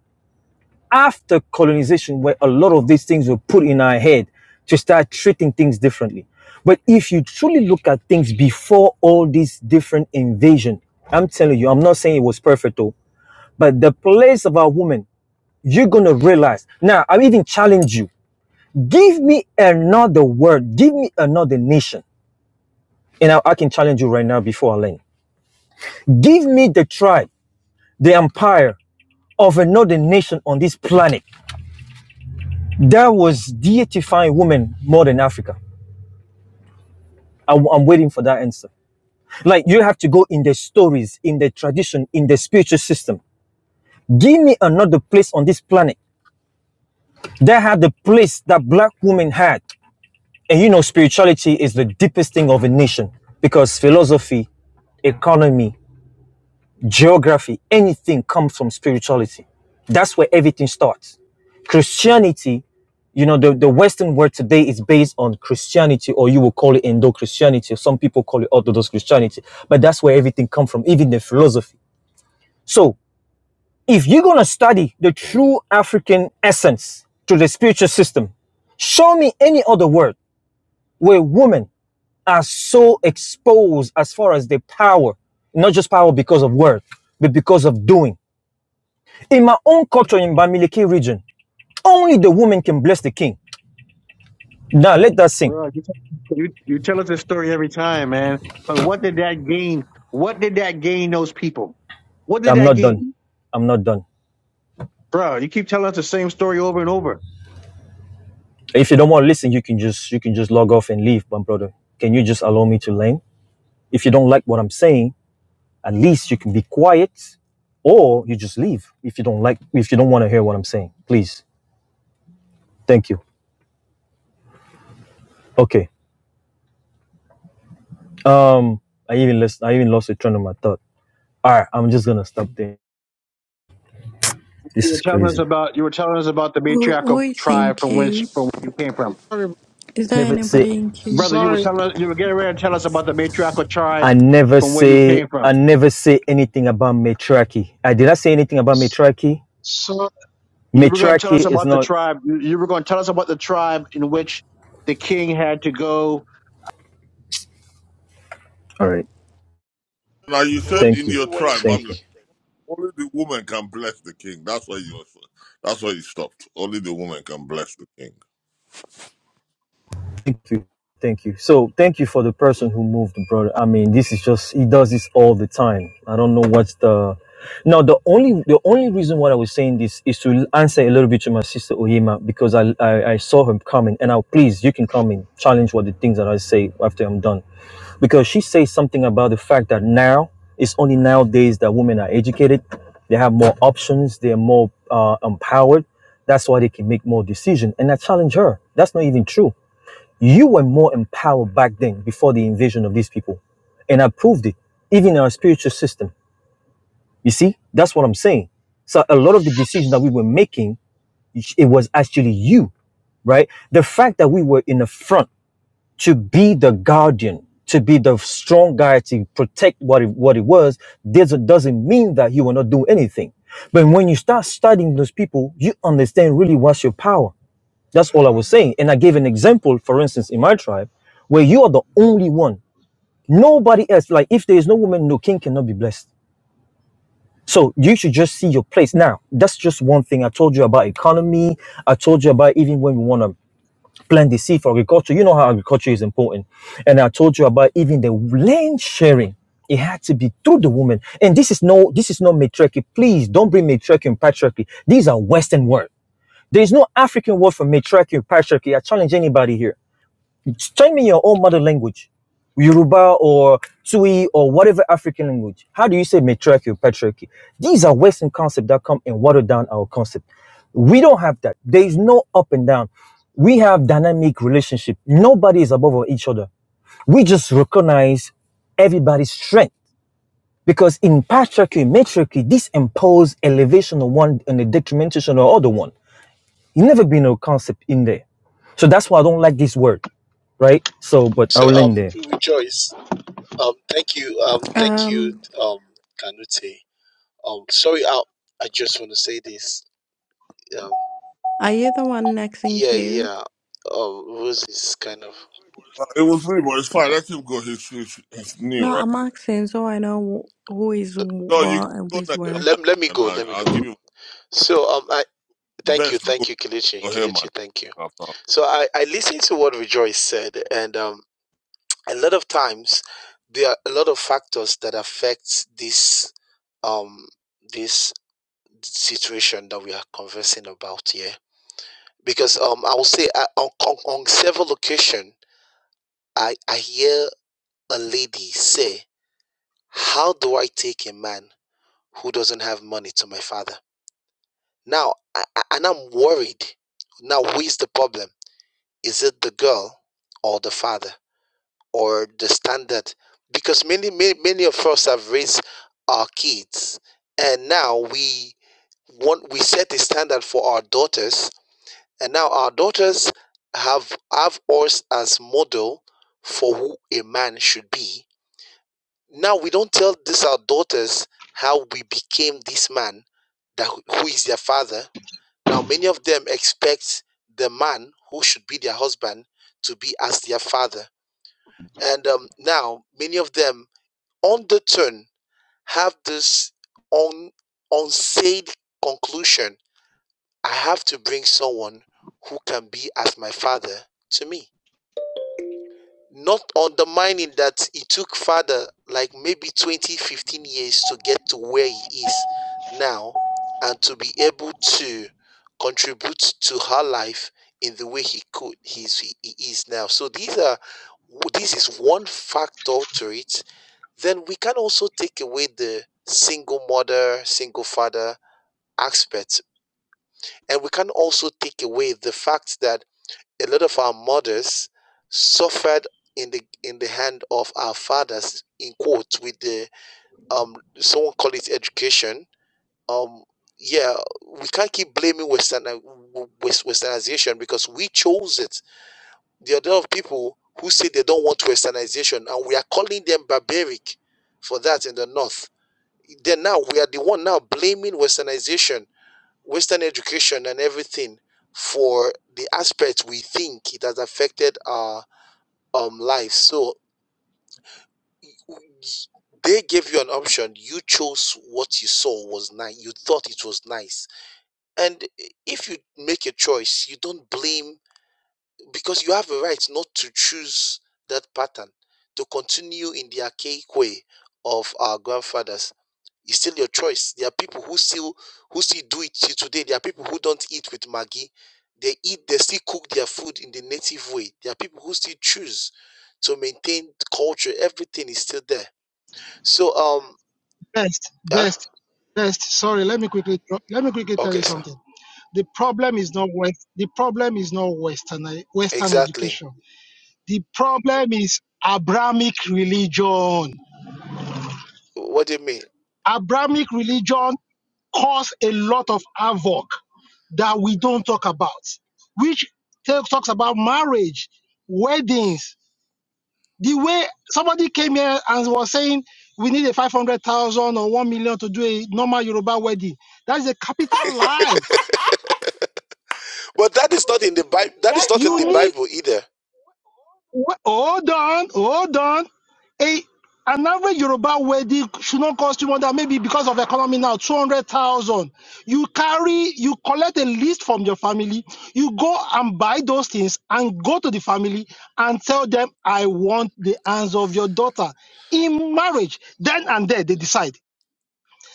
Speaker 16: after colonization where a lot of these things were put in our head to start treating things differently. But if you truly look at things before all these different invasion, I'm telling you, I'm not saying it was perfect though, but the place of our woman, you're gonna realize. Now, I even challenge you. Give me another word. Give me another nation, and I, I can challenge you right now before I land. Give me the tribe, the empire of another nation on this planet that was deifying women more than Africa. I'm, I'm waiting for that answer. Like you have to go in the stories, in the tradition, in the spiritual system. Give me another place on this planet that had the place that black women had. And you know, spirituality is the deepest thing of a nation because philosophy, economy, geography, anything comes from spirituality. That's where everything starts. Christianity, you know, the, the Western world today is based on Christianity, or you will call it Indo Christianity, or some people call it Orthodox Christianity, but that's where everything comes from, even the philosophy. So, if you're going to study the true African essence to the spiritual system, show me any other world where women are so exposed as far as their power, not just power because of word, but because of doing In my own culture in Bamileke region, only the woman can bless the king. Now let that sink.
Speaker 11: You you tell us this story every time, man. But what did that gain? What did that gain those people? What did
Speaker 16: I'm
Speaker 11: that
Speaker 16: not done.
Speaker 11: gain,
Speaker 16: I'm not done.
Speaker 11: bro? You keep telling us the same story over and over.
Speaker 16: If you don't want to listen, you can just you can just log off and leave, my brother. Can you just allow me to learn? If you don't like what I'm saying, at least you can be quiet or you just leave if you don't like if you don't want to hear what I'm saying. Please. Thank you. Okay. Um I even lost I even lost the train of my thought. Alright, I'm just gonna stop there. This
Speaker 11: You were
Speaker 16: is
Speaker 11: telling us
Speaker 16: crazy.
Speaker 11: about you were telling us about the
Speaker 19: Who, who
Speaker 11: matriarchal
Speaker 19: is in
Speaker 11: tribe from which
Speaker 19: queue?
Speaker 11: from where you came
Speaker 17: Eh,
Speaker 11: from,
Speaker 17: sorry
Speaker 19: Is there
Speaker 16: Never say
Speaker 19: anybody in queue?
Speaker 11: brother. You were
Speaker 17: sorry
Speaker 11: telling us you were getting ready to tell us about the matriarchal tribe
Speaker 16: I never
Speaker 11: from where you
Speaker 16: say
Speaker 11: came
Speaker 16: I
Speaker 11: from.
Speaker 16: never say anything about matriarchy. I did not say anything about
Speaker 17: s-
Speaker 16: matriarchy.
Speaker 17: so
Speaker 11: You were going to tell
Speaker 16: Matriarchy
Speaker 11: us
Speaker 16: is
Speaker 11: about the
Speaker 16: not
Speaker 11: tribe. You you were going to tell us about the tribe in which the king had to go.
Speaker 16: all right.
Speaker 8: Now you said
Speaker 20: Rose,
Speaker 16: Thank
Speaker 8: in
Speaker 20: do
Speaker 16: you.
Speaker 20: you
Speaker 8: your
Speaker 20: want to
Speaker 8: tribe,
Speaker 16: Thank
Speaker 8: Babylon,
Speaker 16: you.
Speaker 20: speak?
Speaker 8: only the woman can bless the king. That's why you also, that's why you stopped. Only the woman can bless the king.
Speaker 16: Thank you. Thank you. So thank you for the person who moved, brother. I mean, this is just he does this all the time. I don't know what's the now the only the only reason why I was saying this is to answer a little bit to my sister Oyema because I I, I saw him coming and now, please you can come and challenge what the things that I say after I'm done. Because she says something about the fact that now it's only nowadays that women are educated, they have more options, they're more uh, empowered. That's why they can make more decision. And I challenge her. That's not even true you were more empowered back then before the invasion of these people. And I proved it, even in our spiritual system. You see, that's what I'm saying. So a lot of the decisions that we were making, it was actually you, right? The fact that we were in the front to be the guardian, to be the strong guy to protect what it, what it was, doesn't doesn't mean that you will not do anything. But when you start studying those people, you understand really what's your power. That's all I was saying. And I gave an example, for instance, in my tribe, where you are the only one. Nobody else. Like, if there is no woman, no king cannot be blessed. So you should just see your place. Now, that's just one thing. I told you about economy. I told you about even when we want to plant the seed for agriculture. You know how agriculture is important. And I told you about even the land sharing. It had to be through the woman. And this is no, this is not matriarchy. Please don't bring matriarchy and patriarchy. These are Western words. There is no African word for matriarchy and patriarchy. I challenge anybody here. Send me your own mother language, Yoruba or Tui or whatever African language. How do you say matriarchy or patriarchy? These are Western concepts that come and water down our concept. We don't have that. There is no up and down. We have dynamic relationship. Nobody is above each other. We just recognize everybody's strength. Because in patriarchy, matriarchy, this impose elevation of one and the detrimentation of other one. It never been a concept in there. So that's why I don't like this word, right? So, but
Speaker 20: So,
Speaker 16: I'll end there.
Speaker 20: um, rejoice. Um, thank you. Um, thank you.
Speaker 19: Um,
Speaker 20: Um, Kanute. Um, sorry, I I just want to say this. Um,
Speaker 19: are you the one next in
Speaker 20: yeah,
Speaker 19: queue?
Speaker 20: yeah. Um, Rose is kind of.
Speaker 8: Uh, It was me, but it's fine. Let him go. He's, he's, he's new,
Speaker 19: No,
Speaker 8: right?
Speaker 19: I'm asking so I know who is
Speaker 20: no,
Speaker 8: No, you
Speaker 19: what and who
Speaker 8: go
Speaker 19: is
Speaker 8: next
Speaker 20: no,
Speaker 8: after
Speaker 19: where.
Speaker 20: Let
Speaker 8: him,
Speaker 20: let me
Speaker 8: and
Speaker 20: go.
Speaker 8: I,
Speaker 20: Let me
Speaker 8: I'll
Speaker 20: go.
Speaker 8: give you
Speaker 20: So, um, I thank you,
Speaker 8: best go
Speaker 20: thank you, Kilichi,
Speaker 8: for him
Speaker 20: Kilichi,
Speaker 8: and
Speaker 20: thank you.
Speaker 8: after.
Speaker 20: So, I I listened to what Rejoice said, and um, a lot of times there are a lot of factors that affect this um this. situation that we are conversing about here because um i will say uh, on, on, on several occasion i i hear a lady say how do i take a man who doesn't have money to my father now I, I- and i'm worried now who is the problem is it the girl or the father or the standard because many many, many of us have raised our kids and now we want we set a standard for our daughters And now our daughters have have us as model for who a man should be. Now we don't tell these our daughters how we became this man, that who is their father. Now many of them expect the man who should be their husband to be as their father. And um, now many of them on the turn have this un, unsaid conclusion. I have to bring someone who can be as my father to me. not undermining that it took father like maybe 20 15 years to get to where he is now and to be able to contribute to her life in the way he could he's, he he is now so these are this is one factor to it then we can also take away the single mother single father aspect and we can also take away the fact that a lot of our mothers suffered in the in the hand of our fathers in quotes with the um someone call it education um yeah we can't keep blaming western westernization because we chose it there are a lot of people who say they don't want westernization and we are calling them barbaric for that in the north then now we are the one now blaming westernization western education and everything for the aspect we think it has affected our um life so y- w- y- they gave you an option you chose what you saw was nice you thought it was nice and eh, if you make a choice you don't blame because you have a right not to choose that pattern to continue in the archaic way of our grandfathers. It's still your choice. There are people who still who still do it till today. There are people who don't eat with Maggie. They eat, they still cook their food in the native way. There are people who still choose to maintain culture. Everything is still there. So um
Speaker 17: best
Speaker 20: huh?
Speaker 17: best best sorry let me quickly dro- let me quickly tell you
Speaker 20: okay, sir.
Speaker 17: something the problem is not west the problem is not western western
Speaker 20: Exactly.
Speaker 17: education The problem is Abrahamic religion.
Speaker 20: What do you mean?
Speaker 17: Abrahamic religion caused a lot of havoc that we don't talk about, which talks about marriage, weddings. The way somebody came here and was saying we need a 500,000 or 1 million to do a normal Yoruba wedding. That is a capital lie.
Speaker 20: But that is not in the Bible that is
Speaker 1: That's
Speaker 20: not in the
Speaker 17: You
Speaker 1: true.
Speaker 17: need,
Speaker 20: Bible either.
Speaker 17: hold on, hold on. a an average Yoruba wedding should not cost you more than maybe because of economy now two hundred thousand. You carry, you collect a list from your family. You go and buy those things and go to the family and tell them, "I want the hands of your daughter in marriage." Then and there, they decide.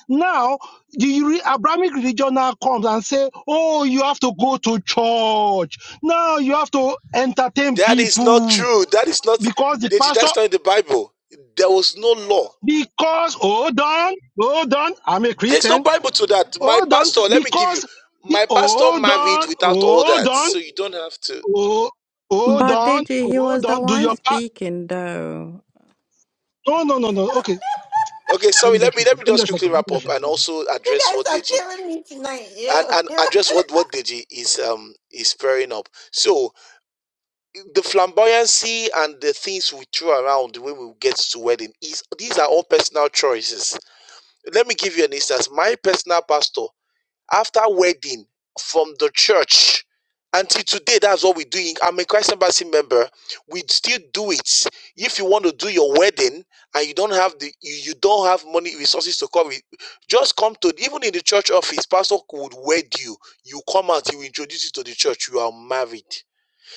Speaker 17: Now, the re- Abrahamic religion now comes and say, "Oh, you have to go to church. Now you have to entertain
Speaker 20: That is not
Speaker 17: people
Speaker 20: true. That is not
Speaker 17: because the
Speaker 20: Deji,
Speaker 17: pastor
Speaker 20: that's not in the Bible. There was no law.
Speaker 17: Because, hold on, hold on, I'm a
Speaker 20: There's no
Speaker 17: Christian.
Speaker 20: Bible to that. My
Speaker 17: Hold on,
Speaker 20: pastor, let me give you.
Speaker 17: because, be,
Speaker 20: My pastor
Speaker 17: hold
Speaker 20: married
Speaker 17: on,
Speaker 20: without all
Speaker 17: hold
Speaker 20: that.
Speaker 17: on,
Speaker 20: So you don't have to.
Speaker 17: oh, hold
Speaker 19: But
Speaker 17: on,
Speaker 19: Deji, he was
Speaker 17: hold
Speaker 19: the
Speaker 17: on, do
Speaker 19: one
Speaker 17: your part.
Speaker 19: speaking though.
Speaker 17: No, no, no, no, okay.
Speaker 20: Okay,
Speaker 17: Let
Speaker 20: sorry,
Speaker 17: me just
Speaker 20: let me
Speaker 17: shut
Speaker 20: let
Speaker 17: up.
Speaker 20: me
Speaker 17: Let me
Speaker 20: just
Speaker 17: just shut up.
Speaker 20: quickly
Speaker 17: Let me
Speaker 20: wrap
Speaker 17: just
Speaker 20: up
Speaker 17: shut
Speaker 20: and
Speaker 17: up.
Speaker 20: also
Speaker 1: You
Speaker 20: address what
Speaker 1: guys are
Speaker 20: Deji
Speaker 1: killing me tonight.
Speaker 20: and, and
Speaker 1: Ew.
Speaker 20: address what, what Deji is um is pairing up. So the flamboyancy and the things we throw around when we get to wedding is these are all personal choices. Let me give you an instance. My personal pastor after wedding from the church until today that's what we're doing i'm a christ embassy member we still do it if you want to do your wedding and you don't have the you, you don't have money resources to come with just come to even in the church office pastor would wed you you come out he will introduce you to the church you are married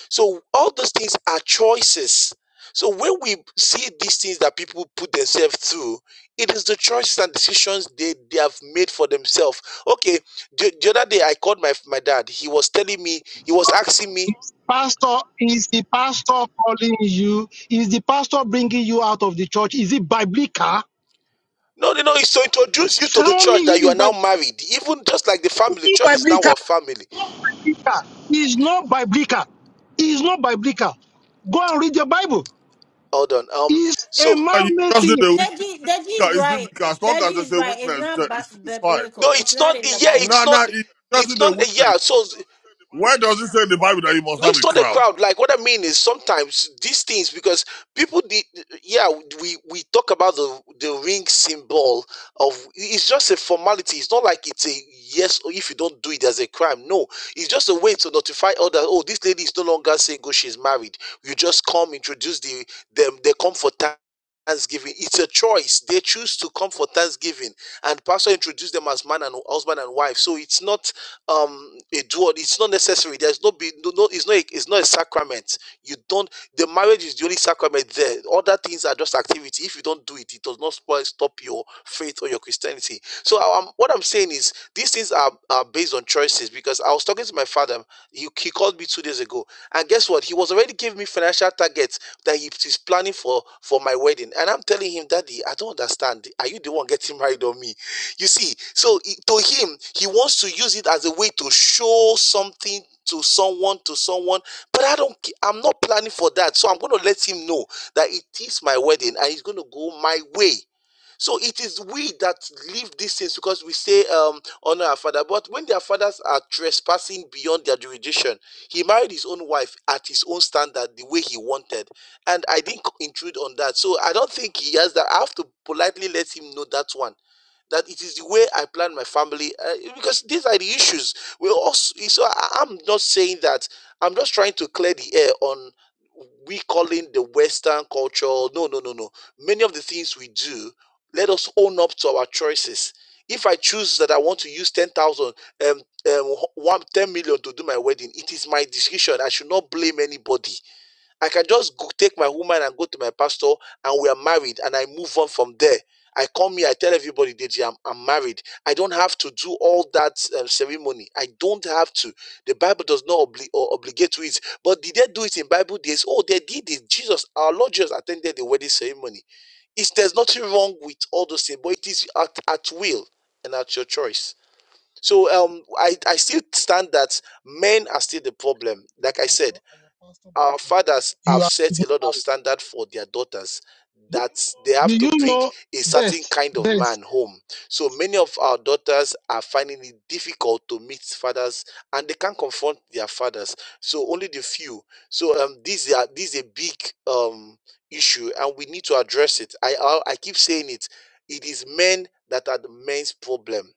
Speaker 20: so all those things are choices. So when we see these things that people put themselves through, it is the choices and decisions they, they have made for themselves. Okay, the, the other day I called my my dad. He was telling me, he was asking me,
Speaker 17: It's pastor, is the pastor calling you? Is the pastor bringing you out of the church? Is it biblical?
Speaker 20: no, no, no, it's to introduce you to the
Speaker 17: Tell me
Speaker 20: church that
Speaker 17: if
Speaker 20: you
Speaker 17: it's
Speaker 20: are now
Speaker 17: biblical.
Speaker 20: married. Even just like the family, church is now a family.
Speaker 17: It's not biblical. It's not biblical. It's not biblical. Go and read your Bible.
Speaker 20: Hold on. Um,
Speaker 17: It's
Speaker 20: so
Speaker 17: a
Speaker 8: Uh, You
Speaker 17: man-made
Speaker 8: just
Speaker 17: thing.
Speaker 8: did a witness.
Speaker 1: Deji, Deji is
Speaker 8: It's
Speaker 1: right.
Speaker 8: biblical. As long as
Speaker 1: Deji
Speaker 8: there's
Speaker 1: is
Speaker 8: a
Speaker 1: right. It's
Speaker 8: witness,
Speaker 1: not
Speaker 8: there,
Speaker 1: bu-
Speaker 8: it's, it's fine.
Speaker 20: no,
Speaker 1: biblical. It's
Speaker 20: it's
Speaker 1: not
Speaker 20: not.
Speaker 1: in the
Speaker 20: Yeah,
Speaker 1: Bible.
Speaker 20: it's
Speaker 8: No,
Speaker 20: not.
Speaker 8: no, it just
Speaker 20: It's
Speaker 8: did a
Speaker 20: not.
Speaker 8: witness.
Speaker 20: Yeah. So
Speaker 8: Where does it say in the Bible that you must
Speaker 20: No,
Speaker 8: have a
Speaker 20: it's not a
Speaker 8: crowd?
Speaker 20: crowd. Like what I mean is sometimes these things because people did yeah, we we talk about the the ring symbol of it's just a formality. It's not like it's a yes or if you don't do it there's a crime. No. It's just a way to notify others, oh, this lady is no longer single, she's married. You just come, introduce the them, they come for time. Thanksgiving. It's a choice. They choose to come for Thanksgiving, and pastor introduced them as man and husband and wife. So it's not um a dual it's not necessary there's no be no, no it's not a, it's not a sacrament you don't the marriage is the only sacrament there other things are just activity if you don't do it it does not spoil stop your faith or your christianity so um, what i'm saying is these things are, are based on choices because i was talking to my father he, he called me two days ago, and guess what? He was already giving me financial targets that he is planning for for my wedding, and I'm telling him, Daddy, I don't understand. Are you the one getting married on me? You see, so i- to him, he wants to use it as a way to show something to someone to someone but i don't ca- i'm not planning for that so i'm going to let him know that it is my wedding and it's going to go my way so it is we that leave these things because we say, um, honor our father. But when their fathers are trespassing beyond their jurisdiction, he married his own wife at his own standard, the way he wanted. And I didn't intrude on that. So I don't think he has that. I have to politely let him know that one. That it is the way I plan my family uh, because these are the issues. We also, so I- I'm not saying that. I'm just trying to clear the air on we calling the Western culture. No, no, no, no. Many of the things we do let us own up to our choices. If I choose that I want to use 10,000, um, um, one, ten million to do my wedding, it is my decision. I should not blame anybody. I can just go, take my woman and go to my pastor, and we are married, and I move on from there. I come here, I tell everybody, DJ, I'm, I'm married. I don't have to do all that uh, ceremony. I don't have to. The Bible does not obli- or obligate to it. But did they do it in Bible days? Oh, they did it. Jesus, our Lord Jesus attended the wedding ceremony. It's, there's nothing wrong with all those things, but it is at, at will and at your choice. So um, I, I still stand that men are still the problem.
Speaker 17: Your
Speaker 20: Like I
Speaker 17: pastor
Speaker 20: said,
Speaker 17: and your pastor
Speaker 20: our
Speaker 17: bless you.
Speaker 20: fathers
Speaker 17: You
Speaker 20: have
Speaker 17: are
Speaker 20: set
Speaker 17: even
Speaker 20: a lot of standard for their daughters that they have
Speaker 17: married. Do
Speaker 20: to
Speaker 17: you
Speaker 20: bring
Speaker 17: know
Speaker 20: a certain
Speaker 17: best?
Speaker 20: kind of
Speaker 17: Best.
Speaker 20: man home. So many of our daughters are finding it difficult to meet fathers and they can't confront their fathers. So only the few. So um these are this is a big um issue and we need to address it. I I, I keep saying it. It is men that are the men's problem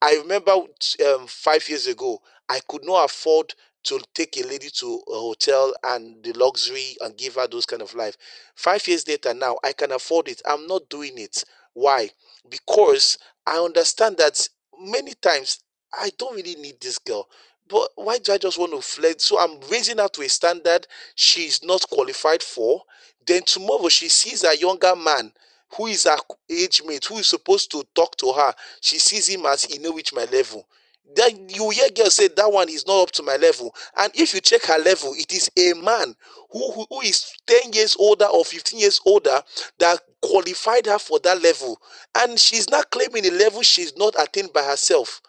Speaker 20: I remember um, five years ago, I could not afford to take a lady to a hotel and the luxury and give her those kind of life. Five years later, now I can afford it. I'm not doing it. Why? Because I understand that many times I don't really need this girl. But why do I just want to flirt? So I'm raising her to a standard she's not qualified for then tomorrow she sees a younger man who is her age mate, who is supposed to talk to her. She sees him as he know reach my level. Then you hear girl say that one is not up to my level. And if you check her level, it is a man who, who, who is 10 years older or 15 years older that qualified her for that level. And she's not claiming a level she's not attained by herself.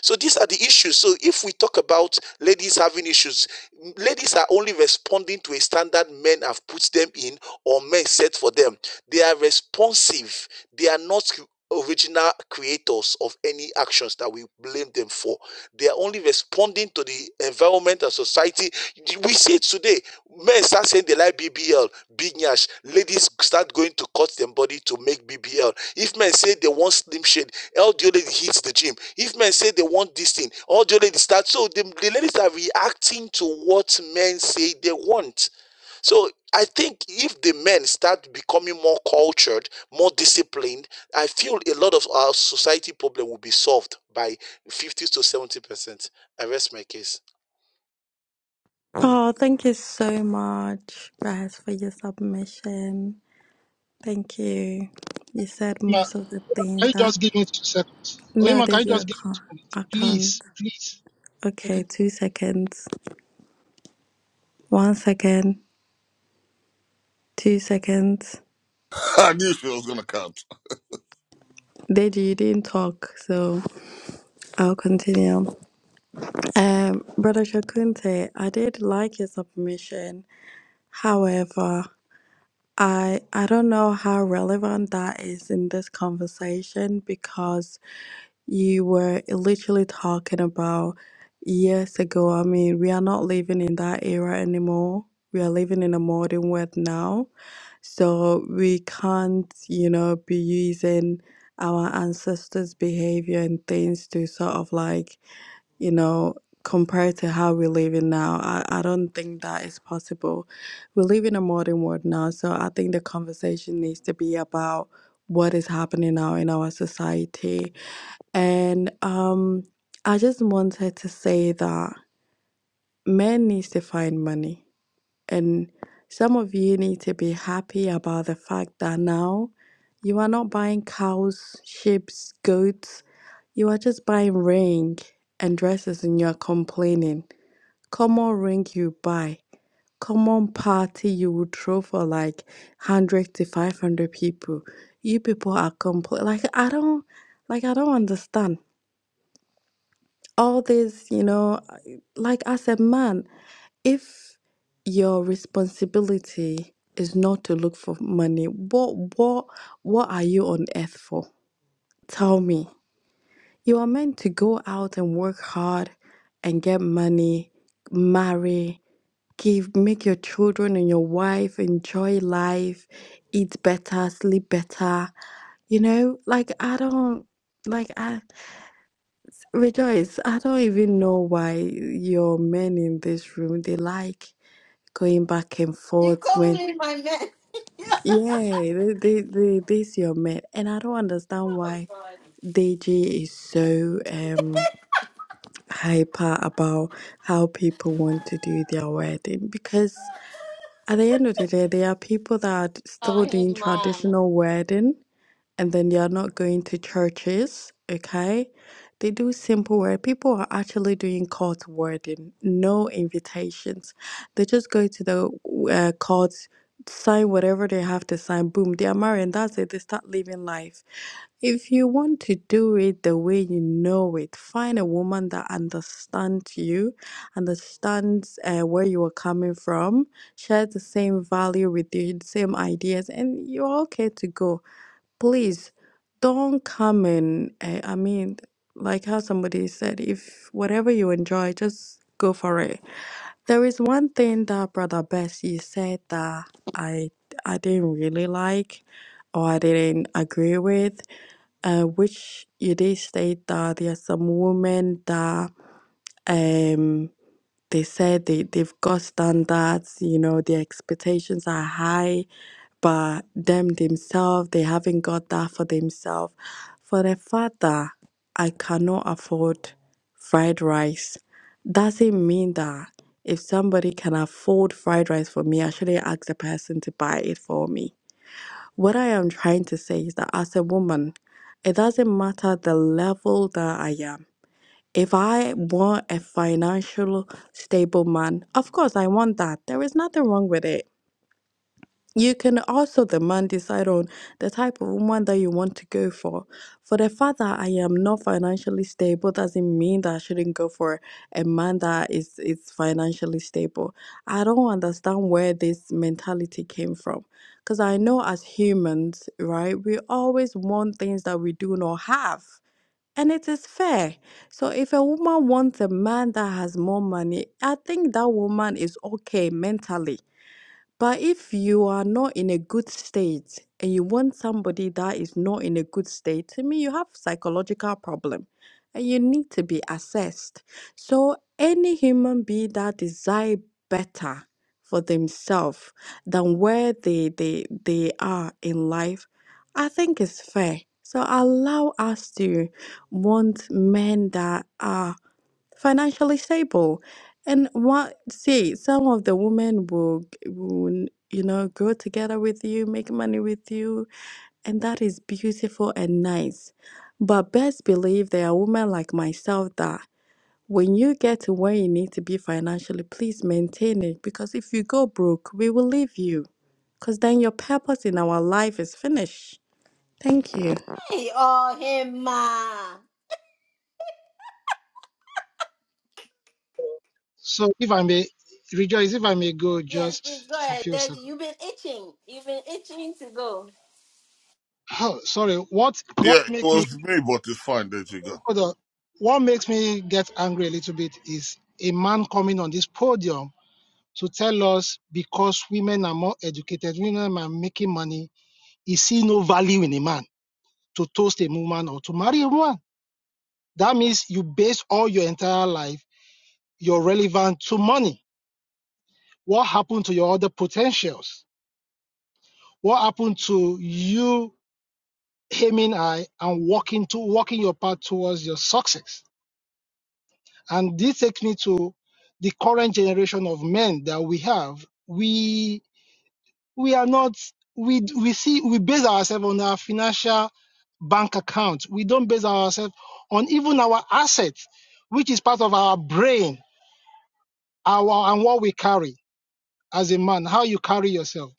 Speaker 20: So these are the issues. So if we talk about ladies having issues, ladies are only responding to a standard men have put them in or men set for them. They are responsive. They are not original creators of any actions that we blame them for. They are only responding to the environment and society. We see it today. Men start saying they like BBL, big nyash. Ladies start going to cut their body to make BBL. If men say they want slim shade, all the lady hits the gym. If men say they want this thing, all the ladies start. So the, the ladies are reacting to what men say they want. So I think if the men start becoming more cultured, more disciplined, I feel a lot of our society problem will be solved by 50 to 70%. I rest my case.
Speaker 19: Oh, thank you so much, guys, for your submission. Thank you. You said most of the
Speaker 17: can
Speaker 19: things
Speaker 17: you
Speaker 19: that.
Speaker 17: just give me two seconds?
Speaker 19: No,
Speaker 17: Oima, can you
Speaker 19: Deji,
Speaker 17: just
Speaker 19: I
Speaker 17: give me
Speaker 19: can't.
Speaker 17: two minutes?
Speaker 19: I can't.
Speaker 17: Please, please. Okay.
Speaker 19: Okay, two seconds. One second. Two seconds.
Speaker 8: I knew she was gonna count.
Speaker 19: Deji, you didn't talk, so I'll continue. Um, Brother Shakunte, I did like your submission. However, I I don't know how relevant that is in this conversation because you were literally talking about years ago. I mean, we are not living in that era anymore. We are living in a modern world now. So we can't, you know, be using our ancestors' behavior and things to sort of like, you know, compare to how we're living now. I, I don't think that is possible. We live in a modern world now, so I think the conversation needs to be about what is happening now in our society. And um, I just wanted to say that men needs to find money, and some of you need to be happy about the fact that now you are not buying cows, sheep, goats. You are just buying ring and dresses, and you are complaining. Come on, ring you buy common party you would throw for like 100 to 500 people you people are complete like i don't like i don't understand all this you know like as a man if your responsibility is not to look for money what what what are you on earth for tell me you are meant to go out and work hard and get money marry give make your children and your wife enjoy life eat better sleep better you know like i don't like i rejoice i don't even know why your men in this room they like going back and
Speaker 1: you
Speaker 19: forth
Speaker 1: calling
Speaker 19: when
Speaker 1: me my man.
Speaker 19: yeah they they, they this your men and i don't understand
Speaker 1: Oh
Speaker 19: why
Speaker 1: God.
Speaker 19: Deji is so um hyper about how people want to do their wedding because At the end of the day, there are people that are
Speaker 1: oh
Speaker 19: still doing
Speaker 1: him ma.
Speaker 19: traditional wedding and then they are not going to churches, okay? They do simple work. People are actually doing court wording, no invitations. They just go to the uh, court, sign whatever they have to sign, boom, they are married, and that's it. They start living life. If you want to do it the way you know it, find a woman that understands you, understands uh, where you are coming from, shares the same value with you, the same ideas, and you're okay to go please don't come and uh, i mean like how somebody said if whatever you enjoy just go for it there is one thing that brother bessie said that i i didn't really like or i didn't agree with uh, which you did state that there are some women that um they said they, they've got standards, you know, their expectations are high, but them themselves, they haven't got that for themselves. For a father, I cannot afford fried rice. Doesn't mean that if somebody can afford fried rice for me, I shouldn't ask the person to buy it for me. What I am trying to say is that as a woman, it doesn't matter the level that I am. If I want a financial stable man, of course I want that. There is nothing wrong with it. You can also the man decide on the type of woman that you want to go for. For the fact that I am not financially stable doesn't mean that I shouldn't go for a man that is is financially stable. I don't understand where this mentality came from. Because I know as humans, right, we always want things that we do not have and it is fair. So if a woman wants a man that has more money, I think that woman is okay mentally. But if you are not in a good state and you want somebody that is not in a good state, to me you have psychological problem and you need to be assessed. So any human being that desire better for themselves than where they, they they are in life, I think is fair. So allow us to want men that are financially stable and what, see, some of the women will, will, you know, grow together with you, make money with you, and that is beautiful and nice. But best believe there are women like myself that when you get to where you need to be financially, please maintain it because if you go broke, we will leave you because then your purpose in our life is finished. Thank you.
Speaker 1: Hey, oh him ma.
Speaker 17: So if I may rejoice, if I may go
Speaker 1: Yes, please
Speaker 17: just
Speaker 1: go
Speaker 17: for a
Speaker 1: ahead,
Speaker 17: few
Speaker 1: Deji.
Speaker 17: seconds.
Speaker 1: You've been itching. You've been itching to go.
Speaker 17: Oh, sorry. What
Speaker 8: Yeah,
Speaker 17: what
Speaker 8: it
Speaker 17: make me
Speaker 8: was me, but it's fine. There you go.
Speaker 17: hold on. what makes me get angry a little bit is a man coming on this podium to tell us because women are more educated, women are making money, He see no value in a man to toast a woman or to marry a woman. That means you base all your entire life, you're relevant to money. What happened to your other potentials? What happened to you aiming high and walking to walking your path towards your success? And this takes me to the current generation of men that we have. We we are not we we see we base ourselves on our financial bank account we don't base ourselves on even our assets which is part of our brain our and what we carry as a man how you carry yourself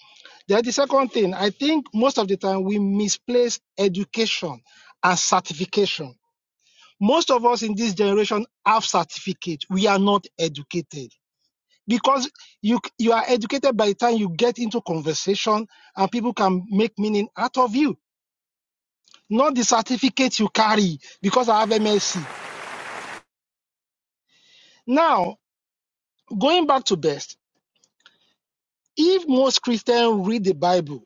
Speaker 17: then the second thing i think most of the time we misplace education and certification most of us in this generation have certificate we are not educated because you you are educated by the time you get into conversation and people can make meaning out of you not the certificate you carry because i have msc now going back to best if most christians read the bible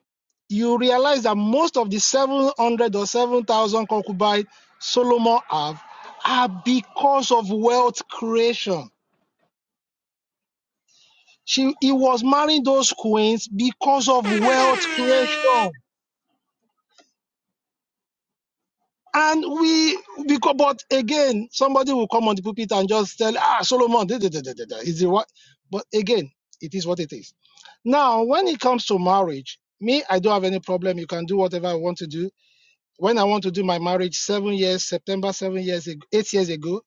Speaker 17: you realize that most of the 700 or 7000 concubines solomon have are because of wealth creation she he was marrying those queens because of wealth creation And we, because, but again, somebody will come on the pulpit and just tell, ah, Solomon, da, da, da, da, da, da, is it what? But again, it is what it is. Now, when it comes to marriage, me, I don't have any problem. You can do whatever I want to do. When I want to do my marriage seven years, September seven years, ag- eight years ago,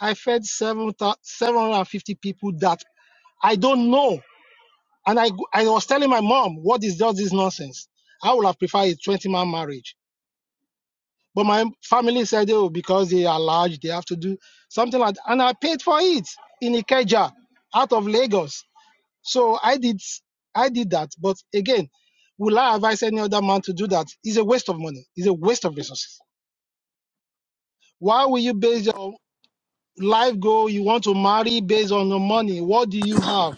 Speaker 17: I fed seven thou- 750 people that I don't know. And I, go- I was telling my mom, what is all this nonsense? I would have preferred a 20 man marriage But my family said, oh, because they are large, they have to do something like that. And I paid for it in Ikeja out of Lagos. So I did I did that. But again, will I advise any other man to do that? It's a waste of money. It's a waste of resources. Why will you base your life goal you want to marry based on your money? What do you have?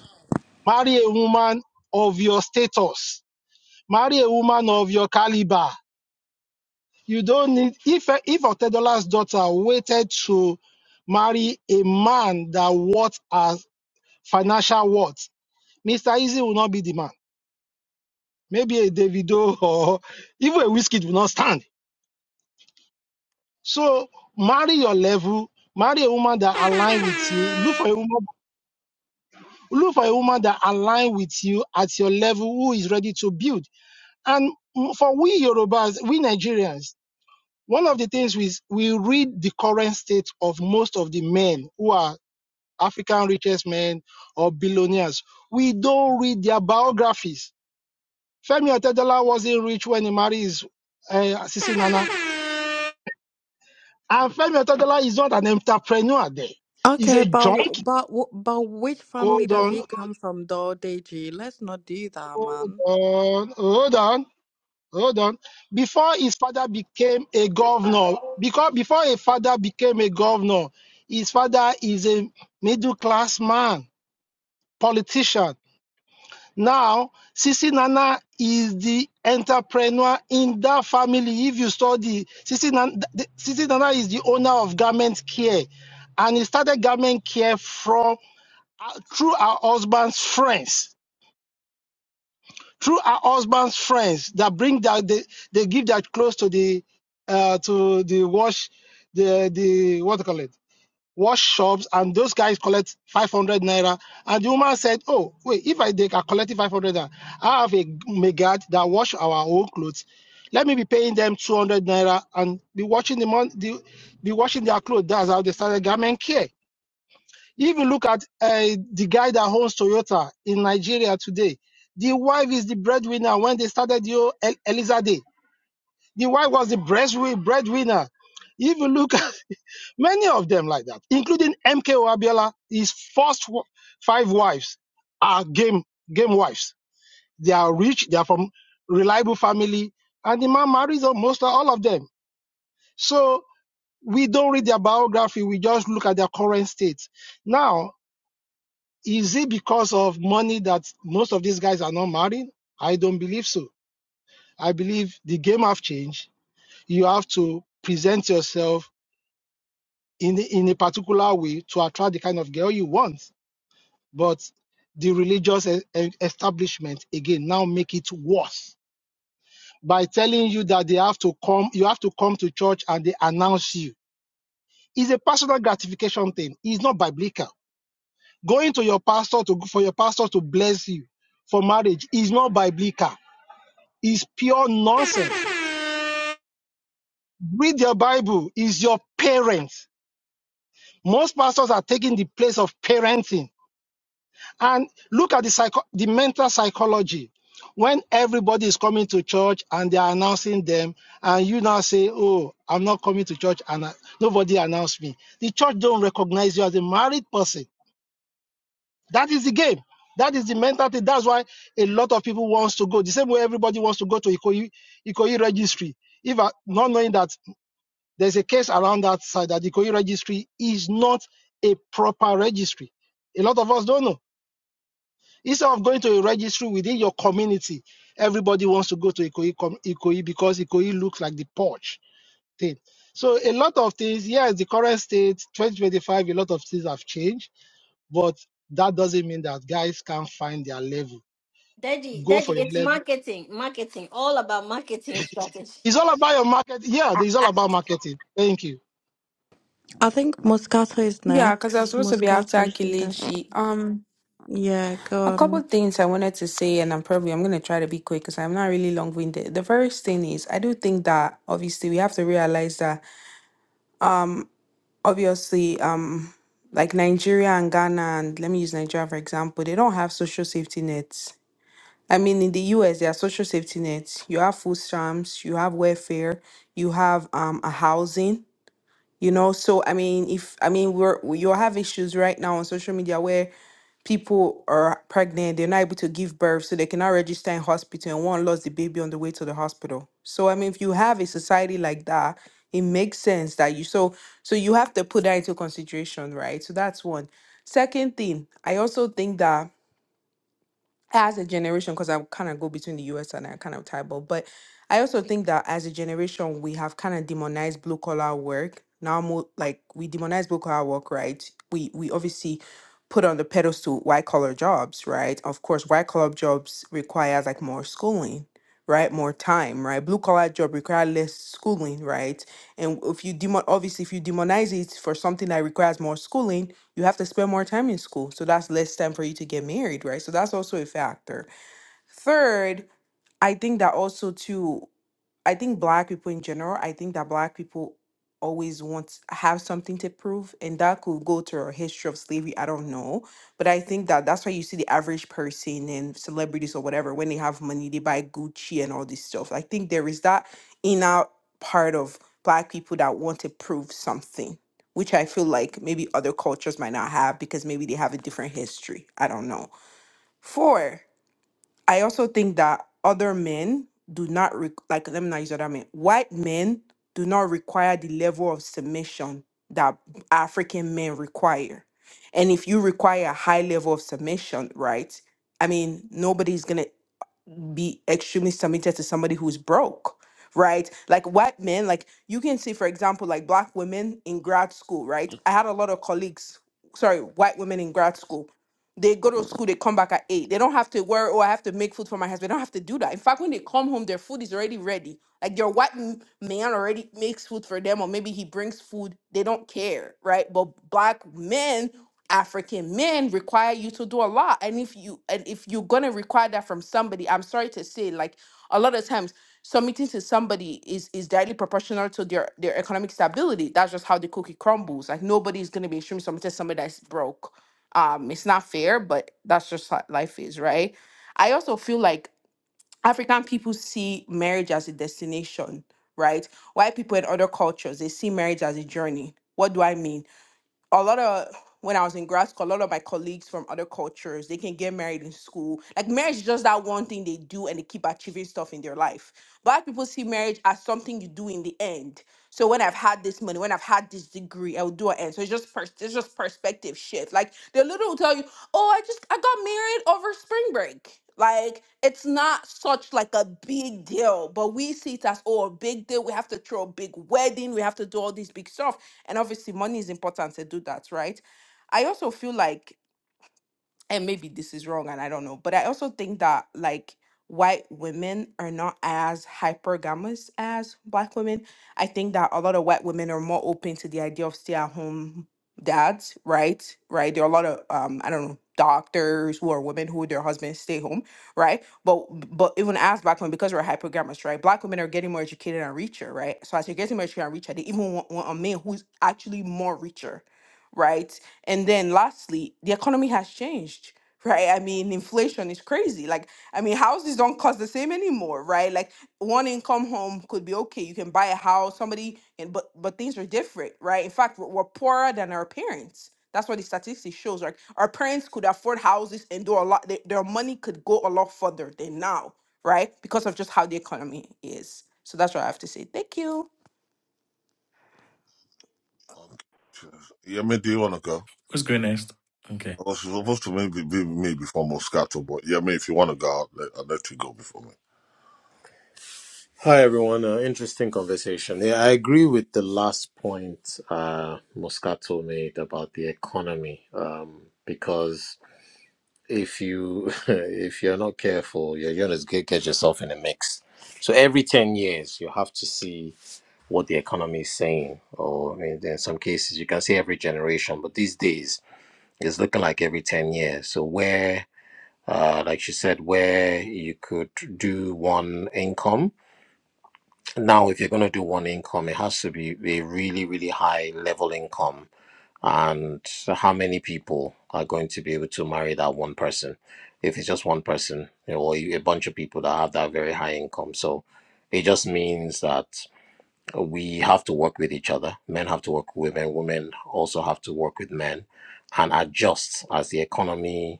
Speaker 17: Marry a woman of your status. Marry a woman of your caliber. You don't need if if Otedola's daughter waited to marry a man that worth as financial worth, Mr. Easy will not be the man. Maybe a Davido or even a whiskey will not stand. So marry your level, marry a woman that align with you. Look for a woman, look for a woman that align with you at your level who is ready to build. And for we Yorubas, we Nigerians, one of the things we we read the current state of most of the men who are African richest men or billionaires. We don't read their biographies. Femi Otedola wasn't rich when he married his uh, Sisi Nana. And Femi Otedola is not an entrepreneur there. He's
Speaker 19: Okay,
Speaker 17: a
Speaker 19: but w-
Speaker 17: junkie.
Speaker 19: but w- but which family
Speaker 17: Hold
Speaker 19: does
Speaker 17: on,
Speaker 19: he come from, though, Deji? Let's not do that,
Speaker 17: hold
Speaker 19: man.
Speaker 17: on, hold on, hold on. Before his father became a governor, because before a father became a governor, his father is a middle class man, politician. Now, Sisi Nana is the entrepreneur in that family. If you study, Sisi Nana, Sisi Nana is the owner of Garment Care, and he started Garment Care from uh, through her husband's friends, through her husband's friends that bring that they, they give their clothes to the uh, to the wash the the what do you call it wash shops, and those guys collect 500 naira. And the woman said, Oh, wait, if I take, are collecting 500 naira, I have a megad that wash our own clothes. Let me be paying them 200 naira and be washing the mon, the, be washing their clothes. That's how they started garment care. If you look at uh, the guy that owns Toyota in Nigeria today, the wife is the breadwinner when they started the old El- Eliza Day. The wife was the breast- breadwinner. If you look Many of them like that, including MK Abiola. His first five wives are game game wives. They are rich. They are from reliable family, and the man marries almost all of them. So we don't read their biography. We just look at their current state. Now, is it because of money that most of these guys are not married? I don't believe so. I believe the game have changed. You have to present yourself in in a particular way to attract the kind of girl you want but the religious e- e- establishment again now make it worse by telling you that they have to come you have to come to church and they announce you it's a personal gratification thing it's not biblical going to your pastor to for your pastor to bless you for marriage is not biblical it's pure nonsense read your bible is your parents most pastors are taking the place of parenting And look at the psycho- the mental psychology. When everybody is coming to church and they are announcing them, and you now say, "Oh, I'm not coming to church," and I- nobody announced me, the church don't recognize you as a married person. That is the game. That is the mentality. That's why a lot of people wants to go. The same way everybody wants to go to Ikoyi, Ikoyi registry, even not knowing that there's a case around that side that Ikoyi registry is not a proper registry. A lot of us don't know Instead of going to a registry within your community, everybody wants to go to Ikoyi, com- Ikoyi because Ikoyi looks like the porch thing. So a lot of things, yes, the current state, 2025, a lot of things have changed, but that doesn't mean that guys can't find their level.
Speaker 1: Deji,
Speaker 17: Go
Speaker 1: Deji,
Speaker 17: for your
Speaker 1: it's
Speaker 17: level.
Speaker 1: marketing, marketing, all about marketing strategy.
Speaker 17: It's all about your market. Yeah, it's all about marketing. Thank you.
Speaker 19: I think Moscato is
Speaker 18: Yeah, because I was
Speaker 19: next.
Speaker 18: supposed to be after
Speaker 19: Moscato is either.
Speaker 18: Akilechi. Um,
Speaker 19: Yeah,
Speaker 18: a
Speaker 19: go
Speaker 18: couple
Speaker 19: on.
Speaker 18: things I wanted to say, and I'm probably I'm gonna try to be quick because I'm not really long winded. The first thing is I do think that obviously we have to realize that obviously um like Nigeria and Ghana and let me use Nigeria for example, they don't have social safety nets. I mean in the US there are social safety nets. You have food stamps, you have welfare, you have um a housing. You know, so I mean, if I mean, we're you have issues right now on social media where people are pregnant, they're not able to give birth, so they cannot register in hospital, and one lost the baby on the way to the hospital. So I mean, if you have a society like that, it makes sense that you so so you have to put that into consideration, right? So that's one. Second thing, I also think that as a generation, because I kind of go between the US and I kind of tie ball, but I also think that as a generation, we have kind of demonized blue collar work. Now, mo- like we demonize blue collar work, right? We we obviously put on the pedestal white collar jobs, right? Of course, white collar jobs requires like more schooling, right? More time, right? Blue collar job require less schooling, right? And if you demon, obviously, if you demonize it for something that requires more schooling, you have to spend more time in school. So that's less time for you to get married, right? So that's also a factor. Third, I think that also too I think black people in general, I think that black people always want have something to prove and that could go to a history of slavery i don't know but i think that that's why you see the average person and celebrities or whatever when they have money they buy gucci and all this stuff i think there is that inner part of black people that want to prove something which i feel like maybe other cultures might not have because maybe they have a different history i don't know four I also think that other men do not re- like let me not use other men. White men do not require the level of submission that African men require. And if you require a high level of submission, right? I mean, nobody's gonna be extremely submitted to somebody who's broke right like white men like you can see for example like black women in grad school right i had a lot of colleagues sorry white women in grad school they go to school they come back at eight they don't have to worry oh i have to make food for my husband they don't have to do that in fact when they come home their food is already ready like your white m- man already makes food for them, or maybe he brings food. They don't care, right? But black men, African men, require you to do a lot. And if you and if you're gonna require that from somebody, I'm sorry to say, like a lot of times submitting to somebody is is directly proportional to their their economic stability. That's just how the cookie crumbles. Like nobody's gonna be extremely submitted to somebody that's broke. Um, it's not fair, but that's just how life is, right? I also feel like African people see marriage as a destination, right? White people in other cultures, they see marriage as a journey. What do I mean? a lot of when I was in grad school, a lot of my colleagues from other cultures, they can get married in school. Like marriage is just that one thing they do and they keep achieving stuff in their life. Black people see marriage as something you do in the end. So when I've had this money, when I've had this degree, I will do an end. So it's just pers- it's just perspective shift. Like they literally will tell you, Oh, I just I got married over spring break. Like it's not such like a big deal, but we see it as oh a big deal. We have to throw a big wedding, we have to do all this big stuff and obviously, money is important to do that, right? I also feel like and maybe this is wrong and I don't know, but I also think that like white women are not as hypergamous as black women. I think that a lot of white women are more open to the idea of stay at home dads, right? Right. There are a lot of um I don't know doctors who are women who their husbands stay home, right? But but even as black women, because we're hypergamous, right? Black women are getting more educated and richer, right? So as you're getting more educated and richer, they even want, want a man who's actually more richer, right? And then lastly, the economy has changed, right? I mean, inflation is crazy. Like, I mean, houses don't cost the same anymore, right? Like one income home could be okay. You can buy a house, somebody and but but things are different, right? In fact, we're, we're poorer than our parents. That's what the statistics shows. Like our parents could afford houses and do a lot. Their, their money could go a lot further than now, right? Because of just how the economy is. So that's what I have to say. Thank you.
Speaker 8: Yeah, mate, do you want to go?
Speaker 15: Okay.
Speaker 8: I was supposed to maybe be me before Moscato, but yeah, mate, if you want to go, I'll let, I'll let you go before me.
Speaker 21: Hi, everyone. Uh, interesting conversation. Yeah, I agree with the last point uh, Moscato made about the economy, um, because if you if you're not careful, you're gonna get, get yourself in a mix. So every ten years, you have to see what the economy is saying, or in, in some cases, you can see every generation. But these days, it's looking like every ten years. So where, uh, like she said, where you could do one income now, if you're going to do one income, it has to be a really, really high level income. And how many people are going to be able to marry that one person? If it's just one person, you know, or a bunch of people that have that very high income. So it just means that we have to work with each other. Men have to work with women. Women also have to work with men and adjust as the economy,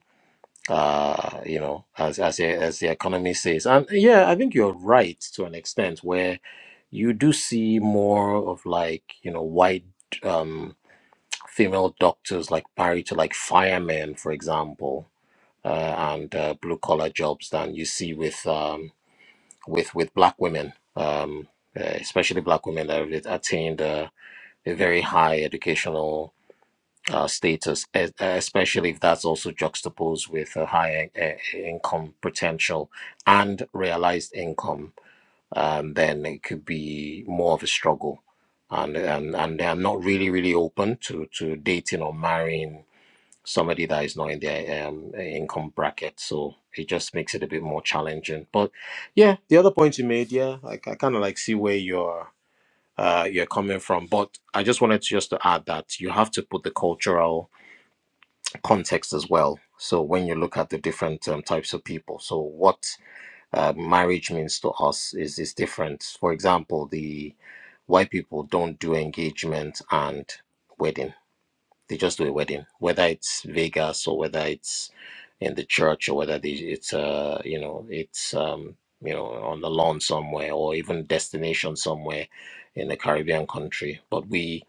Speaker 21: uh, you know, as, as, the- as the economy says. And yeah, I think you're right to an extent where you do see more of like you know white um, female doctors like married to like firemen, for example, uh, and uh, blue collar jobs than you see with um, with with black women, um, uh, especially black women that have attained uh, a very high educational. Uh, status, e- e, especially if that's also juxtaposed with a high uh, income potential and realized income um, then it could be more of a struggle. And, and and they are not really really open to to dating or marrying somebody that is not in their um, income bracket. So it just makes it a bit more challenging. But yeah, the other point you made, yeah, I, I kind of like see where you're uh, you're coming from. But I just wanted to just to add that you have to put the cultural context as well. So when you look at the different um, types of people, so what uh, marriage means to us is is different. For example, the white people don't do engagement and wedding; they just do a wedding, whether it's Vegas or whether it's in the church or whether they, it's uh you know it's um you know on the lawn somewhere or even destination somewhere in a Caribbean country. But we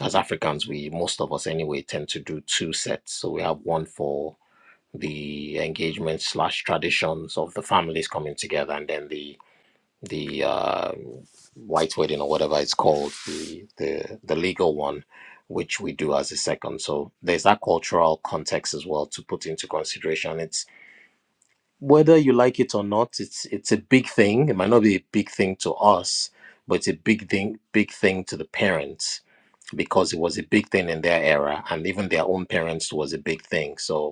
Speaker 21: as Africans, we most of us anyway tend to do two sets. So we have one for the engagements slash traditions of the families coming together and then the the uh, white wedding or whatever it's called the, the the legal one which we do as a second so there's that cultural context as well to put into consideration it's whether you like it or not it's it's a big thing it might not be a big thing to us but it's a big thing big thing to the parents because it was a big thing in their era and even their own parents was a big thing so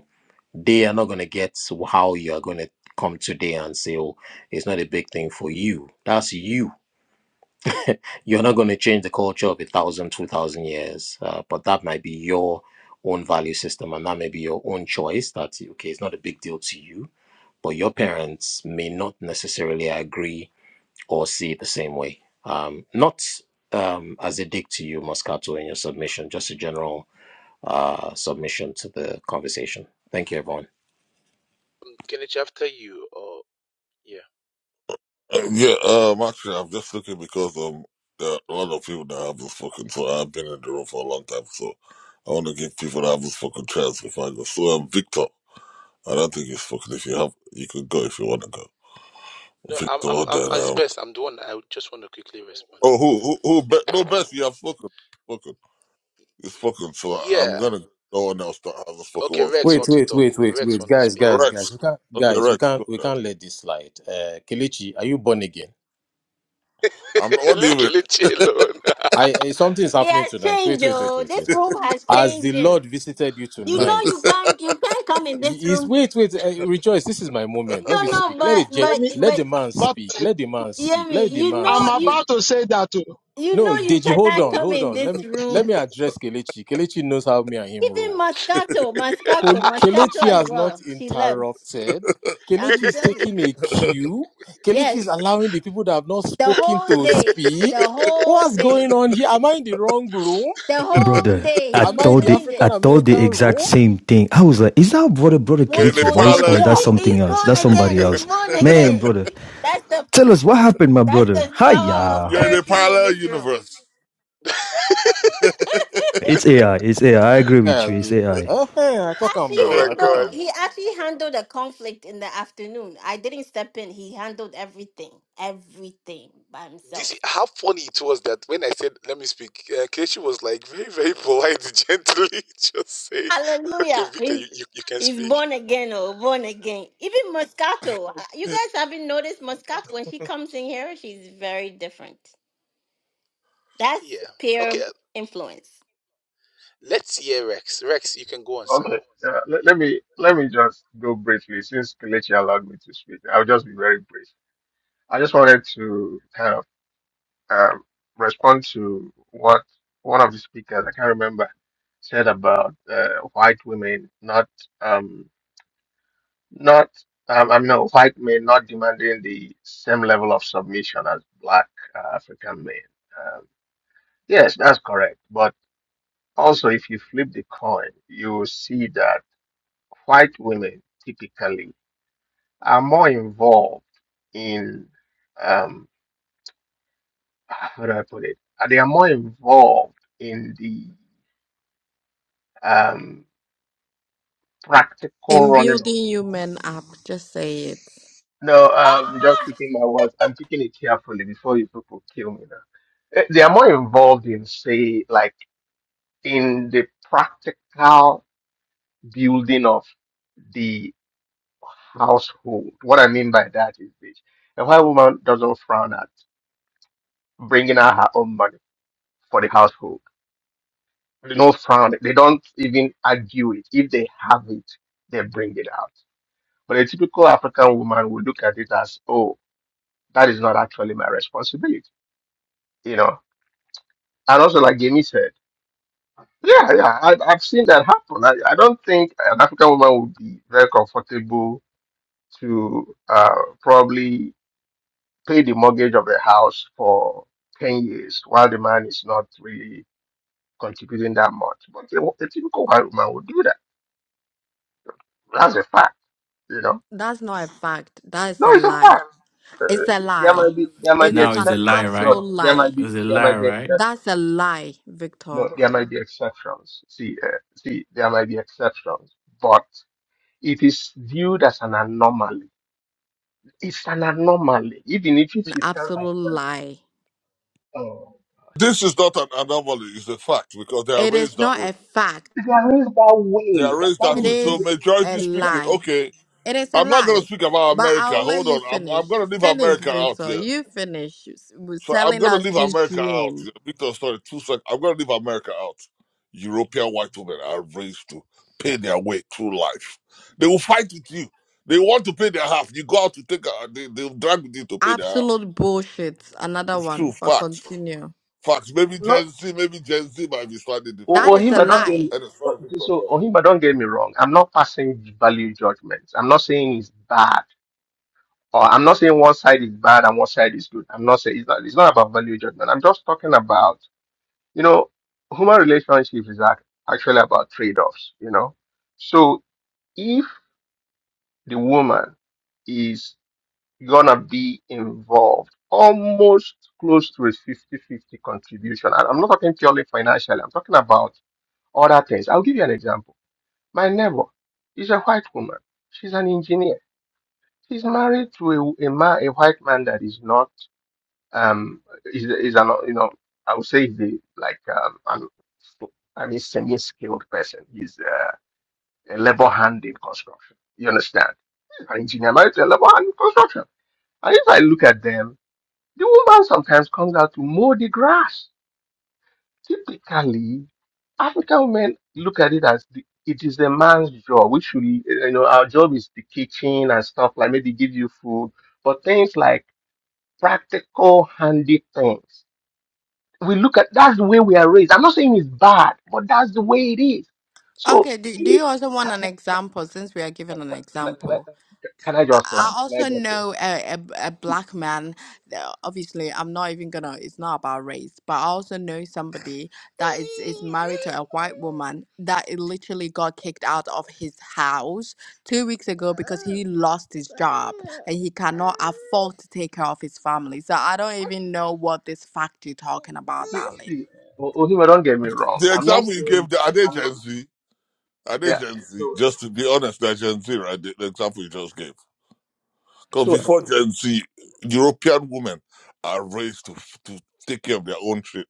Speaker 21: they are not going to get how you are going to come today and say, oh, it's not a big thing for you. That's you. You're not going to change the culture of a thousand, two thousand years, uh, but that might be your own value system and that may be your own choice. That's okay, it's not a big deal to you, but your parents may not necessarily agree or see it the same way. Um, not um, as a dig to you, Moscato, in your submission, just a general uh, submission to the conversation. Thank you, everyone.
Speaker 8: Uh, yeah, um, actually, I'm just looking because um, there are a lot of people that haven't spoken, so I've been in the room for a long time, so I want to give people that haven't spoken chance before I go. So, um, Victor, I don't think you've spoken. If you have, you could go if you want to go.
Speaker 20: No, I'm, I'm,
Speaker 8: Victor,
Speaker 20: I'm,
Speaker 8: then
Speaker 20: uh, it's
Speaker 8: um,
Speaker 20: best. I'm the one. I just want to quickly respond.
Speaker 8: oh, who, who, who?
Speaker 20: It's-
Speaker 8: Be-
Speaker 20: b-
Speaker 8: no, Best, you have spoken, spoken, you've spoken. So I, I'm
Speaker 20: Yeah.
Speaker 8: gonna. No one else that hasn't
Speaker 20: Okay.
Speaker 8: spoken
Speaker 20: Rex
Speaker 21: Wait,
Speaker 20: want to
Speaker 21: wait,
Speaker 20: talk.
Speaker 21: wait, wait,
Speaker 20: Rex
Speaker 21: wait,
Speaker 20: want to
Speaker 21: guys,
Speaker 20: speak.
Speaker 21: guys, guys.
Speaker 8: Rex.
Speaker 21: We can't,
Speaker 8: Okay,
Speaker 21: guys, we
Speaker 8: Rex,
Speaker 21: can't,
Speaker 8: go
Speaker 21: we
Speaker 8: ahead.
Speaker 21: can't let this slide. Uh, Kelechi, are you born again?
Speaker 8: I'm what do you
Speaker 20: Leave
Speaker 8: mean?
Speaker 20: Kelechi alone.
Speaker 21: I uh, something is
Speaker 1: It
Speaker 21: happening
Speaker 1: has
Speaker 21: tonight. Wait,
Speaker 1: changed,
Speaker 21: wait, wait,
Speaker 1: oh.
Speaker 21: wait,
Speaker 1: This
Speaker 21: wait.
Speaker 1: room has
Speaker 21: As the
Speaker 1: changed.
Speaker 21: Lord
Speaker 1: You
Speaker 21: visited you
Speaker 1: know
Speaker 21: tonight,
Speaker 1: you can't you can't come in
Speaker 21: he-
Speaker 1: this
Speaker 21: he's
Speaker 1: room.
Speaker 21: wait, wait, uh, rejoice. This is my moment. Let me
Speaker 1: No, no,
Speaker 21: speak. Let
Speaker 1: but
Speaker 21: the gen-
Speaker 17: Let
Speaker 1: but
Speaker 17: me,
Speaker 21: let
Speaker 1: but
Speaker 21: the man
Speaker 17: but
Speaker 21: speak.
Speaker 17: eh,
Speaker 21: Let the man speak.
Speaker 1: Yemi,
Speaker 21: Let the
Speaker 1: you
Speaker 21: man
Speaker 17: I'm
Speaker 1: know
Speaker 21: speak.
Speaker 1: you
Speaker 8: Oh.
Speaker 17: about to say that too.
Speaker 1: you
Speaker 21: No,
Speaker 1: know you
Speaker 21: Deji, hold
Speaker 1: cannot
Speaker 21: on,
Speaker 1: come
Speaker 21: hold
Speaker 1: in
Speaker 21: on. Let
Speaker 1: this
Speaker 21: me let
Speaker 1: room.
Speaker 21: me address Kelechi. Kelechi knows how me and him roll.
Speaker 1: Even Moscato, Moscato,
Speaker 21: Kol-
Speaker 1: Moscato
Speaker 21: Kelechi
Speaker 1: as
Speaker 21: has not
Speaker 1: well. She left.
Speaker 21: interrupted. Kelechi
Speaker 1: I'm
Speaker 21: is
Speaker 1: telling you.
Speaker 21: taking a cue. Kelechi is
Speaker 1: Yes.
Speaker 21: allowing the people that have not
Speaker 1: The
Speaker 21: spoken
Speaker 1: whole
Speaker 21: to
Speaker 1: day.
Speaker 21: speak.
Speaker 1: The whole
Speaker 21: What's
Speaker 1: day.
Speaker 21: going on here? Am I in the wrong room?
Speaker 1: The whole
Speaker 16: Brother,
Speaker 1: day
Speaker 16: I
Speaker 1: he's
Speaker 21: Am I
Speaker 1: been
Speaker 21: in
Speaker 16: thought
Speaker 21: the
Speaker 16: the
Speaker 1: doing
Speaker 21: African
Speaker 1: this.
Speaker 21: American room?
Speaker 16: same. I was like, is that brother, brother
Speaker 8: You're
Speaker 21: What's
Speaker 8: in
Speaker 16: Kilichi
Speaker 8: a
Speaker 21: going
Speaker 16: voice
Speaker 21: on
Speaker 16: or
Speaker 8: parallel
Speaker 21: here?
Speaker 8: universe.
Speaker 1: He-
Speaker 16: something
Speaker 1: he's
Speaker 16: else?
Speaker 1: born
Speaker 16: That's
Speaker 1: again.
Speaker 16: somebody
Speaker 1: He's
Speaker 16: else.
Speaker 1: born
Speaker 16: Man,
Speaker 1: again.
Speaker 16: brother,
Speaker 1: That's the
Speaker 16: tell us what happened, my
Speaker 1: that's
Speaker 16: brother.
Speaker 1: the power of
Speaker 16: Hiya.
Speaker 8: You're in a
Speaker 1: therapy in
Speaker 8: parallel
Speaker 1: this room.
Speaker 8: universe.
Speaker 21: Eh, Abi. Eh, eh, I talk him
Speaker 1: He actually
Speaker 20: oh
Speaker 21: now.
Speaker 20: my
Speaker 21: I talk
Speaker 20: God.
Speaker 1: handled
Speaker 21: him.
Speaker 1: he actually handled a conflict in the afternoon. I didn't step in. He handled everything, everything by
Speaker 20: This
Speaker 1: himself.
Speaker 20: how funny it was that when I said, let me speak, uh, Kelechi was like very, very polite, gently just saying, okay,
Speaker 1: Hallelujah.
Speaker 20: Victor,
Speaker 1: He's,
Speaker 20: you, you, you can
Speaker 1: he's
Speaker 20: speak.
Speaker 1: born again, oh, born again. Even Moscato. You guys haven't noticed Moscato. When she comes in here, she's very different. That's
Speaker 20: Yeah. Okay.
Speaker 1: peer
Speaker 20: uh,
Speaker 1: influence.
Speaker 20: Let's hear Rex. Rex, you can go on, sir.
Speaker 22: Okay. Uh, let, let me let me just go briefly since Kelechi allowed me to speak. I'll just be very brief. I just wanted to kind of um, respond to what one of the speakers I can't remember said about uh, white women not um not um, I mean no, white men not demanding the same level of submission as black uh, African men. Um, yes, that's correct. But also, if you flip the coin, you will see that white women typically are more involved in um how do I put it? Uh, They are more involved in the um practical
Speaker 19: In
Speaker 22: running of
Speaker 19: building
Speaker 22: the home.
Speaker 19: human up, just say it.
Speaker 22: No, um just
Speaker 1: Ah,
Speaker 22: picking my words. I'm picking it carefully before you people kill me now. Eh, They are more involved in say like in the practical building of the household. What I mean by that is this. A white woman doesn't frown at bringing out her own money for the household They don't frown. They don't even argue it. If they have it, they bring it out. But a typical African woman would look at it as, oh, that is not actually my responsibility, you know. And also, like Jamie said, yeah, yeah, I, I've seen that happen. I, I don't think an African woman would be very comfortable to uh, probably pay the mortgage of a house for 10 years while the man is not really contributing that much. But a, a typical white woman would do that. That's a fact, you know
Speaker 19: That's not a fact. That is
Speaker 22: No,
Speaker 19: a
Speaker 22: it's a
Speaker 19: lie.
Speaker 22: fact. Uh,
Speaker 19: It's a
Speaker 22: there
Speaker 19: lie.
Speaker 22: might be there might
Speaker 19: It
Speaker 22: be
Speaker 19: is an
Speaker 22: exceptions.
Speaker 19: absolute
Speaker 22: No, there might
Speaker 19: lie.
Speaker 22: be
Speaker 15: Is
Speaker 22: there might be exceptions.
Speaker 19: That's a lie,
Speaker 22: No,
Speaker 19: Victor.
Speaker 22: there might be exceptions. See, uh, see, there might be exceptions, but it is viewed as an anomaly. It's an anomaly. Even if, if
Speaker 19: An
Speaker 22: you tell her,
Speaker 19: absolute
Speaker 22: friend,
Speaker 19: lie.
Speaker 22: oh,
Speaker 8: this is not an anomaly, it's a fact because they are
Speaker 19: It
Speaker 8: raised
Speaker 19: is
Speaker 8: that
Speaker 19: not
Speaker 8: way.
Speaker 19: a fact.
Speaker 22: there is that
Speaker 8: They
Speaker 22: way.
Speaker 8: are
Speaker 22: That,
Speaker 8: raised that
Speaker 19: It
Speaker 22: that
Speaker 8: way. So
Speaker 22: is
Speaker 19: is
Speaker 8: majority
Speaker 19: a
Speaker 8: speaking,
Speaker 19: lie.
Speaker 8: okay,
Speaker 19: It is a
Speaker 8: I'm not gonna
Speaker 19: lie.
Speaker 8: speak about
Speaker 19: But
Speaker 8: America.
Speaker 19: I'll let
Speaker 8: Hold
Speaker 19: you
Speaker 8: on. I'm I'm
Speaker 19: finish.
Speaker 8: gonna leave
Speaker 19: Finish,
Speaker 8: America out
Speaker 19: Victor.
Speaker 8: here.
Speaker 19: You finish with
Speaker 8: So I'm
Speaker 19: selling
Speaker 8: gonna
Speaker 19: us
Speaker 8: leave
Speaker 19: this
Speaker 8: America out.
Speaker 19: dream.
Speaker 8: Victor, sorry, two sec. I'm gonna leave America out. European white women are raised to pay their way through life. They will fight with you. They want to pay their half. You go out to take a, they, they'll drag with you to pay their half.
Speaker 19: Absolute bullshit. Another
Speaker 8: It's true.
Speaker 19: one, but
Speaker 8: Facts.
Speaker 19: continue.
Speaker 8: Facts. Maybe
Speaker 22: not.
Speaker 8: Gen Z, maybe Gen Z might be slightly
Speaker 22: Oh,
Speaker 8: different,
Speaker 19: That
Speaker 8: but
Speaker 19: is a
Speaker 22: Ohima, don't get me.
Speaker 19: lie.
Speaker 8: and it's
Speaker 22: oh,
Speaker 8: sorry, Victor. Go.
Speaker 22: So
Speaker 8: on.
Speaker 22: Ohima, don't get me wrong. I'm not passing value judgments. I'm not saying it's bad. or I'm not saying one side is bad and one side is good. I'm not saying it's not, it's not about value judgment. I'm just talking about, you know, human relationships is ac- actually about trade offs, you know. So if the woman is gonna be involved almost close to a fifty-fifty contribution, and I'm not talking purely financially, I'm talking about other things. I'll give you an example. My neighbor is a white woman, she's an engineer. She's married to a, a man, a white man that is not um is is an you know I would say the like um an an extremely skilled person. He's uh, a level hand in construction. You understand? An engineer married to a level hand in construction. And if I look at them, the woman sometimes comes out to mow the grass. Typically, African women look at it as the, it is the man's job. We should, you know, our job is the kitchen and stuff like maybe give you food, but things like practical, handy things. we look at that's the way we are raised. I'm not saying it's bad, but that's the way it is. So
Speaker 19: Okay, do, do
Speaker 22: see,
Speaker 19: you also want
Speaker 22: can
Speaker 19: an example since we are given an
Speaker 22: I, can I,
Speaker 19: example?
Speaker 22: can I just
Speaker 19: I I
Speaker 22: land? Can I
Speaker 19: also
Speaker 22: just land?
Speaker 19: know a, a, a black man. uh, Obviously, I'm not even gonna. It's not about race, but I also know somebody that is is married to a white woman that it literally got kicked out of his house two weeks ago because he lost his job and he cannot afford to take care of his family. So I don't even know what this fact you're talking about,
Speaker 22: See,
Speaker 19: darling.
Speaker 22: see, O- Ozima, don't get me wrong.
Speaker 8: The
Speaker 22: I'm not
Speaker 8: example you
Speaker 22: saying
Speaker 8: gave, there, are they
Speaker 22: I'm not.
Speaker 8: Gen Z? Are they
Speaker 22: Yeah.
Speaker 8: Gen Z?
Speaker 22: So
Speaker 8: Just to be honest, they're Gen Z, right? The, the example you just gave. Because
Speaker 22: so
Speaker 8: before Gen Z, European women are raised to, to take care of their own shit.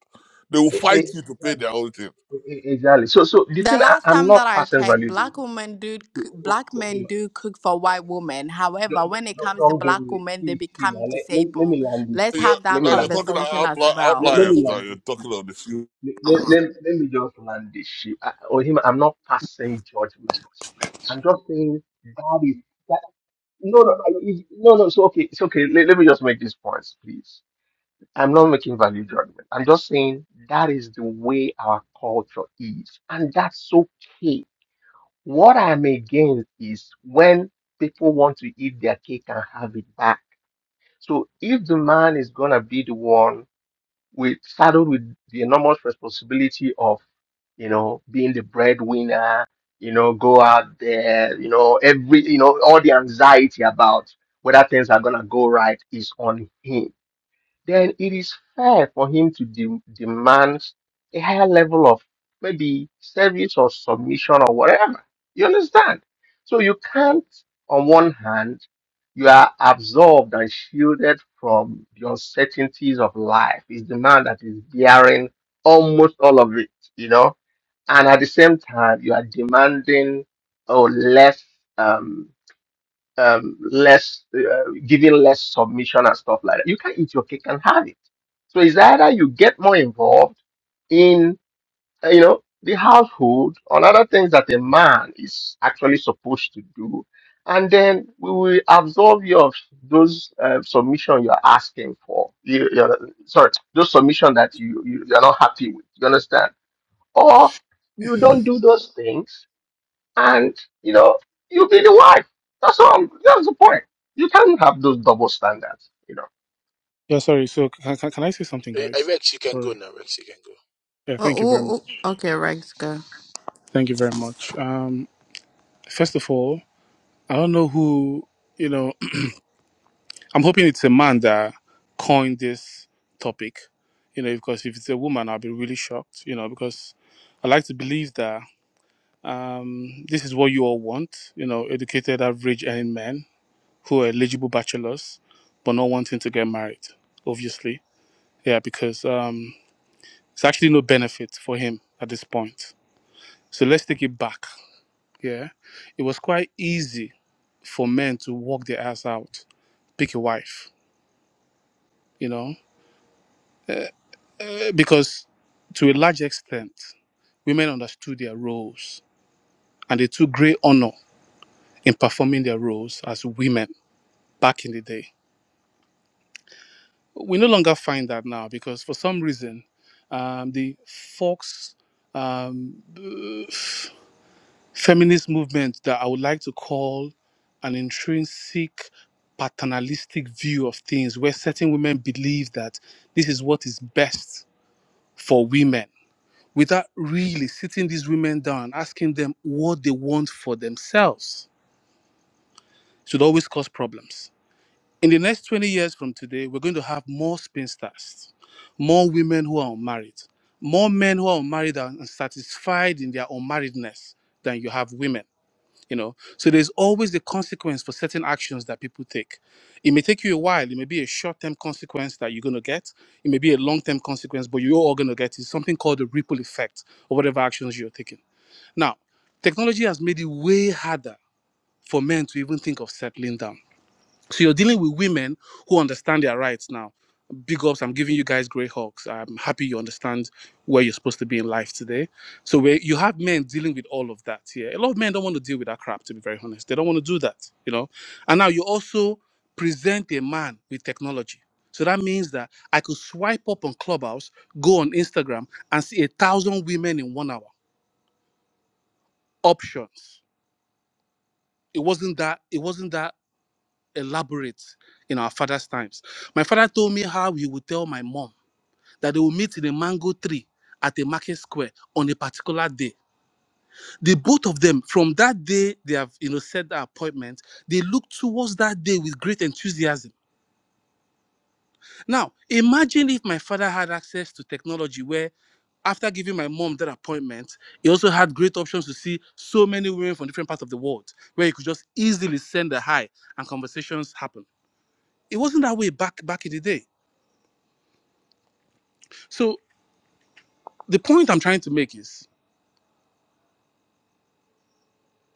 Speaker 8: They will
Speaker 22: eh, eh, eh,
Speaker 8: fight you to pay their own shit.
Speaker 22: eh, exactly. So so the
Speaker 19: The
Speaker 22: thing I,
Speaker 19: last
Speaker 22: I'm
Speaker 19: time
Speaker 22: not
Speaker 19: that I
Speaker 22: passing
Speaker 19: checked,
Speaker 22: value.
Speaker 19: black women do
Speaker 22: See,
Speaker 19: c-
Speaker 22: O-
Speaker 19: black men
Speaker 22: Ozima,
Speaker 19: do cook for white women.
Speaker 22: Don't,
Speaker 19: However, when it
Speaker 22: don't
Speaker 19: comes to
Speaker 22: don't get
Speaker 19: black
Speaker 22: me.
Speaker 19: women, they
Speaker 22: See, see, now,
Speaker 19: become
Speaker 22: let, let, let
Speaker 19: disabled.
Speaker 22: me land this.
Speaker 19: Let's
Speaker 22: here.
Speaker 8: You're,
Speaker 19: have
Speaker 22: Let
Speaker 19: that
Speaker 22: me
Speaker 8: now you're
Speaker 22: land. This.
Speaker 8: talking
Speaker 19: conversation
Speaker 8: about
Speaker 19: as
Speaker 8: outli-
Speaker 22: Let,
Speaker 19: well.
Speaker 22: let me
Speaker 8: outliers. Now
Speaker 22: land
Speaker 8: you're
Speaker 22: this.
Speaker 8: talking about this. You-
Speaker 22: let, let, let me just land this ship. I, or him, I'm not passing judgment. I'm just saying that is that. No, no, I- it- no, no. It's okay. It's okay. Let, let me just make these points, please. I'm not making value judgment. I'm just saying that is the way our culture is, and that's okay. What I'm against is when people want to eat their cake and have it back. So if the man is gonna be the one we saddled with the enormous responsibility of, you know, being the breadwinner, you know, go out there, you know, every, you know, all the anxiety about whether things are gonna go right is on him then it is fair for him to de- demand a higher level of maybe service or submission or whatever. You understand? So you can't, on one hand, you are absolved and shielded from the uncertainties of life. It's the man that is bearing almost all of it, you know? And at the same time, you are demanding, oh, less. Um, um less uh, giving less submission and stuff like that you can eat your cake and have it so it's either you get more involved in uh, you know the household on other things that a man is actually supposed to do and then we will absorb your those uh, submission you're asking for you, you're, sorry those submission that you, you you're not happy with you understand or you don't do those things and you know you be the wife. That's all. That's the point. You can't have those double standards. You know.
Speaker 23: Yeah, sorry. So can, can, can I say something,
Speaker 20: Eh, eh,
Speaker 23: guys?
Speaker 20: Rex, you can go
Speaker 23: Sorry.
Speaker 20: now. Rex, you can go.
Speaker 23: Yeah,
Speaker 19: Oh,
Speaker 23: thank you very much.
Speaker 19: oh, oh, Okay, Rex, go.
Speaker 23: Thank you very much. Um, first of all, I don't know who, you know, I'm hoping it's a man that coined this topic, you know, because if it's a woman, I'll be really shocked, you know, because I like to believe that um, this is what you all want, you know, educated, average earning men who are eligible bachelors, but not wanting to get married, obviously. Yeah, because um, it's actually no benefit for him at this point So let's take it back. Yeah. It was quite easy for men to walk their ass out, pick a wife, you know, Eh, because to a large extent, women understood their roles and they took great honor in performing their roles as women back in the day. We no longer find that now because for some reason, um, the folks um, feminist movement that I would like to call an intrinsic paternalistic view of things, where certain women believe that this is what is best for women, without really sitting these women down, asking them what they want for themselves, should always cause problems. In the next 20 years from today, we're going to have more spinsters, more women who are unmarried, more men who are unmarried and satisfied in their unmarriedness than you have women you know so there's always the consequence for certain actions that people take it may take you a while it may be a short-term consequence that you're going to get it may be a long-term consequence but you're all going to get is something called the ripple effect of whatever actions you're taking now technology has made it way harder for men to even think of settling down so you're dealing with women who understand their rights now. Big ups, I'm giving you guys great hugs. I'm happy you understand where you're supposed to be in life today. So where you have men dealing with all of that Yeah, A lot of men don't want to deal with that crap, to be very honest. They don't want to do that, you know. And now you also present a man with technology. So that means that I could swipe up on Clubhouse, go on Instagram, and see a thousand women in one hour. Options. It wasn't that. It wasn't that elaborate in our father's times. My father told me how he would tell my mom that they will meet in a mango tree at a market square on a particular day. The both of them, from that day they have you know set their appointment, they look towards that day with great enthusiasm. Now imagine if my father had access to technology where after giving my mom that appointment, he also had great options to see so many women from different parts of the world where he could just easily send a hi and conversations happen. It wasn't that way back back in the day So the point I'm trying to make is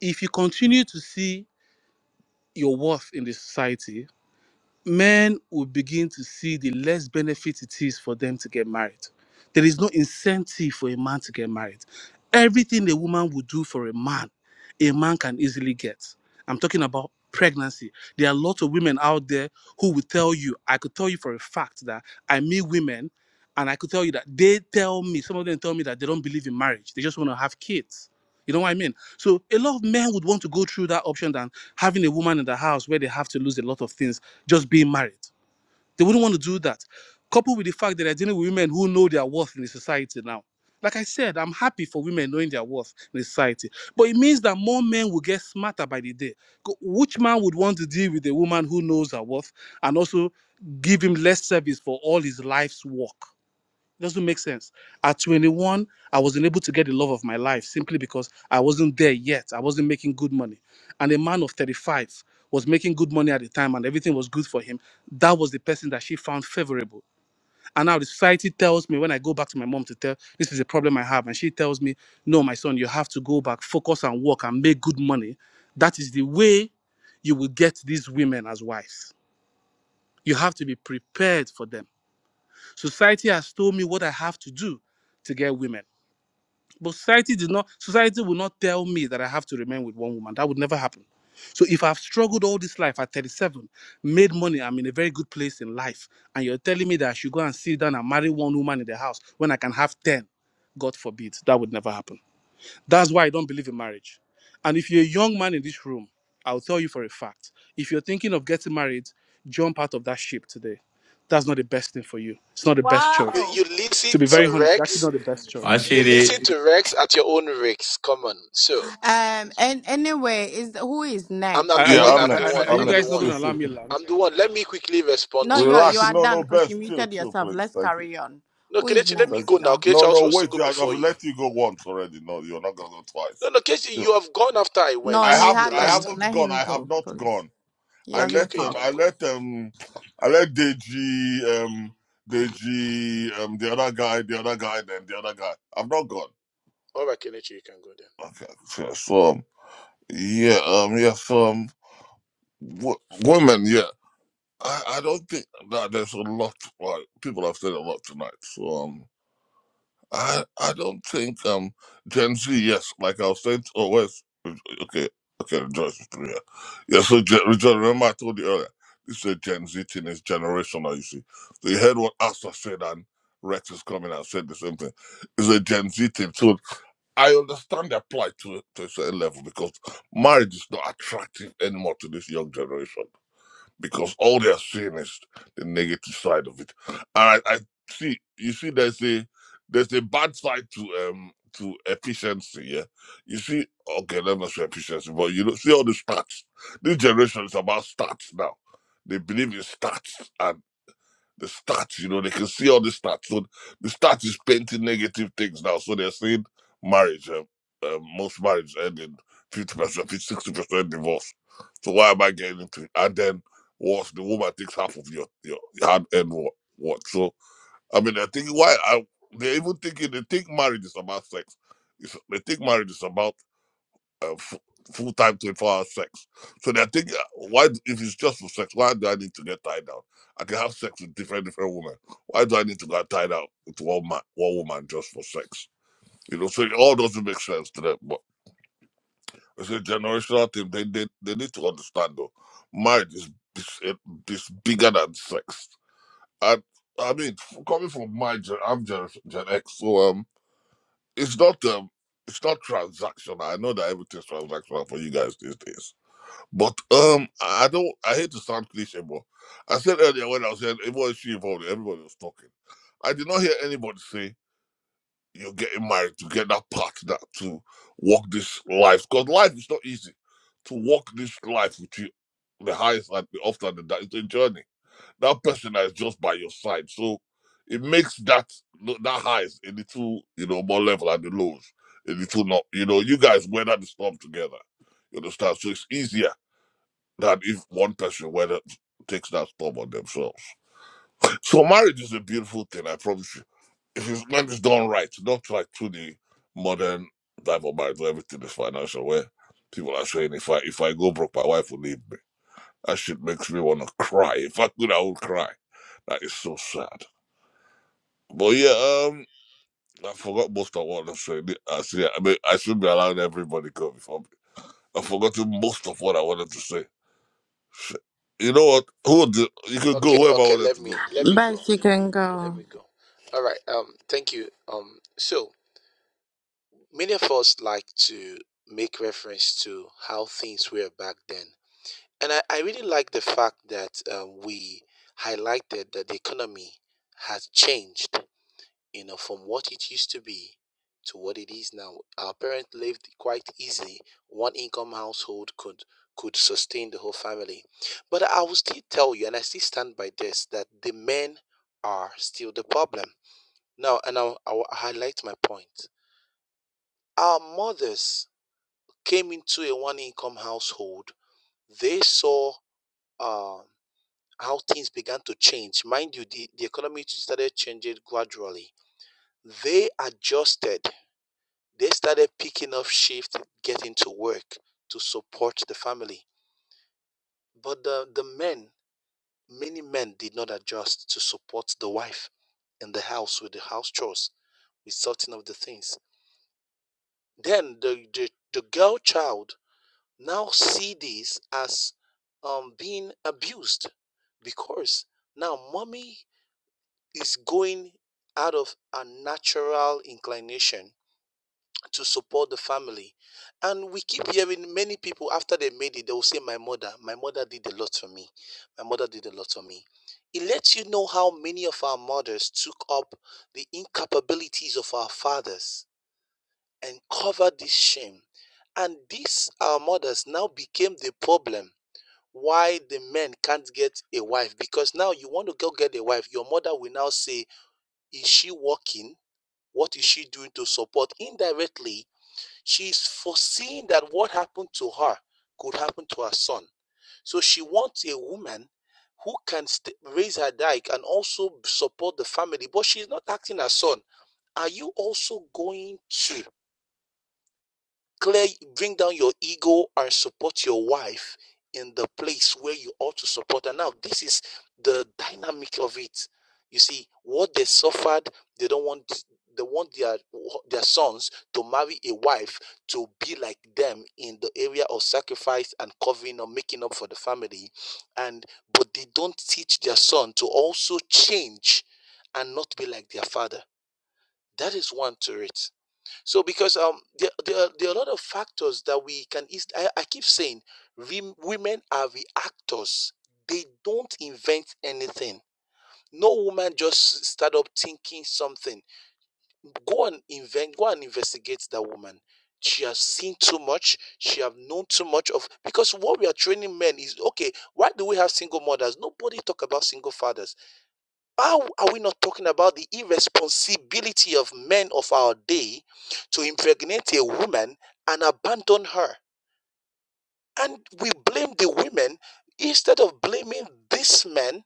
Speaker 23: if you continue to see your worth in the society, men will begin to see the less benefit it is for them to get married. There is no incentive for a man to get married. Everything a woman would do for a man, a man can easily get. I'm talking about pregnancy. There are lots of women out there who will tell you, I could tell you for a fact that I meet women and I could tell you that they tell me, some of them tell me that they don't believe in marriage. They just want to have kids You know what I mean? So a lot of men would want to go through that option than having a woman in the house where they have to lose a lot of things just being married. They wouldn't want to do that. Coupled with the fact that they're dealing with women who know their worth in the society now. Like I said, I'm happy for women knowing their worth in the society. But it means that more men will get smarter by the day. Co- Which man would want to deal with a woman who knows her worth and also give him less service for all his life's work? It doesn't make sense. At 21, I was unable to get the love of my life simply because I wasn't there yet. I wasn't making good money. And a man of 35 was making good money at the time and everything was good for him. That was the person that she found favorable. And now the society tells me when I go back to my mom to tell this is a problem I have. And she tells me, No, my son, you have to go back, focus and work and make good money. That is the way you will get these women as wives. You have to be prepared for them Society has told me what I have to do to get women. But society did not society will not tell me that I have to remain with one woman. That would never happen. So if I've struggled all this life at 37, made money, I'm in a very good place in life, and you're telling me that I should go and sit down and marry one woman in the house when I can have 10, God forbid, that would never happen. That's why I don't believe in marriage. And if you're a young man in this room, I'll tell you for a fact. If you're thinking of getting married, jump out of that ship today. That's not the best thing for you. It's not the best choice.
Speaker 20: You,
Speaker 1: wow.
Speaker 20: you
Speaker 23: To
Speaker 20: listen
Speaker 23: be very
Speaker 20: to
Speaker 23: honest, it's actually
Speaker 20: Rex.
Speaker 23: not the best choice.
Speaker 20: You listen to Rex at your own Rex. Come on. So
Speaker 19: Um, and anyway, is who is
Speaker 20: I'm,
Speaker 23: Are, are
Speaker 19: next?
Speaker 8: Yeah,
Speaker 23: you
Speaker 8: I'm
Speaker 23: are,
Speaker 19: Let's
Speaker 20: I'm the
Speaker 8: next.
Speaker 23: are
Speaker 20: one.
Speaker 23: are
Speaker 8: I'm
Speaker 23: you
Speaker 20: I'm the
Speaker 19: continue.
Speaker 23: guys
Speaker 8: next.
Speaker 23: not going
Speaker 20: one.
Speaker 8: Chill,
Speaker 23: to allow
Speaker 8: chill,
Speaker 23: me
Speaker 8: chill.
Speaker 23: land?
Speaker 20: I'm the one. Let me
Speaker 19: No,
Speaker 20: Do
Speaker 19: you are you
Speaker 8: Relax.
Speaker 20: this.
Speaker 19: are
Speaker 8: No,
Speaker 19: done
Speaker 8: no,
Speaker 19: because you
Speaker 8: best. Chill,
Speaker 19: muted
Speaker 8: chill,
Speaker 19: yourself.
Speaker 8: please.
Speaker 19: Let's
Speaker 8: Thank you.
Speaker 19: carry on.
Speaker 20: No,
Speaker 19: Who is
Speaker 20: Kelechi, let me
Speaker 8: Thank
Speaker 20: go
Speaker 19: next,
Speaker 20: now.
Speaker 19: John?
Speaker 20: 'cause
Speaker 8: No,
Speaker 20: I'm
Speaker 8: no,
Speaker 20: supposed to go
Speaker 8: wait. I-
Speaker 20: before
Speaker 8: I've
Speaker 20: you.
Speaker 8: let you go once already. No, you're not gonna go
Speaker 20: No,
Speaker 8: twice.
Speaker 20: no, Kelechi,
Speaker 8: Chill.
Speaker 20: you have gone after I
Speaker 19: No,
Speaker 8: I
Speaker 19: he
Speaker 20: went the
Speaker 8: haven't. I
Speaker 20: last
Speaker 19: hasn't.
Speaker 20: time.
Speaker 8: haven't
Speaker 19: Let
Speaker 8: gone.
Speaker 19: him
Speaker 8: I have
Speaker 19: go,
Speaker 8: not gone.
Speaker 19: please. He
Speaker 8: I
Speaker 20: Okay, you
Speaker 19: hasn't
Speaker 8: let um I
Speaker 20: can
Speaker 19: talked.
Speaker 20: go.
Speaker 8: let um I let Deji um Deji um the other guy the other guy then the other guy. I'm not gone.
Speaker 20: All right, Kenichi, you can go then.
Speaker 8: Okay, so so, um, yeah um yeah so um w- women yeah I I don't think that there's a lot like people have said a lot tonight so um. I I don't think um Gen Z. Yes, like I was saying. Oh, wait. uh, Okay, okay. Rejoice is here. Yeah. So Gen, Rejoice, remember I told you earlier. This is a Gen Z thing. It's generational. You see. So you heard what Asta said, and Rex is coming and said the same thing. It's a Gen Z thing. So I understand they apply to to a certain level because marriage is not attractive anymore to this young generation because all they are seeing is the negative side of it. And I, I see, you see, there's a there's a bad side to um to efficiency. Yeah, you see, okay, let me say efficiency, but you know, see all the stats. This generation is about stats now. They believe in stats, and the stats, you know, they can see all the stats. So the stats is painting negative things now. So they're saying marriage, uh, uh, most marriage end 50%, 60% divorce. So why am I getting into it? And then what? The woman takes half of your, your hand and what? what? So, I mean, they're thinking, why? I, they're even thinking, they think marriage is about sex. It's, they think marriage is about uh, f- full time 24 hour sex. So they're thinking, uh, why, if it's just for sex, why do I need to get tied down? I can have sex with different, different women. Why do I need to get tied out with one man, one woman just for sex? You know, so it all doesn't make sense to them. But it's a generational thing. They, they, they need to understand though. Marriage is, is, it- is bigger than sex. And I mean, f- coming from my gen, I'm gen, gen X, so um, it's not um, it's not transactional. I know that everything's transactional for you guys these days But um, I don't. I hate to sound cliche, but I said earlier when I was saying it was she involved. Everybody was talking. I did not hear anybody say you're getting married to get that partner to walk this life because life is not easy. To walk this life with you, the highest and the often the down- it's a journey. That person that is just by your side, so it makes that no, that highs a little, you know, more level and the lows a little not. You know, you guys weather the storm together. You understand? So it's easier that if one person whether takes that stop on themselves. So marriage is a beautiful thing, I promise you. If it's when it's done right, not like through the modern type of marriage where everything is financial, where people are saying if I if I go broke, my wife will leave me. That shit makes me wanna cry. If I could I would cry. That is so sad. But yeah, um I forgot most of what I'm saying. I see I mean I should be allowing everybody go before me. I've forgotten most of what I wanted to say. You know what? Who would you could go
Speaker 20: Okay,
Speaker 8: wherever I
Speaker 20: okay,
Speaker 8: wanted
Speaker 20: let
Speaker 8: to go.
Speaker 20: me let me
Speaker 19: But
Speaker 20: go.
Speaker 19: you can
Speaker 20: Let
Speaker 19: go.
Speaker 20: me go. All right. Um, thank you. Um, so many of us like to make reference to how things were back then, and I, I really like the fact that um, we highlighted that the economy has changed you know, from what it used to be to what it is now. Our parents lived quite easily. One income household could could sustain the whole family. But I will still tell you, and I still stand by this, that the men are still the problem. Now, and I'll, I'll highlight my point. Our mothers came into a one income household. They saw uh, how things began to change. Mind you, the, the economy started changing gradually. They adjusted They started picking up shift, getting to work to support the family. But the, the men, many men did not adjust to support the wife in the house with the house chores, with sorting of the things. Then the, the, the girl child now see this as um, being abused because now mommy is going out of a natural inclination to support the family. And we keep hearing many people after they made it, they will say, My mother, my mother did a lot for me. My mother did a lot for me. It lets you know how many of our mothers took up the incapabilities of our fathers and covered this shame. And these our mothers now became the problem why the men can't get a wife. Because now you want to go get a wife, your mother will now say, Is she working? What is she doing to support indirectly? She's foreseeing that what happened to her could happen to her son. So she wants a woman who can st- raise her dike and also support the family, but she's not acting as son. Are you also going to clear bring down your ego and support your wife in the place where you ought to support her now this is the dynamic of it you see what they suffered they don't want they want their their sons to marry a wife to be like them in the area of sacrifice and covering or making up for the family and but they don't teach their son to also change and not be like their father that is one to it so because um there, there, are, there are a lot of factors that we can eas- I, I keep saying rem- women are reactors. They don't invent anything. No woman just start up thinking something. Go and invent. Go and investigate that woman. She has seen too much. She have known too much of because what we are training men is okay. Why do we have single mothers? Nobody talk about single fathers how are we not talking about the irresponsibility of men of our day to impregnate a woman and abandon her? And we blame the women instead of blaming these men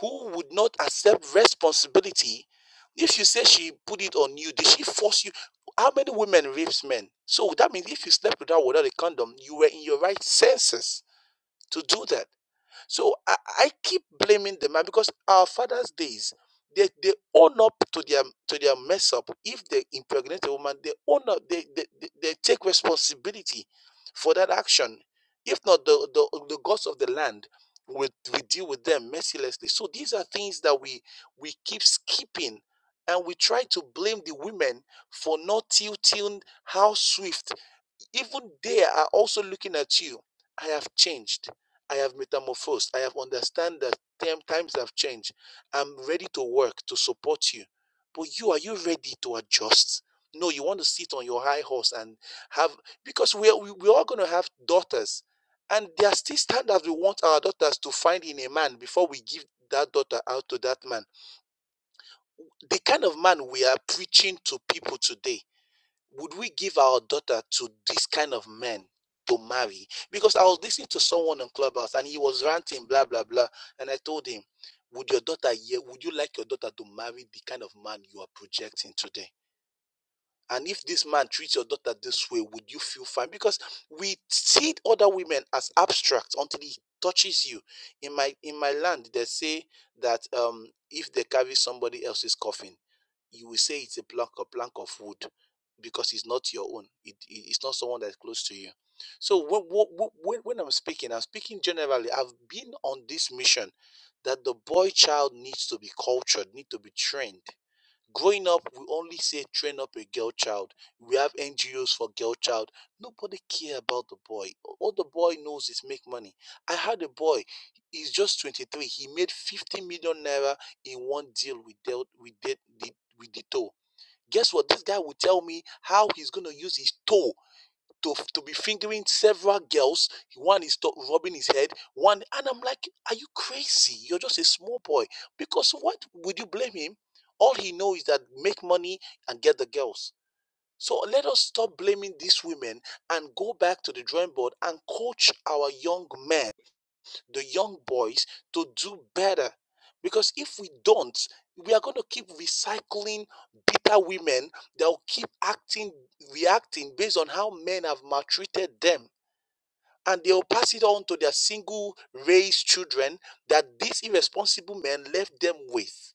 Speaker 20: who would not accept responsibility. If you say she put it on you, did she force you? How many women rapes men? So that means if you slept with her without a condom, you were in your right senses to do that. So I, I keep blaming the man because our father's days, they, they own up to their to their mess up. If they impregnate a woman, they own up, they they, they, they take responsibility for that action. If not, the, the the gods of the land will, will deal with them mercilessly. So these are things that we we keep skipping and we try to blame the women for not tilting how swift even they are also looking at you. I have changed. I have metamorphosed. I have understand that tem- times have changed. I'm ready to work to support you. But you, are you ready to adjust? No, you want to sit on your high horse and have, because we are, we, we're all going to have daughters. And there are still standards we want our daughters to find in a man before we give that daughter out to that man. The kind of man we are preaching to people today would we give our daughter to this kind of men to marry? Because I was listening to someone on Clubhouse and he was ranting, blah, blah, blah. And I told him, Would your daughter, yeah, would you like your daughter to marry the kind of man you are projecting today? And if this man treats your daughter this way, would you feel fine? Because we see other women as abstract until he touches you. In my in my land, they say that um, if they carry somebody else's coffin, you will say it's a plank a plank of wood because it's not your own. It, it- it's not someone that's close to you. So when, when when I'm speaking, I'm speaking generally. I've been on this mission that the boy child needs to be cultured, need to be trained Growing up, we only say train up a girl child. We have NGOs for girl child. Nobody care about the boy. All the boy knows is make money. I had a boy. He's just 23. He made 50 million naira in one deal with dealt. with De, with the toe. Guess what? This guy will tell me how he's gonna use his toe to, to be fingering several girls. One is to- rubbing his head. One, and I'm like, are you crazy? You're just a small boy. Because what would you blame him? All he knows is that make money and get the girls. So let us stop blaming these women and go back to the drawing board and coach our young men the young boys to do better. Because if we don't, we are going to keep recycling bitter women that will keep acting, reacting based on how men have maltreated them. And they'll pass it on to their single raised children that these irresponsible men left them with.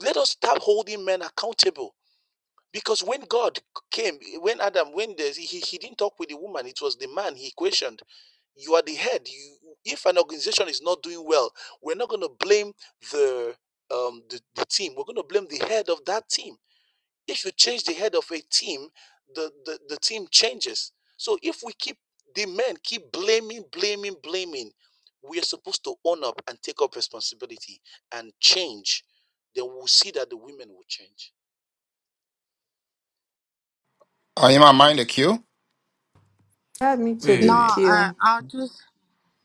Speaker 20: Let us stop holding men accountable. Because when God came, when Adam, when the, he, he didn't talk with the woman, it was the man he questioned. You are the head. You, if an organization is not doing well, we're not going to blame the, um, the the team. We're going to blame the head of that team. If you change the head of a team, the, the the team changes. So if we keep the men keep blaming, blaming, blaming, we are supposed to own up and take up responsibility and change. Then we'll see that the women will change.
Speaker 14: Are you my mind the queue?
Speaker 18: Add me to
Speaker 15: Wait, wait,
Speaker 19: No,
Speaker 18: the
Speaker 15: wait.
Speaker 19: uh,
Speaker 18: queue.
Speaker 19: I'll just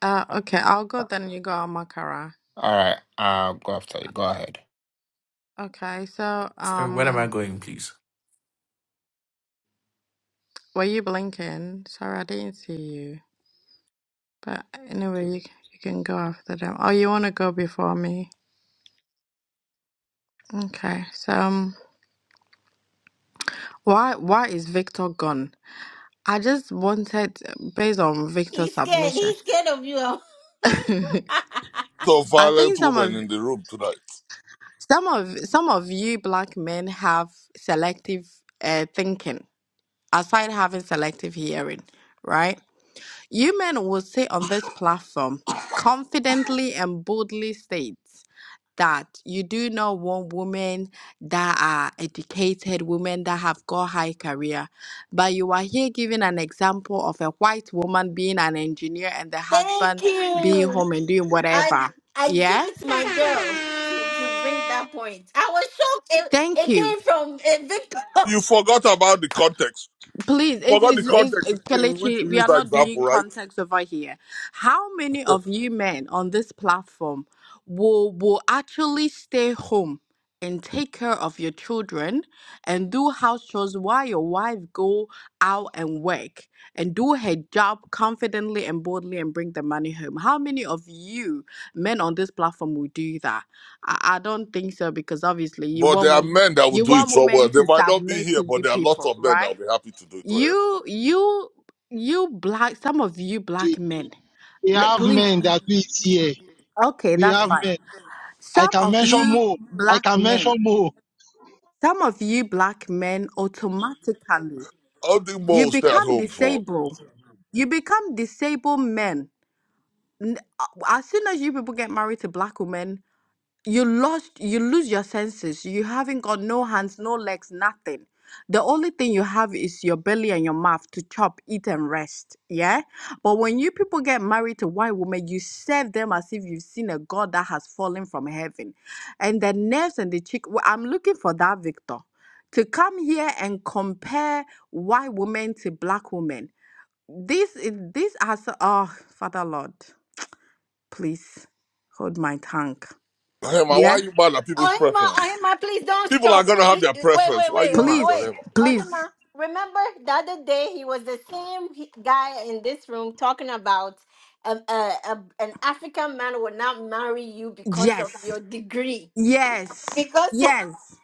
Speaker 19: Uh, okay, I'll go then you go Makara.
Speaker 14: All right, I'll go after you. Go ahead.
Speaker 19: Okay, so
Speaker 15: Sorry, where am I
Speaker 19: um
Speaker 15: going, please?
Speaker 19: were you blinking? Sorry, I didn't see you. But anyway, you, you can go after them. Oh, you want to go before me? Okay. So um, why why is Victor gone? I just wanted based on Victor's
Speaker 1: He's scared.
Speaker 19: submission.
Speaker 1: He's scared of you.
Speaker 8: of
Speaker 19: I
Speaker 8: violent
Speaker 19: think some
Speaker 8: women
Speaker 19: of
Speaker 8: in the room tonight.
Speaker 19: some of some of you black men have selective uh, thinking aside having selective hearing, right? You men will say on this platform confidently and boldly states that you do not want women that are educated, women that have got high career. But you are here giving an example of a white woman being an engineer and the
Speaker 1: Thank
Speaker 19: husband being
Speaker 1: you.
Speaker 19: home and doing
Speaker 1: I
Speaker 19: whatever.
Speaker 1: I give
Speaker 19: Yeah?
Speaker 1: it to my girl to, to bring that point. I was shocked. It,
Speaker 19: Thank
Speaker 1: it
Speaker 19: you.
Speaker 1: came from uh, Victor.
Speaker 8: You forgot about the context.
Speaker 19: Please,
Speaker 8: You
Speaker 19: it's,
Speaker 8: forgot the
Speaker 19: it's, it's,
Speaker 8: context
Speaker 19: it's
Speaker 8: in which
Speaker 19: Kelechi,
Speaker 8: you
Speaker 19: we are
Speaker 8: used that
Speaker 19: not doing
Speaker 8: example, right?
Speaker 19: context over here. How many of you men on this platform will will actually stay home and take care of your children and do house chores while your wife go out and work and do her job confidently and boldly and bring the money home? How many of you men on this platform will do that? I, I don't think so because obviously you
Speaker 8: But
Speaker 19: want
Speaker 8: there are
Speaker 19: women
Speaker 8: men that will
Speaker 19: you
Speaker 8: do it
Speaker 19: want
Speaker 8: somewhere.
Speaker 19: women
Speaker 8: They
Speaker 19: to
Speaker 8: might not be
Speaker 19: submit
Speaker 8: here,
Speaker 19: to
Speaker 8: but
Speaker 19: you
Speaker 8: there are lots
Speaker 19: people,
Speaker 8: of men that
Speaker 19: right?
Speaker 8: will be happy to do it to him.
Speaker 19: You, you, you black, some of you black men,
Speaker 17: we
Speaker 19: like,
Speaker 17: have
Speaker 19: please,
Speaker 17: men that we see. here.
Speaker 19: okay,
Speaker 17: We
Speaker 19: that's
Speaker 17: have
Speaker 19: fine.
Speaker 17: men. I
Speaker 19: Some
Speaker 17: can
Speaker 19: of
Speaker 17: mention
Speaker 19: you
Speaker 17: more. I
Speaker 19: black
Speaker 17: can
Speaker 19: men,
Speaker 17: mention more.
Speaker 19: some of you black men automatically,
Speaker 8: How do Mo
Speaker 19: you
Speaker 8: will stay at
Speaker 19: become
Speaker 8: home for
Speaker 19: disabled. You become disabled men. N- uh, As soon as you people get married to black women, you lost you lose your senses you haven't got no hands no legs nothing the only thing you have is your belly and your mouth to chop eat and rest yeah but when you people get married to white women you serve them as if you've seen a god that has fallen from heaven and the nerves and the cheek well, i'm looking for that victor to come here and compare white women to black women this is these are so, oh father lord please hold my tongue
Speaker 8: Hema? Why are
Speaker 19: yeah
Speaker 8: you mad at people's
Speaker 1: Ohima,
Speaker 8: preference?
Speaker 1: Ohima, please don't
Speaker 8: People are
Speaker 1: stop.
Speaker 8: gonna have
Speaker 1: Wait,
Speaker 8: their preference.
Speaker 1: wait,
Speaker 8: Why are
Speaker 1: wait,
Speaker 8: you
Speaker 1: wait,
Speaker 8: mad on
Speaker 19: Please,
Speaker 1: wait.
Speaker 8: Hema?
Speaker 19: please.
Speaker 1: Ohima, remember the other day he was the same he- guy in this room talking about um, uh, uh, an African man will not marry you because of
Speaker 19: Yes,
Speaker 1: your degree.
Speaker 19: yes,
Speaker 1: Because of,
Speaker 19: yes,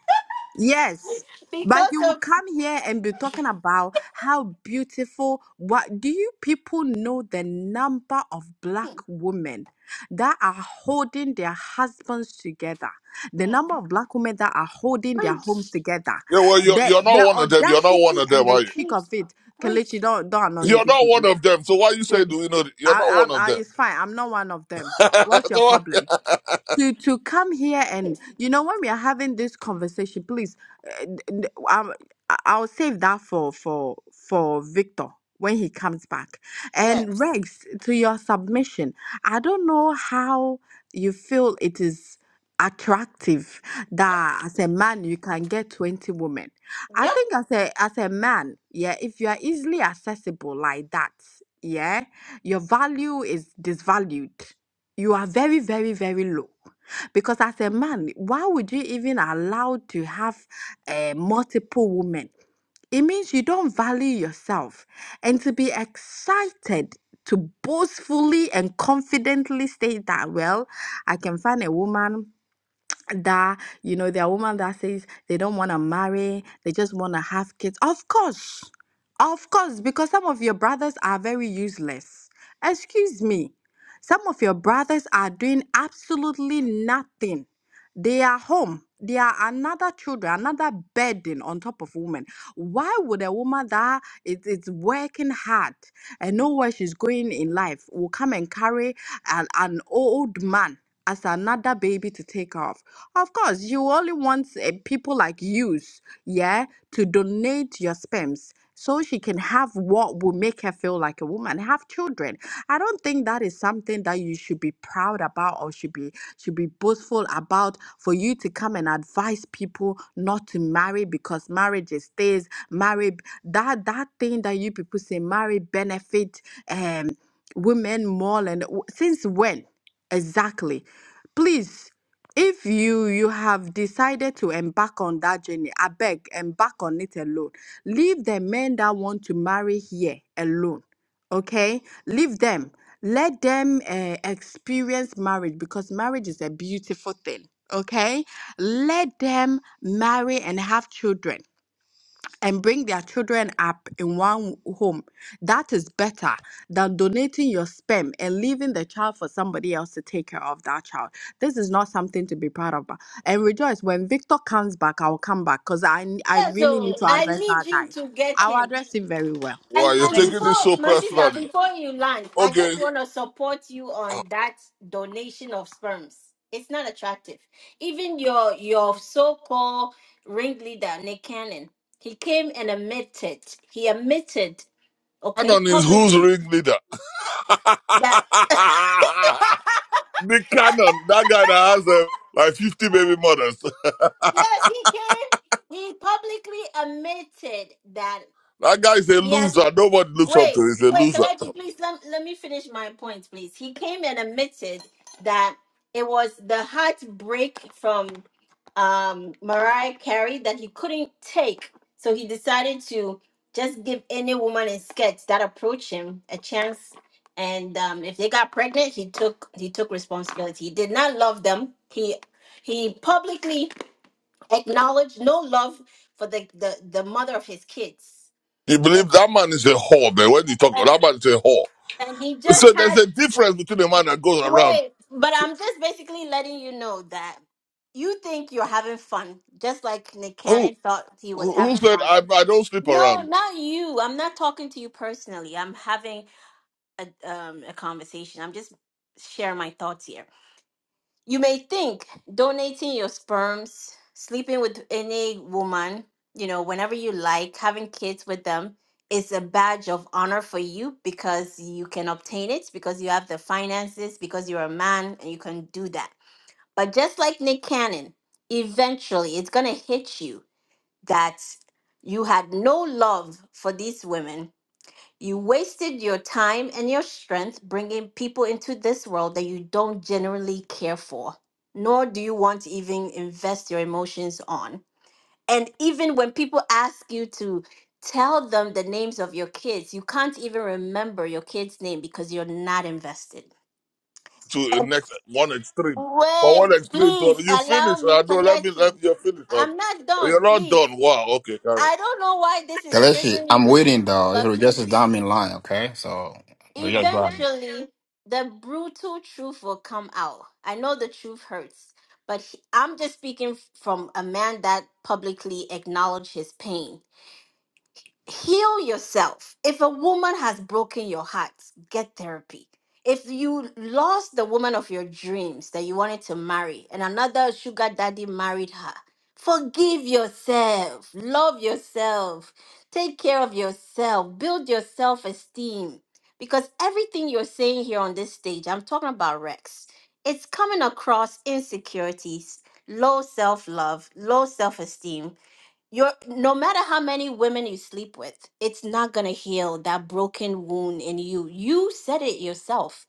Speaker 19: yes. But
Speaker 1: because
Speaker 19: he will
Speaker 1: of
Speaker 19: come here and be talking about how beautiful. What do you people know the number of black women that are holding their husbands together? The number of black women that are holding their homes
Speaker 1: French
Speaker 19: together.
Speaker 8: Yeah, well
Speaker 1: French
Speaker 8: you're
Speaker 19: The
Speaker 8: you're not
Speaker 19: the
Speaker 8: one of them, you're not one
Speaker 19: audacity
Speaker 8: of
Speaker 19: and
Speaker 8: them,
Speaker 19: the
Speaker 8: are you?
Speaker 19: cheek
Speaker 1: French
Speaker 19: of it.
Speaker 1: French.
Speaker 19: Kelechi, don't don't annoy me
Speaker 8: You're
Speaker 19: this
Speaker 8: not one
Speaker 19: evening.
Speaker 8: of them. So why you say
Speaker 19: I,
Speaker 8: do you know that you're not
Speaker 19: I,
Speaker 8: one of
Speaker 19: I,
Speaker 8: them?
Speaker 19: it's fine. I'm not one of them. What's your
Speaker 8: So
Speaker 19: problem?
Speaker 8: why
Speaker 19: to to come here and you know when we are having this conversation please uh, d- d- um, I- i'll save that for for for victor when he comes back and
Speaker 1: Yes.
Speaker 19: rex to your submission i don't know how you feel it is attractive that as a man you can get 20 women i
Speaker 1: Yep.
Speaker 19: think as a as a man yeah if you are easily accessible like that yeah your value is disvalued you are very, very, very low. Because as a man, why would you even allow to have uh, multiple women? It means you don't value yourself. And to be excited to boastfully and confidently state that, well, I can find a woman that you know there are women that says they don't want to marry they just want to have kids of course of course because some of your brothers are very useless excuse me some of your brothers are doing absolutely nothing they are home they are another children another burden on top of women why would a woman that is, is working hard and know where she's going in life will come and carry an, an old man as another baby to take off of course, you only want uh, people like you, yeah, to donate your sperms so she can have what will make her feel like a woman, have children. I don't think that is something that you should be proud about or should be should be boastful about for you to come and advise people not to marry because marriage is this, marry that that thing that you people say marry benefit um women more and since when exactly? Please if you you have decided to embark on that journey i beg embark on it alone leave the men that want to marry here alone okay leave them let them uh, experience marriage because marriage is a beautiful thing okay let them marry and have children and bring their children up in one home. That is better than donating your sperm and leaving the child for somebody else to take care of that child. This is not something to be proud of. And rejoice when Victor comes back, I'll come back because I I really
Speaker 1: So
Speaker 19: need to
Speaker 1: I
Speaker 19: address
Speaker 1: need
Speaker 19: that
Speaker 1: you
Speaker 19: guy.
Speaker 1: to get
Speaker 19: I'll
Speaker 1: him.
Speaker 19: address him very well.
Speaker 1: And
Speaker 8: why you're
Speaker 1: and
Speaker 8: taking
Speaker 1: before
Speaker 8: this so
Speaker 1: my sister,
Speaker 8: personally?
Speaker 1: before you land, I
Speaker 8: Okay,
Speaker 1: just want to support you on that donation of sperms. It's not attractive. Even your your so-called ringleader, Nick Cannon, he came and admitted, he admitted, okay,
Speaker 8: Cannon is who's
Speaker 1: publicly
Speaker 8: ringleader? the
Speaker 1: that
Speaker 8: Cannon, that guy that has uh, like 50 baby mothers.
Speaker 1: yes, he came. He publicly admitted that
Speaker 8: That guy is a
Speaker 1: he has
Speaker 8: loser. Nobody looks up to
Speaker 1: Wait,
Speaker 8: him. He's a
Speaker 1: wait,
Speaker 8: loser.
Speaker 1: Kalechi, please let, let me finish my point, please. He came and admitted that it was the heartbreak from um, Mariah Carey that he couldn't take. So he decided to just give any woman in sketch that approached him a chance. And um, if they got pregnant, he took he took responsibility. He did not love them. He he publicly acknowledged no love for the, the, the mother of his kids.
Speaker 8: He
Speaker 1: A-
Speaker 8: believes that man is a whore, man. When you talk,
Speaker 1: And
Speaker 8: that man is a whore.
Speaker 1: and he just
Speaker 8: So there's
Speaker 1: had
Speaker 8: a difference between a man that goes around.
Speaker 1: Wait, but
Speaker 8: So,
Speaker 1: I'm just basically letting you know that you think you're having fun, just like Nick
Speaker 8: who,
Speaker 1: Cannon thought he was
Speaker 8: who
Speaker 1: having
Speaker 8: said,
Speaker 1: fun.
Speaker 8: I, I don't sleep
Speaker 1: No,
Speaker 8: around
Speaker 1: not you. I'm not talking to you personally. I'm having a um a conversation. I'm just sharing my thoughts here. You may think donating your sperms, sleeping with any woman, you know, whenever you like, having kids with them is a badge of honor for you because you can obtain it, because you have the finances, because you're a man and you can do that. But just like Nick Cannon, eventually it's going to hit you that you had no love for these women you wasted your time and your strength bringing people into this world that you don't generally care for, nor do you want to even invest your emotions on. And even when people ask you to tell them the names of your kids, you can't even remember your kid's name because you're not invested.
Speaker 8: to the
Speaker 1: And
Speaker 8: next one extreme? From
Speaker 1: wait,
Speaker 8: one extreme to another.
Speaker 1: please
Speaker 8: You
Speaker 1: allow
Speaker 8: finish. I
Speaker 1: me,
Speaker 8: know. Let me, let
Speaker 1: Kalechi.
Speaker 8: me, you're finished. man.
Speaker 1: I'm not
Speaker 8: You're
Speaker 1: done,
Speaker 8: not done.
Speaker 1: please.
Speaker 8: Wow. Okay. Carry on.
Speaker 1: I don't know why this is
Speaker 14: Kaleshi,
Speaker 1: triggering
Speaker 14: I'm
Speaker 1: you,
Speaker 14: waiting though. If
Speaker 1: but
Speaker 14: Regis is
Speaker 1: please.
Speaker 14: down in line, okay? So we just go ahead.
Speaker 1: eventually the brutal truth will come out i know the truth hurts but he- i'm just speaking from a man that publicly acknowledged his pain heal yourself. If a woman has broken your heart, get therapy. If you lost the woman of your dreams that you wanted to marry and another sugar daddy married her, forgive yourself, love yourself, take care of yourself, build your self esteem. Because everything you're saying here on this stage, I'm talking about Rex, it's coming across insecurities, low self love, low self esteem, you're no matter how many women you sleep with, it's not gonna heal that broken wound in you. You said it yourself.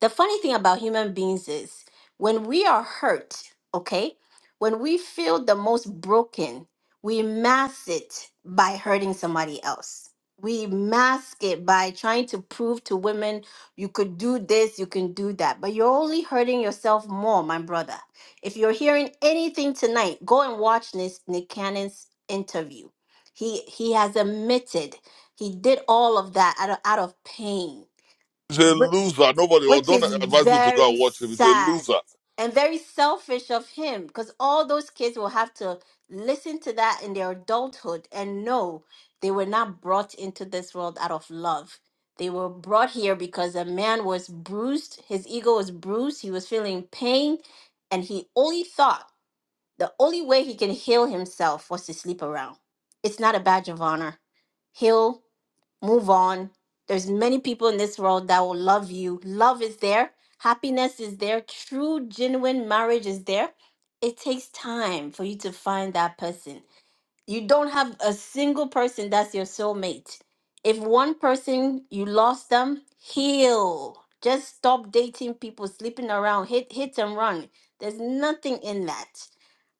Speaker 1: The funny thing about human beings is when we are hurt, okay, when we feel the most broken, we mask it by hurting somebody else. We mask it by trying to prove to women you could do this, you can do that, but you're only hurting yourself more, my brother. If you're hearing anything tonight, go and watch this Nick Cannon's interview. He he has admitted he did all of that out of, out of pain,
Speaker 8: He's a
Speaker 1: whi-
Speaker 8: loser. Nobody, or
Speaker 1: which
Speaker 8: don't
Speaker 1: is
Speaker 8: advise you to go
Speaker 1: very
Speaker 8: and watch him. He's a
Speaker 1: sad
Speaker 8: loser.
Speaker 1: and very selfish of him because all those kids will have to listen to that in their adulthood and know they were not brought into this world out of love. They were brought here because a man was bruised, his ego was bruised, he was feeling pain, and he only thought the only way he can heal himself was to sleep around. It's not a badge of honor. Heal, move on. There's many people in this world that will love you. Love is there. Happiness is there. True, genuine marriage is there. It takes time for you to find that person. You don't have a single person that's your soulmate. If one person you lost them, heal. Just stop dating people, sleeping around, hit hit and run. There's nothing in that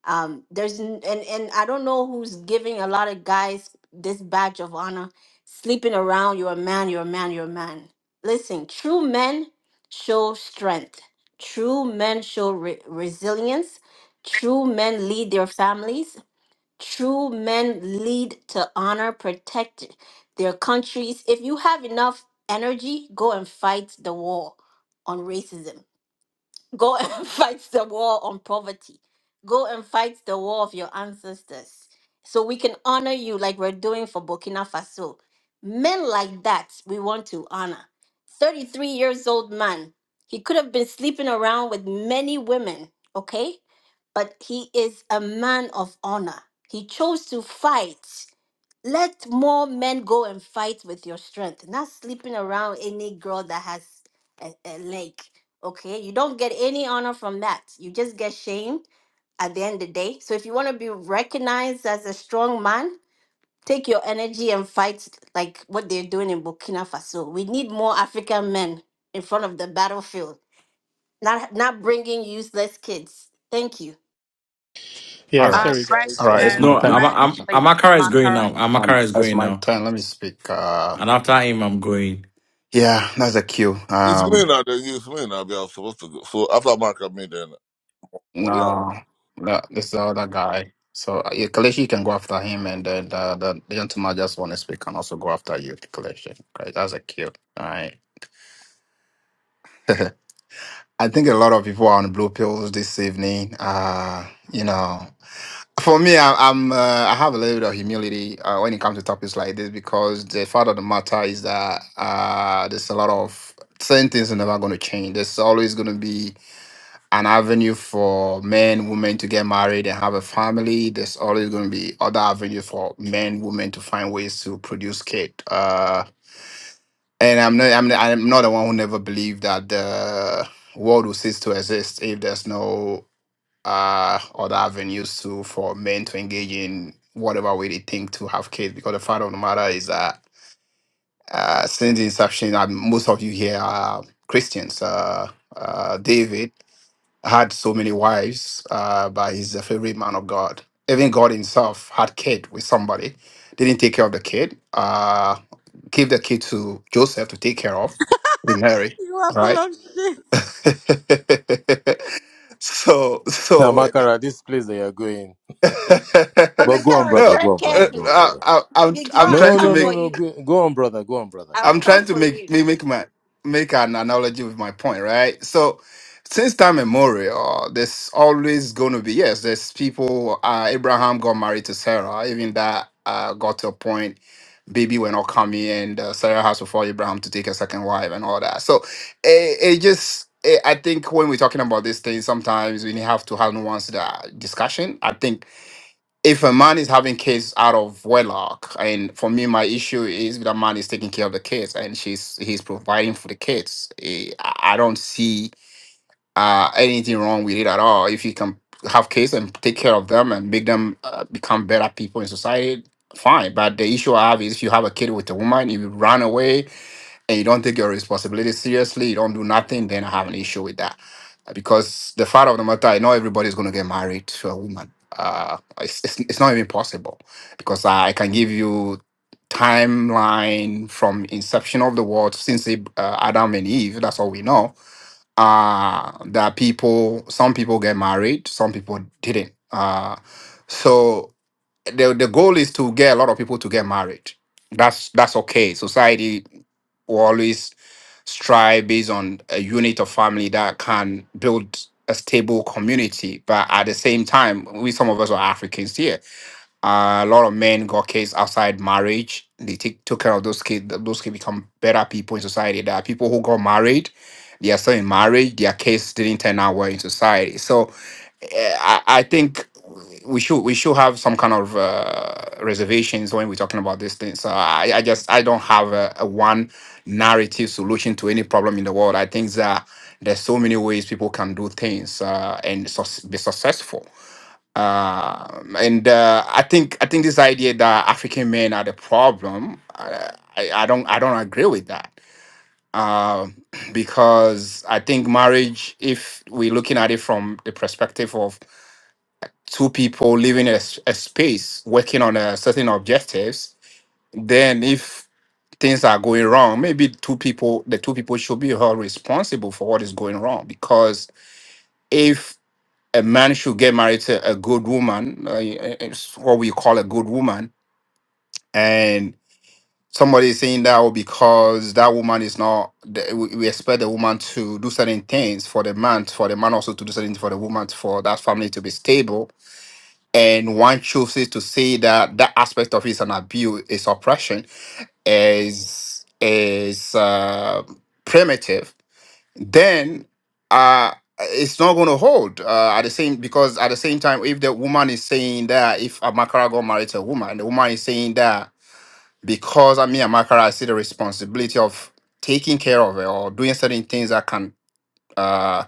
Speaker 1: um there's n- and and i don't know who's giving a lot of guys this badge of honor sleeping around you're a man you're a man you're a man listen true men show strength true men show re- resilience true men lead their families true men lead to honor protect their countries if you have enough energy go and fight the war on racism Go and fight the war on poverty. Go and fight the war of your ancestors. So we can honor you like we're doing for Burkina Faso. Men like that, we want to honor. 33 years old man. He could have been sleeping around with many women, okay? But he is a man of honor. He chose to fight. Let more men go and fight with your strength, not sleeping around any girl that has a, a leg. Okay, you don't get any honor from that. You just get shamed at the end of the day. So if you want to be recognized as a strong man, take your energy and fight like what they're doing in Burkina Faso. We need more African men in front of the battlefield, not not bringing useless kids. Thank you.
Speaker 23: Yeah,
Speaker 14: All right.
Speaker 19: Um,
Speaker 23: sorry
Speaker 14: All
Speaker 23: guys.
Speaker 19: Rex,
Speaker 14: right, it's
Speaker 19: no,
Speaker 14: my
Speaker 23: Um,
Speaker 15: No, Am-
Speaker 14: turn.
Speaker 19: Rex,
Speaker 15: Am-
Speaker 19: please.
Speaker 15: Amakara is going
Speaker 19: Amakara
Speaker 15: now.
Speaker 19: is
Speaker 14: Um,
Speaker 15: Amakara is
Speaker 19: next.
Speaker 14: it's
Speaker 15: going
Speaker 14: my
Speaker 15: now.
Speaker 14: turn. Let me speak. Uh,
Speaker 15: And after him, I'm going.
Speaker 14: yeah, that's a queue.
Speaker 8: It's me
Speaker 14: Um,
Speaker 8: now. Then it's me now. Then are supposed to go. So after Mark and me, then oh,
Speaker 14: No,
Speaker 8: yeah.
Speaker 14: that this is the other guy. So uh, yeah, Kaleshi can go after him, and then the, the, the gentleman I just want to speak can also go after you, Kaleshi. Okay, that's a cute. All right. I think a lot of people are on blue pills this evening. Uh, you know, for me, I, I'm uh, I have a little bit of humility uh, when it comes to topics like this because the fact of the matter is that uh, there's a lot of certain things are never going to change. There's always going to be an avenue for men, women to get married and have a family. There's always going to be other avenues for men, women to find ways to produce kid. Uh, and I'm not, I'm, I'm not the one who never believed that the world will cease to exist if there's no uh, other avenues to for men to engage in whatever way they think to have kids. Because the fact of the matter is that uh, since the inception, and most of you here are Christians. Uh, uh, David had so many wives, uh, but he's a favorite man of God. Even God himself had kid with somebody, didn't take care of the kid, uh, gave the kid to Joseph to take care of with Mary.
Speaker 19: You are
Speaker 14: All
Speaker 19: full
Speaker 14: right.
Speaker 19: of shit.
Speaker 14: so
Speaker 21: Now,
Speaker 14: so
Speaker 21: Makara, this place that you're going.
Speaker 1: I'm
Speaker 21: But
Speaker 1: a
Speaker 21: go on,
Speaker 1: Karen,
Speaker 21: brother.
Speaker 14: no,
Speaker 21: Go
Speaker 1: tread
Speaker 21: on,
Speaker 14: uh,
Speaker 21: brother. Go on,
Speaker 1: carefully.
Speaker 14: I,
Speaker 21: brother.
Speaker 14: I, I'm
Speaker 1: Before
Speaker 14: I'm
Speaker 1: I
Speaker 14: trying
Speaker 21: No,
Speaker 14: to
Speaker 21: no,
Speaker 1: come
Speaker 14: make
Speaker 21: no,
Speaker 1: for
Speaker 21: no.
Speaker 1: you,
Speaker 21: Go, go on, brother. Go on, brother. Go
Speaker 1: I'll
Speaker 14: I'm
Speaker 21: on,
Speaker 14: trying
Speaker 1: come
Speaker 21: brother.
Speaker 14: to
Speaker 1: for
Speaker 14: make
Speaker 1: you.
Speaker 14: make make my make an analogy with my point, right? So since time immemorial, there's always going to be yes. There's people. Uh, Abraham got married to Sarah. Even that uh, got to a point. Baby were not coming, and uh, Sarah has to follow Abraham to take a second wife and all that. So it, it just eh, I think when we're talking about these things, sometimes we have to have nuanced uh, discussion. I think if a man is having kids out of wedlock, and for me, my issue is that man is taking care of the kids and she's he's providing for the kids. Eh, I I don't see uh, anything wrong with it at all. If you can have kids and take care of them and make them uh, become better people in society, fine. But the issue I have is if you have a kid with a woman, if you run away, and you don't take your responsibility seriously, you don't do nothing, then I have an issue with that. Uh, Because the fact of the matter, I know everybody's going to get married to a woman. Uh, it's, it's, it's not even possible because I can give you timeline from inception of the world since Ab- uh, Adam and Eve. That's all we know. Uh, that people, some people get married, some people didn't. Uh, so the the goal is to get a lot of people to get married. That's that's okay. Society always strive based on a unit of family that can build a stable community. But at the same time, we some of us are Africans here uh, a lot of men got kids outside marriage. They take took care of those kids. Th- Those kids become better people in society. There are people who got married. They are still in marriage. Their kids didn't turn out well in society. So, eh, I, I think we should we should have some kind of uh, reservations when we're talking about these things. So I, I just I don't have a, a one narrative solution to any problem in the world. I think that there's so many ways people can do things uh, and sus be successful um, and uh, I think I think this idea that African men are the problem, I, I, I don't I don't agree with that Um because I think marriage, if we're looking at it from the perspective of two people living a, s- a space working on a certain objectives, then if things are going wrong, maybe two people the two people should be held responsible for what is going wrong because if a man should get married to a good woman. uh, It's what we call a good woman. And somebody is saying that oh, because that woman is not, the- we we expect the woman to do certain things for the man, for the man also to do certain things for the woman, for that family to be stable. And one chooses to say that that aspect of it is an abuse, is oppression, is is uh, primitive then uh it's not going to hold uh, at the same because at the same time if the woman is saying that if amakara got married to a woman the woman is saying that because i mean amakara i see the responsibility of taking care of her or doing certain things that can uh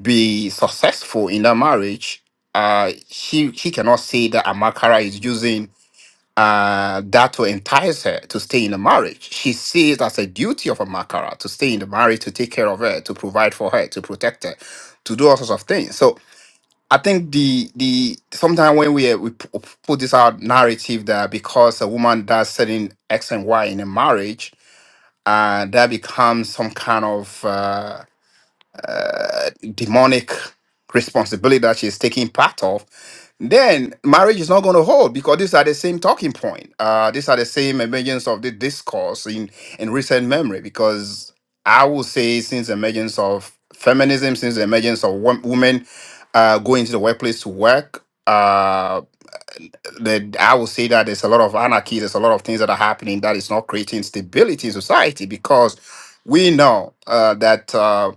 Speaker 14: be successful in that marriage uh she she cannot say that amakara is using uh, that will entice her to stay in a marriage. She sees it as a duty of a makara to stay in the marriage, to take care of her, to provide for her, to protect her, to do all sorts of things. So I think the the sometimes when we uh, we p- put this out narrative that because a woman does certain X and Y in a marriage, uh, that becomes some kind of uh, demonic responsibility that she's taking part of, then marriage is not going to hold because these are the same talking point. Uh, these are the same emergence of the discourse in, in recent memory because I would say since the emergence of feminism, since the emergence of wom- women uh, going to the workplace to work, uh, the, I would say that there's a lot of anarchy, there's a lot of things that are happening that is not creating stability in society because we know uh, that uh,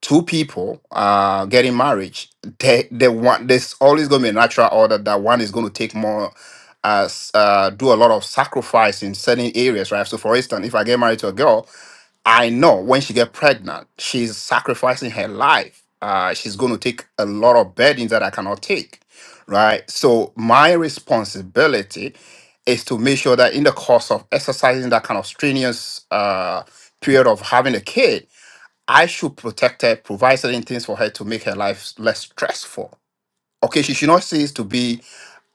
Speaker 14: two people uh getting married they they want there's always going to be a natural order that one is going to take more as uh do a lot of sacrifice in certain areas right so for instance if i get married to a girl i know when she get pregnant she's sacrificing her life uh she's going to take a lot of burdens that i cannot take right so my responsibility is to make sure that in the course of exercising that kind of strenuous uh period of having a kid I should protect her, provide certain things for her to make her life less stressful. Okay, she should not cease to be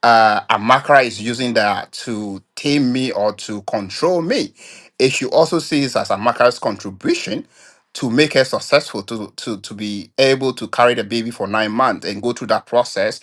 Speaker 14: uh, Amakra is using that to tame me or to control me. It should also see it as Amakra's contribution to make her successful, to, to, to be able to carry the baby for nine months and go through that process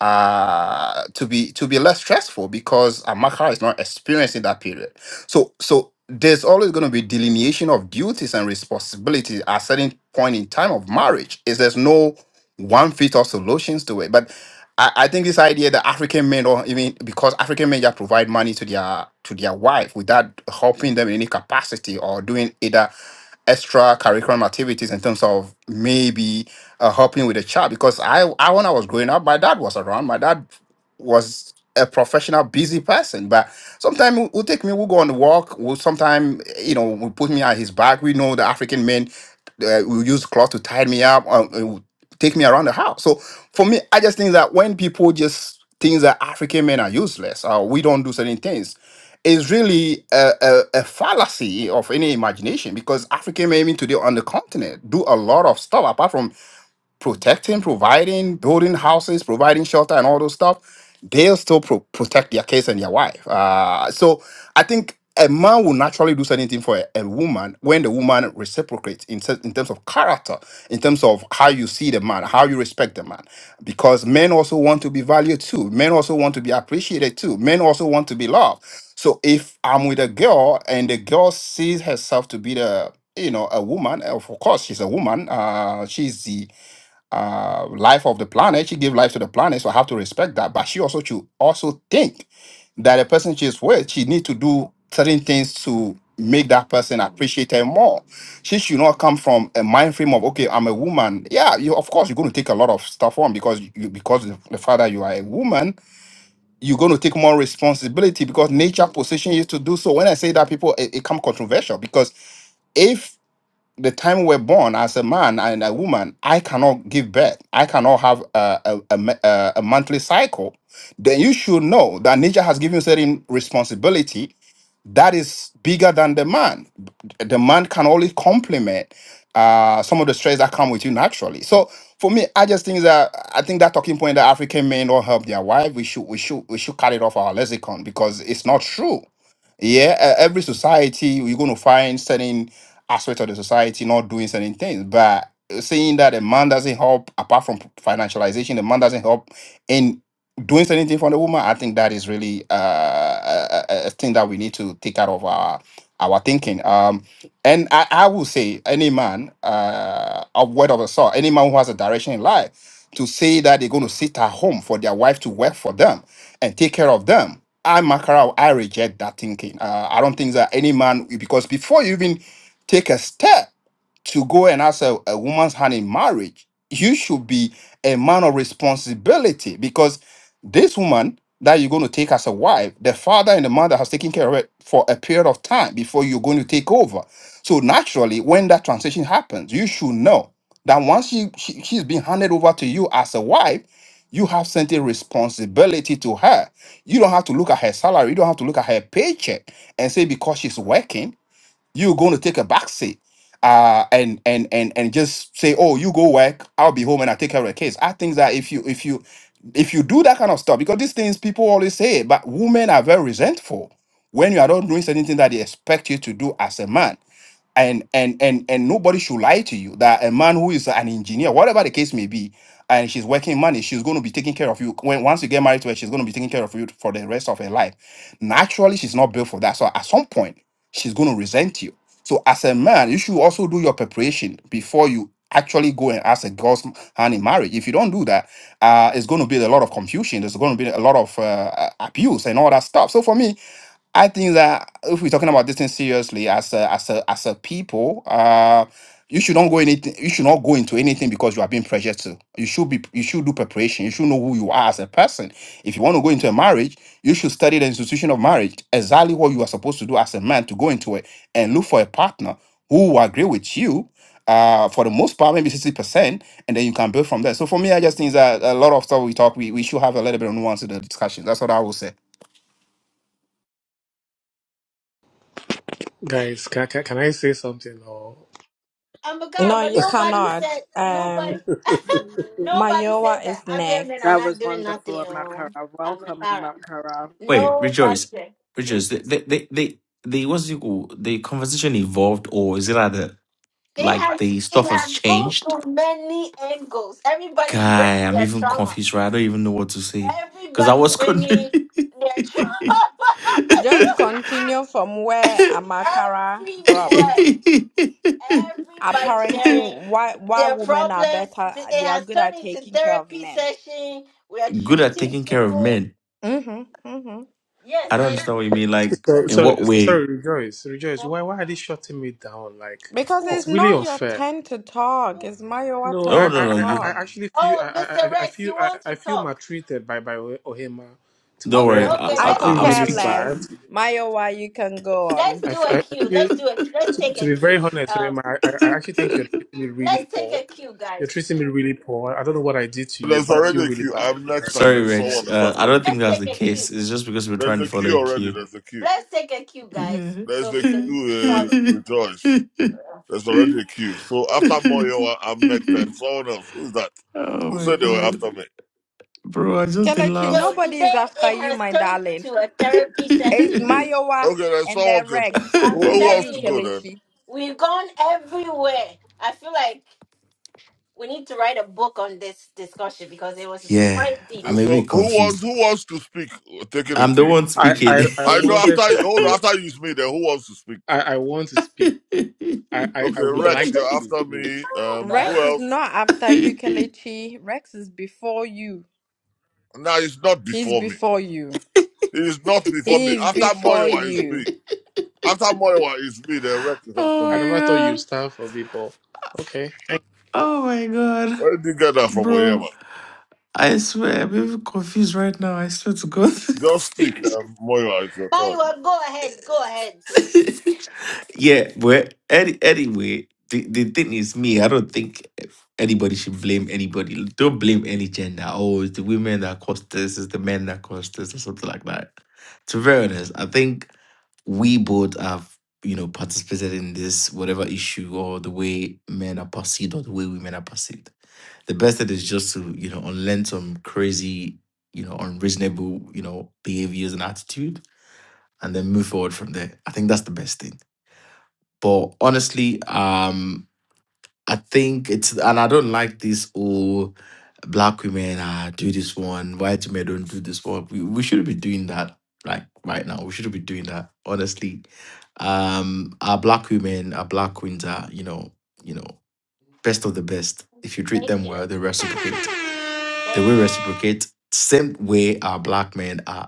Speaker 14: uh, to be to be less stressful because Amakra is not experiencing that period. So so there's always going to be delineation of duties and responsibilities at certain point in time of marriage. Is there's no one fit all solutions to it. But I, I think this idea that African men or even because African men just provide money to their to their wife without helping them in any capacity or doing either extra curriculum activities in terms of maybe uh, helping with the child because I, I when I was growing up my dad was around my dad was a professional busy person but sometimes he would take me we'll go on the walk we'll sometimes you know we put me on his back we know the African men uh, will use cloth to tie me up uh, take me around the house. So for me, I just think that when people just think that African men are useless or we don't do certain things, is really a, a, a fallacy of any imagination because African men even today on the continent do a lot of stuff apart from protecting, providing, building houses, providing shelter, and all those stuff, they'll still pro- protect their kids and their wife. Uh, so I think a man will naturally do certain for a, a woman when the woman reciprocates in, ter- in terms of character, in terms of how you see the man, how you respect the man. Because men also want to be valued too. Men also want to be appreciated too. Men also want to be loved. So if I'm with a girl and the girl sees herself to be the you know a woman of course she's a woman uh she's the uh, life of the planet. She gave life to the planet, so I have to respect that. But she also should also think that the person she's with, she need to do certain things to make that person appreciate her more. She should not come from a mind frame of okay, I'm a woman. Yeah, you of course you're going to take a lot of stuff on because you because the, the fact that you are a woman, you're going to take more responsibility because nature position you to do so. When I say that, people it, it come controversial because if the time we're born as a man and a woman, I cannot give birth. I cannot have a, a, a, ma- a a monthly cycle. Then you should know that nature has given you certain responsibility that is bigger than the man. The man can only complement uh, some of the stress that come with you naturally. So for me, I just think that I think that talking point that African men don't help their wife, we should we should we should cut it off our lexicon because it's not true. Yeah, e- every society you're going to find certain aspects of the society not doing certain things, but uh, saying that a man doesn't help apart from financialization, the man doesn't help doing anything for the woman, I think that is really uh, a, a a thing that we need to take out of our our thinking. Um, and I, I will say, any man, uh, a word of a sort, any man who has a direction in life, to say that they're going to sit at home for their wife to work for them and take care of them. I mark her out. I reject that thinking. Uh, I don't think that any man, because before you even take a step to go and ask a, a woman's hand in marriage, you should be a man of responsibility because this woman that you're going to take as a wife, the father and the mother has taken care of it for a period of time before you're going to take over. So naturally, when that transition happens, you should know that once she, she she's been handed over to you as a wife, you have sent a responsibility to her. You don't have to look at her salary. You don't have to look at her paycheck and say because she's working you're going to take a back seat uh, and and and and just say, "Oh, you go work. I'll be home and I take care of the kids." I think that if you if you if you do that kind of stuff, because these things people always say, but women are very resentful when you are not doing anything that they expect you to do as a man and and and and nobody should lie to you that a man who is an engineer whatever the case may be and she's working money she's going to be taking care of you when once you get married to her she's going to be taking care of you for the rest of her life naturally she's not built for that so at some point she's going to resent you so as a man you should also do your preparation before you actually go and ask a girl's hand in marriage if you don't do that uh it's going to be a lot of confusion there's going to be a lot of uh, abuse and all that stuff so for me I think that if we're talking about this thing seriously as a as a as a people, uh you should not go anything you should not go into anything because you are being pressured to. You should be you should do preparation. You should know who you are as a person. If you want to go into a marriage, you should study the institution of marriage, exactly what you are supposed to do as a man to go into it and look for a partner who will agree with you. Uh, for the most part, maybe sixty percent, and then you can build from there. So for me, I just think that a lot of stuff we talk, we, we should have a little bit of nuance in the discussion. That's what I will say.
Speaker 23: guys, can, can can I say something or?
Speaker 1: I'm a girl,
Speaker 19: No,
Speaker 1: but
Speaker 19: you
Speaker 1: nobody
Speaker 19: cannot.
Speaker 1: said nobody
Speaker 19: Um,
Speaker 1: nobody said
Speaker 19: Mayowa
Speaker 1: that
Speaker 19: is
Speaker 1: Abia men are
Speaker 7: That
Speaker 19: next.
Speaker 1: not
Speaker 7: was
Speaker 1: doing
Speaker 7: wonderful,
Speaker 1: nothing. Oh,
Speaker 7: Amakara.
Speaker 1: I'm a
Speaker 7: Welcome,
Speaker 1: girl.
Speaker 7: Amakara.
Speaker 15: Wait,
Speaker 1: Nobody
Speaker 15: Rejoice.
Speaker 1: said. Hmm?
Speaker 15: Rejoice. They, they, they, they, they what's it called? The conversation evolved, or is it like the,
Speaker 1: It
Speaker 15: like
Speaker 1: has
Speaker 15: the stuff
Speaker 1: it
Speaker 15: has
Speaker 1: has gone
Speaker 15: changed?
Speaker 1: through many angles. Everybody's
Speaker 15: Guy,
Speaker 1: bringing
Speaker 15: I'm
Speaker 1: their
Speaker 15: even
Speaker 1: trauma.
Speaker 15: confused, right? I don't even know what to say. Because I
Speaker 1: Everybody's
Speaker 15: was good.
Speaker 1: bringing their trauma.
Speaker 19: Just continue from where Amakara dropped.
Speaker 1: Everywhere, everybody
Speaker 19: Apparently,
Speaker 1: sharing
Speaker 19: why why
Speaker 1: their
Speaker 19: women are
Speaker 1: problems.
Speaker 19: better?
Speaker 1: It
Speaker 19: They are
Speaker 1: has
Speaker 19: good
Speaker 1: turned
Speaker 19: at
Speaker 1: into
Speaker 19: taking care of
Speaker 1: therapy
Speaker 19: men.
Speaker 1: session. We are
Speaker 15: good at
Speaker 1: treating
Speaker 15: taking care of
Speaker 1: people.
Speaker 15: men.
Speaker 19: Mhm, mhm.
Speaker 1: Yes,
Speaker 15: I don't
Speaker 1: we're
Speaker 15: understand what you mean. Like,
Speaker 23: So,
Speaker 15: in
Speaker 23: Sorry.
Speaker 15: what
Speaker 23: so
Speaker 15: way?
Speaker 23: sorry, rejoice, rejoice. Why why are they shutting me down? Like
Speaker 19: Because it's
Speaker 23: it's
Speaker 1: Cool.
Speaker 23: really
Speaker 19: not your
Speaker 23: unfair.
Speaker 19: turn to talk. It's Mayowa
Speaker 23: No, I
Speaker 15: Oh,
Speaker 19: turn
Speaker 23: I,
Speaker 15: no,
Speaker 19: to
Speaker 15: no,
Speaker 23: I,
Speaker 15: you.
Speaker 23: I Mm.
Speaker 19: talk.
Speaker 23: actually feel I
Speaker 1: Oh,
Speaker 23: I,
Speaker 1: Mr.
Speaker 23: I I
Speaker 1: Rex,
Speaker 23: feel
Speaker 1: you
Speaker 23: I,
Speaker 1: want
Speaker 23: I
Speaker 1: to
Speaker 23: feel
Speaker 1: talk?
Speaker 23: maltreated by by Ohema. To be
Speaker 15: Don't
Speaker 1: Okay,
Speaker 23: very
Speaker 15: worry. I,
Speaker 1: okay.
Speaker 23: honest,
Speaker 19: I
Speaker 23: I
Speaker 15: I,
Speaker 1: Let's
Speaker 19: could
Speaker 23: feel
Speaker 1: do
Speaker 15: I'm
Speaker 1: a
Speaker 23: really
Speaker 19: care
Speaker 15: speaking.
Speaker 1: queue.
Speaker 23: sad.
Speaker 19: less. Mayowa, you can go
Speaker 1: Let's
Speaker 19: on.
Speaker 23: I,
Speaker 1: do
Speaker 23: f-
Speaker 1: a
Speaker 23: I I
Speaker 1: queue.
Speaker 23: feel
Speaker 1: Let's do a. Let's
Speaker 23: to,
Speaker 1: take
Speaker 23: to
Speaker 1: a
Speaker 23: be very
Speaker 1: queue.
Speaker 23: honest,
Speaker 1: Um,
Speaker 23: Oyema, I, I I actually think you're treating me really
Speaker 1: let's take
Speaker 23: poor.
Speaker 1: a queue,
Speaker 23: You're
Speaker 1: guys.
Speaker 23: treating me really poor. I don't know what I did to you,
Speaker 8: There's
Speaker 23: but I feel
Speaker 8: already a
Speaker 23: really
Speaker 8: queue.
Speaker 23: bad.
Speaker 8: I'm next, and
Speaker 15: Sorry,
Speaker 8: then someone
Speaker 15: Rex.
Speaker 8: is
Speaker 15: Uh, I
Speaker 8: after
Speaker 15: don't
Speaker 8: me.
Speaker 15: think
Speaker 1: Let's
Speaker 15: that's
Speaker 1: take
Speaker 15: the
Speaker 1: a
Speaker 15: case.
Speaker 1: queue.
Speaker 15: It's just because we're
Speaker 8: There's
Speaker 15: trying to
Speaker 8: a
Speaker 15: follow
Speaker 8: queue
Speaker 15: a
Speaker 8: already.
Speaker 15: cue.
Speaker 8: There's a queue.
Speaker 1: Let's take a queue, guys,
Speaker 15: Yeah.
Speaker 8: There's
Speaker 1: so
Speaker 8: a
Speaker 1: we can
Speaker 8: queue. Uh,
Speaker 1: follow.
Speaker 8: rejoice. There's already a queue. So after Moyo, I'm next, and someone else. Who's that?
Speaker 15: oh,
Speaker 8: Who
Speaker 15: my
Speaker 8: said they were
Speaker 15: God.
Speaker 8: after me?
Speaker 15: Bro, I just did
Speaker 19: Kelechi,
Speaker 1: Yo,
Speaker 15: laugh.
Speaker 19: nobody is
Speaker 1: today
Speaker 19: after
Speaker 1: it
Speaker 19: you,
Speaker 1: has
Speaker 19: my
Speaker 1: turned
Speaker 19: darling.
Speaker 1: to a therapy
Speaker 19: It's
Speaker 1: session.
Speaker 19: Mayowa
Speaker 8: Okay, then
Speaker 19: and
Speaker 8: someone
Speaker 19: then
Speaker 8: can.
Speaker 19: Rex
Speaker 8: Who
Speaker 1: I'm
Speaker 19: and then
Speaker 8: wants
Speaker 1: telling
Speaker 19: you,
Speaker 8: to go
Speaker 1: you,
Speaker 8: then?
Speaker 19: Kelechi.
Speaker 1: we've gone everywhere. I feel like we need to write a book on this discussion because it was
Speaker 15: Yeah,
Speaker 1: quite deep.
Speaker 8: Uh,
Speaker 15: I'm a bit
Speaker 8: So who wants?
Speaker 15: confused.
Speaker 8: Who wants to speak? We're taking a
Speaker 15: I'm the
Speaker 8: queue.
Speaker 15: one
Speaker 23: I,
Speaker 15: speaking.
Speaker 23: I, I
Speaker 8: I know after
Speaker 23: wanted to
Speaker 8: hold on,
Speaker 23: speak.
Speaker 8: after you me then who wants to speak?
Speaker 23: I, I want to speak. I, I, I
Speaker 8: Okay,
Speaker 23: would
Speaker 8: Rex,
Speaker 23: like to
Speaker 8: you're
Speaker 23: speak,
Speaker 8: after
Speaker 23: please.
Speaker 8: me.
Speaker 1: Oh,
Speaker 8: Um
Speaker 1: gosh.
Speaker 19: Rex
Speaker 8: who
Speaker 19: is
Speaker 8: else?
Speaker 19: not after you, Kelechi. Rex is before you.
Speaker 8: Now it's not
Speaker 19: He's
Speaker 8: before me.
Speaker 19: before you.
Speaker 8: It is not before me.
Speaker 19: He is
Speaker 8: After
Speaker 19: before
Speaker 8: Moyowa is me.
Speaker 19: you.
Speaker 8: After Moyowa is me, then Rex
Speaker 15: oh
Speaker 8: is after
Speaker 23: I
Speaker 8: me.
Speaker 15: my
Speaker 23: never thought you
Speaker 15: god.
Speaker 23: stand for people. okay.
Speaker 15: Oh my god.
Speaker 8: Where did you get that from Oyema?
Speaker 15: Bro, I swear I'm even confused right now. I swear to God.
Speaker 8: Just speak, um, Moyowa, it's your turn.
Speaker 1: Maiwa, go ahead. Go ahead, please.
Speaker 15: Yeah, well, any, anyway, the, the thing is, me, I don't think anybody should blame anybody. Don't blame any gender. Oh, it's the women that caused this, it's the men that caused this, or something like that. To be very honest, I think we both have, you know, participated in this, whatever issue or the way men are perceived or the way women are perceived. The best thing is just to, you know, unlearn some crazy, you know, unreasonable, you know, behaviors and attitude and then move forward from there. I think that's the best thing but honestly, um, I think it's and I don't like this all black women uh, do this one, white men don't do this one. We, we shouldn't be doing that like right now. We shouldn't be doing that. Honestly, um, our black women, our black queens are you know you know best of the best. If you treat
Speaker 1: Thank
Speaker 15: them
Speaker 1: you.
Speaker 15: well, they reciprocate. They
Speaker 1: Thank
Speaker 15: will reciprocate. Same way our black men are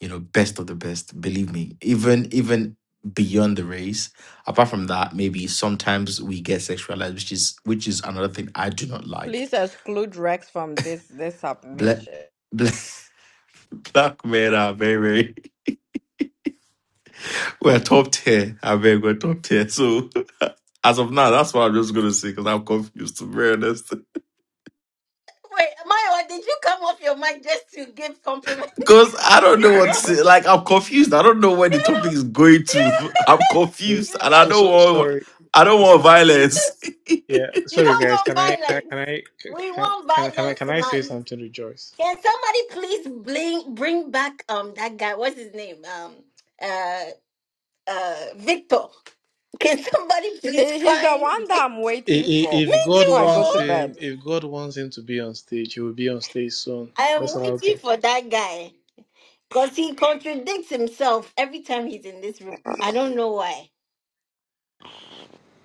Speaker 15: you know, best of the best. Believe me, even even beyond the race. Apart from that, maybe sometimes we get sexualized, which is which is another thing I do not like.
Speaker 19: Please exclude Rex from this this
Speaker 15: Black
Speaker 19: submission.
Speaker 15: black, black men are very very we're top tier. I beg we're top tier. So as of now, that's what I'm just gonna say because I'm confused to be honest.
Speaker 1: you. Wait, Maiwa, did you come off your mic just to give compliment?
Speaker 15: Because I don't
Speaker 1: you
Speaker 15: know what to say. Like I'm confused. I don't know where the topic is going to. I'm
Speaker 23: So,
Speaker 15: confused and I
Speaker 23: so,
Speaker 1: just,
Speaker 15: don't
Speaker 23: so
Speaker 15: want
Speaker 23: sorry.
Speaker 15: I don't want
Speaker 23: So
Speaker 1: you
Speaker 15: violence.
Speaker 1: just,
Speaker 23: yeah,
Speaker 1: you don't
Speaker 23: sorry guys. Can
Speaker 1: want
Speaker 23: I can, I-
Speaker 1: violence.
Speaker 23: can I
Speaker 1: We
Speaker 23: can,
Speaker 1: want
Speaker 23: can can I
Speaker 1: violence
Speaker 23: can I say
Speaker 1: tonight.
Speaker 23: something to Joyce?
Speaker 1: Can somebody please bring bring back um that guy? What's his name? Um, uh, uh, Victor. Can somebody please
Speaker 19: He- He's the
Speaker 1: find
Speaker 19: one
Speaker 1: Vic-
Speaker 19: that I'm
Speaker 23: I-
Speaker 19: waiting
Speaker 23: i-
Speaker 19: for
Speaker 1: me
Speaker 23: If God
Speaker 19: before
Speaker 1: too?
Speaker 19: I go
Speaker 23: wants
Speaker 19: to
Speaker 1: oh.
Speaker 23: him,
Speaker 19: bed.
Speaker 23: if God wants him to be on stage, he will be on stage soon.
Speaker 1: I am
Speaker 23: Let's allow
Speaker 1: waiting
Speaker 23: God.
Speaker 1: for that guy. Because he contradicts himself every time he's in this room. I don't know why.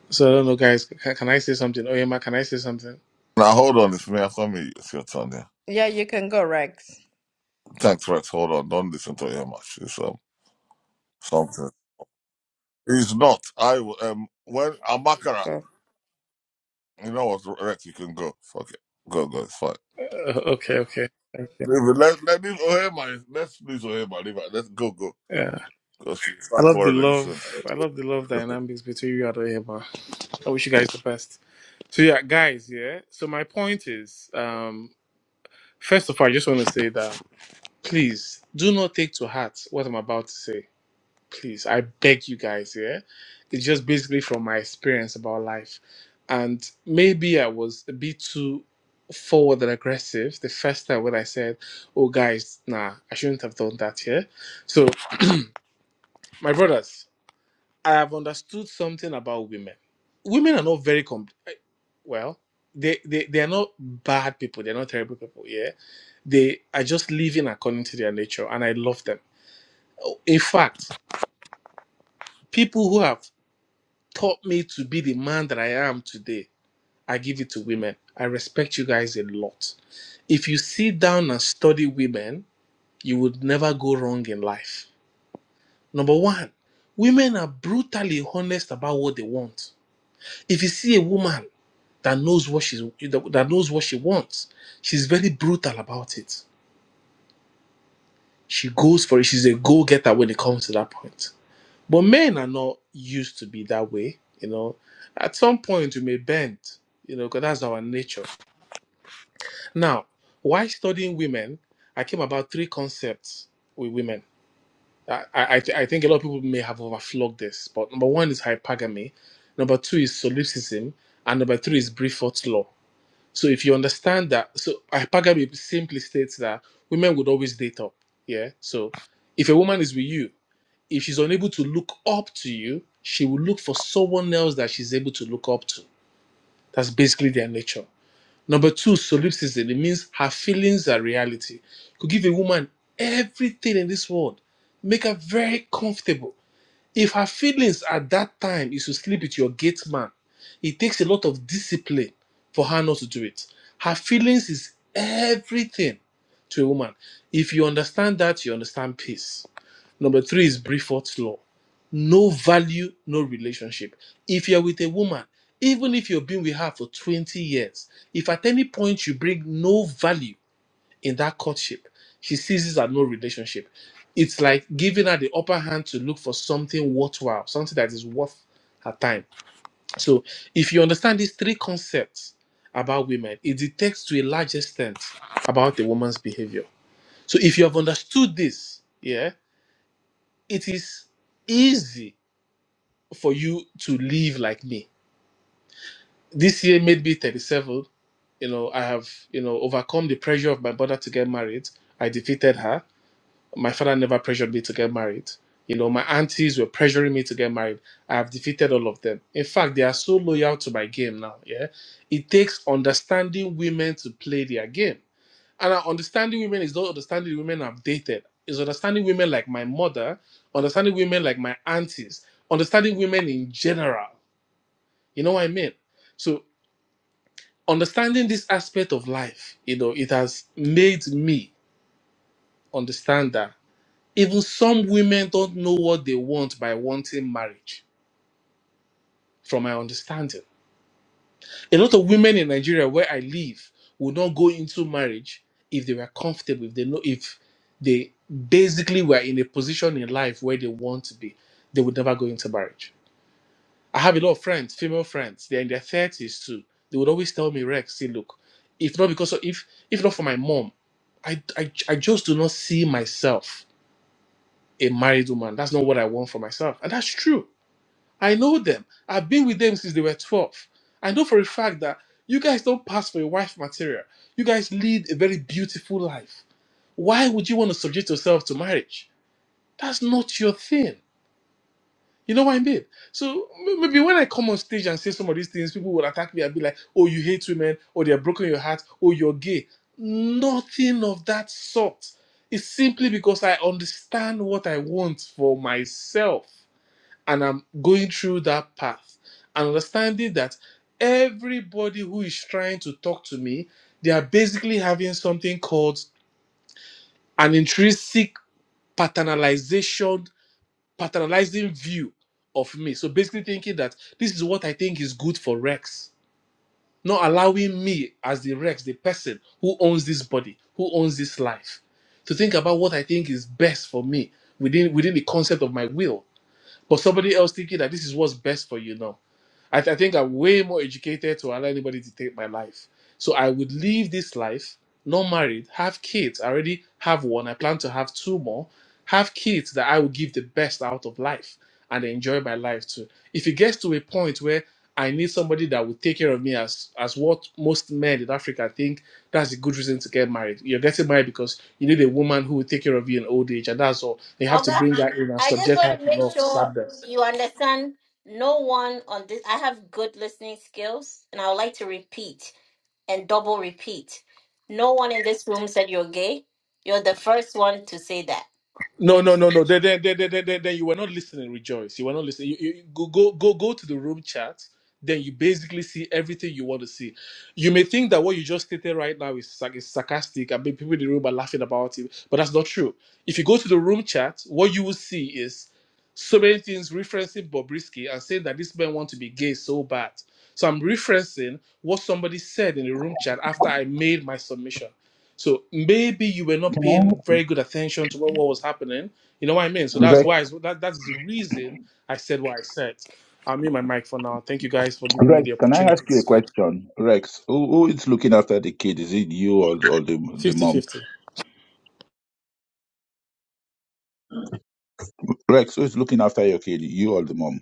Speaker 23: So I don't know, guys. Can, can I say something? Oh, Emma, can I say something?
Speaker 8: Now hold on, it's me after me, it's your turn, yeah.
Speaker 19: Yeah, you can go, Rex.
Speaker 8: Thanks, Rex. Hold on, don't listen to Oyema. She's um something. It's not. I will, um when Amakara,
Speaker 19: Go.
Speaker 8: you know what, Rex, you can go. Fuck it. Go, go, it's fine.
Speaker 23: Uh, okay, okay. Thank you.
Speaker 8: Leave Let, let, leave Ohema. Let's leave Ohema. Leave it. Let's go, go.
Speaker 23: Yeah,
Speaker 8: Because she'll
Speaker 23: I
Speaker 8: start
Speaker 23: love the
Speaker 8: quarreling
Speaker 23: love.
Speaker 8: soon.
Speaker 23: I love the love dynamics between you and Oyema. I wish you guys the best. So yeah, guys. Yeah. So my point is, um, first of all, I just want to say that please do not take to heart what I'm about to say. please i beg you guys Here, it's just basically from my experience about life and maybe i was a bit too forward and aggressive the first time when i said oh guys nah i shouldn't have done that here so my brothers i have understood something about women women are not very com- eh, well they, they they are not bad people they're not terrible people yeah they are just living according to their nature and i love them Oh, in fact people who have taught me to be the man that I am today. I give it to women. I respect you guys a lot. If you sit down and study women, you would never go wrong in life. Number one, women are brutally honest about what they want. If you see a woman that knows what she's that knows what she wants, she's very brutal about it. She goes for it. She's a go-getter when it comes to that point. But men are not used to be that way, you know. At some point, we may bend, you know, because that's our nature. Now, why studying women? I came about three concepts with women. I, I, I think a lot of people may have overflogged this, but number one is hypergamy, number two is solipsism, and number three is Brifort's law. So if you understand that, so hypergamy simply states that women would always date up. Yeah. So if a woman is with you if she's unable to look up to you, she will look for someone else that she's able to look up to. That's basically their nature. Number two, solipsism. It means her feelings are reality. You Could give a woman everything in this world, make her very comfortable if her feelings at that time is to sleep with your gate man, it takes a lot of discipline for her not to do it. Her feelings is everything to a woman. If you understand that, you understand peace. Number three is Brifort's law. No value, no relationship. If you're with a woman, even if you've been with her for 20 years, if at any point you bring no value, in that courtship. She sees this as no relationship. It's like giving her the upper hand to look for something worthwhile, something that is worth her time. So, if you understand these three concepts about women, it detects to a large extent about a woman's behavior. So, if you have understood this, yeah, it is easy for you to live like me. This year made me 37. You know, I have, you know, overcome the pressure of my brother to get married. I defeated her My father never pressured me to get married. You know, my aunties were pressuring me to get married. I have defeated all of them. In fact, they are so loyal to my game now. Yeah. It takes understanding women to play their game. And uh, understanding women is not understanding women I've dated. It's understanding women like my mother, understanding women like my aunties, understanding women in general. You know what I mean? So understanding this aspect of life, you know, it has made me understand that. Even some women don't know what they want by wanting marriage, from my understanding. A lot of women in Nigeria, where I live, would not go into marriage if they were comfortable, if they know, if they basically were in a position in life where they want to be, they would never go into marriage. I have a lot of friends, female friends, they're in their 30s too. They would always tell me, Rex, see, look, if not because of, if if not for my mom, I, I I just do not see myself a married woman. That's not what I want for myself. And that's true I know them. I've been with them since they were 12. I know for a fact that you guys don't pass for a wife material. You guys lead a very beautiful life. Why would you want to subject yourself to marriage? That's not your thing. You know what I mean? So m- maybe when I come on stage and say some of these things, people will attack me and be like, oh, you hate women, or they're broken your heart, or you're gay. Nothing of that sort. It's simply because I understand what I want for myself and I'm going through that path and understanding that everybody who is trying to talk to me, they are basically having something called an intrinsic paternalization, paternalizing view of me. So basically thinking that this is what I think is good for Rex, not allowing me as the Rex, the person who owns this body, who owns this life, to think about what I think is best for me within within the concept of my will but somebody else thinking that this is what's best for you No, I, th- I think I'm way more educated to allow anybody to take my life. So I would live this life, not married, have kids. I already have one. I plan to have two more. Have kids that I will give the best out of life and enjoy my life too. If it gets to a point where I need somebody that will take care of me as as what most men in Africa think that's a good reason to get married. You're getting married because you need a woman who will take care of you in old age, and that's all. They have to
Speaker 1: Olga,
Speaker 23: bring her in and
Speaker 1: I just
Speaker 23: subject her
Speaker 1: want to
Speaker 23: to
Speaker 1: make
Speaker 23: law of
Speaker 1: sure
Speaker 23: sadness.
Speaker 1: you understand no one on this. I have good listening skills, and I would like to repeat and double repeat. No one in this room said you're gay. You're the first one to say that.
Speaker 23: No,
Speaker 1: Thank
Speaker 23: no,
Speaker 1: you.
Speaker 23: no, no. Then, then, then, then, then, then you were not listening, Rejoice. You were not listening. You, you, you- go, go, go, go to the room chat. Then you basically see everything you want to see. You may think that what you just stated right now is, sarc- is sarcastic. I mean, people in the room are laughing about it, but that's not true. If you go to the room chat, what you will see is so many things referencing Bobrisky and saying that this man want to be gay so bad. So I'm referencing what somebody said in the room chat after I made my submission. So maybe you were not paying very good attention to what, what was happening. You know what I mean? So that's
Speaker 24: Rex,
Speaker 23: why so that that's the reason I said what I said. I'll mute my mic for now. Thank you guys for giving me
Speaker 24: Rex,
Speaker 23: the
Speaker 24: can I
Speaker 23: opportunity
Speaker 24: ask
Speaker 23: to
Speaker 24: you a
Speaker 23: speak.
Speaker 24: question? Rex, who, who is looking after the kid? Is it you or, or the, the mom?
Speaker 23: Fifty-fifty.
Speaker 24: Rex, who is looking after your kid? You or the mom?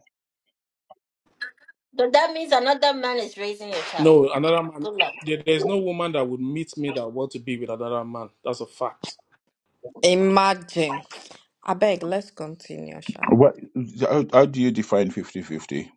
Speaker 1: So that means another man is raising your child.
Speaker 23: No, another man.
Speaker 1: Good luck.
Speaker 23: There, there's no woman that would meet me that want to be with another man. That's a fact.
Speaker 19: Imagine. I beg, let's continue, Sha.
Speaker 24: What, how, how do you define fifty-fifty?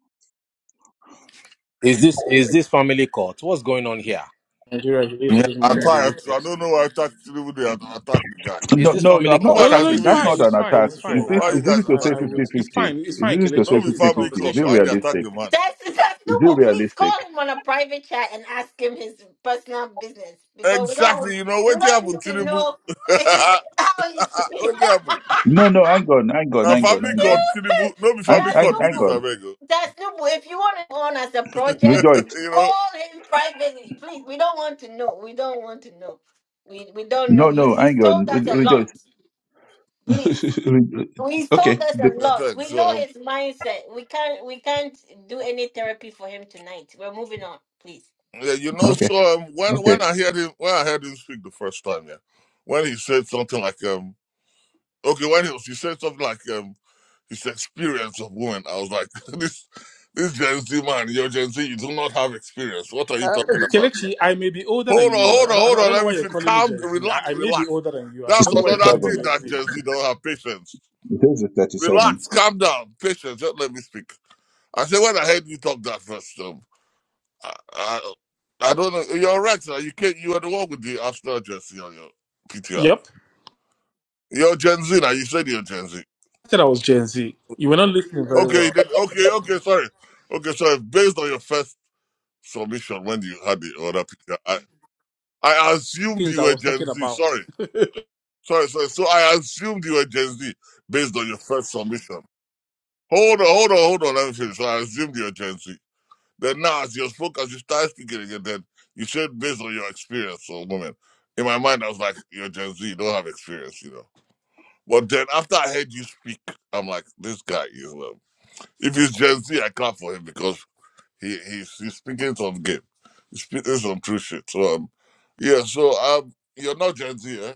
Speaker 21: Is this is this family court? What's going on here?
Speaker 23: Nigeria believes
Speaker 8: Yeah,
Speaker 23: it is
Speaker 8: I
Speaker 23: more than
Speaker 8: try.
Speaker 23: the
Speaker 8: I
Speaker 23: US.
Speaker 8: don't know why I attacked even they attack the guy.
Speaker 21: Is
Speaker 24: No,
Speaker 21: this
Speaker 24: no,
Speaker 8: The
Speaker 24: no,
Speaker 21: family
Speaker 24: I'm
Speaker 8: young
Speaker 24: not
Speaker 23: No,
Speaker 8: man
Speaker 21: court?
Speaker 23: no, no.
Speaker 8: has
Speaker 24: attacking.
Speaker 23: It's
Speaker 8: given
Speaker 24: That's
Speaker 23: fine.
Speaker 24: not
Speaker 8: his
Speaker 23: It's
Speaker 24: an
Speaker 23: fine.
Speaker 24: attack.
Speaker 23: It's
Speaker 24: Is
Speaker 23: fine.
Speaker 8: submission.
Speaker 24: it,
Speaker 8: Why
Speaker 23: I,
Speaker 8: are
Speaker 23: I
Speaker 8: you
Speaker 24: is
Speaker 23: would.
Speaker 8: guys
Speaker 24: it
Speaker 23: I,
Speaker 24: to say
Speaker 23: I
Speaker 8: attacking him?
Speaker 23: would. It's
Speaker 24: fifty-fifty?
Speaker 23: fine. It's
Speaker 24: Is
Speaker 23: fine,
Speaker 24: this to say
Speaker 23: Kelechi.
Speaker 8: No,
Speaker 23: It's,
Speaker 8: be
Speaker 23: it's a
Speaker 24: fifty-fifty?
Speaker 8: family
Speaker 24: Is it
Speaker 8: court.
Speaker 23: conversation.
Speaker 8: Why they attack
Speaker 24: realistic?
Speaker 8: the man?
Speaker 1: That's
Speaker 24: Is it
Speaker 1: acceptable. Please
Speaker 24: realistic?
Speaker 1: call him on a private chat and ask him his personal business because we don't
Speaker 8: Exactly. You know
Speaker 1: we
Speaker 8: what
Speaker 1: don't need
Speaker 8: happened,
Speaker 1: to
Speaker 8: Tinibu?
Speaker 1: know how he's.
Speaker 8: what happened?
Speaker 24: No, no, hang on, hang on,
Speaker 8: Now
Speaker 24: hang on,
Speaker 8: family
Speaker 24: hang
Speaker 8: court,
Speaker 24: on.
Speaker 8: Tinibu. No, be
Speaker 24: Hang,
Speaker 8: family
Speaker 1: That's
Speaker 24: hang,
Speaker 8: court. Be
Speaker 24: hang
Speaker 8: this
Speaker 1: normal.
Speaker 24: on.
Speaker 8: Abego.
Speaker 1: That's normal. If you want to on as a project,
Speaker 24: Rejoice.
Speaker 8: you know.
Speaker 1: call him privately, please. We don't want to know. We don't want to know. We we don't know.
Speaker 24: No,
Speaker 1: He's
Speaker 24: no,
Speaker 1: he's
Speaker 24: hang on.
Speaker 1: told us a
Speaker 24: Rejoice.
Speaker 1: lot. Please.
Speaker 24: Re-
Speaker 1: He's
Speaker 24: okay.
Speaker 1: told us a
Speaker 24: The-
Speaker 8: Yeah,
Speaker 1: lot.
Speaker 8: thanks.
Speaker 1: We
Speaker 8: So,
Speaker 1: know
Speaker 8: um,
Speaker 1: his mindset. We can't we can't do any therapy for him tonight. We're moving on, please.
Speaker 8: Yeah, you know,
Speaker 24: okay.
Speaker 8: so um, when
Speaker 24: Okay.
Speaker 8: when I heard him when I heard him speak the first time, yeah, when he said something like um okay, when he was he said something like um his experience of women, I was like this this Gen Z man, you're Gen Z, you do not have experience. What are you
Speaker 23: Uh,
Speaker 8: talking about?
Speaker 23: Kelechi, I may be older than
Speaker 8: Hold on,
Speaker 23: you.
Speaker 8: hold
Speaker 23: I, I,
Speaker 8: on, hold
Speaker 23: don't I
Speaker 8: on.
Speaker 23: don't know
Speaker 8: Let me
Speaker 23: why you're
Speaker 8: feel
Speaker 23: calling me
Speaker 8: calm,
Speaker 23: Gen Z.
Speaker 8: relax,
Speaker 23: I, I may be
Speaker 8: relax.
Speaker 23: older than you, and I
Speaker 24: It's
Speaker 8: That's
Speaker 23: don't know why
Speaker 8: another
Speaker 23: you're calling me
Speaker 24: 37.
Speaker 8: thing
Speaker 23: Gen
Speaker 8: that
Speaker 23: Z.
Speaker 8: Gen Z don't have patience.
Speaker 24: It is at 37.
Speaker 8: Relax, calm down, patience. Just let me speak. I said when I heard you talk that first, um, I, I, I don't know. You're right. sir. You can't. You had to walk with the Arsenal jersey on your PTR.
Speaker 23: Yep.
Speaker 8: You're Gen Z now. You said you're Gen Z.
Speaker 23: I said I was Gen Z. You were not listening very
Speaker 8: Okay. you
Speaker 23: well.
Speaker 8: okay. Okay. Sorry. Okay. so Based on your first submission when you had the other PTR, I, I assumed
Speaker 23: Things
Speaker 8: you
Speaker 23: I
Speaker 8: were
Speaker 23: was
Speaker 8: Gen
Speaker 23: talking
Speaker 8: Z.
Speaker 23: about.
Speaker 8: Sorry. Sorry. Sorry. So I assumed you were Gen Z based on your first submission. Hold on. Hold on. Hold on. Let me finish. So I assumed you were Gen Z. Then now, as you spoke, as you started speaking again, then you should base on your experience of woman, In my mind, I was like, you're Gen Z, you don't have experience, you know. But then after I heard you speak, I'm like, this guy is, um, if he's Gen Z, I clap for him because he he's, he's speaking some game. He's speaking some true shit. So, um, yeah, so um, you're not Gen Z, eh?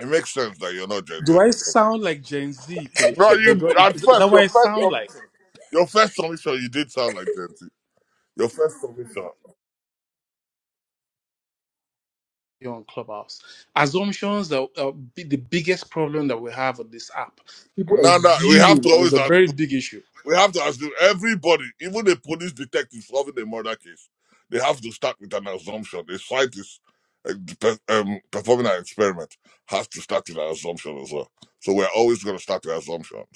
Speaker 8: It makes sense that you're not Gen Z.
Speaker 23: Do I sound like Gen Z,
Speaker 8: No,
Speaker 23: Kelechi? Do,
Speaker 8: you,
Speaker 23: do I,
Speaker 8: at
Speaker 23: is, is
Speaker 8: first,
Speaker 23: that what
Speaker 8: your
Speaker 23: I
Speaker 8: first
Speaker 23: sound like
Speaker 8: submission, your first submission, you did sound like Gen Z. Your first submission.
Speaker 23: here on Clubhouse? Assumptions are, are bi- the biggest problem that we have on this app. People
Speaker 8: No, no, we have to
Speaker 23: assume, and it's
Speaker 8: always
Speaker 23: a very
Speaker 8: assume.
Speaker 23: big issue.
Speaker 8: We have to assume everybody, even the police detective solving a murder case, they have to start with an assumption. A scientist uh, pe- um, performing an experiment has to start with an assumption as well. So we're always going to start with assumptions.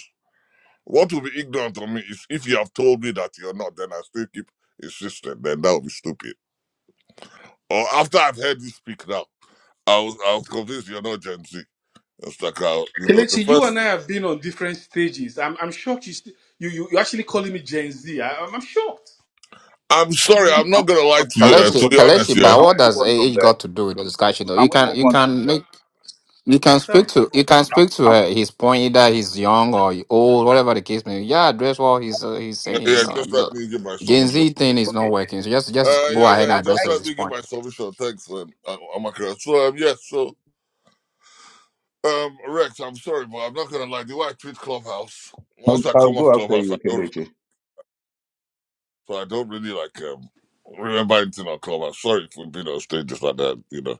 Speaker 8: What will be ignorant of me is if you have told me that you're not, then I still keep insisting, then that would be stupid. Or after I've heard you speak now, I was, I was convinced you're not Gen Z. It's like, uh, you know, the
Speaker 23: Kelechi, you
Speaker 8: first.
Speaker 23: and I have been on different stages. I'm, I'm shocked you, st- you, you, you're actually calling me Gen Z. I, I'm, I'm shocked.
Speaker 8: I'm
Speaker 24: Can we,
Speaker 8: sorry,
Speaker 24: can we
Speaker 8: I'm not going to
Speaker 24: move
Speaker 8: lie
Speaker 24: on?
Speaker 8: to
Speaker 24: Can
Speaker 8: you.
Speaker 24: we
Speaker 8: uh,
Speaker 24: move
Speaker 14: Kaleshi,
Speaker 8: To
Speaker 24: on?
Speaker 8: be
Speaker 24: From,
Speaker 14: Kaleshi,
Speaker 8: honest, yeah.
Speaker 14: but
Speaker 24: can we
Speaker 14: what
Speaker 24: move
Speaker 14: does
Speaker 24: on from
Speaker 14: age
Speaker 24: there?
Speaker 14: got to do with the discussion? Though
Speaker 24: Can
Speaker 14: you
Speaker 24: we
Speaker 14: can,
Speaker 24: move
Speaker 14: you
Speaker 24: on from
Speaker 14: can
Speaker 24: there?
Speaker 14: make, you can speak
Speaker 23: myself.
Speaker 14: to, you can
Speaker 24: Can
Speaker 14: speak
Speaker 24: we,
Speaker 14: to
Speaker 24: can
Speaker 14: uh,
Speaker 24: we,
Speaker 14: his point either he's young or he old, whatever the case may be. Yeah, address what he's uh, he's saying.
Speaker 8: Yeah,
Speaker 14: You
Speaker 8: yeah,
Speaker 14: know,
Speaker 8: just
Speaker 14: the
Speaker 8: let me give my
Speaker 14: Gen
Speaker 8: submission.
Speaker 14: Z thing is
Speaker 24: okay.
Speaker 14: not working, so just just
Speaker 8: Uh,
Speaker 14: go
Speaker 8: yeah,
Speaker 14: ahead and
Speaker 24: I,
Speaker 8: yeah,
Speaker 14: address
Speaker 8: just let
Speaker 14: his
Speaker 24: I,
Speaker 8: me give
Speaker 14: point.
Speaker 8: my submission. Thanks, man. I'm, I'm okay. So, um, yes, so, um, Rex, I'm sorry, but I'm not gonna lie. The way I treat Clubhouse,
Speaker 24: I'll,
Speaker 8: once I
Speaker 24: I'll
Speaker 8: come off
Speaker 24: go after
Speaker 8: Clubhouse, I
Speaker 24: you,
Speaker 8: don't, remember,
Speaker 24: Kelechi.
Speaker 8: so I don't really like um remember anything on Clubhouse. Sorry if we've been on stages like that, you know.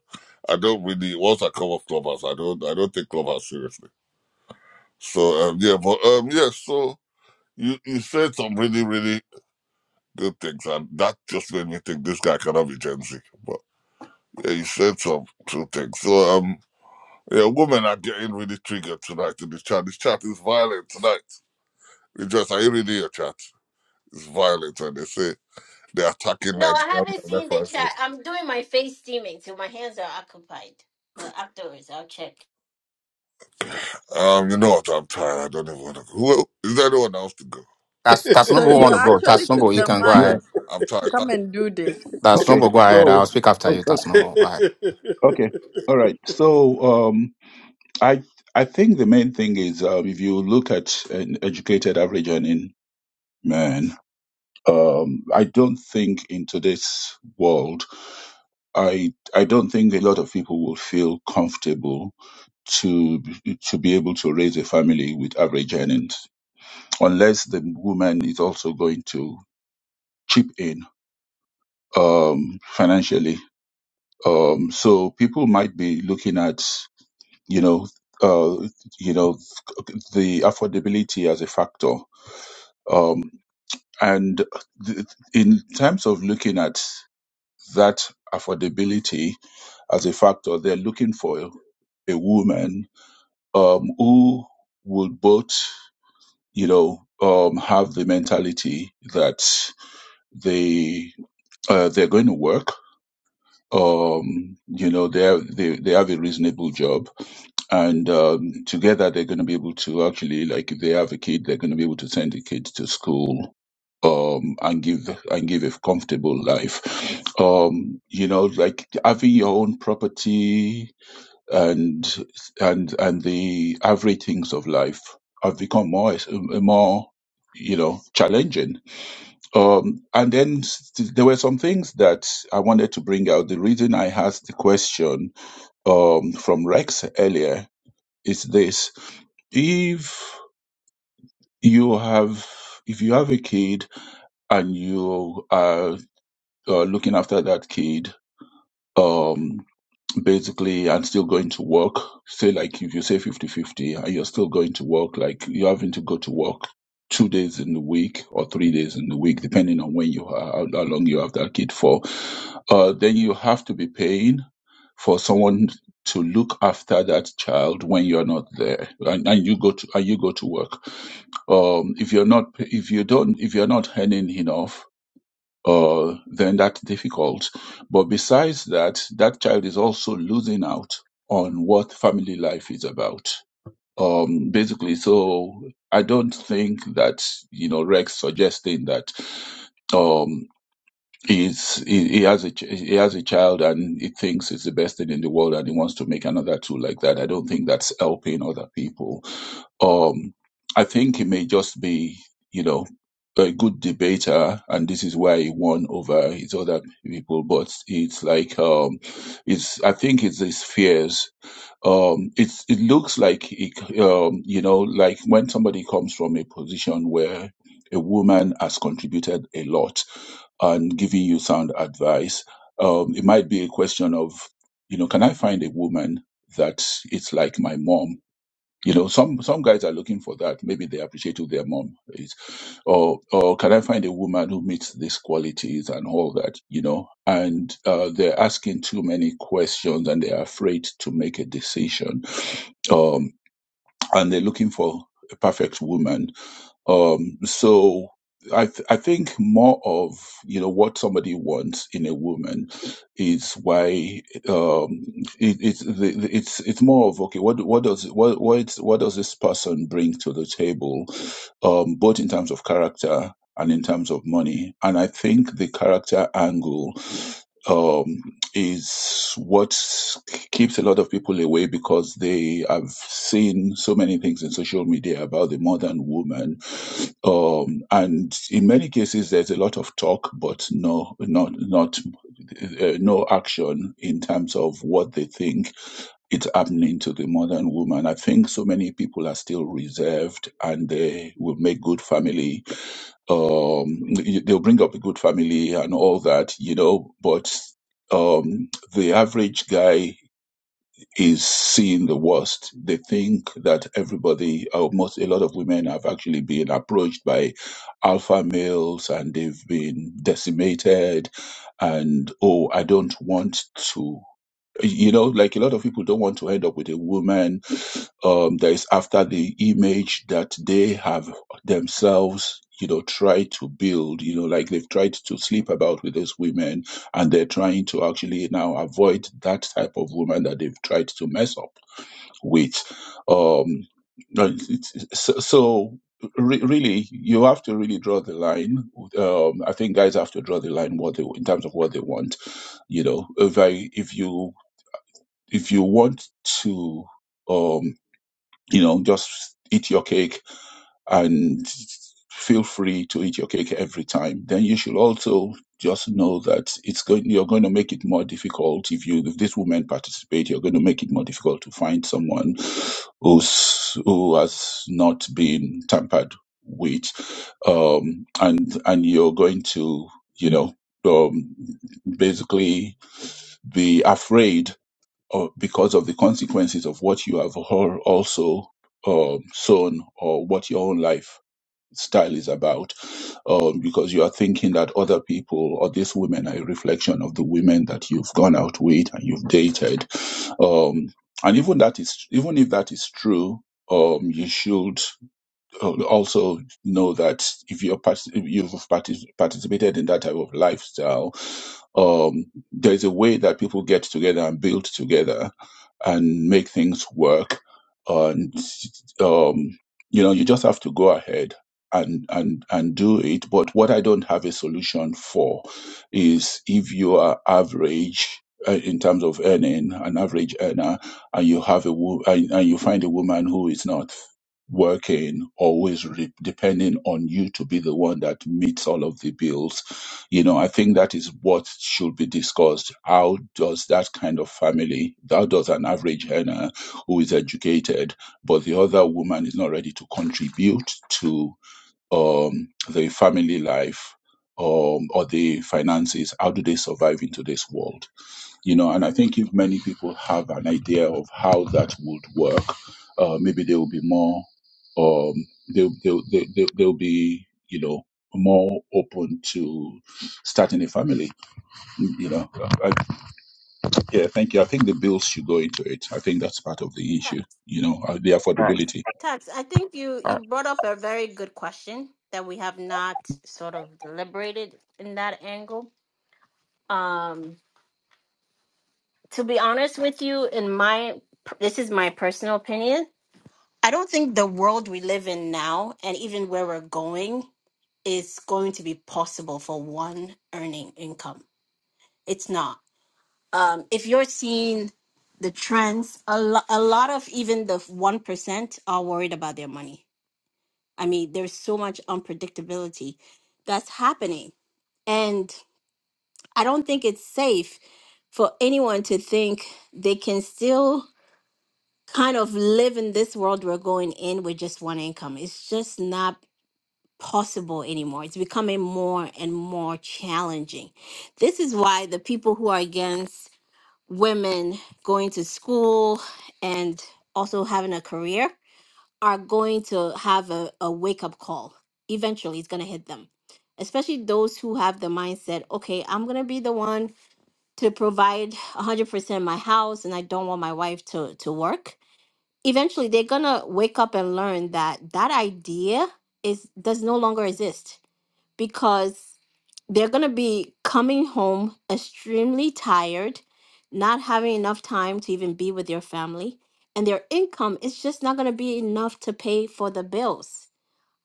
Speaker 8: I don't really once I come off Clubhouse, I don't, I don't take Clubhouse seriously. So, um, yeah, but um, yeah, so you you said some really, really good things, and that just made me think this guy cannot be Gen Z, but. Yeah, you said some true things. So, um, yeah, women are getting really triggered tonight in this chat. This chat is violent tonight. It's just, are you reading your chat? It's violent, and they say they're attacking
Speaker 1: No, I
Speaker 8: Nigeria.
Speaker 1: haven't
Speaker 8: And
Speaker 1: seen
Speaker 8: that's
Speaker 1: the
Speaker 8: why I
Speaker 1: chat.
Speaker 8: said,
Speaker 1: I'm doing my face steaming, so my hands are occupied. But afterwards, I'll check.
Speaker 8: um, you know what? I'm tired. I don't even want to go. Who, is there anyone else to go?
Speaker 14: That's
Speaker 19: So
Speaker 14: Tasnobo
Speaker 24: Yeah.
Speaker 14: want
Speaker 19: you
Speaker 14: to go.
Speaker 19: actually took
Speaker 14: Tasnobo, you
Speaker 19: the
Speaker 14: can go
Speaker 19: mic
Speaker 24: Yeah.
Speaker 14: ahead.
Speaker 8: I'm
Speaker 19: to
Speaker 8: tired.
Speaker 19: come
Speaker 8: That's,
Speaker 19: and do this.
Speaker 24: Okay.
Speaker 14: Tasnobo, go ahead. I'll
Speaker 24: So,
Speaker 14: speak after
Speaker 24: o-
Speaker 14: you.
Speaker 24: o-
Speaker 14: Tasnobo, go ahead.
Speaker 24: okay. All right. So, um, I, I think the main thing is, um, if you look at an educated average earning man, um, I don't think in today's world, I, I don't think a lot of people will feel comfortable to to be able to raise a family with average earnings, unless the woman is also going to chip in um, financially. Um, so people might be looking at you know uh, you know the affordability as a factor, um, and th- in terms of looking at that affordability as a factor, they're looking for a woman um, who would both you know, um, have the mentality that they uh, they're going to work. Um, you know, they have, they they have a reasonable job, and um, together they're going to be able to actually, like, if they have a kid, they're going to be able to send the kid to school, um, and give and give a comfortable life. Um, you know, like having your own property, and and and the everythings of life have become more more you know challenging um and then s- there were some things that i wanted to bring out the reason i asked the question um from rex earlier is this if you have if you have a kid and you are uh, looking after that kid um, basically and still going to work say like if you say 50 50 and you're still going to work like you're having to go to work two days in the week or three days in the week depending on when you are how, how long you have that kid for uh, then you have to be paying for someone to look after that child when you're not there and, and you go to and you go to work um, if you're not if you don't if you're not earning enough uh, then that's difficult. But besides that, that child is also losing out on what family life is about. Um, basically, so I don't think that you know Rex suggesting that um, he's, he, he has a ch- he has a child and he thinks it's the best thing in the world and he wants to make another two like that. I don't think that's helping other people um, I think he may just be, you know, a good debater, and this is why he won over his other people. But it's like, um, it's I think it's his fears. Um, it's it looks like, it, um, you know, like when somebody comes from a position where a woman has contributed a lot and giving you sound advice, um, it might be a question of, you know, can I find a woman that it's like my mom you know, some some guys are looking for that. Maybe they appreciate who their mom is, or or can I find a woman who meets these qualities and all that? You know, and uh, they're asking too many questions and they're afraid to make a decision. Um, and they're looking for a perfect woman um, so I th- I think more of you know what somebody wants in a woman is why um, it, it's the, the- it's it's more of okay what what does what what what does this person bring to the table, um, both in terms of character and in terms of money, and I think the character angle um, is what keeps a lot of people away because they have seen so many things in social media about the modern woman um, and in many cases there's a lot of talk but no not not uh, no action in terms of what they think is happening to the modern woman i think so many people are still reserved and they will make good family um, they'll bring up a good family and all that you know but um, the average guy is seeing the worst. They think that everybody, or most, a lot of women have actually been approached by alpha males and they've been decimated. And oh, I don't want to, you know, like a lot of people don't want to end up with a woman um, that is after the image that they have themselves, you know, tried to build, you know, like they've tried to sleep about with these women and they're trying to actually now avoid that type of woman that they've tried to mess up with. Um, but it's- it's- so, so re- really, you have to really draw the line. Um, I think guys have to draw the line what they, in terms of what they want. You know, if I, if you, if you want to, Um, you know, just eat your cake and feel free to eat your cake every time. Then you should also just know that it's going, you're going to make it more difficult if you, if these women participate, you're going to make it more difficult to find someone who's, who has not been tampered with. Um, and, and you're going to, you know, um, basically be afraid or because of the consequences of what you have also um, sown or what your own life style is about, um, because you are thinking that other people or these women are a reflection of the women that you've gone out with and you've dated. Um, and even that is even if that is true, um, you should uh, also know that if you're part- if you've partic- participated in that type of lifestyle, um, there's a way that people get together and build together and make things work. And um, you know, you just have to go ahead and and and do it. But what I don't have a solution for is if you are average. uh, In terms of earning, an average earner, and you have a wo- and, and you find a woman who is not working, always re- depending on you to be the one that meets all of the bills. You know, I think that is what should be discussed. How does that kind of family, how does an average earner who is educated, but the other woman is not ready to contribute to um, the family life um, or the finances, how do they survive in today's world? you know and i think if many people have an idea of how that would work uh, maybe they will be more um they'll, they'll, they'll, they'll they'll be you know more open to starting a family you know I, yeah thank you i think the bills should go into it i think that's part of the
Speaker 1: Ta-
Speaker 24: issue you know uh, the
Speaker 14: All right.
Speaker 24: affordability
Speaker 1: Tax, I think you
Speaker 14: All right.
Speaker 1: you brought up a very good question that we have not sort of deliberated in that angle. Um, to be honest with you, in my this is my personal opinion. I don't think the world we live in now and even where we're going is going to be possible for one earning income. It's not. Um, if you're seeing the trends, a, lo- a lot of even the 1% are worried about their money. I mean, there's so much unpredictability that's happening. And I don't think it's safe for anyone to think they can still kind of live in this world we're going in with just one income. It's just not possible anymore. It's becoming more and more challenging. This is why the people who are against women going to school and also having a career are going to have a, a wake up call. Eventually, it's going to hit them, especially those who have the mindset okay, I'm going to be the one to provide 100% my house and I don't want my wife to, to work. Eventually, they're going to wake up and learn that that idea is does no longer exist because they're going to be coming home extremely tired, not having enough time to even be with your family, and their income is just not going to be enough to pay for the bills.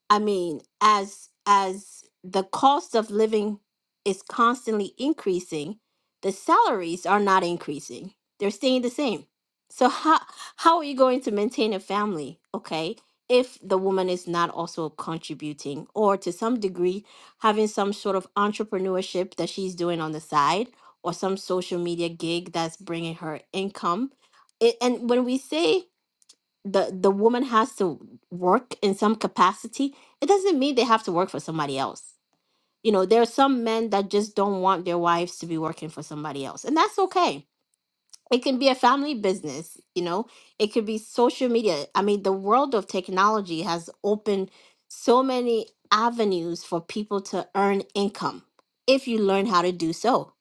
Speaker 1: I mean, as as the cost of living is constantly increasing, the salaries are not increasing. They're staying the same. So how how are you going to maintain a family, okay, if the woman is not also contributing or to some degree having some sort of entrepreneurship that she's doing on the side or some social media gig that's bringing her income? It, and when we say the the woman has to work in some capacity it doesn't mean they have to work for somebody else you know there are some men that just don't want their wives to be working for somebody else and that's okay it can be a family business you know it could be social media i mean the world of technology has opened so many avenues for people to earn income if you learn how to do so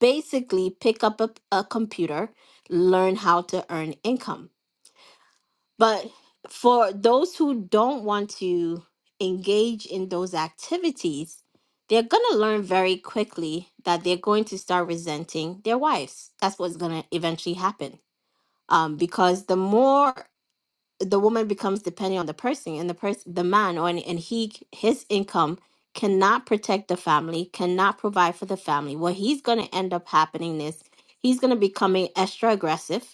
Speaker 1: basically pick up a, a computer learn how to earn income but for those who don't want to engage in those activities, they're going to learn very quickly that they're going to start resenting their wives. That's what's going to eventually happen. Um, because the more the woman becomes dependent on the person and the person, the man, or and, and he, his income cannot protect the family, cannot provide for the family. What he's going to end up happening is he's going to become extra aggressive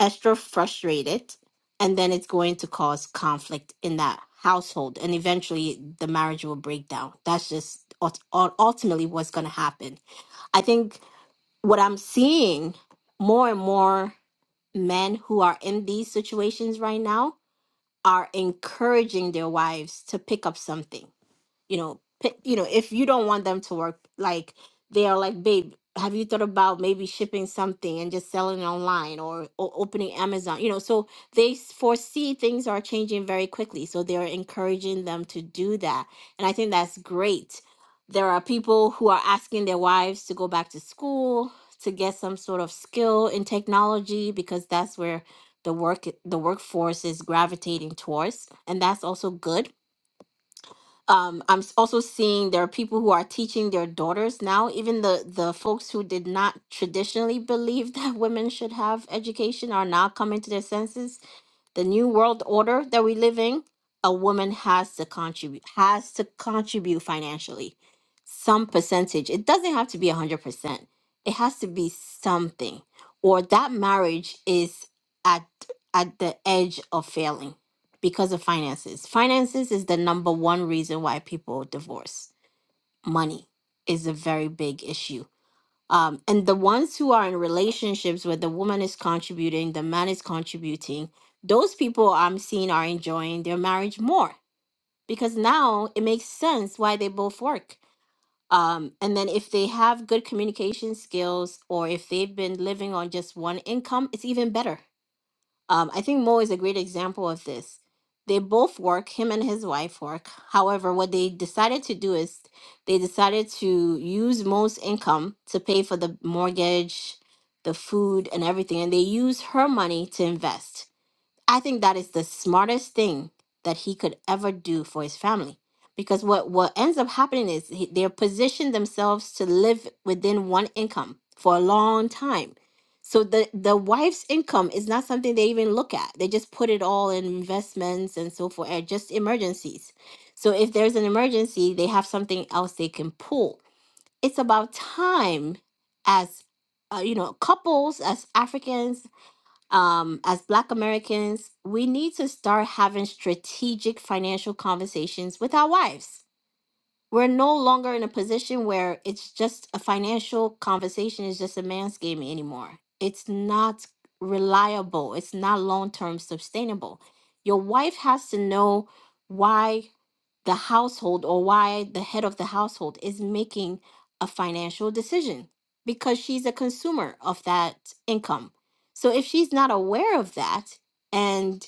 Speaker 1: extra frustrated and then it's going to cause conflict in that household and eventually the marriage will break down that's just ult- ul- ultimately what's going to happen i think what i'm seeing more and more men who are in these situations right now are encouraging their wives to pick up something you know pick, you know if you don't want them to work like they are like babe have you thought about maybe shipping something and just selling it online or, or opening amazon you know so they s- foresee things are changing very quickly so they're encouraging them to do that and i think that's great there are people who are asking their wives to go back to school to get some sort of skill in technology because that's where the work the workforce is gravitating towards and that's also good um, I'm s- also seeing there are people who are teaching their daughters now, even the the folks who did not traditionally believe that women should have education are now coming to their senses the new world order that we live in, a woman has to contribute has to contribute financially. Some percentage. It doesn't have to be 100%. It has to be something or that marriage is at at the edge of failing because of finances. Finances is the number one reason why people divorce. Money is a very big issue um, and the ones who are in relationships where the woman is contributing, the man is contributing, those people I'm seeing are enjoying their marriage more because now it makes sense why they both work. Um, and then if they have good communication skills or if they've been living on just one income, it's even better um, I think Mo is a great example of this. They both work, him and his wife work. However, what they decided to do is they decided to use Mo's income to pay for the mortgage, the food, and everything. And they use her money to invest. I think that is the smartest thing that he could ever do for his family. Because what, what ends up happening is he, they're positioned themselves to live within one income for a long time. So the, the wife's income is not something they even look at. They just put it all in investments and so forth, and just emergencies. So if there's an emergency, they have something else they can pull. It's about time as uh, you know, couples as Africans um, as Black Americans, we need to start having strategic financial conversations with our wives we're no longer in a position where it's just a financial conversation is just a man's game anymore. It's not reliable. It's not long-term sustainable. Your wife has to know why the household or why the head of the household is making a financial decision because she's a consumer of that income. So if she's not aware of that and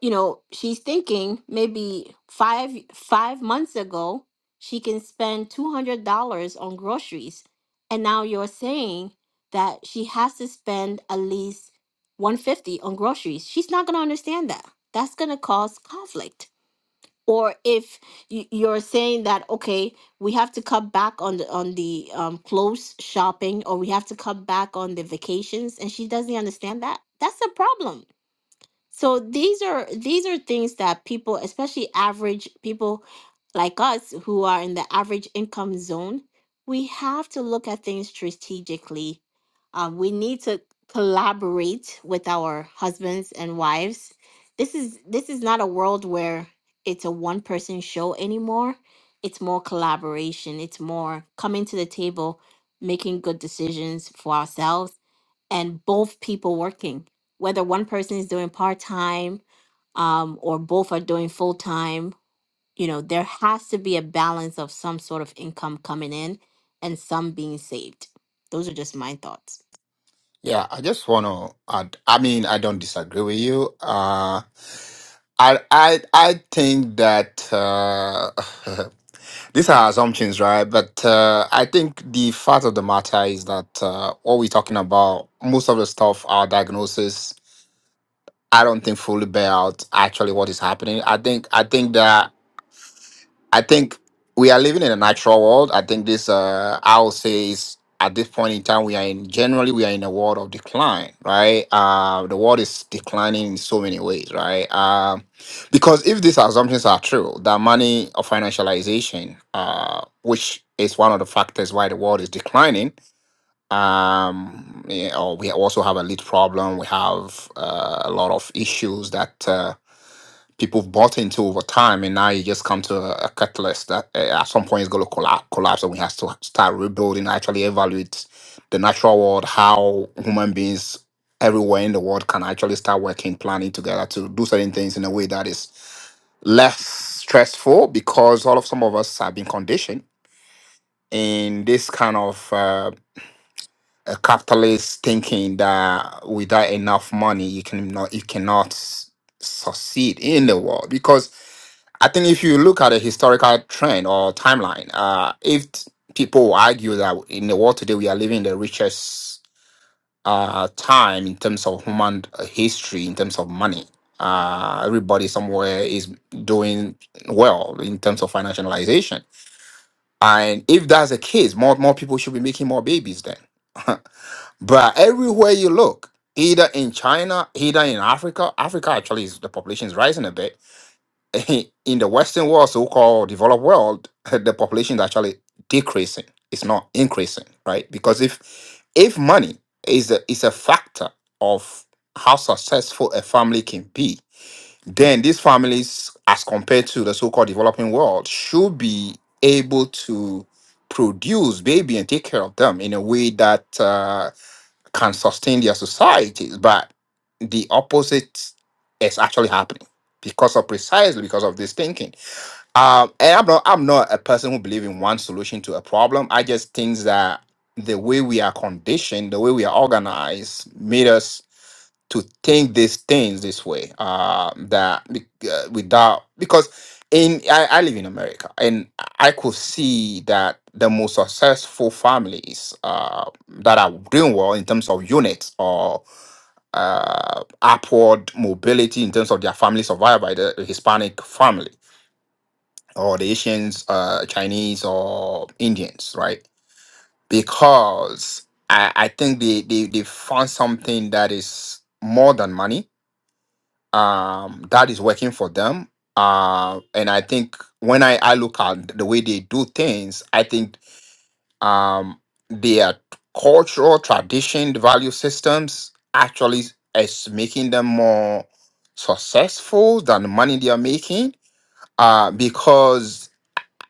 Speaker 1: you know she's thinking maybe five five months ago she can spend $200 on groceries and now you're saying that she has to spend at least 150 on groceries she's not going to understand that that's going to cause conflict or if y- you're saying that okay we have to cut back on the on the um, clothes shopping or we have to cut back on the vacations and she doesn't understand that that's a problem so these are these are things that people, especially average people like us who are in the average income zone, we have to look at things strategically. Um, we need to collaborate with our husbands and wives. This is this is not a world where it's a one person show anymore. It's more collaboration. It's more coming to the table, making good decisions for ourselves and both people working, whether one person is doing part time um, or both are doing full time, you know, there has to be a balance of some sort of income coming in and some being saved. Those are just my thoughts.
Speaker 14: Yeah, I just want to add. I mean, I don't disagree with you. Uh, I I I think that uh, these are assumptions, right? But uh, I think the fact of the matter is that uh, what we're talking about, most of the stuff, our diagnosis, I don't think fully bear out actually what is happening. I think I think that. I think we are living in a natural world. I think this, uh, I would say, is at this point in time we are in. Generally, we are in a world of decline, right? Uh, the world is declining in so many ways, right? Um, because if these assumptions are true, that money or financialization, uh, which is one of the factors why the world is declining. Um, yeah, or we also have a lead problem. We have uh, a lot of issues that. Uh, people have bought into over time, and now you just come to a, a catalyst that uh, at some point is going to collapse, collapse, and we have to start rebuilding. Actually, evaluate the natural world, how human beings everywhere in the world can actually start working, planning together to do certain things in a way that is less stressful because all of some of us have been conditioned in this kind of uh, a capitalist thinking that without enough money you can not you cannot s- succeed in the world because I think if you look at a historical trend or timeline, uh, if t- people argue that in the world today we are living the richest uh, time in terms of human uh, history, in terms of money, uh, everybody somewhere is doing well in terms of financialization. And if that's the case, more more people should be making more babies then. But everywhere you look, either in China, either in Africa, Africa actually is the population is rising a bit. In the Western world, so-called developed world, the population is actually decreasing. It's not increasing, right? Because if if money is a, is a factor of how successful a family can be, then these families, as compared to the so-called developing world, should be able to produce baby and take care of them in a way that. Uh, can sustain their societies, but the opposite is actually happening because of precisely because of this thinking. Um, and I'm not I'm not a person who believes in one solution to a problem. I just think that the way we are conditioned, the way we are organized, made us to think these things this way uh, that be- uh, without because in I, I live in america and i could see that the most successful families uh, that are doing well in terms of units or uh, upward mobility in terms of their family survived by the hispanic family or the asians uh, chinese or indians right because i, I think they, they, they found something that is more than money um, that is working for them. Uh, and I think when I, I look at the way they do things, I think um, their cultural tradition, the value systems actually is making them more successful than the money they are making. Uh, because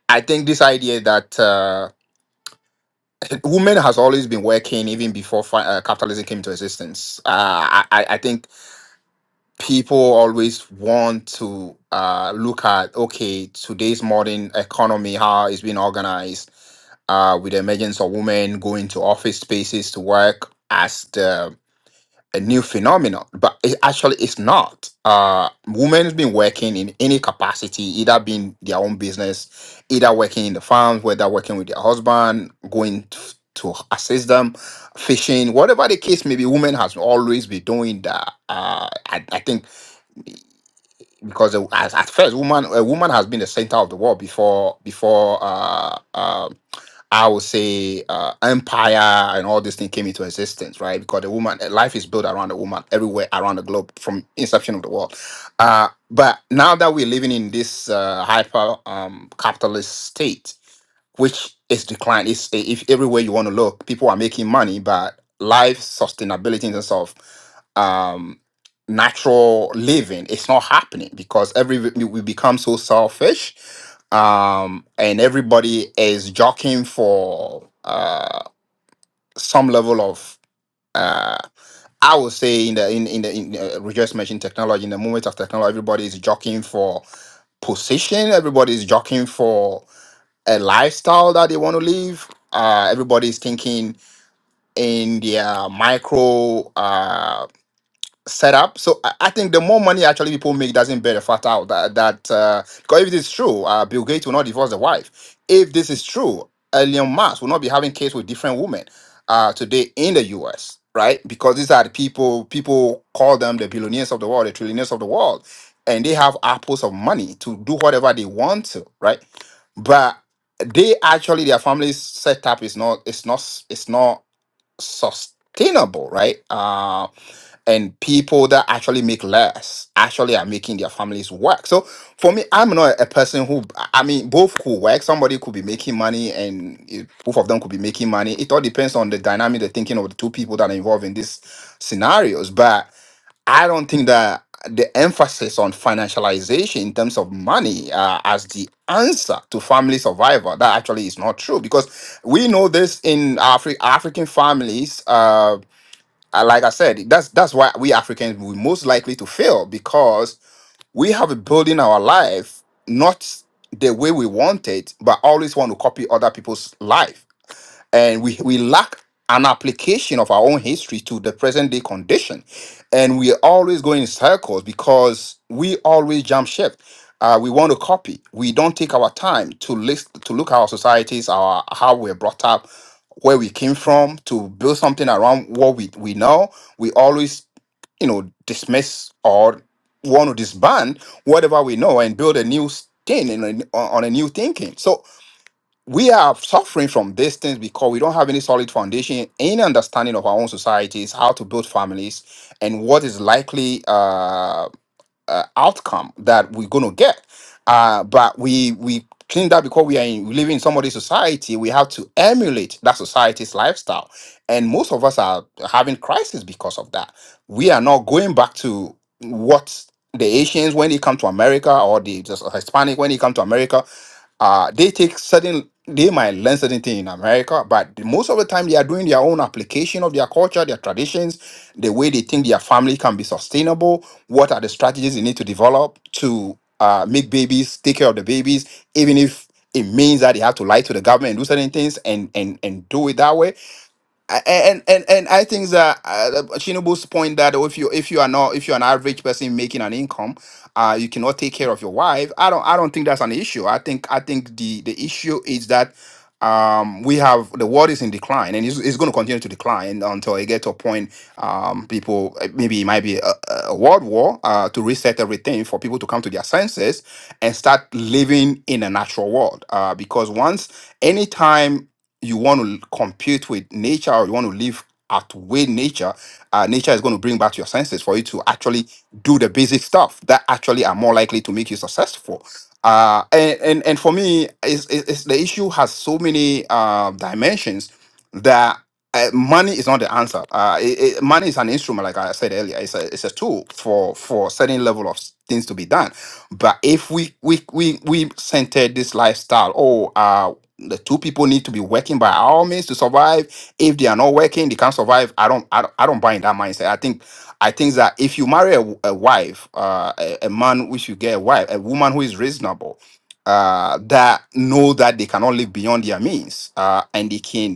Speaker 14: I think this idea that uh, women has always been working even before fi- uh, capitalism came into existence. Uh, I, I I think people always want to uh, look at okay today's modern economy how it's been organized uh, with the emergence of women going to office spaces to work as the a new phenomenon but it actually it's not uh women has been working in any capacity either being their own business either working in the farms whether working with their husband going to, to assist them fishing whatever the case may be women has always been doing that uh I, I think because the- as, at first woman a woman has been the center of the world before before uh, uh, I would say uh, empire and all these things came into existence, right? Because the woman uh, life is built around the woman everywhere around the globe from inception of the world. Uh, but now that we're living in this uh, hyper um, capitalist state, which is declined. It's if everywhere you want to look, people are making money, but life sustainability in terms of um natural living it's not happening because every we we become so selfish um and everybody is jockeying for uh some level of uh i would say in the in in the in, uh, we just mentioned technology in the moment of technology everybody is jockeying for position everybody is jockeying for a lifestyle that they want to live uh everybody is thinking in their micro uh set up. So I, I think the more money actually people make doesn't bear the fact out that that uh, because if it is true, uh, Bill Gates will not divorce the wife. If this is true, Elon Musk will not be having kids with different women uh, today in the U.S. Right? Because these are the people people call them the billionaires of the world, the trillionaires of the world, and they have apples of money to do whatever they want to. Right? But they actually their family setup is not it's not it's not sustainable, right? Uh, and people that actually make less actually are making their families work. So for me, I'm not a person who, I mean, both could work. Somebody could be making money and it- both of them could be making money. It all depends on the dynamic, the thinking of the two people that are involved in these scenarios. But I don't think that the emphasis on financialization in terms of money uh, as the answer to family survival that actually is not true because we know this in Afri- African families. Uh, uh, like I said, that's that's why we Africans we most likely to fail because we have a building our life not the way we want it, but always want to copy other people's life and we we lack an application of our own history to the present day condition and we always go in circles because we always jump ship uh, we want to copy we don't take our time to list to look at our societies our how we're brought up where we came from to build something around what we, we know we always you know dismiss or want to disband whatever we know and build a new thing and a- on a new thinking so we are suffering from these things because we don't have any solid foundation, any understanding of our own societies, how to build families, and what is likely uh, uh, outcome that we're going to get. Uh, but we we think that because we are in, we live in somebody's society, we have to emulate that society's lifestyle, and most of us are having crisis because of that. We are not going back to what the Asians when they come to America or the just Hispanic when they come to America uh, they take certain, they might learn certain things in America, but the- most of the time they are doing their own application of their culture, their traditions, the way they think their family can be sustainable. What are the strategies they need to develop to uh, make babies, take care of the babies, even if it means that they have to lie to the government and do certain things and and and do it that way. I- and and and I think that uh, Shinobu's point that if you if you are not if you're an average person making an income, uh, you cannot take care of your wife. I don't I don't think that's an issue. I think I think the the issue is that um we have the world is in decline and it's, it's going to continue to decline until it gets to a point um people uh, maybe it might be a, a world war uh to reset everything for people to come to their senses and start living in a natural world uh because once anytime you want to compete with nature or you want to live outweigh nature, uh, nature is going to bring back your senses for you to actually do the basic stuff that actually are more likely to make you successful. Uh, and, and and for me, is is the issue has so many uh, dimensions that uh, money is not the answer. Uh, it, it- money is an instrument, like I said earlier. It's a it's a tool for for certain level of things to be done. But if we we we we centered this lifestyle, oh, uh, the two people need to be working by all means to survive. If they are not working, they can't survive. I don't, I don't, I don't buy in that mindset. I think, I think that if you marry a, a wife, uh, a, a man, which you get a wife, a woman who is reasonable, uh, that know that they cannot live beyond their means, uh, and they can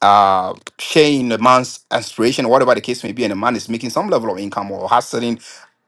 Speaker 14: uh sharing a man's aspiration, whatever the case may be, and a man is making some level of income or has certain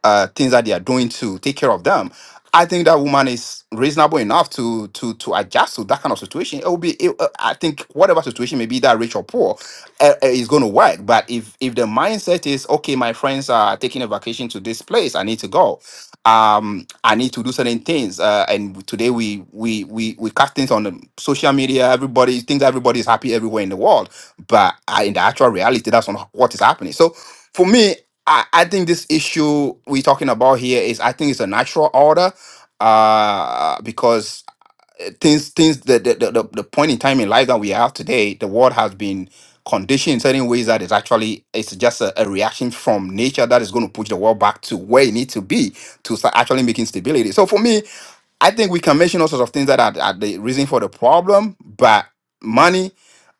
Speaker 14: uh things that they are doing to take care of them, I think that woman is reasonable enough to to to adjust to that kind of situation. It will be, it, uh, I think, whatever situation may be that rich or poor, uh, uh, is going to work. But if if the mindset is okay, my friends are taking a vacation to this place, I need to go um i need to do certain things uh and today we we we we cast things on the social media everybody thinks everybody is happy everywhere in the world but uh, in the actual reality that's not what is happening so for me i i think this issue we're talking about here is i think it's a natural order uh because things things the the, the the the point in time in life that we have today the world has been conditioned in certain ways that is actually it's just a, a reaction from nature that is going to push the world back to where it needs to be to start actually making stability so for me i think we can mention all sorts of things that are, are the reason for the problem but money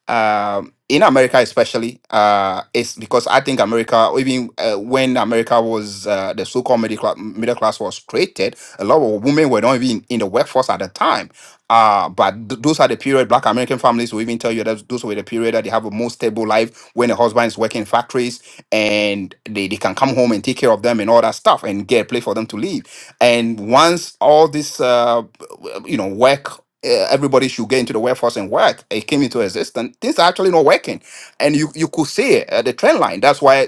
Speaker 14: um, in America, especially, uh, it's because I think America, even uh, when America was uh, the so-called middle class, middle class was created, a lot of women were not even in the workforce at the time. Uh, but th- those are the period Black American families will even tell you that those were the period that they have a more stable life when the husband is working in factories and they, they can come home and take care of them and all that stuff and get a place for them to live. And once all this, uh, you know, work uh, everybody should get into the workforce and work. It came into existence. Things are actually not working, and you you could see uh, the trend line. That's why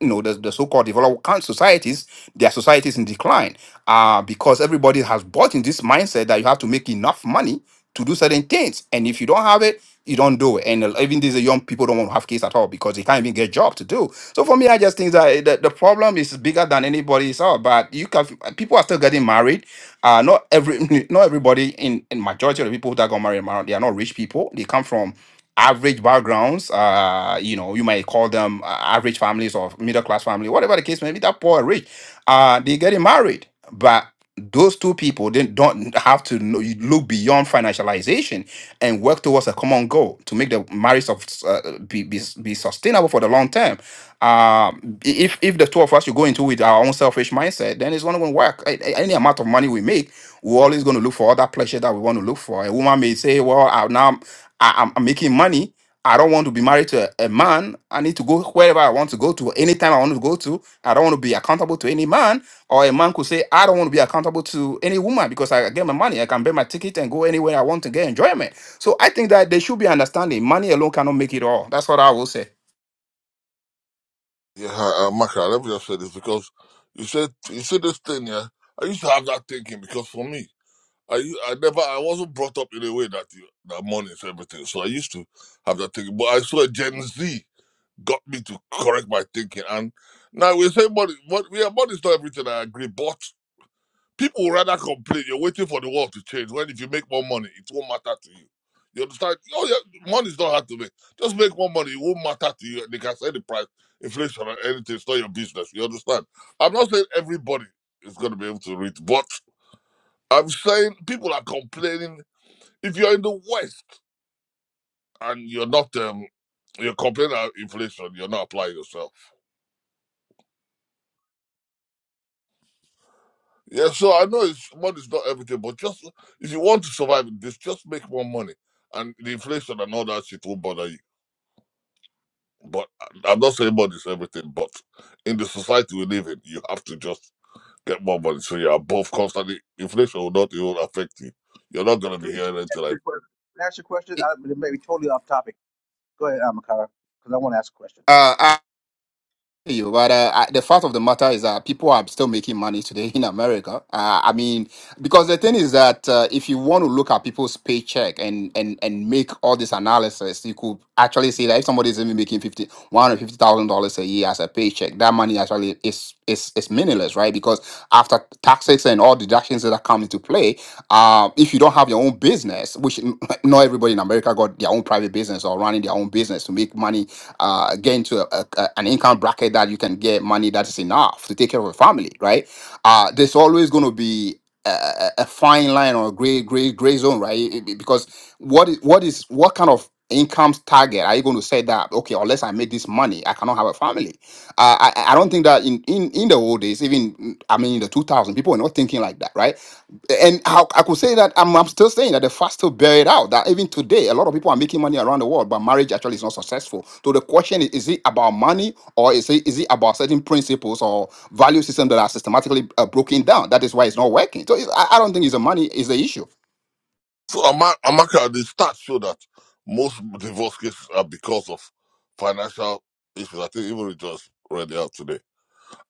Speaker 14: you know the, the so-called developed coun- societies, their societies in decline, uh, because everybody has bought in this mindset that you have to make enough money to do certain things, and if you don't have it, you don't do it. And uh, even these young people don't want to have kids at all because they can't even get job to do. So for me, I just think that uh, the, the problem is bigger than anybody saw. But you can people are still getting married uh, not every not everybody in in majority of the people that got married, mar- they are not rich people. They come from average backgrounds. Uh, you know, you might call them uh, average families or middle class family, whatever the case may be. That poor or rich, uh, they getting married, but those two people they don't have to know, you look beyond financialization and work towards a common goal to make the marriage of uh, be, be be sustainable for the long term um if if the two of us should go into with our own selfish mindset then it's not going to work A- a- any amount of money we make we're always going to look for other pleasure that we want to look for a woman may say well I, now I'm, I, am i I'm making money i don't want to be married to a, a man i need to go wherever i want to go to anytime i want to go to i don't want to be accountable to any man or a man could say i don't want to be accountable to any woman because i get my money i can pay my ticket and go anywhere i want to get enjoyment so i think that they should be understanding money alone cannot make it all that's what i will say
Speaker 8: yeah, uh, Maka, let me just say this because you said, you said this thing, yeah. I used to have that thinking because for me, I u- I never I wasn't brought up in a way that you, that money is everything. So I used to have that thinking. But I saw Gen Z got me to correct my thinking. And now we say money, money yeah, money's not everything. I agree, but people would rather complain. You're waiting for the world to change. When if you make more money, it won't matter to you. You understand? Oh yeah, money's not hard to make. Just make more money. It won't matter to you. They can say the price, inflation, or anything. It's not your business. You understand? I'm not saying everybody is going to be able to read, but I'm saying people are complaining if you're in the West and you're not um you're complaining about inflation, you're not applying yourself. Yeah, so I know it's money's not everything, but just if you want to survive in this, just make more money. And the inflation and all that shit won't bother you. But I- I'm not saying money's everything, but in the society we live in, you have to just get more money. So you're above constantly inflation will not even affect you. You're not
Speaker 11: Hey,
Speaker 8: gonna be
Speaker 11: Khalid, just
Speaker 8: hearing
Speaker 11: ask
Speaker 8: anything like
Speaker 11: your question. Ask your question. I, it may be totally off topic. Go ahead, Amakara, because I want to ask a question.
Speaker 14: uh you, but uh, I- the fact of the matter is that people are still making money today in America. Uh, I mean, because the thing is that uh, if you want to look at people's paycheck and and and make all this analysis, you could actually see that if somebody is even making fifty one hundred fifty thousand dollars a year as a paycheck, that money actually is is is meaningless, right? Because after taxes and all deductions that come into play, uh, if you don't have your own business, which not everybody in America got their own private business or running their own business to make money uh, get into a, a, a- an income bracket that you can get money that is enough to take care of a family, right? Uh, there's always going to be a, a a fine line or a gray, gray, gray zone, right? It- it- Because what is what is what kind of income target are you going to say that okay unless i make this money i cannot have a family uh, i i I don't think that in in in the old days even mm, i mean in the 2000 people were not thinking like that right and how I could say that I'm, I'm still saying that the fast still bear it out. That even today, a lot of people are making money around the world, but marriage actually is not successful. So the question is: Is it about money, or is it is it about certain principles or value system that are systematically uh, broken down? That is why it's not working. So it's, I, I don't think it's a money is the issue.
Speaker 8: So, Ama- Amaka, the stats show that most divorce cases are because of financial issues. I think even we just read it out today.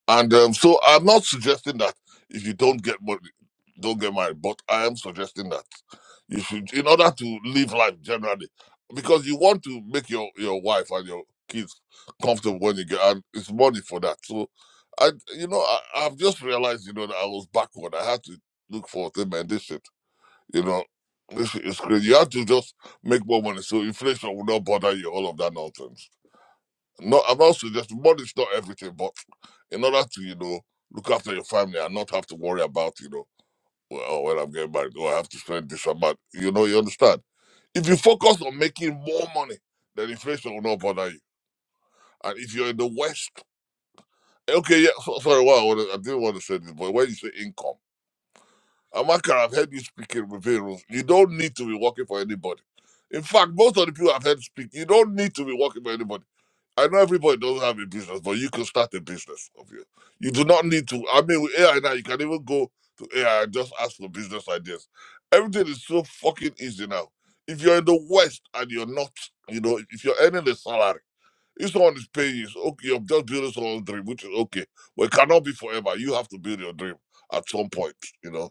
Speaker 8: And um, so, I'm not suggesting that if you don't get money, don't get married, but I am suggesting that you should, in order to live life generally, because you want to make your, your wife and your kids comfortable when you get, and it's money for that. So, I, you know, I, I've just realized, you know, that I was backward. I had to look for a thing, man, this shit. You know, it's, it's crazy. You have to just make more money so inflation will not bother you, all of that nonsense. No, I'm not suggesting money is not everything, but in order to, you know, look after your family and not have to worry about, you know, well, oh, when I'm getting married, oh, I have to spend this amount. You know, you understand? If you focus on making more money, then inflation will not bother you. And if you're in the West, okay, yeah, so, sorry, well, I, wanna- I didn't want to say this, but when you say income, Amaka, I've heard you speaking with Pharaoh. You don't need to be working for anybody. In fact, most of the people I've heard speak, you don't need to be working for anybody. I know everybody doesn't have a business, but you can start a business of you. You do not need to. I mean, with AI now, you can even go to AI and just ask for business ideas. Everything is so fucking easy now. If you're in the West and you're not, you know, if you're earning a salary, if someone is paying you, it's okay, you're just building someone's dream, which is okay. But it cannot be forever. You have to build your dream at some point, you know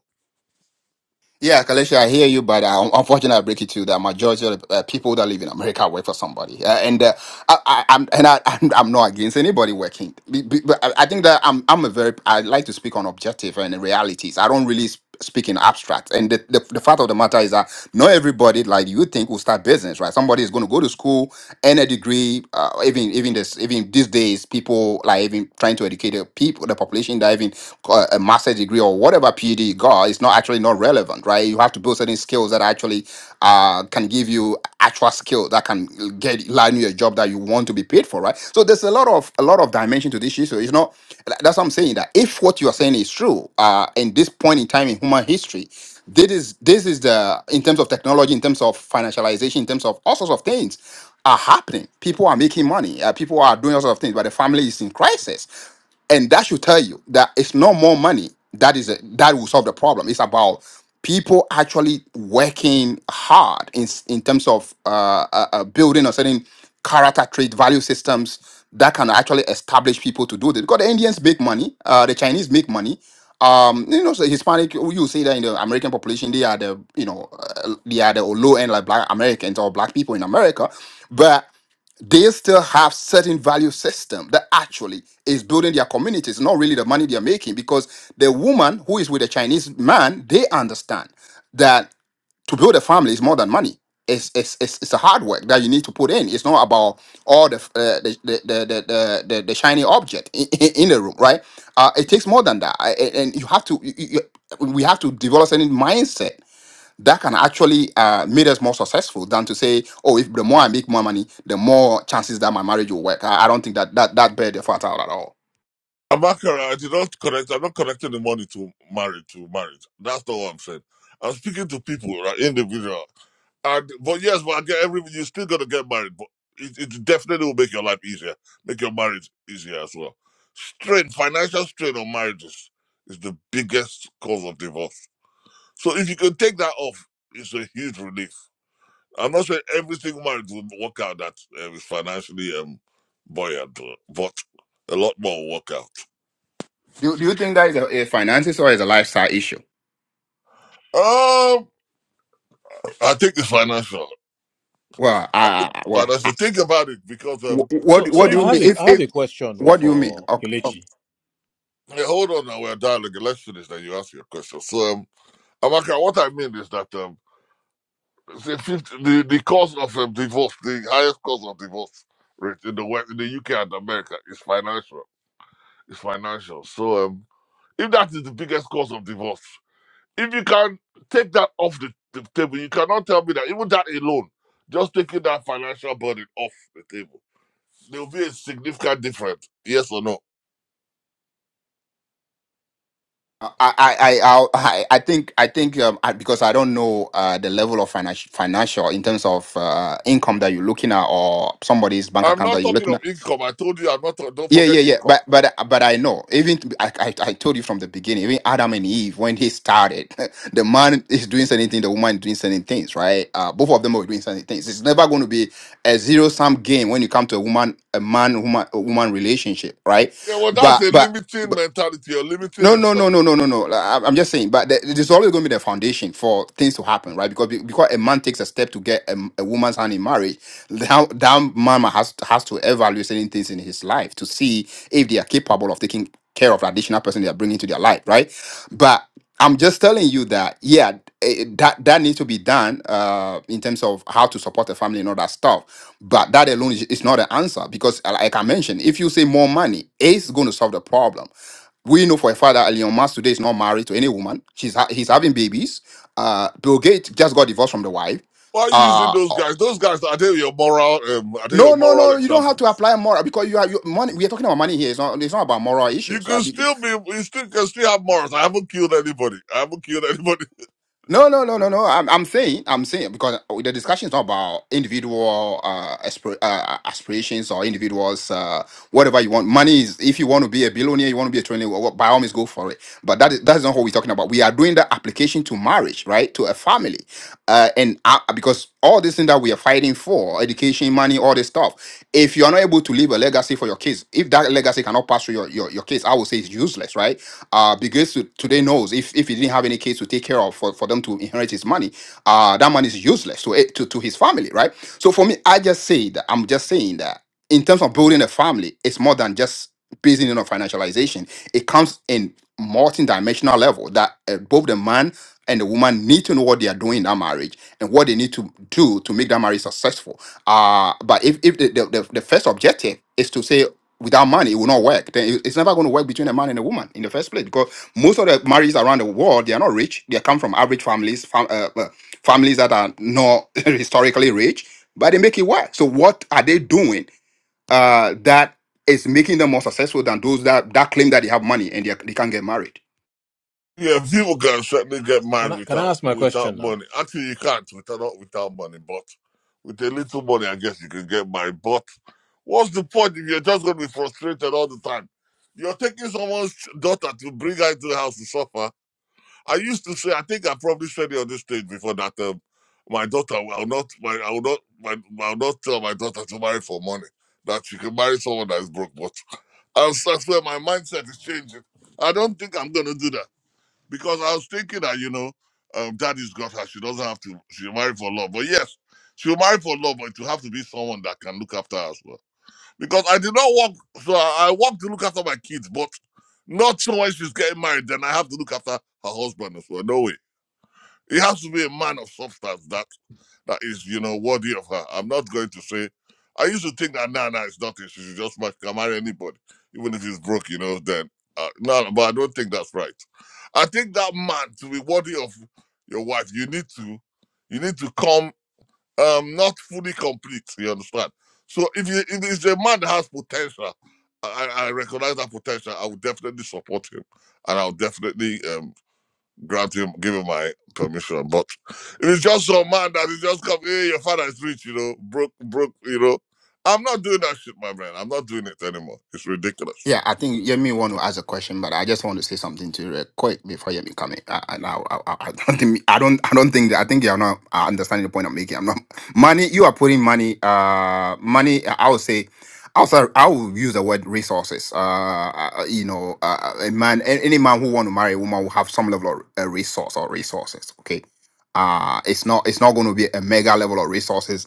Speaker 14: Yeah, Kalesha, I hear you, but uh, unfortunately, I break it to you that majority of uh, people that live in America work for somebody, uh, and uh, I, I, I'm and I, I'm, I'm not against anybody working, Be- be- but I I think that I'm I'm a very I like to speak on objective and realities. I don't really sp- speak in abstract. And the, the, the fact of the matter is that not everybody like you think will start business, right? Somebody is going to go to school, earn a degree. Uh, even even this even these days, people like even trying to educate the people, the population, that even uh, a master's master's degree or whatever PhD you got is not actually not relevant, right? You have to build certain skills that actually uh, can give you actual skill that can get land you a job that you want to be paid for, right? So there's a lot of a lot of dimension to this issue. It's not that's what I'm saying that if what you are saying is true, uh, in this point in time in human history, this is this is the in terms of technology, in terms of financialization, in terms of all sorts of things are happening. People are making money. Uh, people are doing all sorts of things, but the family is in crisis and that should tell you that it's not more money that is a, that will solve the problem it's about people actually working hard in s- in terms of uh, uh, uh, building a certain character trait value systems that can actually establish people to do this because the indians make money uh, the chinese make money um, you know, so Hispanic, you say that in the American population, they are the, you know, uh, they are the low end like black Americans or black people in America they still have certain value system that actually is building their communities not really the money they're making because the woman who is with a chinese man they understand that to build a family is more than money it's it's it's, it's a hard work that you need to put in it's not about all the uh, the, the, the, the the the shiny object in, in in the room right uh, it takes more than that I- and and you have to you, you, you- we have to develop certain mindset that can actually uh, make us more successful than to say, oh, if the more I make more money, the more chances that my marriage will work. I, I don't think that that that bear the fat out at all.
Speaker 8: I'm not correct. I did not correct. I'm not connecting the money to marriage. To marriage. That's not what I'm saying. I'm speaking to people, right? Individual. And but yes, but I get every. You still gonna get married, but it, it definitely will make your life easier, make your marriage easier as well. Strain, financial strain on marriages is the biggest cause of divorce. So if you can take that off, it's a huge relief. I'm not saying every single marriage will work out that uh, is financially um buoyant, but a lot more will work out.
Speaker 14: Do, do you think that is a, a finances or is a lifestyle issue?
Speaker 8: Um. I think it's financial.
Speaker 14: Well,
Speaker 8: I think
Speaker 14: I, I-
Speaker 8: it's
Speaker 14: well, I,
Speaker 8: financial. Think about it because um,
Speaker 14: wh- what
Speaker 21: So,
Speaker 14: what
Speaker 21: so
Speaker 14: do
Speaker 8: if
Speaker 21: I
Speaker 14: you
Speaker 21: have
Speaker 14: mean?
Speaker 21: a
Speaker 14: If
Speaker 21: I have
Speaker 14: if
Speaker 21: a question though,
Speaker 14: what do you mean?
Speaker 21: for
Speaker 14: Okay, okay.
Speaker 21: Kelechi.
Speaker 8: hey, hold on now, we're dialogue. Let's finish then. You ask your question. So um, Amaka, what I mean is that um, say 50, the the cause of um, divorce, the highest cause of divorce rate in the West, in the UK and America is financial. It's financial. So um, if that is the biggest cause of divorce, if you can take that off the, the table, you cannot tell me that even that alone, just taking that financial burden off the table There will be a significant difference. Yes or no?
Speaker 14: I I I I'll- I I think I think um, I, because I don't know uh, the level of financial financial in terms of uh, income that you're looking at or somebody's bank
Speaker 8: I'm
Speaker 14: account that
Speaker 8: not
Speaker 14: you're
Speaker 8: talking
Speaker 14: looking at.
Speaker 8: of income. I told you I'm not. talk- Don't
Speaker 14: Yeah, yeah,
Speaker 8: forget
Speaker 14: yeah.
Speaker 8: income.
Speaker 14: But but but I know. Even I, I I told you from the beginning. Even Adam and Eve, when he started, the man is doing certain things, the woman is doing certain things, right? Uh, both of them are doing certain things. It's never going to be a zero sum game when you come to a woman, a man, woman, a woman relationship, right?
Speaker 8: Yeah, well, that's
Speaker 14: But
Speaker 8: a
Speaker 14: but
Speaker 8: limiting mentality. You're limiting
Speaker 14: no, no, no,
Speaker 8: yourself.
Speaker 14: no, no, no, no. I- I'm just saying, but there- there's always going to be the foundation for things to happen, right? Because because a man takes a step to get a, a woman's hand in marriage, that, that man has has to evaluate certain things in his life to see if they are capable of taking care of the additional person they are bringing to their life, right? But I'm just telling you that, yeah, eh, eh, that that needs to be done uh, in terms of how to support the family and all that stuff. But that alone is, is not the answer because, uh, like I mentioned, if you say more money, it's going to solve the problem we know for a fact that Elon Musk today is not married to any woman. She's ha- he's having babies. Uh, Bill Gates just got divorced from the wife.
Speaker 8: Why are you using
Speaker 14: Uh,
Speaker 8: those guys? Those guys are they your moral? Um, are they your
Speaker 14: no, no,
Speaker 8: moral
Speaker 14: no. You don't have to
Speaker 8: examples?
Speaker 14: apply moral because you are you, money. We are talking about money here. It's not. It's not about moral
Speaker 8: You
Speaker 14: issues. Uh,
Speaker 8: can
Speaker 14: be-
Speaker 8: still be. You still can still have morals. I haven't killed anybody. I haven't killed anybody.
Speaker 14: no, no, no, no, no. I'm, I'm saying. I'm saying because the discussion is not about individual uh, aspir- uh aspirations or individuals. Uh, whatever you want. Money is. If you want to be a billionaire, you want to be a trillionaire. well, well, By all means, go for it. But that is that is not what we're talking about. We are doing the application to marriage, right? To a family. uh, and I, because all this thing that we are fighting for education money all this stuff if you are not able to leave a legacy for your kids if that legacy cannot pass through your, your, your kids i would say it's useless right uh because to- today knows if if he didn't have any kids to take care of for, for them to inherit his money uh that money is useless to it to, to his family right so for me i just say that i'm just saying that in terms of building a family it's more than just business on financialization it comes in multi-dimensional level that uh, both the man and the woman need to know what they are doing in that marriage and what they need to do to make that marriage successful. Uh, but if, if the, the, the, the first objective is to say, without money, it will not work, then it- it's never going to work between a man and a woman in the first place because most of the marriages around the world, they are not rich. They come from average families, fam- uh, uh, families that are not historically rich, but they make it work. So what are they doing uh, that is making them more successful than those that, that claim that they have money and they, are- they can't get married?
Speaker 8: Yeah, people can certainly get
Speaker 21: Can I
Speaker 8: married
Speaker 21: can I
Speaker 8: without
Speaker 21: ask my
Speaker 8: without
Speaker 21: question now?
Speaker 8: money. Actually, you can't without not without money, but with a little money, I guess you can get married. But what's the point if you're just going to be frustrated all the time? You're taking someone's daughter to bring her into the house to suffer. I used to say, I think I probably said it on this stage before that um, my daughter, I will not, my, I will not, my, I will not tell my daughter to marry for money. That she can marry someone that is broke. But I- that's where my mindset is changing. I don't think I'm going to do that because I was thinking that you know, um, daddy's got her. She doesn't have to. She'll marry for love, but yes, she'll marry for love, but it will have to be someone that can look after her as well. Because I did not work, so I, I work to look after my kids, but not someone she's getting married. Then I have to look after her husband as well. No way. He has to be a man of substance that that is, you know, worthy of her. I'm not going to say. I used to think that Nana is nothing. She should just ma- can marry anybody, even if he's broke, you know. Then uh, no, but I don't think that's right. I think that man to be worthy of your wife, you need to, you need to come um not fully complete. You understand? So if you if it's a man that has potential, I I recognize that potential. I would definitely support him, and I'll definitely um grant him, give him my permission. But if it's just some man that is just come, hey, your father is rich, you know, broke, broke, you know. I'm not doing that shit, my man. I'm not doing it anymore. It's ridiculous.
Speaker 14: Yeah, I think Yemi want to ask a question, but I just want to say something to you real quick before Yemi come in. I, I, now- I, I I don't think I don't I don't think that I think you're not uh, understanding the point I'm making. I'm not money. You are putting money. Uh, money. I would say. Also, I will use the word resources. Uh, uh, you know, uh, a man, a- any man who want to marry a woman will have some level of uh, resource or resources. Okay, uh, it's not it's not going to be a mega level of resources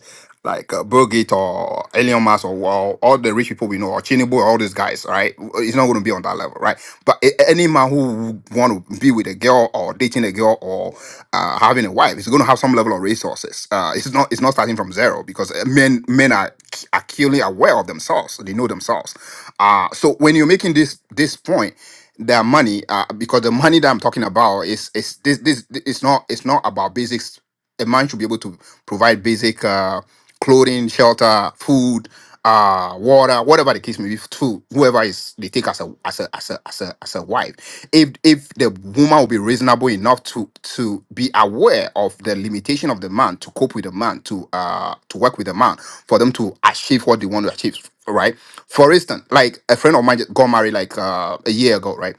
Speaker 14: like uh, Bill Gates or Elon Musk or all, all the rich people we know or Chinibo, all these guys, right? It's not going to be on that level, right? But a- any man who want to be with a girl or dating a girl or uh, having a wife is going to have some level of resources. Uh, it's not it's not starting from zero because uh, men men are are clearly aware of themselves. They know themselves. Uh, so when you're making this this point, their money uh, because the money that I'm talking about is is this this it's not it's not about basics a man should be able to provide basic Uh, clothing, shelter, food, uh, water, whatever the case may be, to whoever is they take as a as a as a as a as a wife. If if the woman will be reasonable enough to to be aware of the limitation of the man, to cope with the man, to uh to work with the man, for them to achieve what they want to achieve, right? For instance, like a friend of mine just got married like uh, a year ago, right?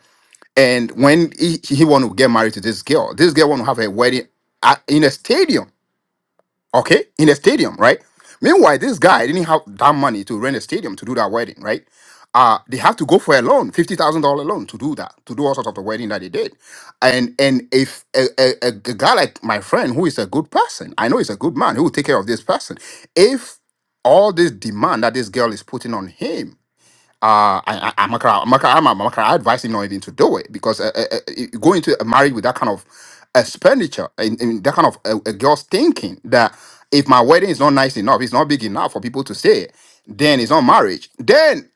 Speaker 14: And when he, he want to get married to this girl, this girl want to have a wedding at, in a stadium okay, in a stadium, right? Meanwhile, this guy didn't have that money to rent a stadium to do that wedding, right? Uh, they have to go for a loan, fifty thousand dollar loan, to do that, to do all sorts of the wedding that they did, and and if a, a, a a guy like my friend who is a good person, I know he's a good man, who will take care of this person, if all this demand that this girl is putting on him uh, I, I, Amakara, Amakara, I'm- Amakara, I advise him not even to do it because uh, uh, uh, going to a marriage with that kind of expenditure and, and that kind of uh, a girl's thinking that if my wedding is not nice enough, it's not big enough for people to say, then it's not marriage. Then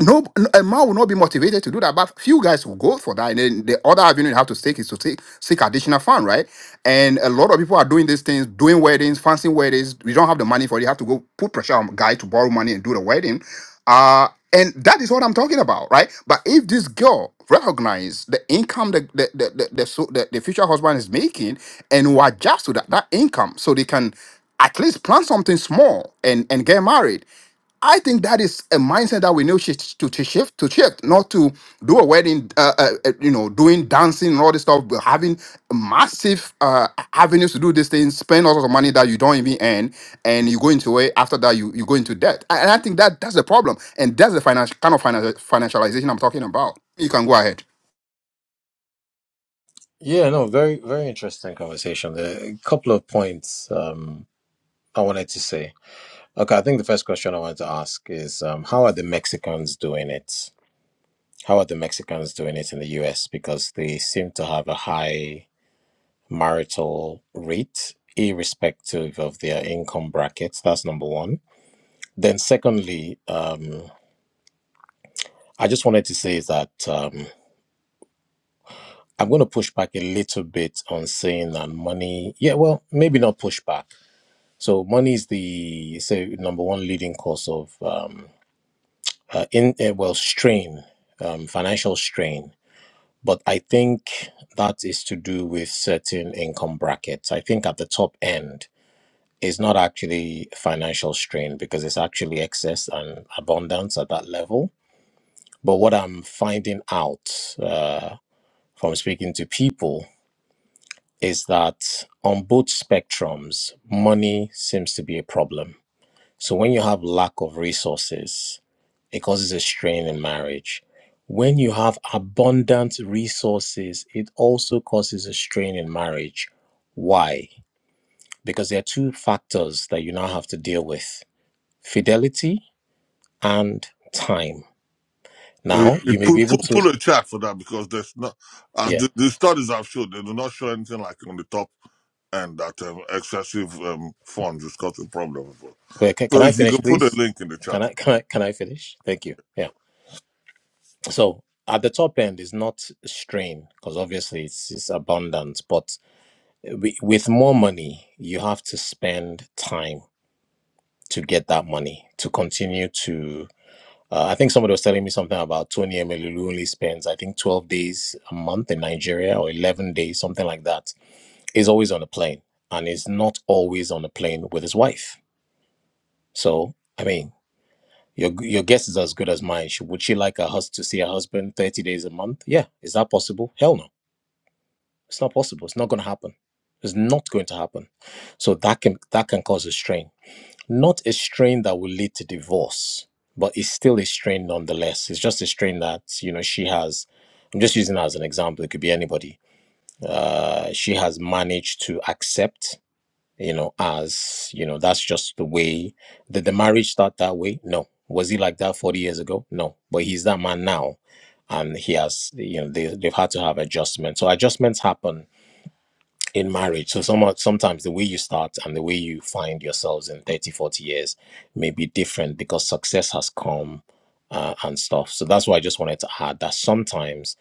Speaker 14: no no, a man will not be motivated to do that but few guys will go for that and then the other avenue you have to take is to take seek additional fund right and a lot of people are doing these things doing weddings fancy weddings we don't have the money for it you have to go put pressure on guy to borrow money and do the wedding uh and that is what i'm talking about right but if this girl recognize the income the the the, the, the, so- the, the future husband is making and will adjust to that, that income so they can at least plan something small and and get married I think that is a mindset that we need shi- to, to shift, to shift, not to do a wedding, uh, uh, uh, you know, doing dancing and all this stuff, but having massive uh, avenues to do these things, spend all sorts of money that you don't even earn, and you go into it. After that, you, you go into debt. And I think that that's the problem, and that's the financial kind of financial financialization I'm talking about. You can go ahead.
Speaker 21: Yeah, no, very very interesting conversation. There are A couple of points um, I wanted to say. Okay, I think the first question I wanted to ask is um, how are the Mexicans doing it? How are the Mexicans doing it in the U.S. Because they seem to have a high marital rate, irrespective of their income brackets. That's number one. Then, secondly, um, I just wanted to say that. Um, I'm going to push back a little bit on saying that money, yeah, well, maybe not push back. So money is the say number one leading cause of um, uh, in uh, well strain, um, financial strain. But I think that is to do with certain income brackets. I think at the top end is not actually financial strain because it's actually excess and abundance at that level. But what I'm finding out uh, from speaking to people is that on both spectrums, money seems to be a problem. So when you have lack of resources, it causes a strain in marriage. When you have abundant resources, it also causes a strain in marriage. Why? Because there are two factors that you now have to deal with fidelity and time.
Speaker 8: Uh,
Speaker 21: Now, you may
Speaker 8: Pull,
Speaker 21: be able
Speaker 8: pull,
Speaker 21: to,
Speaker 8: pull a check for that because there's not, as
Speaker 21: yeah.
Speaker 8: the, the studies have showed, they do not show anything like on the top end that um, excessive um, funds is causing problems.
Speaker 21: Well, can,
Speaker 8: So
Speaker 21: can I
Speaker 8: if you
Speaker 21: finish,
Speaker 8: can put a
Speaker 21: please?
Speaker 8: link in the
Speaker 21: Can
Speaker 8: chat,
Speaker 21: I, can I, can I finish? Thank you. Yeah. So at the top end is not strain because obviously it's, it's abundant, but wi- with more money, you have to spend time to get that money to continue to. Uh, I think somebody was telling me something about Tony Emelulu only spends, I think, 12 days a month in Nigeria or 11 days, something like that. Is always on a plane and is not always on a plane with his wife. So, I mean, your your guess is as good as mine. She, would she like her hus- to see her husband 30 days a month? Yeah. Is that possible? Hell no It's not possible. It's not going to happen. It's not going to happen. So that can that can cause a strain. Not a strain that will lead to divorce, but it's still a strain nonetheless. It's just a strain that you know she has. I'm just using her as an example. It could be anybody. Uh, she has managed to accept. You know, as you know, that's just the way. Did the marriage start that way? No. Was he like that 40 years ago? No. But he's that man now, and he has. You know, they, they've had to have adjustments. So adjustments happen in marriage. So some, sometimes the way you start and the way you find yourselves in 30, 40 years may be different because success has come uh, and stuff. So that's why I just wanted to add that sometimes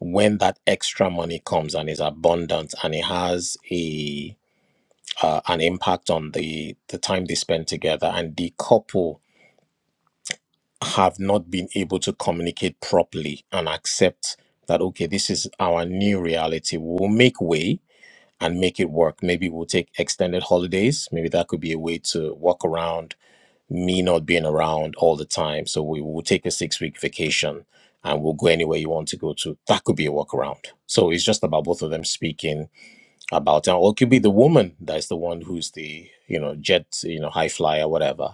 Speaker 21: when that extra money comes and is abundant and it has a uh, an impact on the the time they spend together and the couple have not been able to communicate properly and accept that okay this is our new reality we'll make way and make it work. Maybe we'll take extended holidays. Maybe that could be a way to work around me not being around all the time. So we will take a six week vacation and we'll go anywhere you want to go to. That could be a workaround. So it's just about both of them speaking about town, or it could be the woman that's the one who's the you know jet you know high flyer whatever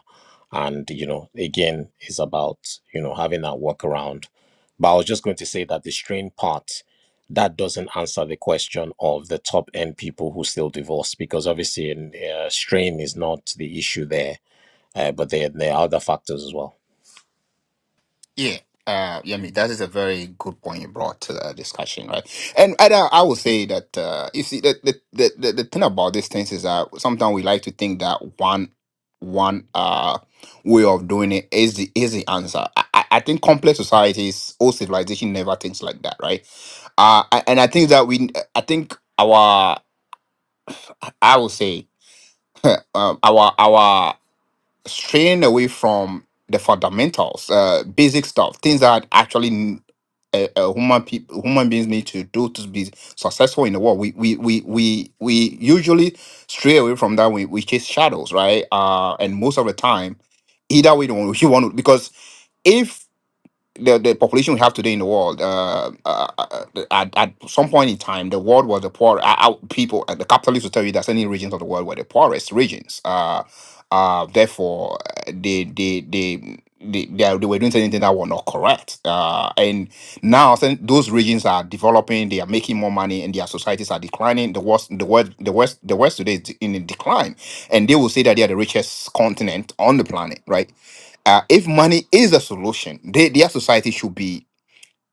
Speaker 21: and you know again is about you know having that workaround but i was just going to say that the strain part that doesn't answer the question of the top end people who still divorce because obviously uh, strain is not the issue there uh, but there, there are other factors as well
Speaker 14: Yeah, uh, Yemi, that is a very good point you brought to the discussion, right? And, and I, I would say that uh, you see the the, the the the thing about these things is that sometimes we like to think that one one uh way of doing it is the is the answer. I, I I think complex societies or civilization never thinks like that, right? Uh, I- and I think that we I think our I would say um, our our straying away from the fundamentals, uh, basic stuff, things that actually n- uh, uh, human people, human beings need to do to be successful in the world. We we we we we usually stray away from that. We we chase shadows, right? Uh, and most of the time, either we don't, you want to because if the, the population we have today in the world, uh, uh, uh, at, at some point in time, the world was the poor uh, uh, people. Uh, the capitalists will tell you that certain regions of the world were the poorest regions. Uh, uh, therefore, uh, they they they. They, they, they were doing certain things that were not correct, uh, and now certain- those regions are developing. They are making more money, and their societies are declining. The worst, the world, the west, the west today is in a decline, and they will say that they are the richest continent on the planet, right? uh, if money is a solution, they, their society should be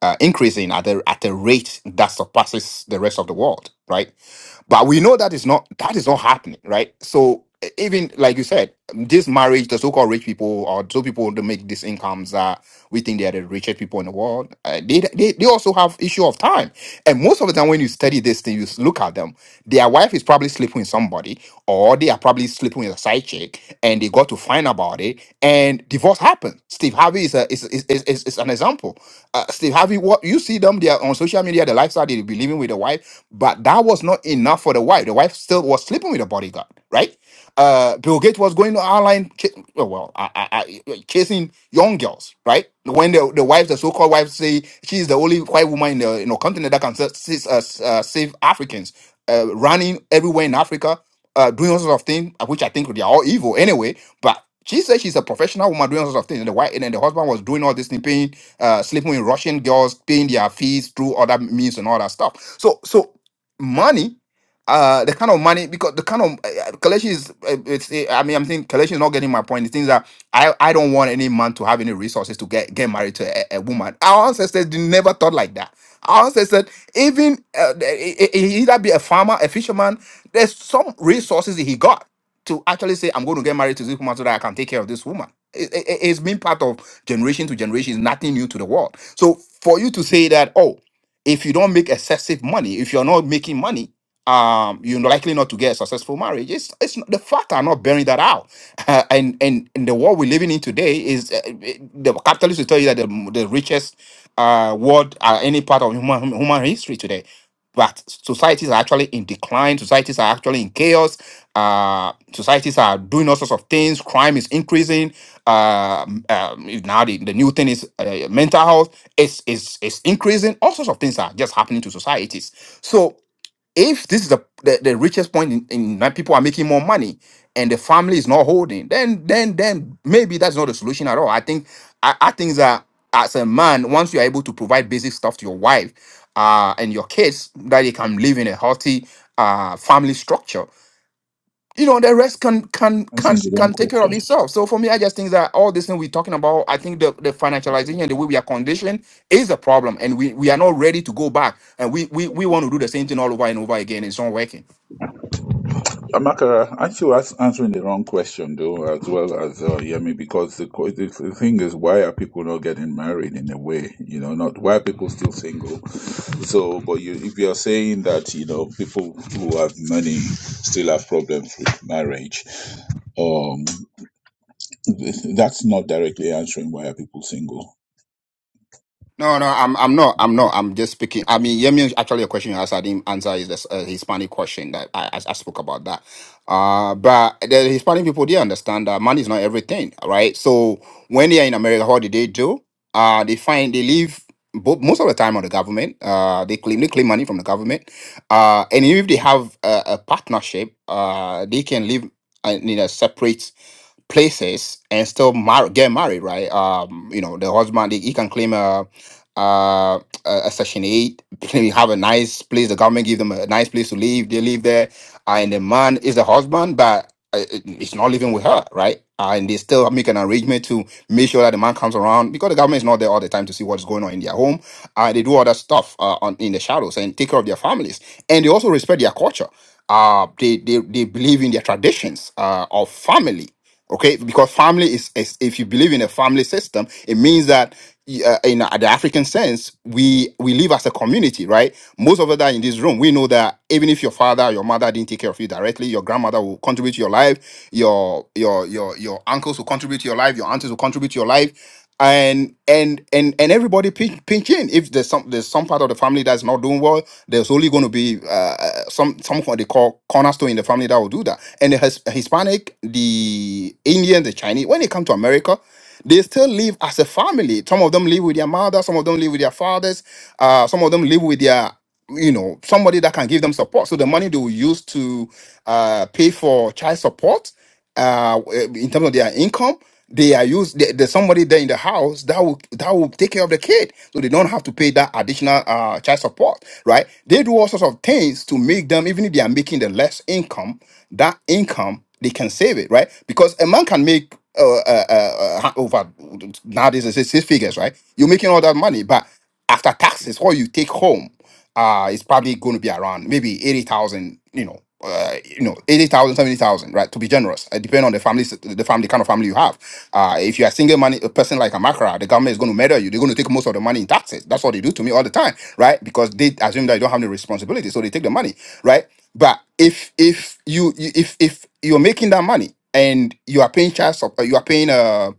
Speaker 14: uh, increasing at a, at a rate that surpasses the rest of the world, right? But we know that is not that is not happening, right? So e- even like you said, this marriage, the so-called rich people or so people that make these incomes that we think they are the richest people in the world, uh, they, they they also have issue of time and most of the time, when you study this thing, you look at them. Their wife is probably sleeping with somebody, or they are probably sleeping with a side chick, and they got to find about it, and divorce happened. Steve Harvey is a is is, is, is is an example. Uh, Steve Harvey, what you see them, they are on social media, the lifestyle they be living with the wife, but that was not enough for the wife. The wife still was sleeping with the bodyguard, right? Uh, Bill Gates was going to online, ki- oh, well, I, I, I, chasing young girls, right? When the, the wives, the so-called wives, say she's the only white woman in the you know continent that can sa- sa- uh, s- uh, save Africans, uh, running everywhere in Africa, uh, doing all sorts of things, uh, which I think they are all evil anyway. But she said she's a professional woman doing all sorts of things, and the wife and then the husband was doing all this thing, paying, uh, sleeping with Russian girls, paying their fees through other means and all that stuff. So, so money uh the kind of money because the kind of uh, Kaleshi is uh, it's uh, I mean I'm saying Kaleshi is not getting my point. The things that I I don't want any man to have any resources to get get married to a, a woman. Our ancestors they never thought like that. Our ancestors even uh, e- e- e- either be a farmer, a fisherman. There's some resources that he got to actually say I'm going to get married to this woman so that I can take care of this woman. It, it, it- it's been part of generation to generation. It's nothing new to the world. So for you to say that oh if you don't make excessive money, if you're not making money um you're likely not to get a successful marriage it's, it's the fact are not bearing that out and and in the world we're living in today is uh, it- the capitalists will tell you that the, the richest uh world are any part of human human history today but societies are actually in decline societies are actually in chaos uh societies are doing all sorts of things crime is increasing uh, um, now the, the new thing is uh, mental health is is is increasing all sorts of things are just happening to societies So. If this is the, the, the richest point in, in that people are making more money and the family is not holding, then then then maybe that's not the solution at all. I think I, I think that as a man, once you are able to provide basic stuff to your wife uh, and your kids, that they can live in a healthy uh, family structure you know the rest can can can
Speaker 24: answering the wrong
Speaker 14: can take care of
Speaker 24: question
Speaker 14: itself so for me i just think that all this thing we're talking about i think the, the financialization the way we are conditioned is a problem and we we are not ready to go back and we we, we want to do the same thing all over and over again it's not working
Speaker 24: Amakara, aren't you as- answering the wrong question though, as well as uh, Yemi? Because the, co- the the thing is, why are people not getting married in a way? You know, not why are people still single? So, but you, if you're saying that you know people who have money still have problems with marriage, um, th- that's not directly answering why are people single.
Speaker 14: No, no, I'm, I'm not, I'm not. I'm just speaking. I mean, Yemi, actually, a question you asked, I didn't answer is this uh, Hispanic question that I, I, I spoke about that. Uh, but the Hispanic people, they understand that money is not everything, right? So when they are in America, what do they do? Uh, they find they leave bo- most of the time on the government. Uh, they claim they claim money from the government. Uh, and if they have a, a partnership, uh, they can live uh, in a separate places and still mar- get married, right? Um, you know, the husband he, he can claim a, a a section eight, they have a nice place. The government give them a nice place to live. They live there, uh, and the man is the husband, but uh, it's not living with her, right? Uh, and they still make an arrangement to make sure that the man comes around because the government is not there all the time to see what's going on in their home. Uh, they do other stuff uh, on, in the shadows and take care of their families, and they also respect their culture. Uh, they, they they believe in their traditions uh, of family okay because family is, is if you believe in a family system it means that uh, in the african sense we we live as a community right most of us that are in this room we know that even if your father or your mother didn't take care of you directly your grandmother will contribute to your life your your your your uncles will contribute to your life your aunties will contribute to your life and and and and everybody pinch, pinch in. If there's some there's some part of the family that's not doing well, there's only going to be uh, uh, some some what they call cornerstone in the family that will do that. And the His- Hispanic, the Indian, the Chinese, when they come to America, they still live as a family. Some of them live with their mother, some of them live with their fathers, uh, some of them live with their you know somebody that can give them support. So the money they will use to uh, pay for child support uh eh, in terms of their income they are used there- there's somebody there in the house that will that will take care of the kid so they don't have to pay that additional uh child support right they do all sorts of things to make them even if they are making the less income that income they can save it right because a man can make uh, uh, uh, uh, over nowadays it's six figures right you're making all that money but after taxes what you take home uh it's probably going to be around maybe 80,000 you know uh, you know 80,000, 70,000, right to be generous it depends on the family the family kind of family you have uh if you're a single money a person like a macra the government is going to murder you they're going to take most of the money in taxes that's what they do to me all the time right because they assume that you don't have the responsibility so they take the money right but if if you you- if if you're making that money and you are paying child support you are paying uh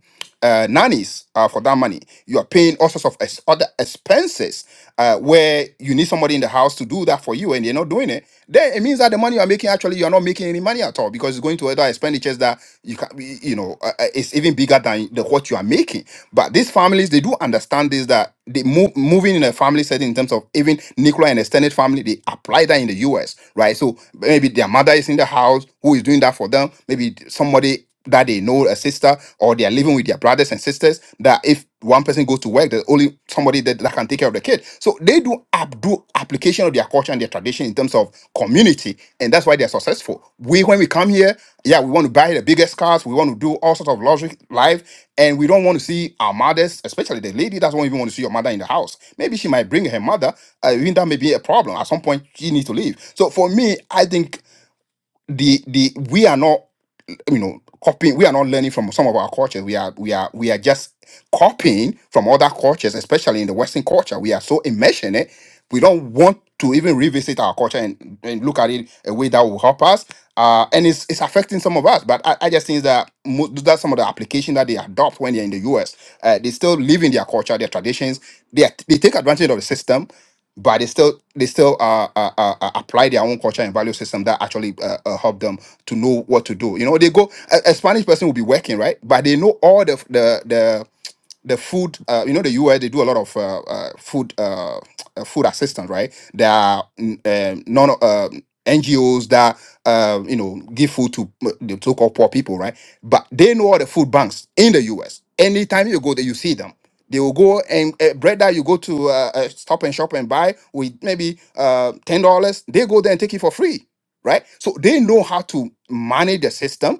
Speaker 14: uh, nannies uh, for that money. You are paying all sorts of ex- other expenses uh, where you need somebody in the house to do that for you, and they're not doing it. Then it means that the money you are making actually you are not making any money at all because it's going to other expenditures that you can, you know, uh, uh, it's even bigger than the what you are making. But these families they do understand this that they move moving in a family setting in terms of even nuclear and extended family they apply that in the U.S. right? So maybe their mother is in the house who is doing that for them. Maybe somebody that they know a sister or they are living with their brothers and sisters that if one person goes to work there's only somebody that, that can take care of the kid so they do abdo application of their culture and their tradition in terms of community and that's why they're successful we when we come here yeah we want to buy the biggest cars we want to do all sorts of luxury life and we don't want to see our mothers especially the lady doesn't even want to see your mother in the house maybe she might bring her mother uh, even that may be a problem at some point she needs to leave so for me i think the the we are not you know copying we are not learning from some of our cultures we are we are we are just copying from other cultures especially in the western culture we are so immersed in it we don't want to even revisit our culture and, and look at it a way that will help us uh and it's it's affecting some of us but i, I just think that mo- that's some of the application that they adopt when they're in the us uh, they still live in their culture their traditions they, are, they take advantage of the system but they still they still uh, uh, uh, uh, apply their own culture and value system that actually uh, uh, help them to know what to do. You know, they go a, a Spanish person will be working right, but they know all the the the the food, uh, you know, the U.S. they do a lot of uh, uh, food uh, uh, food assistance, right? There are mm, um non uh, NGOs that uh, you know give food to uh, the so-called poor people, right? But they know all the food banks in the US. Anytime you go there, you see them. They will go and uh, bread that you go to uh, uh, Stop and Shop and buy with maybe uh, ten dollars. They go there and take it for free, right? So they know how to manage the system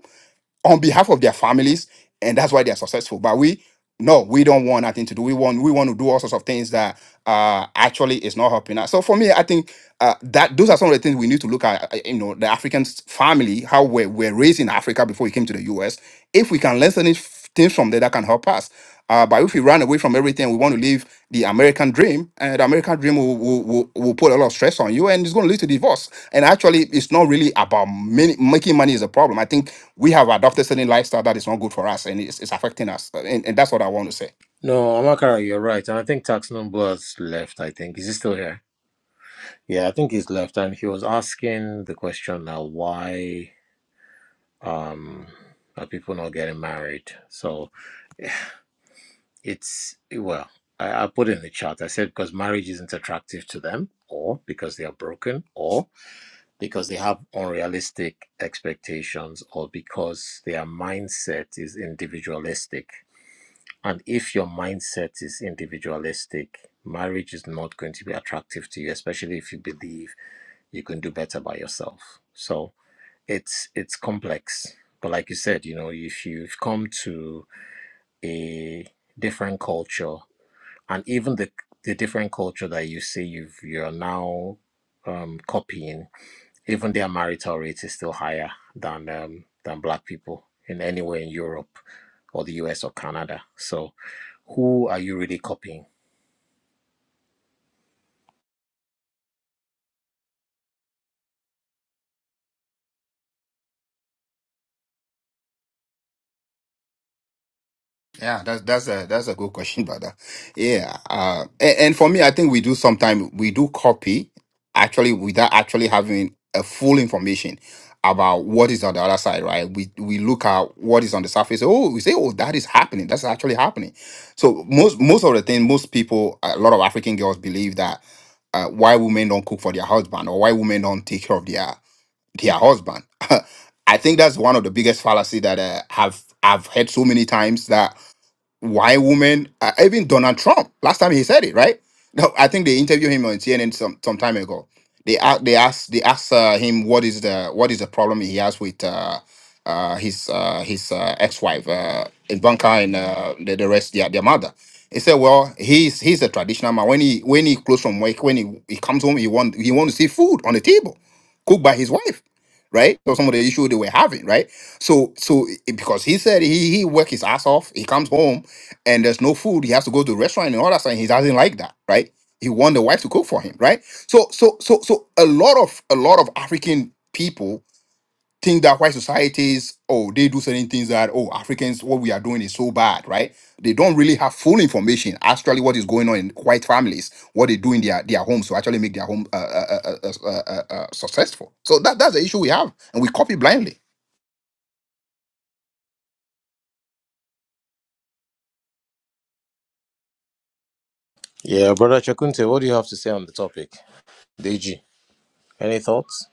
Speaker 14: on behalf of their families, and that's why they are successful. But we, no, we don't want nothing to do. We want we want to do all sorts of things that uh actually is not helping us. So for me, I think uh that those are some of the things we need to look at. uh, You know, the African s- family, how we're, we're raised in Africa before we came to the U.S. If we can learn certain f- things from there, that can help us. Uh, but if we run away from everything, we want to live the American dream, and the American dream will, will, will, will put a lot of stress on you, and it's going to lead to divorce. And actually, it's not really about many, making money is a problem. I think we have adopted certain lifestyle that is not good for us and it's, it's affecting us and, and that's what i want to say
Speaker 21: No, Amakara, you're right. And I think Tax Numbers left, I think. Is he still here? Yeah, I think he's left. And he was asking the question now why. um are people not getting married so it's well I, I put in the chat i said because marriage isn't attractive to them or because they are broken or because they have unrealistic expectations or because their mindset is individualistic and if your mindset is individualistic marriage is not going to be attractive to you especially if you believe you can do better by yourself so it's it's complex but like you said you know if you've come to a different culture and even the the different culture that you say you've you're now um copying even their marital rate is still higher than um than black people in anywhere in europe or the us or canada so who are you really copying
Speaker 14: yeah that's that's a that's a good question brother yeah uh and, and for me i think we do sometimes we do copy actually without actually having a full information about what is on the other side right we we look at what is on the surface oh we say oh that is happening that's actually happening so most most of the thing most people a lot of african girls believe that uh, why women don't cook for their husband or why women don't take care of their their husband. I think that's one of the biggest fallacy that uh, have I've heard so many times that why women? Uh, even Donald Trump. Last time he said it, right? No, I think they interviewed him on CNN some some time ago. They asked they asked they asked uh, him what is the what is the problem he has with uh, uh, his uh, his uh, ex wife uh, Ivanka and uh, the, the rest their their mother. He said, "Well, he's he's a traditional man. When he when he close from work, when he, he comes home, he want he want to see food on the table, cooked by his wife, right? So some of the issue they were having, right? So so i- because he said he he work his ass off, he comes home and there's no food, he has to go to the restaurant and all that stuff. and He doesn't like that, right? He want the wife to cook for him, right? So so so so a lot of a lot of African people think that white societies, oh, they do certain things that oh Africans, what we are doing is so bad, right? They don't really have full information actually what is going on in white families, what they do in their their homes to actually make their home uh, uh, uh, uh, uh, uh, uh, successful. So that that's the issue we have, and we copy blindly.
Speaker 21: yeah brother chakunte what do you have to say on the topic deji any thoughts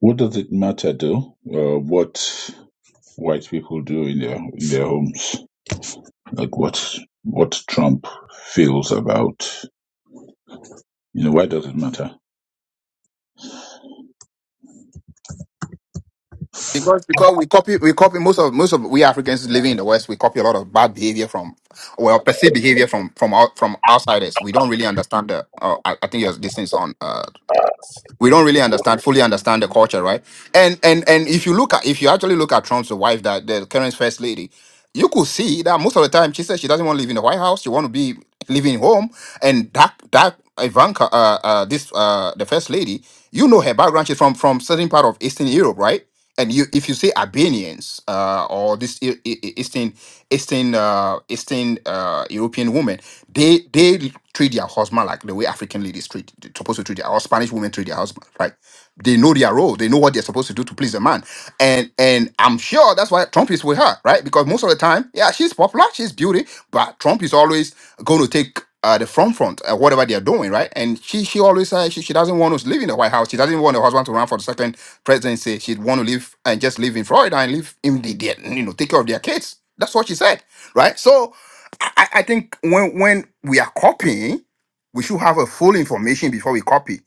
Speaker 24: What does it matter though? Uh, what white people do in their in their homes, like what what Trump feels about. You know, why does it matter?
Speaker 14: because because we copy we copy most of most of we Africans living in the West we copy a lot of bad behavior from well perceived behavior from from out, from outsiders. We don't really understand the. Uh, I, I think your this thing's on. Uh, we don't really understand fully understand the culture, right? And and and if you look at if you actually look at Trump's wife, that the current first lady, you could see that most of the time she says she doesn't want to live in the White House. She want to be living home, and that that Ivanka, uh, uh, this uh, the first lady, you know her background. She's from from certain part of Eastern Europe, right? and you if you say Albanians uh, or this E- E- E- Eastern Eastern uh, Eastern uh, European women, they they treat their husband like the way African ladies treat they're supposed to treat their or Spanish women treat their husband, right? They know their role. They know what they're supposed to do to please the man, and and I'm sure that's why Trump is with her, right? Because most of the time, yeah, she's popular, she's beauty, but Trump is always going to take uh, the front front uh, whatever they are doing, right? And she she always uh, she, she doesn't want to live in the White House. She doesn't want her husband to run for the second presidency. She'd want to live and just live in Florida and live in the, the you know take care of their kids. That's what she said, right? So I, I I think when when we are copying, we should have a full information before we copy.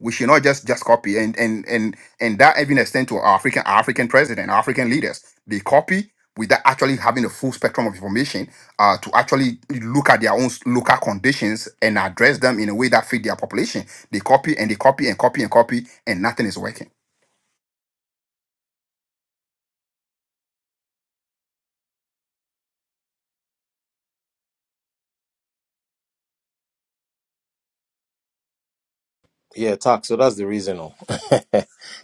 Speaker 14: We should not just just copy and and and and that even extend to our African African president, African leaders. They copy without actually having a full spectrum of information uh, to actually look at their own s- local conditions and address them in a way that fit their population. They copy and they copy and copy and copy, and nothing is working.
Speaker 21: yeah tax so that's the reason oh.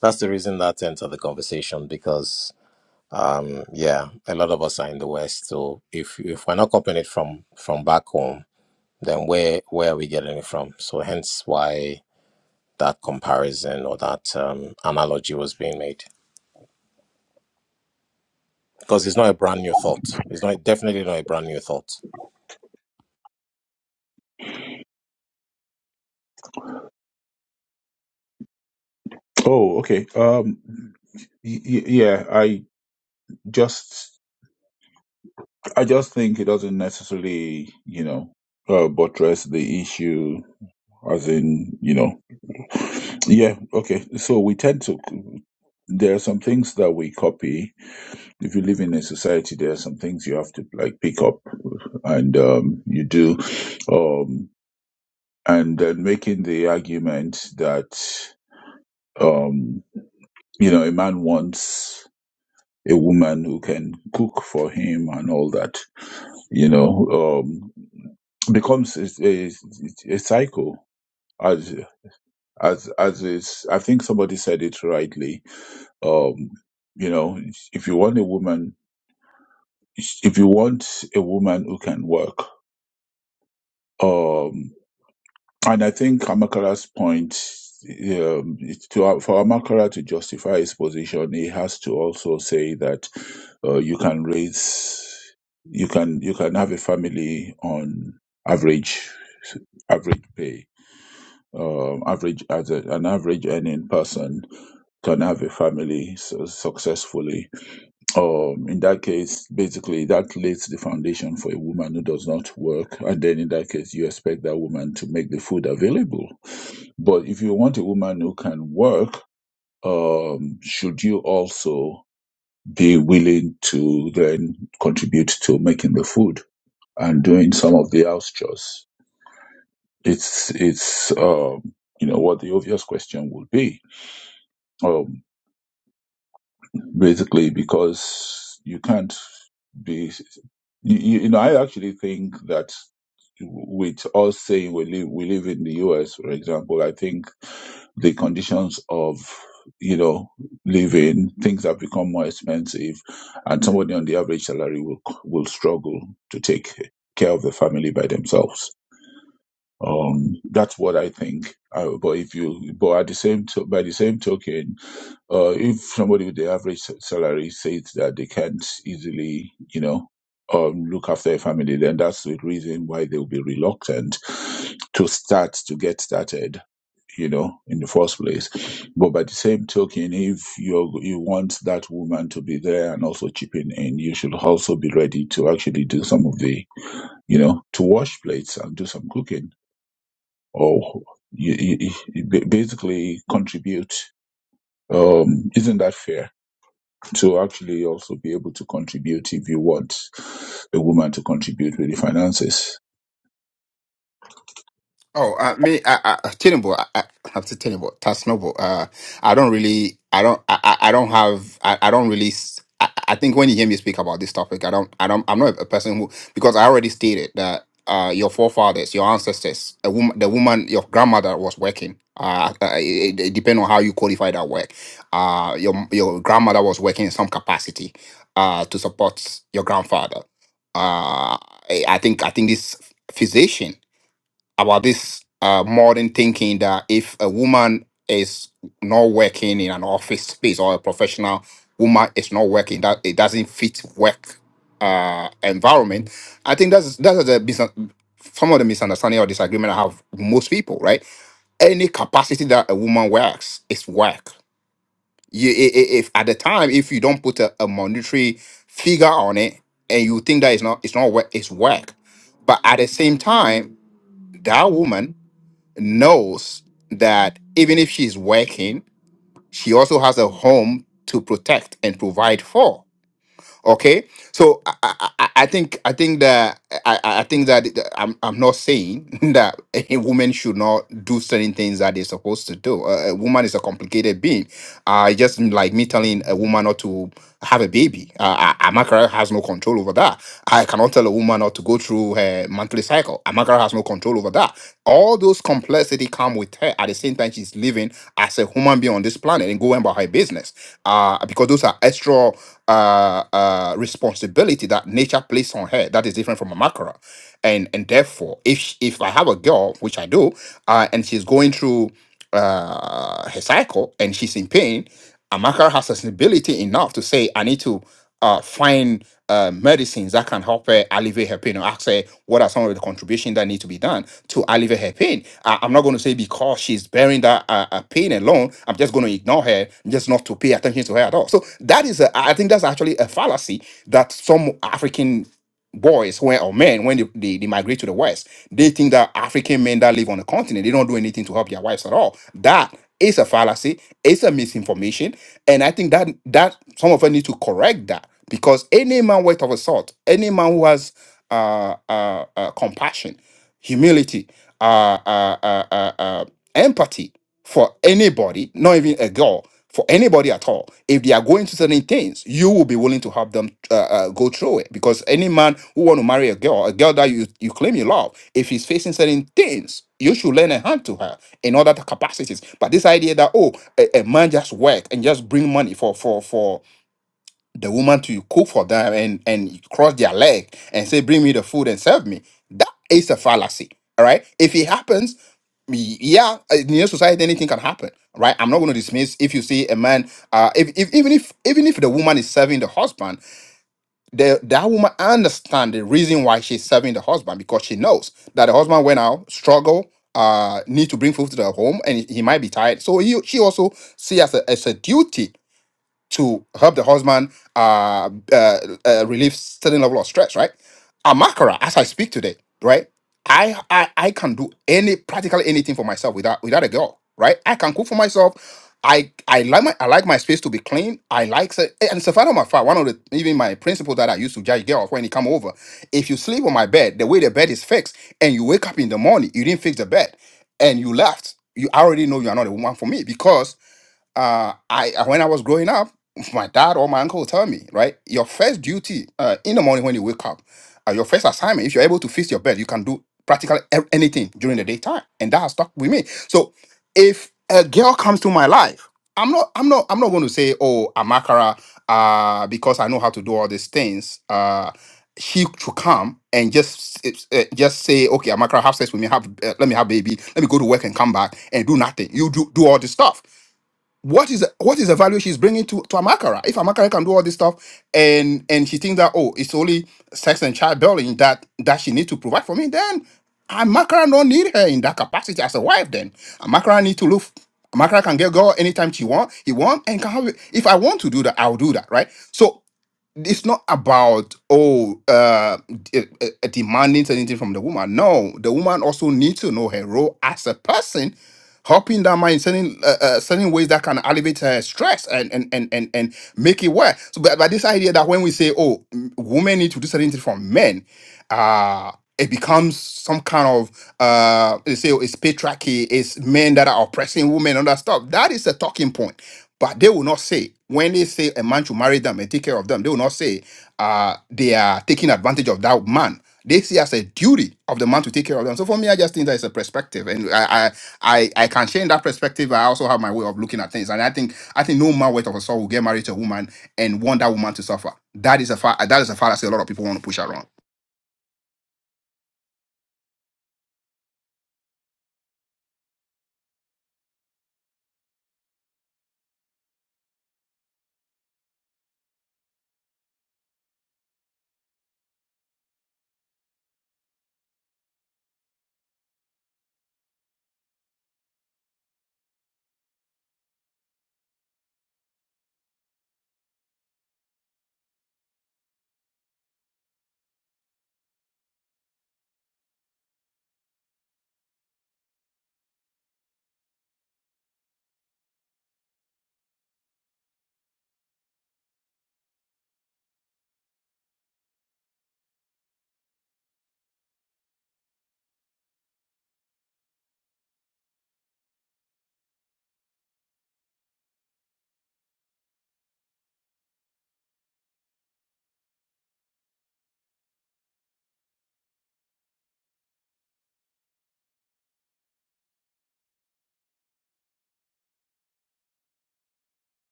Speaker 21: that's the reason that entered the conversation because Um, yeah, a lot of us are in the West, so if if we're not copying it from from back home, then where where are we getting it from? So hence why that comparison or that um, analogy was being made, because it's not a brand new thought. It's not definitely not a brand new thought.
Speaker 24: Oh, okay. Um, y- y- yeah, I just, I just think it doesn't necessarily, you know, uh, buttress the issue, as in, you know, yeah, okay. So we tend to, there are some things that we copy. If you live in a society, there are some things you have to like pick up, and um, you do, um, and then making the argument that, um, you know, a man wants. a woman who can cook for him and all that, you know, um, becomes a, a, a cycle as as as is. I think somebody said it rightly. Um, you know, if you want a woman, if you want a woman who can work, um, and I think Amakara's point. Um, to, for Amakara to justify his position, he has to also say that Uh, you can raise, you can you can have a family on average average pay. Um, average as a, an average earning person can have a family su- successfully. Um, in that case, basically that lays the foundation for a woman who does not work, and then in that case, you expect that woman to make the food available. But if you want a woman who can work, um, should you also be willing to then contribute to making the food and doing some of the house chores. It's it's um, you know what the obvious question would be, um, basically because you can't be you, you you know I actually think that with us saying we live we live in the US for example I think the conditions of you know living things have become more expensive and somebody on the average salary will will struggle to take care of the family by themselves um that's what i think uh, but if you but at the same to, by the same token uh if somebody with the average sa- salary says that they can't easily you know um look after a family then that's the reason why they'll be reluctant to start to get started you know, in the first place. But by the same token, if you you want that woman to be there and also chipping in, you should also be ready to actually do some of the, you know, to wash plates and do some cooking, or you, you, you ba- basically contribute. Um, isn't that fair to actually also be able to contribute if you want a woman to contribute with the finances?
Speaker 14: Oh, uh, me, I, I, tenable. I, I have to tenable. That's noble. Uh, I don't really, I don't, I, I I don't have, I, I don't really. s- I, I think when you hear me speak about this topic, I don't, I don't, I'm not a person who because I already stated that uh, your forefathers, your ancestors, a woman, the woman, your grandmother was working. Uh, uh, it, it depends on how you qualify that work. Uh, your your grandmother was working in some capacity, uh, to support your grandfather. Uh, I I think I think this physician about this uh, modern thinking that if a woman is not working in an office space or a professional woman is not working, that it doesn't fit work uh, environment. I think that's that's the business. Some of the misunderstanding or disagreement I have with most people, right? Any capacity that a woman works is work. You, i- i- if at the time, if you don't put a, a monetary figure on it, and you think that it's not, it's not work, it's work. But at the same time, that woman knows that even if she's working, she also has a home to protect and provide for. Okay, so I, I, I I think I think that I, I I think that it- I'm, I'm not saying that a woman should not do certain things that they're supposed to do. A, a woman is a complicated being uh, it's just like me telling a woman not to have a baby. Uh, A- Amakara has no control over that. I cannot tell a woman not to go through her monthly cycle. Amakara has no control over that. All those complexity come with her. At the same time, she's living as a human being on this planet and going about her business. Uh, because those are extra uh, uh, responsibility that nature placed on her that is different from Amakara. And and therefore, if sh- if I have a girl, which I do, uh, and she's going through uh, her cycle and she's in pain, Amaka has sensibility enough to say, I need to uh, find uh, medicines that can help her alleviate her pain or ask her what are some of the contributions that need to be done to alleviate her pain. I- I'm not going to say because she's bearing that uh, uh, pain alone, I'm just going to ignore her, just not to pay attention to her at all. So that is, a, I think that's actually a fallacy that some African boys when or men when they, they, they migrate to the west they think that african men that live on the continent they don't do anything to help their wives at all that is a fallacy it's a misinformation and i think that that some of us need to correct that because any man worth of a salt any man who has uh, uh, uh compassion humility, uh, uh, uh, uh, uh, empathy for anybody, not even a girl, for anybody at all. If they are going through certain things, you will be willing to help them uh, uh, go through it. Because any man who want to marry a girl, a girl that you, you claim you love, if he's facing certain things, you should lend a hand to her in other capacities. But this idea that oh, a, a man just work and just bring money for for for the woman to cook for them and and cross their leg and say bring me the food and serve me that is a fallacy all right if it happens y- yeah uh, in your society anything can happen right i'm not going to dismiss if you see a man uh if, if even if even if the woman is serving the husband the that woman understand the reason why she's serving the husband because she knows that the husband went out struggle uh need to bring food to the home and he might be tired so he, she also see as a, as a duty to help the husband uh, uh, uh, relieve certain level of stress, right? Amakara, as I speak today, right? I, I I can do any practically anything for myself without without a girl, right? I can cook for myself. I I like my I like my space to be clean. I like se- eh, and Stefano Mafa, one of the even my principles that I used to judge girls when he come over. If you sleep on my bed, the way the bed is fixed, and you wake up in the morning, you didn't fix the bed, and you left, you already know you are not a woman for me because uh, I uh, when I was growing up, my dad or my uncle would tell me, right, your first duty uh, in the morning when you wake up, uh, your first assignment, if you're able to fix your bed, you can do practically e- anything during the daytime, and that has stuck with me. So, if a girl comes to my life, I'm not, I'm not, I'm not going to say, oh, Amakara, uh, because I know how to do all these things. Uh, she should come and just s- uh, just say, okay, Amakara, have sex with me, have uh, let me have baby, let me go to work and come back and do nothing. You do do all this stuff what is what is the value she's bringing to to Amakara? If Amakara can do all this stuff, and and she thinks that oh, it's only sex and childbearing that that she needs to provide for me, then Amakara don't need her in that capacity as a wife. Then Amakara need to look. Amakara can get girl anytime she want, he want, and can have. If I want to do that, I'll do that, right? So it's not about oh uh d- uh, uh, demanding anything from the woman no the woman also needs to know her role as a person helping that man in certain uh, uh, certain ways that can alleviate her stress and and and and, and make it work so but, but this idea that when we say oh m- women need to do certain things from men uh it becomes some kind of uh they say oh, it's patriarchy it's men that are oppressing women and all that stuff that is a talking point but they will not say, when they say a man should marry them and take care of them, they will not say uh, they are taking advantage of that man. They see as a duty of the man to take care of them. So for me, I just think that it's a perspective, and I, I, I, I can share in that perspective. I also have my way of looking at things, and I think, I think no man worth of a soul will get married to a woman and want that woman to suffer. That is a fa- that is a fallacy. A lot of people want to push around.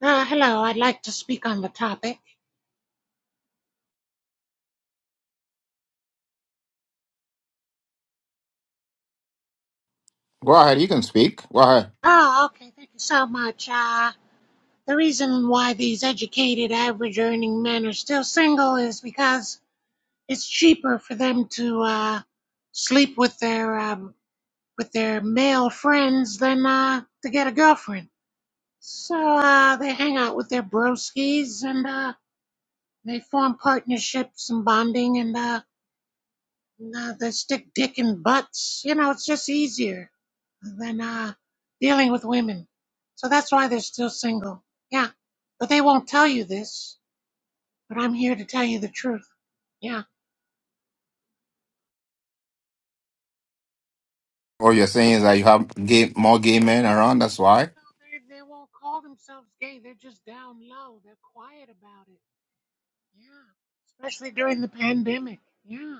Speaker 25: Uh, hello, I'd like to speak on the topic.
Speaker 14: Go ahead, you can speak. Go ahead.
Speaker 25: Oh, okay, thank you so much. Uh, the reason why these educated, average earning men are still single is because it's cheaper for them to uh, sleep with their um, with their male friends than uh, to get a girlfriend. So uh, they hang out with their broskies and uh, they form partnerships and bonding and uh, and, uh, they stick dick in butts. You know, it's just easier. than uh, dealing with women. So that's why they're still single. Yeah. But they won't tell you this, but I'm here to tell you the truth. Yeah.
Speaker 14: All you're saying is that you have gay, more gay men around. That's why.
Speaker 25: They, they won't call themselves gay. They're just down low. They're quiet about it. Yeah. Especially during the pandemic. Yeah.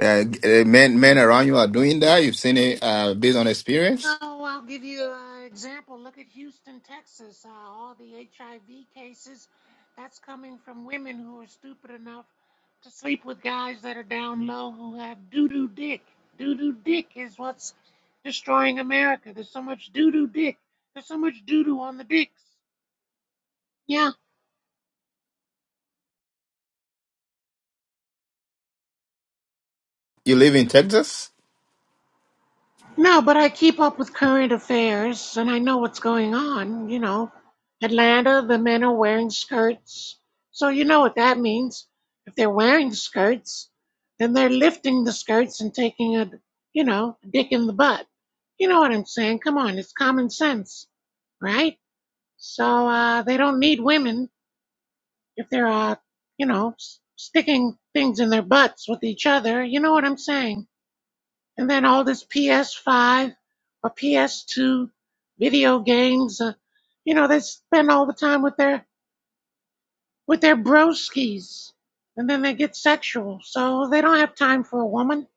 Speaker 14: Uh, uh, men men around you are doing that. You've seen it uh, based on experience.
Speaker 25: Oh, I'll give you an example. Look at Houston, Texas. Uh, all the HIV cases, that's coming from women who are stupid enough to sleep with guys that are down low who have doo doo dick. Doo doo dick is what's destroying America. There's so much doo doo dick. There's so much doo doo on the dicks. Yeah.
Speaker 14: You live in Texas.
Speaker 25: No, but I keep up with current affairs and I know what's going on. You know, Atlanta, the men are wearing skirts. So you know what that means. If they're wearing skirts, then they're lifting the skirts and taking a, you know, dick in the butt. You know what I'm saying? Come on, it's common sense, right? So uh, they don't need women if they're, uh, you know, s- sticking things in their butts with each other. You know what I'm saying? And then all this PS5 or PS2 video games, uh, you know, they spend all the time with their with their broskies, and then they get sexual, so they don't have time for a woman.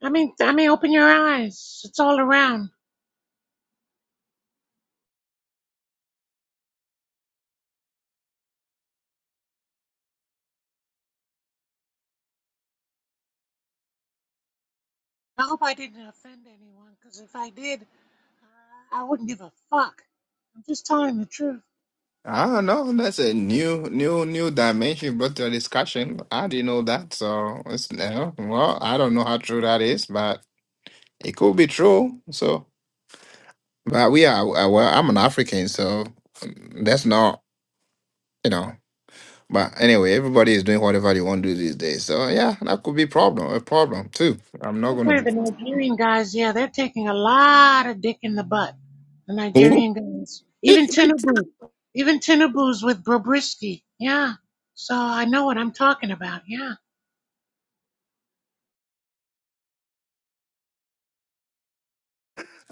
Speaker 25: I mean, I mean, open your eyes. It's all around. I hope I didn't offend anyone, because if I did, I wouldn't give a fuck. I'm just telling the truth.
Speaker 14: I don't know. That's a new new new dimension brought to the discussion. I didn't know that. So it's you know, well, I don't know how true that is, but it could be true. So, but we are uh, well. I'm an African, so mm, that's not you know. But anyway, everybody is doing whatever they want to do these days. So yeah, that could be problem a problem too. I'm not
Speaker 25: I've
Speaker 14: gonna.
Speaker 25: the Nigerian guys, yeah, they're taking a lot of dick in the butt. The Nigerian guys, even Tinubu, even Tinubu's with Bobrisky, yeah. So I know what I'm talking about, yeah.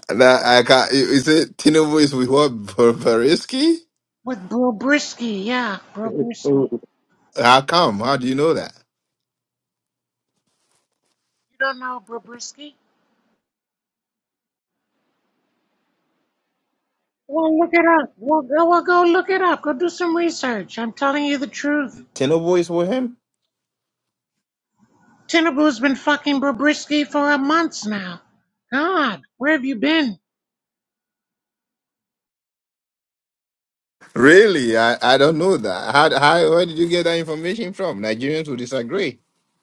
Speaker 14: That I got. Is it Tinubu is with what Ber- Beriski?
Speaker 25: With Bobrisky, yeah, Bobrisky.
Speaker 14: How come? How do you know that?
Speaker 25: You don't know Bobrisky? Well, look it up. Well, go, well, go look it up. Go do some research. I'm telling you the truth.
Speaker 14: Tinubu is with him.
Speaker 25: Tinubu's been fucking Bobrisky for a month now. God, where have you been?
Speaker 14: Really, I, I don't know that. How, how where did you get that information from? Nigerians will disagree.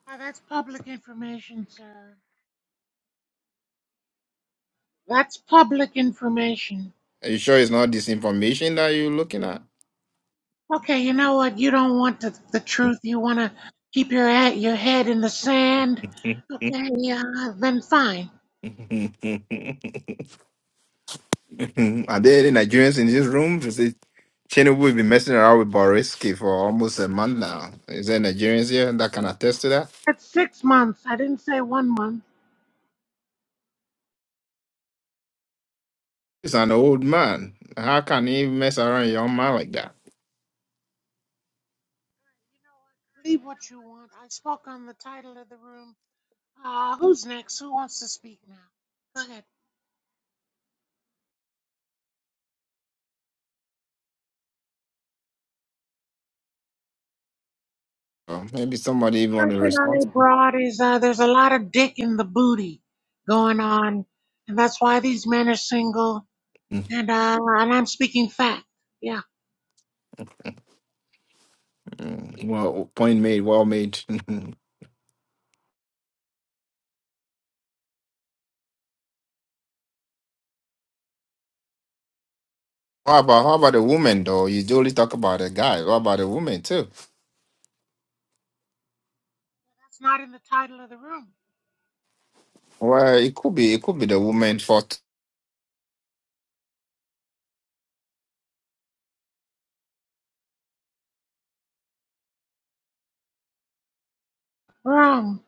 Speaker 25: Ah, that's public information, sir. That's public information.
Speaker 14: Are you sure it's not this information that you're looking at?
Speaker 25: Okay, you know what? You don't want the, the truth. You want to keep your head, your head in the sand. Okay, yeah, then fine.
Speaker 14: Are there any Nigerians in this room? Is it Tinubu has been messing around with Boriski for almost a month now. Is there Nigerians here that can attest to that?
Speaker 25: It's six months. I didn't say one month.
Speaker 14: He's an old man. How can he mess around with your man like that?
Speaker 25: Believe what you want. I spoke on the title of the room. Uh, who's next? Who wants to speak now? Go ahead.
Speaker 14: Well, maybe somebody even on the
Speaker 25: Question I
Speaker 14: responsible.
Speaker 25: brought is uh, there's a lot of dick in the booty going on, and that's why these men are single.
Speaker 14: Mhm.
Speaker 25: And uh, and I'm speaking fact. Yeah.
Speaker 14: Well, point made, well made. how about how about the woman though? You only talk about the guy. What about the woman too?
Speaker 25: It's not in the title of the room.
Speaker 14: Well, it could be it could be the woman fault.
Speaker 25: Room.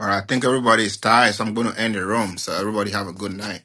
Speaker 14: All right, I think everybody is tired, so I'm going to end the room. So everybody have a good night.